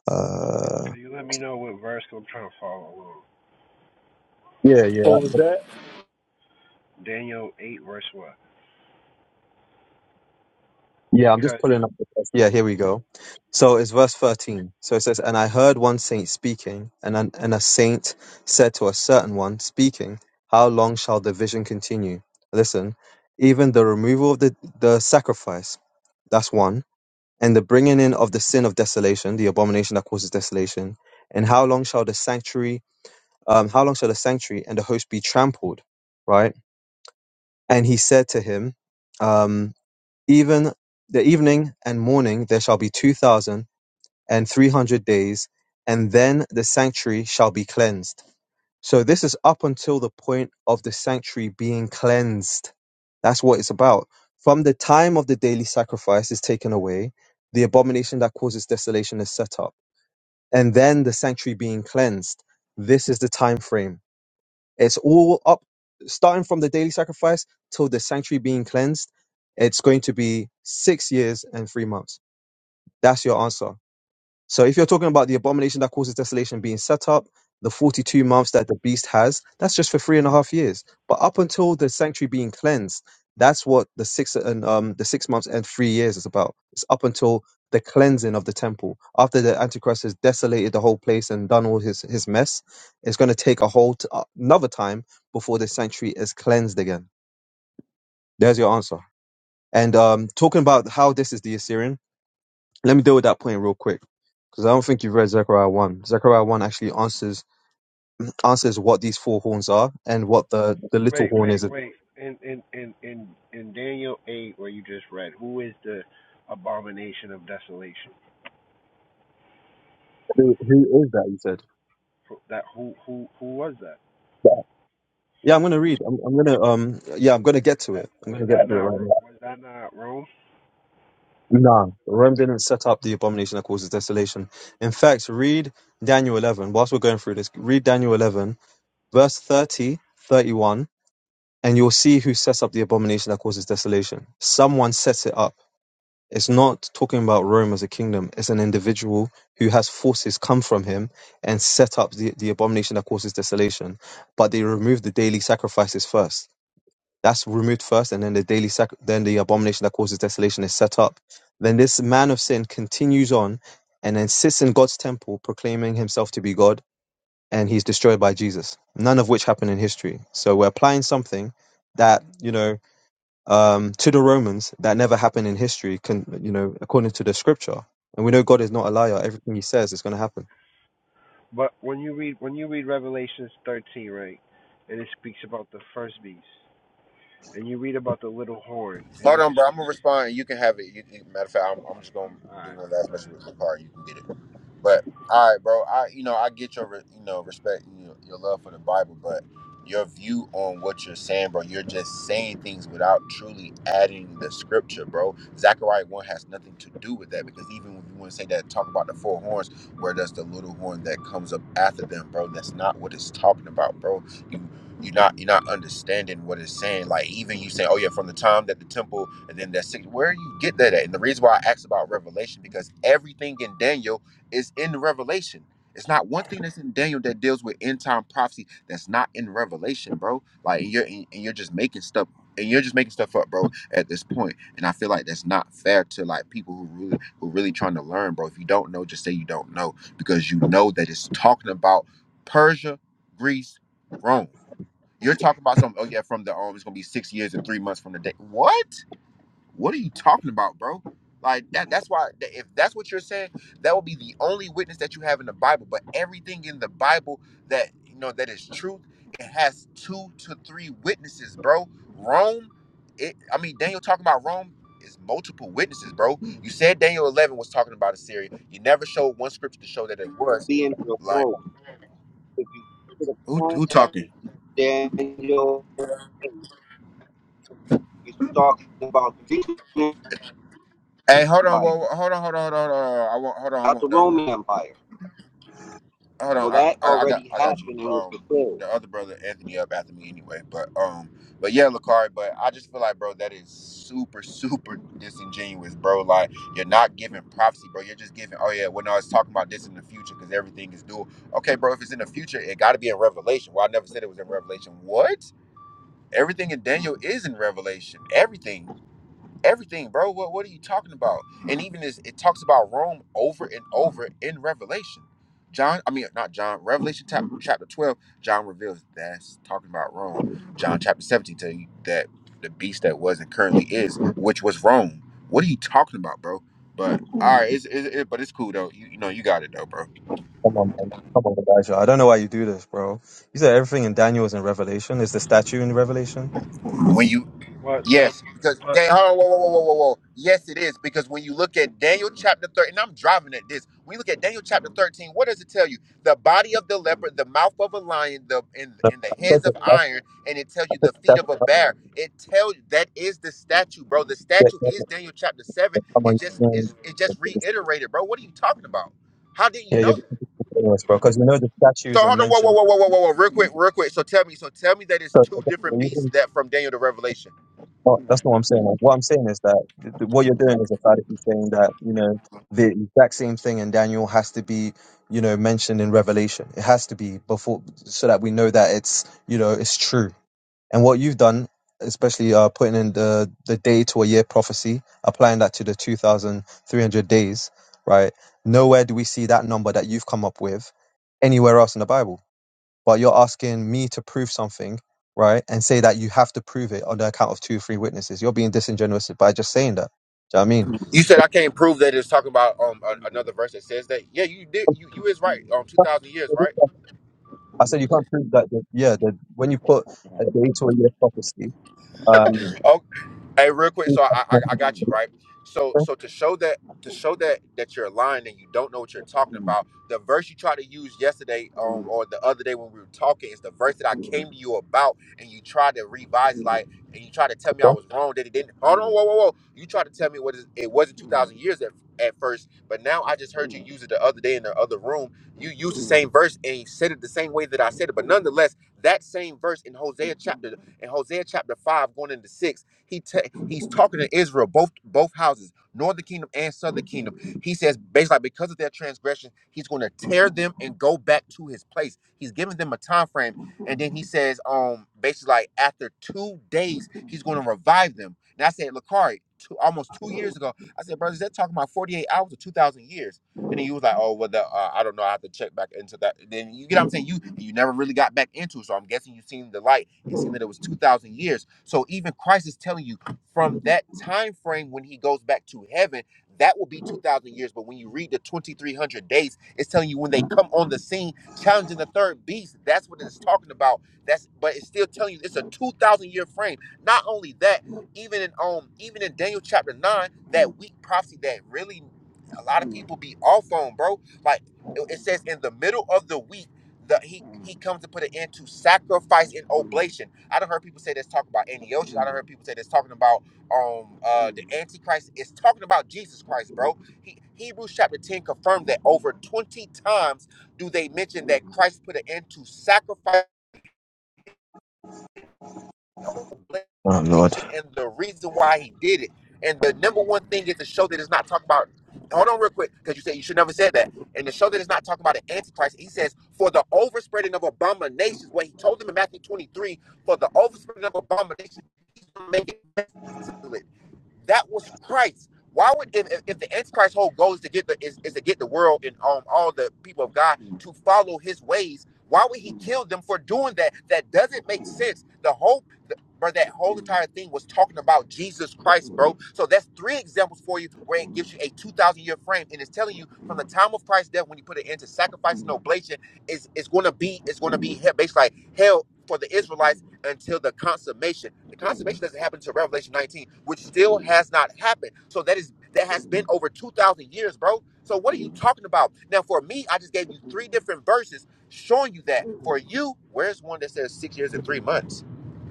S13: Uh,
S10: Can you let me know what verse I'm trying to follow along?
S13: Yeah. Yeah.
S5: what was that?
S10: Daniel eight verse what?
S13: Yeah, I'm just
S10: Because
S13: pulling up the text. Yeah, here we go. So it's verse 13. So it says, And I heard one saint speaking, and, an, and a saint said to a certain one speaking, How long shall the vision continue? Listen, even the removal of the, the sacrifice, that's one, and the bringing in of the sin of desolation, the abomination that causes desolation, and how long shall the sanctuary, um, how long shall the sanctuary and the host be trampled, right? And he said to him, um even the evening and morning there shall be two thousand and three hundred days, and then the sanctuary shall be cleansed. So this is up until the point of the sanctuary being cleansed. That's what it's about. From the time of the daily sacrifice is taken away, the abomination that causes desolation is set up, and then the sanctuary being cleansed. This is the time frame it's all up, starting from the daily sacrifice till the sanctuary being cleansed. It's going to be six years and three months. That's your answer. So if you're talking about the abomination that causes desolation being set up, the 42 months that the beast has, that's just for three and a half years. But up until the sanctuary being cleansed, that's what the six and um the six months and three years is about. It's up until the cleansing of the temple. After the Antichrist has desolated the whole place and done all his his mess, it's going to take a whole t- uh, another time before the sanctuary is cleansed again. There's your answer. And um talking about how this is the Assyrian, let me deal with that point real quick because I don't think you've read Zechariah 1. Zechariah 1 actually answers answers what these four horns are and what the, the little
S10: wait
S13: horn is.
S10: wait wait in in in in in Daniel eight where you just read, who is the abomination of desolation?
S13: Who, who is that, you said?
S10: That who who who was that?
S13: Yeah, I'm gonna read. I'm, I'm gonna um. Yeah, I'm gonna get
S10: Was
S13: to
S10: that
S13: it. I'm
S10: was
S13: gonna get
S10: that
S13: to it
S10: not
S13: right now.
S10: was that not Rome?
S13: Nah, Rome didn't set up the abomination that causes desolation. In fact, read Daniel 11. Whilst we're going through this, read Daniel 11, verse 30 31, and you'll see who sets up the abomination that causes desolation. Someone sets it up. It's not talking about Rome as a kingdom. It's an individual who has forces come from him and set up the, the abomination that causes desolation. But they remove the daily sacrifices first. That's removed first, and then the daily sac- then the abomination that causes desolation is set up. Then this man of sin continues on and then sits in God's temple proclaiming himself to be God, and he's destroyed by Jesus. None of which happened in history. So we're applying something that, you know um, to the Romans that never happened in history, con- you know, according to the scripture. And we know God is not a liar. Everything he says is going to happen.
S10: But when you read when you read Revelations 13, right, and it speaks about the first beast, and you read about the little horn, and
S16: Hold
S10: it's,
S16: on, bro. I'm
S10: it's
S16: gonna respond. You can have it. You, you- matter of fact, I'm, I'm just gonna
S10: all
S16: do
S10: right,
S16: one last
S10: all right.
S16: message with my car. You can get it. But all right, bro. I you know I get your re- you know respect and your, your love for the Bible, but your view on what you're saying, bro. You're just saying things without truly adding the scripture, bro. Zechariah one has nothing to do with that because even when you want to say that, talk about the four horns, where does the little horn that comes up after them, bro? That's not what it's talking about, bro. You you're not you're not understanding what it's saying. Like even you say, oh yeah, from the time that the temple and then that six, where you get that at? And the reason why I asked about Revelation because everything in Daniel it's in Revelation. It's not one thing that's in Daniel that deals with end time prophecy that's not in Revelation, bro. Like and you're and you're just making stuff and you're just making stuff up, bro, at this point. And I feel like that's not fair to like people who really who really trying to learn, bro. If you don't know, just say you don't know because you know that it's talking about Persia, Greece, Rome. You're talking about something, oh yeah, from the um, it's gonna be six years and three months from the day. What? What are you talking about, bro? Like that that's why that- if that's what you're saying, that will be the only witness that you have in the Bible. But everything in the Bible that you know that is truth, it has two to three witnesses, bro. Rome, it I mean Daniel talking about Rome is multiple witnesses, bro. You said Daniel 11 was talking about Assyria. You never showed one scripture to show that it was.
S17: be in your
S16: Like
S17: role. If you get a
S16: who who
S17: contact
S16: talking?
S17: with Daniel, he's talking about the Grecian
S16: Hey, hold on,
S17: Empire,
S16: whoa, whoa, hold on, hold on, hold on, hold on. hold on. I want hold on, I
S17: not the
S16: want done, bro.
S17: Roman Empire.
S16: hold on,
S17: So
S16: I,
S17: that
S16: I, I got
S17: already
S16: I got you.
S17: happened and was
S16: Um,
S17: fulfilled.
S16: the other brother Anthony up after me anyway, but um, but yeah, Lakari, but I just feel like, bro, that is super super disingenuous, bro. Like you're not giving prophecy, bro. You're just giving. Oh yeah, well no, it's talking about this in the future because everything is dual. Okay, bro, if it's in the future, it got to be in Revelation. Well, I never said it was in Revelation. What? Everything in Daniel is in Revelation. Everything everything, bro. What what are you talking about? And even as it talks about Rome over and over in Revelation. John, I mean, not John. Revelation chap- chapter twelve, John reveals that's talking about Rome. John chapter seventeen tell you that the beast that was and currently is, which was Rome. What are you talking about, bro? But all right, it's, it's it, but it's cool though. You, you know, you got it though, bro.
S13: Come on, man. Come on, Elijah. I don't know why you do this, bro. You said everything in Daniel is in Revelation. Is the statue in Revelation?
S16: When you
S10: But the
S16: Yes, because
S10: but
S16: hey, hold on, whoa, whoa, whoa, whoa, whoa, whoa. Yes, it is because when you look at Daniel chapter thirteen, and I'm driving at this. When you look at Daniel chapter thirteen, what does it tell you? The body of the leopard, the mouth of a lion, the and,
S13: No,
S16: and the
S13: I said
S16: heads
S13: the
S16: of
S13: statue.
S16: iron, and it tells
S13: I
S16: you
S13: said
S16: the feet of a
S13: the
S16: bear. It tells you that is the statue, bro. The statue is
S13: statue.
S16: Daniel chapter seven.
S13: Come
S16: It
S13: on,
S16: just
S13: you
S16: is. It just
S13: can't.
S16: reiterated, bro. What are you talking about? How did you
S13: Yeah, you're
S16: know? that?
S13: bro. Because you know the
S16: So
S13: statues are
S16: hold on, whoa, whoa,
S13: mentioned.
S16: whoa, whoa, whoa, whoa, whoa, real quick, real quick. So tell me, so tell me that it's
S13: So,
S16: two
S13: okay, so
S16: different
S13: you
S16: beasts
S13: can-
S16: that from Daniel to Revelation.
S13: oh, that's not what I'm saying. Like, what I'm saying is that th- th- what you're doing is emphatically saying that you know the exact same thing in Daniel has to be you know mentioned in Revelation. It has to be before so that we know that it's you know it's true. And what you've done, especially uh, putting in the the day to a year prophecy, applying that to the 2,300 days, right? Nowhere do we see that number that you've come up with anywhere else in the Bible but you're asking me to prove something, right? And say that you have to prove it on the account of two or three witnesses. You're being disingenuous by just saying that. Do you know what I mean?
S16: You said I can't prove that it's talking about um a- another verse that says that. Yeah, you did. You you is right. Um, two thousand years, right?
S13: I said you can't prove that. that yeah, that when you put a date or a year prophecy, um,
S16: Hey, real quick. So I, I I got you right. So so to show that to show that that you're lying and you don't know what you're talking about, the verse you tried to use yesterday um, or the other day when we were talking is the verse that I came to you about, and you tried to revise it, like and you tried to tell me I was wrong that it didn't. Hold on, whoa, whoa, whoa. You tried to tell me what is, it wasn't two thousand years at, at first, but now I just heard you use it the other day in the other room. You used the same verse and you said it the same way that I said it, but nonetheless, that same verse in Hosea chapter in Hosea chapter five going into six he ta he's talking to Israel, both both houses, northern kingdom and southern kingdom. He says basically like, because of their transgression, he's going to tear them and go back to his place. He's giving them a time frame, and then he says, um, basically like after two days, he's going to revive them. And I said, Lakari, two, almost two years ago, I said, brothers, they're talking about forty eight hours or two thousand years. And then you was like, oh, well, the, uh, I don't know. I have to check back into that. Then you get what I'm saying? You you never really got back into it. So I'm guessing you seen the light and seen that it was 2,000 years. So even Christ is telling you from that time frame when he goes back to heaven, that will be 2,000 years. But when you read the 2,300 days, it's telling you when they come on the scene challenging the third beast. That's what it's talking about. That's But it's still telling you it's a 2,000 year frame. Not only that, even in um even in Daniel chapter 9, that weak prophecy that really a lot of people be off on, bro. Like it it says in the middle of the week, the he he comes to put an end to sacrifice and oblation. I don't heard people say this talking about Antiochus. I don't heard people say this talking about um uh the Antichrist. It's talking about Jesus Christ, bro. He, Hebrews chapter 10 confirmed that over 20 times do they mention that Christ put an end to sacrifice
S13: Oh Lord.
S16: revelation and the reason why he did it. And the number one thing is to show that it's not talking about. Hold on, real quick, because you said you should never said that. And to show that it's not talking about an antichrist, he says, "For the overspreading of abominations," what he told them in Matthew twenty-three, "For the overspreading of abominations, he's gonna make it desolate." That was Christ. Why would if, if if the Antichrist whole goal is to get the is, is to get the world and um all the people of God to follow his ways? Why would he kill them for doing that? That doesn't make sense. The hope bro, that whole entire thing was talking about Jesus Christ, bro. So that's three examples for you where it gives you a 2,000 year frame and it's telling you from the time of Christ's death when you put it into sacrifice and oblation, is it's going to be it's going to be hell, based like hell for the Israelites until the consummation. The consummation doesn't happen until Revelation 19, which still has not happened. So that is that has been over 2,000 years, bro. So what are you talking about? Now, for me, I just gave you three different verses showing you that. For you, where's one that says six years and three months?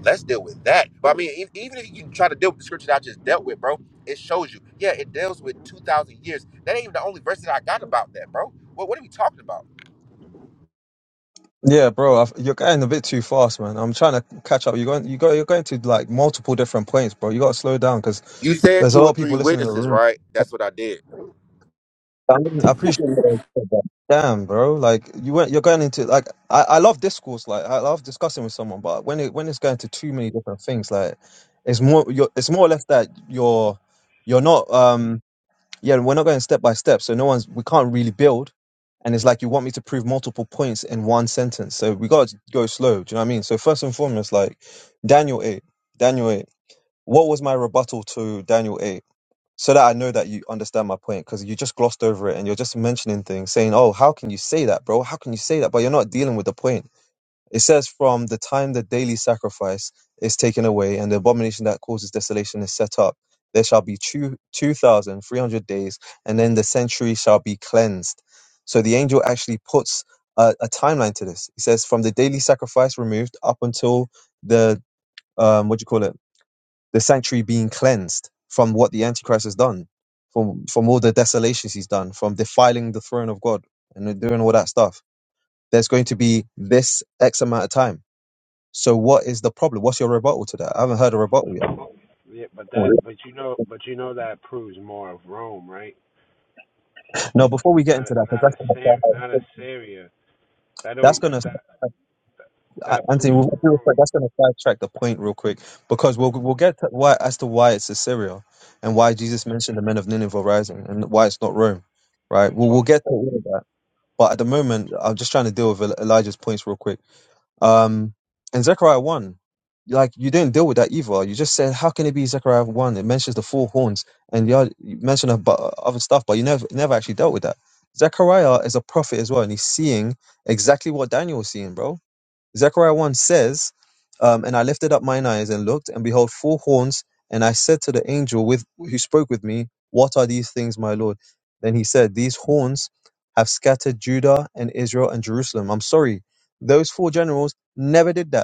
S16: Let's deal with that. But I mean, e- even if you can try to deal with the scripture that I just dealt with, bro, it shows you. Yeah, it deals with 2,000 years. That ain't even the only verse that I got about that, bro. What, what are we talking about?
S13: Yeah, bro, I've, you're going a bit too fast, man. I'm trying to catch up. You're going, you go, you're going to like multiple different points, bro. You got to slow down because
S16: You said
S13: there's a
S16: two or
S13: lot of
S16: three
S13: people listening in the
S16: witnesses,
S13: room.
S16: right? That's what I did.
S13: I mean, I appreciate you guys said that. Damn, bro. Like you went, you're going into like I, I love discourse. Like I love discussing with someone, but when it when it's going to too many different things, like it's more you're, it's more or less that you're you're not um yeah we're not going step by step, so no one's we can't really build, and it's like you want me to prove multiple points in one sentence, so we got to go slow. Do you know what I mean? So first and foremost, like Daniel eight, Daniel eight. What was my rebuttal to Daniel eight? so that I know that you understand my point because you just glossed over it and you're just mentioning things saying, Oh, how can you say that, bro? How can you say that? But you're not dealing with the point. It says, From the time the daily sacrifice is taken away and the abomination that causes desolation is set up, there shall be two, 2,300 days, and then the century shall be cleansed. So the angel actually puts a, a timeline to this. He says, From the daily sacrifice removed up until the, um, what do you call it? the sanctuary being cleansed from what the Antichrist has done, from from all the desolations he's done, from defiling the throne of God and doing all that stuff. There's going to be this X amount of time. So what is the problem? What's your rebuttal to that? I haven't heard a rebuttal
S10: yeah, but that
S13: yet.
S10: but you know but you know that proves more of Rome, right?
S13: No, before we get
S10: Not
S13: into that, because
S10: not a
S13: that's
S10: Syr- not a
S13: gonna,
S10: Syria. That
S13: that's
S10: don't
S13: gonna
S10: that
S13: I-
S10: that
S13: Anthony,
S10: proves
S13: with
S10: for
S13: all due respect,
S10: Rome.
S13: that's going to sidetrack the point real quick because we'll we'll get to why as to why it's Assyria and why Jesus mentioned the men of Nineveh rising and why it's not Rome, right?
S10: The
S13: We'll
S10: twelve
S13: we'll get to all of that. But at the moment, I'm just trying to deal with El- Elijah's points real quick. Um, and Zechariah 1, like, you didn't deal with that either. You just said, how can it be Zechariah 1? It mentions the four horns and you, you mentioned about other stuff, but you never, never actually dealt with that. Zechariah is a prophet as well, and he's seeing exactly what Daniel was seeing, bro Zechariah 1 says, um, And I lifted up mine eyes and looked, and behold, four horns. And I said to the angel with who spoke with me, What are these things, my Lord? Then he said, These horns have scattered Judah and Israel and Jerusalem. I'm sorry, those four generals never did that.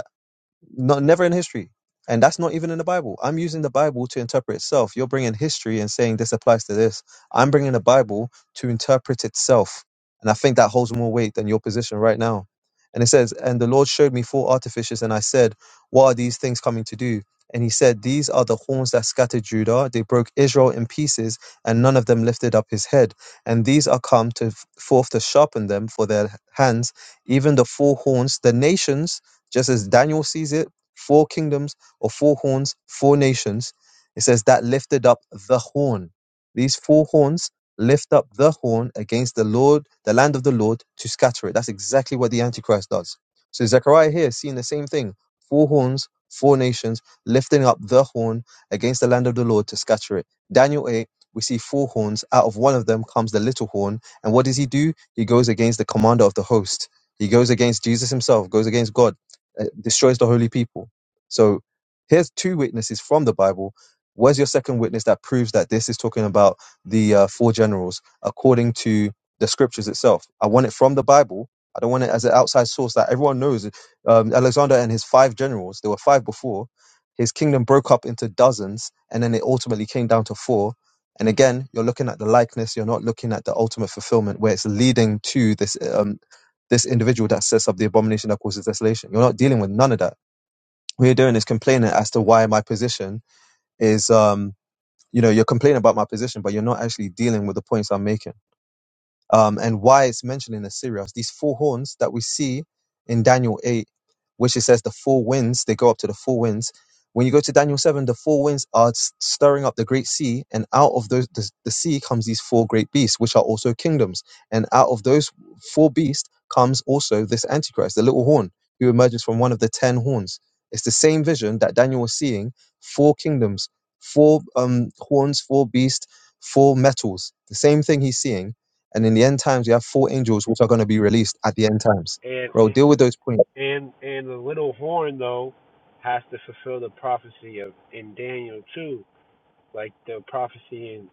S13: Not never in history. And that's not even in the Bible. I'm using the Bible to interpret itself. You're bringing history and saying this applies to this. I'm bringing the Bible to interpret itself. And I think that holds more weight than your position right now. And it says, And the Lord showed me four artificers, and I said, What are these things coming to do? And he said, These are the horns that scattered Judah. They broke Israel in pieces, and none of them lifted up his head. And these are come to forth to sharpen them for their hands, even the four horns, the nations just as Daniel sees it, four kingdoms or four horns, four nations. It says that lifted up the horn. These four horns lift up the horn against the Lord, the land of the Lord, to scatter it. That's exactly what the Antichrist does. So Zechariah here is seeing the same thing. Four horns, four nations, lifting up the horn against the land of the Lord to scatter it. Daniel 8, we see four horns. Out of one of them comes the little horn. And what does he do? He goes against the commander of the host. He goes against Jesus himself, goes against God. It destroys the holy people. So here's two witnesses from the Bible. Where's your second witness that proves that this is talking about the uh, four generals according to the scriptures itself? I want it from the Bible. I don't want it as an outside source that everyone knows. Um, Alexander and his five generals, there were five before, his kingdom broke up into dozens and then it ultimately came down to four. And again, you're looking at the likeness, you're not looking at the ultimate fulfillment where it's leading to this. Um, this individual that sets up the abomination that causes desolation. You're not dealing with none of that. What you're doing is complaining as to why my position is, um, you know, you're complaining about my position, but you're not actually dealing with the points I'm making um, and why it's mentioned in Assyria. These four horns that we see in Daniel 8, which it says the four winds, they go up to the four winds. When you go to Daniel 7, the four winds are s- stirring up the great sea, and out of those, the, the sea comes these four great beasts, which are also kingdoms. And out of those four beasts comes also this Antichrist, the little horn, who emerges from one of the ten horns. It's the same vision that Daniel was seeing four kingdoms, four um, horns, four beasts, four metals. The same thing he's seeing and in the end times, you have four angels which are going to be released at the end times.
S10: and
S13: Bro, deal
S10: and
S13: with those points.
S10: and and the little horn though has to fulfill the prophecy of in Daniel too, like the prophecy in.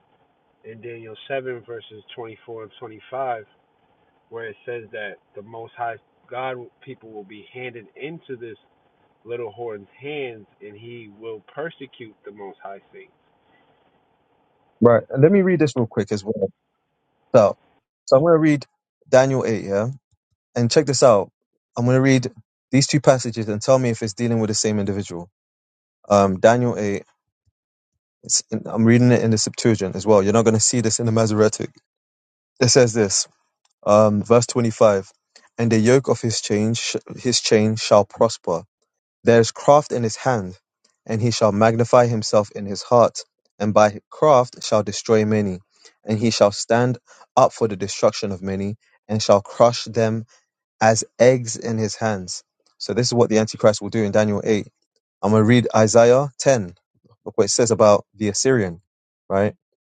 S10: in Daniel 7, verses 24 and 25, where it says that the Most High God people will be handed into this little horn's hands and he will persecute the Most High Saints.
S13: Right. And let me read this real quick as well. So, so I'm going to read Daniel 8, yeah? And check this out. I'm going to read these two passages and tell me if it's dealing with the same individual. Um, Daniel 8, it's in, I'm reading it in the Septuagint as well. You're not going to see this in the Masoretic. It says this, um, verse 25. And the yoke of his chain, sh- his chain shall prosper There is craft in his hand, and he shall magnify himself in his heart, and by craft shall destroy many, and he shall stand up for the destruction of many, and shall crush them as eggs in his hands. So this is what the Antichrist will do in Daniel 8. I'm gonna read Isaiah 10. Look what it says about the Assyrian, right?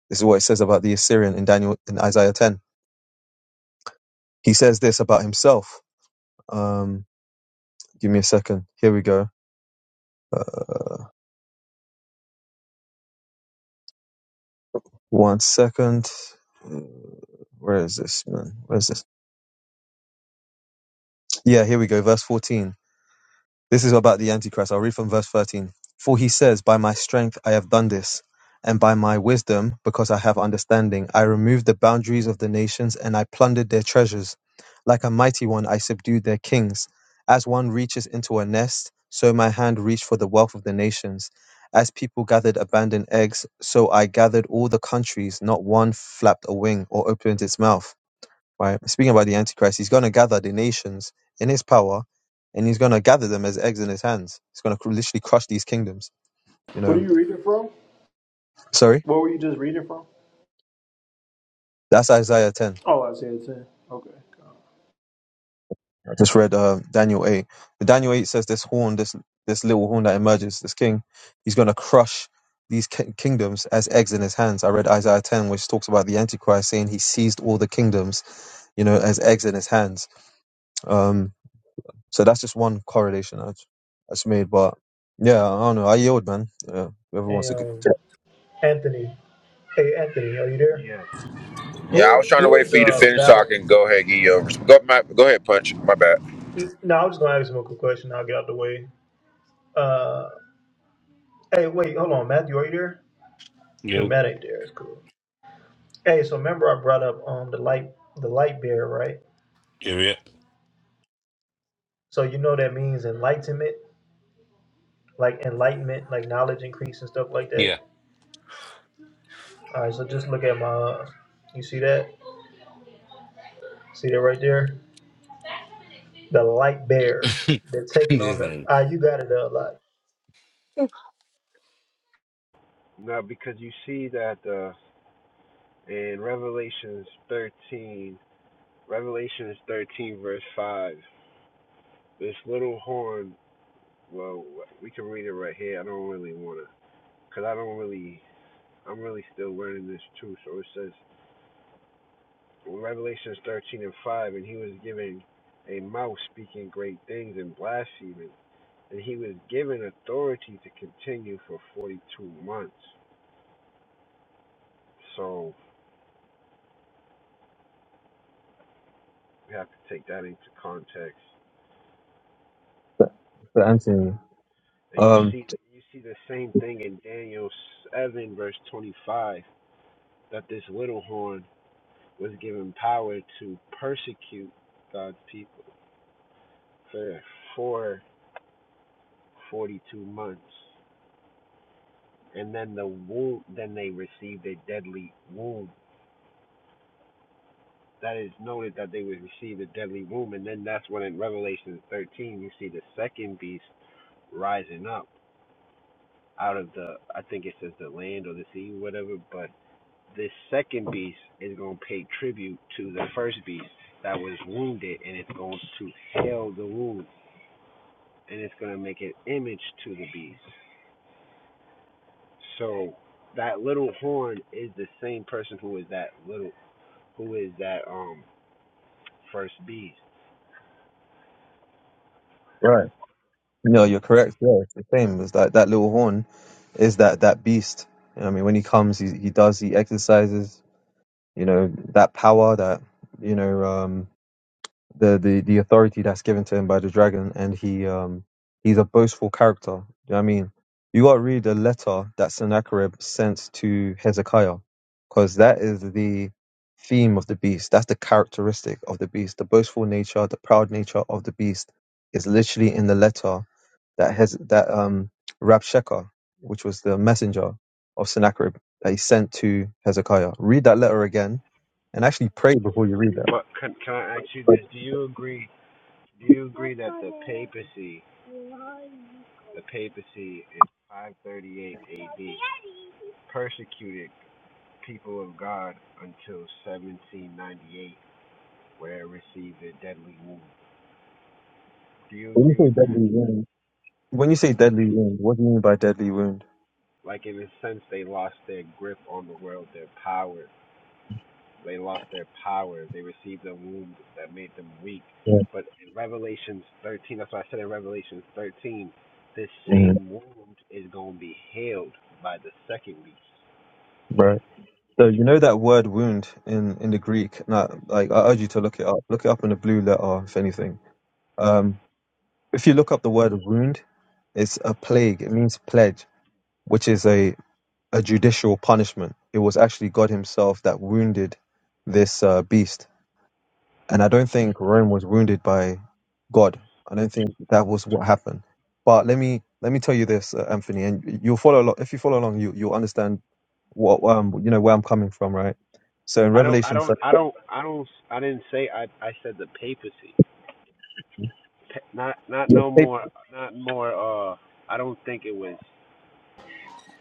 S13: This is what it says about the Assyrian in Daniel in Isaiah 10. He says this about himself. Um, give me a second. Here we go. Uh, one second. Where is this, man? Where is this? Yeah, here we go. Verse 14. This is about the Antichrist. I'll read from verse 13. For he says, By my strength I have done this, and by my wisdom, because I have understanding, I removed the boundaries of the nations and I plundered their treasures. Like a mighty one, I subdued their kings. As one reaches into a nest, so my hand reached for the wealth of the nations. As people gathered abandoned eggs, so I gathered all the countries, not one flapped a wing or opened its mouth. right? Speaking about the Antichrist, he's going to gather the nations in his power, and he's going to gather them as eggs in his hands. He's going to literally crush these kingdoms. You
S5: What are
S13: know,
S5: you reading from?
S13: sorry,
S5: What were you just reading from?
S13: that's Isaiah ten.
S5: Oh, Isaiah 10. Okay.
S13: I just read uh, Daniel eight. But Daniel eight says this horn, this this little horn that emerges, this king, he's going to crush these ki- kingdoms as eggs in his hands. I read Isaiah ten, which talks about the Antichrist saying he seized all the kingdoms, you know, as eggs in his hands. Um, So that's just one correlation that's, that's made. But yeah, I don't know. I yield, man. Yeah, whoever wants
S5: And
S13: to get
S5: um,
S13: to,
S5: Anthony. Hey, Anthony, are you there?
S10: Yes.
S16: Yeah, I
S5: Who
S16: was trying to
S5: Who
S16: wait
S5: is
S16: for you to
S5: uh,
S16: finish so I
S5: Babel?
S16: can go ahead and give you a Go, my, go ahead, Punch. My bad.
S5: No, I was just going to ask him a quick question. I'll get out the way. Uh, hey, wait, hold on. Matthew, are you there? Yeah,
S4: Yo,
S5: Matt ain't there. It's cool. Hey, so remember I brought up um the light the light bearer, right?
S4: yeah,
S5: So you know that means enlightenment, like enlightenment, like knowledge increase and stuff like that.
S4: yeah.
S5: All right, so just look at my. You see that? See that right there? The light bear.
S4: Yeah.
S5: They're taking on
S4: Just,
S5: the.
S4: um,
S5: Ah, you got it a lot.
S10: Now, because you see that uh, in Revelations 13, Revelations 13, verse 5, this little horn, well, we can read it right here. I don't really want to, because I don't really, I'm really still learning this too. So it says, Revelations 13 and 5, and he was given a mouth speaking great things and blaspheming, and he was given authority to continue for 42 months. So we have to take that into context.
S13: to Anthony.
S10: And you
S13: Um,
S10: see, you see the same thing in Daniel 7, verse 25, that this little horn was given power to persecute God's people for, for 42 months. and then the womb then they received a deadly wound. that is noted that they would receive a deadly wound. and then that's when in revelation 13 you see the second beast rising up out of the i think it says the land or the sea whatever but this second beast is going to pay tribute to the first beast that was wounded and it's going to heal the wound and it's going to make an image to the beast so that little horn is the same person who is that little who is that um First Beast.
S13: right. No, you're correct. Yeah, it's the same. It's that that little horn is that that beast. You know what I mean, when he comes, he he does he exercises. You know that power that you know. Um, the the the authority that's given to him by the dragon, and he um he's a boastful character. Do you know what I mean? You got to read the letter that Sennacherib sent to Hezekiah, because that is the theme of the beast. That's the characteristic of the beast. The boastful nature, the proud nature of the beast is literally in the letter that has that um Rabshakeh, which was the messenger of Sennacherib that he sent to Hezekiah. Read that letter again and actually pray before you read that.
S10: But can, can I ask you
S13: But
S10: this? Do you agree? Do you agree that the papacy, the papacy in 538 A.D. persecuted people of God until 1798, where it received a deadly wound? Do you
S13: when you
S10: agree
S13: say
S10: with that?
S13: deadly When you say deadly wound, what do you mean by deadly wound?
S10: Like in a sense, they lost their grip on the world, their power They lost their power. They received a wound that made them weak.
S13: hmm
S10: But in Revelations 13, that's why I said in Revelations 13, this same wound is going to be healed by the second beast.
S13: Right. So you know that word wound in in the Greek. Now, like I urge you to look it up. Look it up in the blue letter, if anything. Um, if you look up the word wound, it's a plague. It means pledge, which is a a judicial punishment. It was actually God Himself that wounded this uh, beast. And I don't think Rome was wounded by God. I don't think that was what happened. But let me let me tell you this, uh, Anthony, and you'll follow along. If you follow along, you you'll understand what um you know where I'm coming from, right? So in
S10: I don't, I
S13: Revelation,
S10: don't,
S13: 13,
S10: I don't, I don't, I didn't say I, I said the papacy. Not, not
S13: you
S10: no
S13: escaped
S10: more, not more, uh, I don't think it was,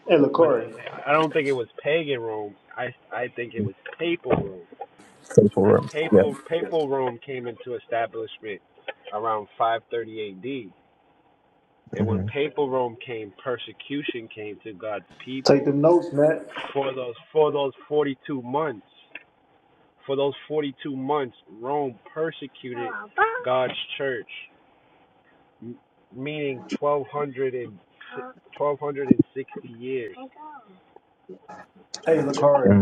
S5: Hey,
S10: what did he
S5: Lakari,
S10: say? I don't think it was pagan Rome. I, I think it was papal Rome.
S13: for
S10: because
S13: Rome. Yeah.
S10: papal papal Rome came into establishment around 530 AD, and when
S13: hmm
S10: papal Rome came, persecution came to God's
S5: take
S10: people
S5: them notes, Matt.
S10: for those for those 42 months. For those 42 months, Rome persecuted God's church, meaning 1200 and 1260 years.
S5: Hey, Lakari.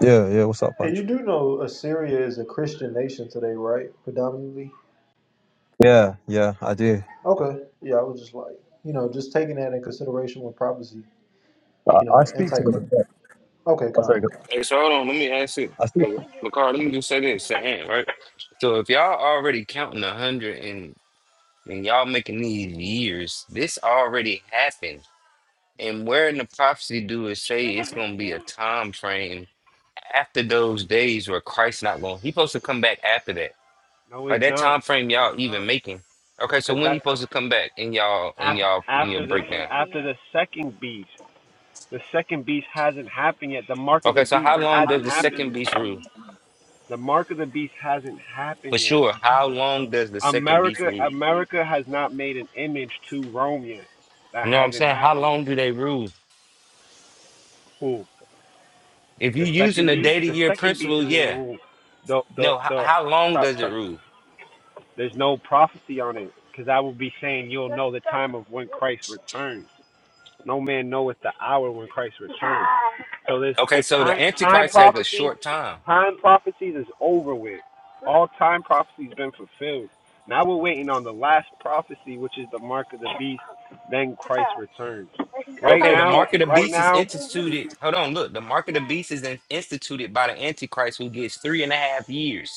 S13: yeah. Yeah. What's up,
S5: Hey, you
S13: Punch?
S5: do know Assyria is a Christian nation today, right? Predominantly.
S13: Yeah. Yeah. I do.
S5: Okay. Yeah, I was just like, you know, just taking that in consideration with prophecy.
S13: I,
S5: You know,
S13: I speak to them.
S5: antichrist. Okay,
S13: Oh, sorry.
S5: con.
S13: go.
S4: hey, so hold on, let me ask you,
S13: I speak
S4: Lakar. Let me just say this, to Ant, right? So if y'all already counting a hundred and and y'all making these years, this already happened. And where in the prophecy do it say it's gonna be a time frame? after those days where Christ not going, he supposed to come back after that.
S10: No, he's
S4: Like that
S10: not.
S4: time frame
S10: No, he's
S4: y'all even
S10: not.
S4: making. Okay, so
S10: Because
S4: when he
S10: that's the
S4: supposed to come back in y'all in y'all in your
S10: after the
S4: breakdown?
S10: the second beast. The second beast hasn't happened yet. The mark of the
S4: Okay, so
S10: beast
S4: how long does
S10: hasn't
S4: the
S10: happened
S4: second
S10: yet.
S4: beast rule?
S10: The mark of the beast hasn't
S4: For
S10: happened yet.
S4: sure. How long does the second beast
S10: America
S4: rule?
S10: America has not made an image to Rome yet. That
S4: You know what I'm
S10: hasn't
S4: saying? How
S10: happened
S4: long do
S10: yet.
S4: they rule?
S10: Who?
S4: If you're
S10: The
S4: using
S10: second
S4: the
S10: beast?
S4: day to
S10: The
S4: year
S10: second beast
S4: principle,
S10: is in
S4: yeah.
S10: Rome. The the
S4: No, how,
S10: the
S4: how long
S10: stop
S4: does it
S10: touch.
S4: rule?
S10: There's no prophecy on it because I will be saying you'll know the time of when Christ returns. No man knoweth the hour when Christ returns. So this
S4: Okay,
S10: the
S4: so the
S10: time time
S4: Antichrist has a
S10: prophecy,
S4: short time.
S10: time prophecies is over with. All time prophecies been fulfilled. Now we're waiting on the last prophecy, which is the mark of the beast. Then returns.
S4: Okay, the mark of the
S10: Right
S4: beast is
S10: now,
S4: instituted. Hold on, look, the mark of the beast is in- instituted by the Antichrist, who gets three and a half years.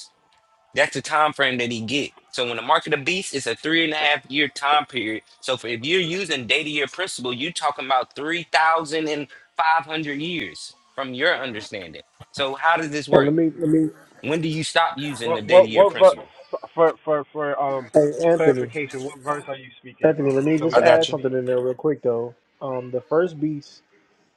S4: That's the time frame that he get. So when the mark of the beast is a three and a half year time period. So for, if you're using data year principle, you talking about three thousand and five hundred years from your understanding. So how does this
S5: And
S4: work?
S5: let me let me.
S4: When do you stop using the
S10: what
S4: data
S10: what
S4: year
S10: what
S4: principle?
S10: for for for um
S5: Hey, Anthony.
S10: clarification? What verse are you speaking
S5: Anthony,
S10: about?
S5: let me
S10: So we
S5: just
S4: I
S10: can
S4: got you.
S5: add
S10: just be
S5: something in there real quick though. Um, the first beast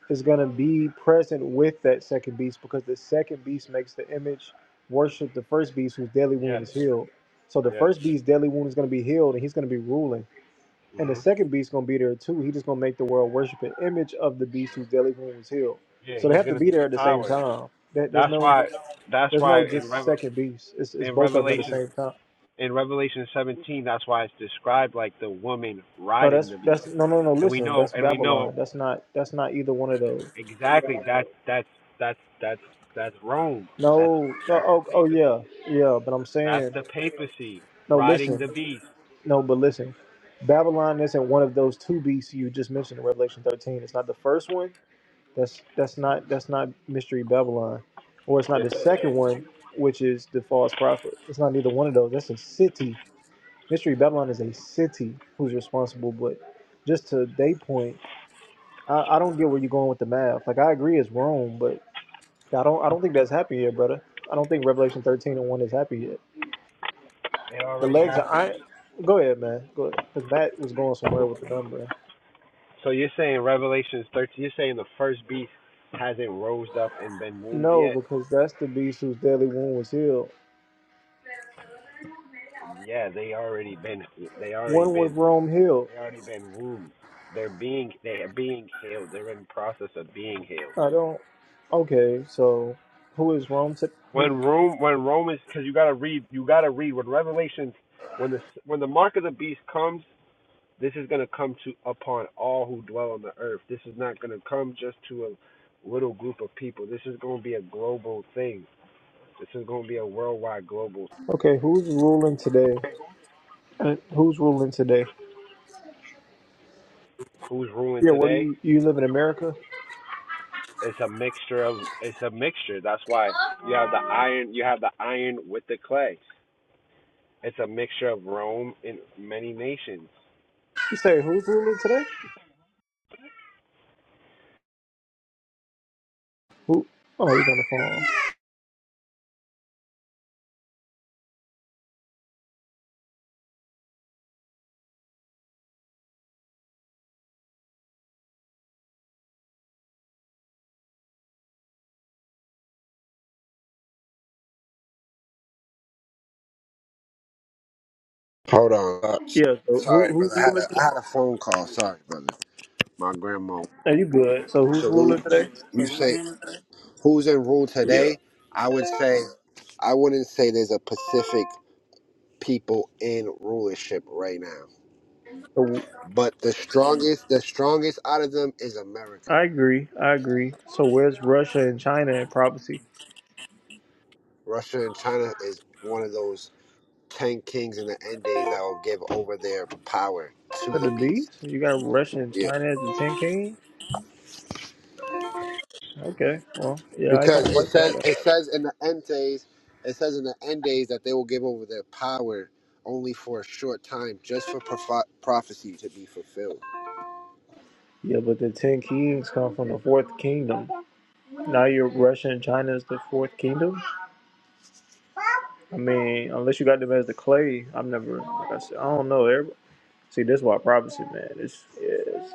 S5: is going to be present with that second beast because the second beast makes the image worship the first beast whose deadly wound
S10: yes,
S5: was healed. So the
S10: yes.
S5: first beast's deadly wound is going to be healed and he's going to be ruling. And the
S10: hmm
S5: second beast's going to be there too. He's just going to make the world worship an image of the beast whose deadly wound was healed.
S10: Yeah,
S5: So they
S10: he's
S5: have to
S10: gonna
S5: be
S10: be
S5: there
S10: the
S5: at the same
S10: power.
S5: time. That there's
S10: That's
S5: no
S10: why. That's
S5: there's
S10: why
S5: no
S10: in
S5: just
S10: Revel
S5: second beast. It's, it's
S10: in
S5: both of them at the
S10: Revelations
S5: same time.
S10: in Revelation 17, that's why it's described like the woman
S5: No,
S10: riding
S5: that's
S10: the beast,
S5: that's no no no.
S10: and we
S5: Listen,
S10: know
S5: that's
S10: and we know
S5: Babylon. That's not that's not either one of those.
S10: exactly that that's that's that's that's Rome, that's
S5: No, no
S10: that's the
S5: oh oh yeah
S10: papacy,
S5: yeah. But I'm
S10: that's
S5: saying
S10: the papacy
S5: no.
S10: riding
S5: Listen,
S10: the beast.
S5: No, but listen, Babylon isn't one of those two beasts you just mentioned in Revelation 13. It's not the first one. That's that's not that's not mystery Babylon, or it's not
S10: This
S5: the
S10: is it
S5: second one, which is the false prophet. It's not neither one of those. That's a city. Mystery Babylon is a city who's responsible. But just to they point, I, I don't get where you're going with the math. Like I agree it's wrong, but I don't I don't think that's happy yet, brother. I don't think Revelation 13 and one is happy yet.
S10: It
S5: The
S10: already
S5: legs are
S10: happened.
S5: iron. Go ahead, man. Go ahead. Because Matt was going somewhere with the number.
S10: So you're saying Revelation 13? You're saying the first beast hasn't rose up and been wombed
S5: No,
S10: yet?
S5: because that's the beast whose deadly wound was healed.
S10: Yeah, they already been they already
S5: One was
S10: been
S5: Rome healed.
S10: they already been wombed. They're being they are being healed. They're in process of being healed.
S5: I don't. Okay, so who is Rome? To, who,
S10: when Rome when Rome is, because you gotta read you gotta read when Revelations when the when the mark of the beast comes this is gonna come to upon all who dwell on the earth this is not gonna come just to a little group of people this is gonna be a global thing this is gonna be a worldwide global
S5: okay, who's ruling today? Uh, who's ruling today?
S10: who's ruling
S5: Yeah, what do
S10: today
S5: you you live in America?
S10: it's a mixture of it's a mixture that's why you have the iron you have the iron with the clay it's a mixture of Rome and many nations
S5: You say who's ruling today? Who? Oh, he's on the phone.
S10: Hold on. Uh,
S5: Yeah. So
S10: sorry,
S5: who
S10: brother.
S5: who's
S10: I had
S5: ruling
S10: a I
S5: today?
S10: had a phone call. Sorry, brother. My grandma.
S5: Are you good? So who's
S10: So when
S5: ruling today?
S10: you say who's in rule
S5: Yeah.
S10: today, I would say I wouldn't say there's a Pacific people in rulership right now.
S5: So
S10: But the strongest the strongest out of them is America.
S5: I agree. I agree. So where's Russia and China in prophecy?
S10: Russia and China is one of those ten kings in the end days that will give over their power to
S5: For
S10: the
S5: the
S10: beast.
S5: beast, you got Russia and China as the ten kings. Okay, well, yeah, I
S10: because
S5: gonna
S10: it
S5: fight
S10: says
S5: that.
S10: it says in the end days it says in the end days that they will give over their power only for a short time just for proph- prophecy to be fulfilled
S5: Yeah, but the ten kings come from the fourth kingdom. Now you're Russia and China is the fourth kingdom. I mean, unless you got them as the clay, I've never. Like I said, I don't know. Everybody, see, this is why prophecy, man. It's, it's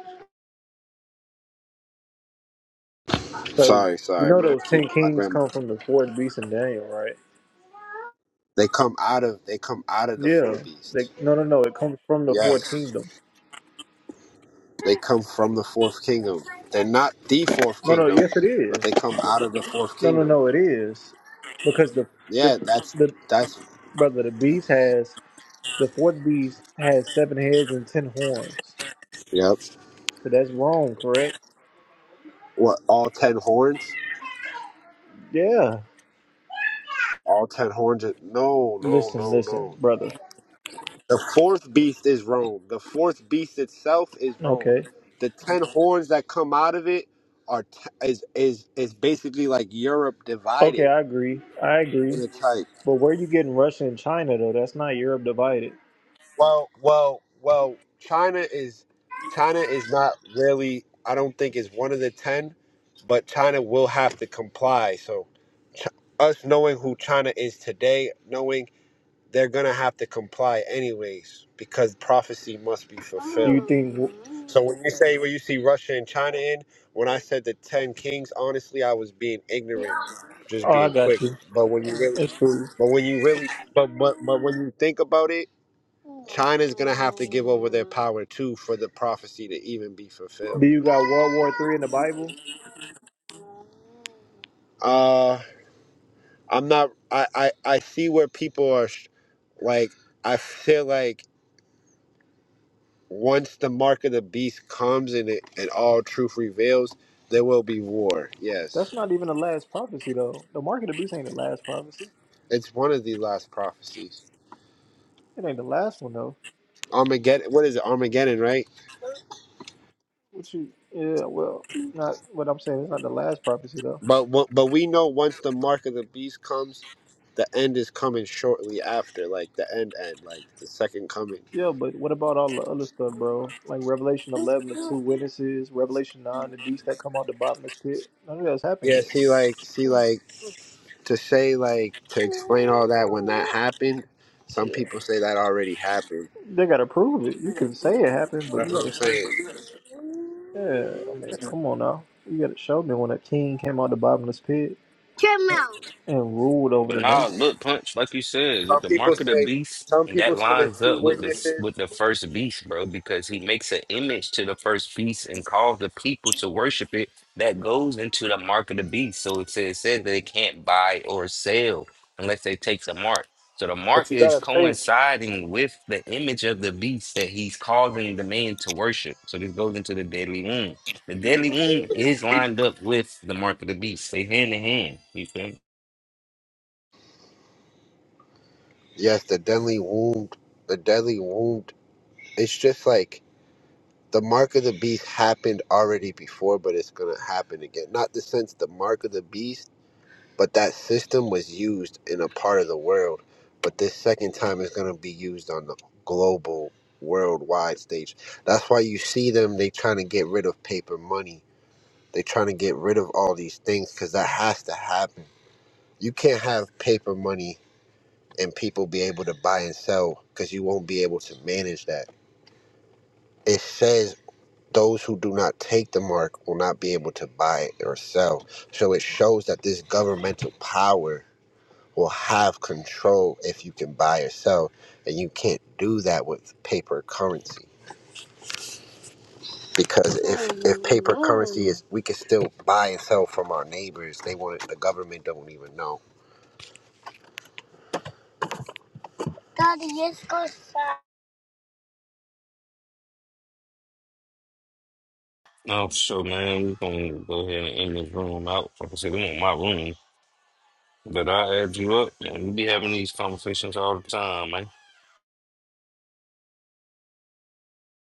S5: so
S10: sorry
S5: you
S10: sorry
S5: know
S10: man I
S5: those
S10: keep
S5: ten
S10: my
S5: kings
S10: grandma
S5: come from the fourth beast in Daniel, right?
S10: they come out of they come out of the four
S5: Yeah. They,
S10: beasts
S5: no, no, no. It comes from the fourth
S10: yes
S5: kingdom.
S10: they come from the fourth kingdom they're not the fourth
S5: No, no.
S10: kingdom
S5: Yes, it
S10: but
S5: is.
S10: they come out of the fourth
S5: No, no,
S10: kingdom
S5: no. It is because the the
S10: yeah that's
S5: the
S10: that's
S5: brother the beast has The fourth beast has seven heads and ten horns.
S10: yep
S5: So that's wrong, correct?
S10: what all ten horns
S5: Yeah.
S10: all ten horns are, no no
S5: Listen,
S10: no no
S5: listen, brother.
S10: The fourth beast is Rome. The fourth beast itself is Rome.
S5: Okay.
S10: The ten horns that come out of it are t- is is is basically like Europe
S5: Okay,
S10: divided
S5: I agree. I
S10: in
S5: agree.
S10: a type.
S5: But where are you getting Russia and China, though? That's not Europe divided.
S10: Well, well, well. China is China is not really. I don't think is one of the ten, but China will have to comply. So, Ch- us knowing who China is today, knowing they're going to have to comply anyways because prophecy must be
S5: Do
S10: fulfilled.
S5: you think.
S10: Mm. So when you say when you see Russia and China in, when I said the ten kings, honestly, I was being ignorant, just
S5: Oh, I
S10: being
S5: got
S10: quick.
S5: you.
S10: But when you really,
S5: It's cool.
S10: but when you really, but but, but when you think about it, China's gonna have to give over their power too for the prophecy to even be
S5: Do
S10: fulfilled.
S5: you got World War Three in the Bible?
S10: Uh, I'm not. I I I see where people are, sh- like I feel like once the mark of the beast comes and it, and all truth reveals, there will be war.
S5: That's
S10: Yes,
S5: not even the last prophecy, though. The Mark of the Beast ain't the last prophecy.
S10: it's one of the last prophecies.
S5: It ain't the last one, though.
S10: Armageddon. What is it? Armageddon, right?
S5: What you. Yeah, well, not what I'm saying. It's not the last prophecy, though.
S10: But wo- but we know once the mark of the beast comes, the end is coming shortly after, like the end end, like the second coming.
S5: Yeah, but what about all the other stuff, bro? Like Revelation 11, the two witnesses, Revelation 9, the beast that come out the bottomless pit. None of that's happened
S10: Yeah.
S5: yet.
S10: See, like see, like to say, like to explain all that when that happened. Some people
S5: Yeah.
S10: say that already happened.
S5: They gotta prove it. You can say it happened, but
S10: That's
S5: you
S10: what I'm
S5: gotta. Show.
S10: saying.
S5: Yeah, I mean, come on now. You gotta show me when a king came out the bottomless pit and ruled over
S4: But
S5: the
S4: now,
S5: nation.
S4: look, punch, like you said, with
S10: Some
S4: the
S10: people
S4: mark of the
S10: say.
S4: beast,
S10: Some people
S4: that
S10: say the
S4: lines
S10: two
S4: up with this
S10: witnesses.
S4: with the first beast, bro, because he makes an image to the first beast and calls the people to worship it. That goes into the mark of the beast. So it says, said that they can't buy or sell unless they take the mark. So the
S10: But
S4: mark
S10: you
S4: is
S10: gotta think.
S4: coinciding with the image of the beast that he's causing the man to worship. So this goes into the deadly wound. The deadly wound is lined up with the mark of the beast. They hand in hand. You feel me?
S10: Yes, the deadly wound. The deadly wound. It's just like the mark of the beast happened already before, but it's gonna happen again. Not the sense the mark of the beast, but that system was used in a part of the world. But this second time is gonna be used on the global, worldwide stage. That's why you see them. They trying to get rid of paper money. They trying to get rid of all these things because that has to happen. You can't have paper money and people be able to buy and sell because you won't be able to manage that. It says those who do not take the mark will not be able to buy or sell. So it shows that this governmental power will have control if you can buy or sell, and you can't do that with paper currency. Because if, if paper currency is, we can still buy and sell from our neighbors. They want the government don't even know.
S4: No, for sure, man. We gonna go ahead and end this room out. Like I said, this ain't my room, but I add you up, and we be having these conversations all the time, man.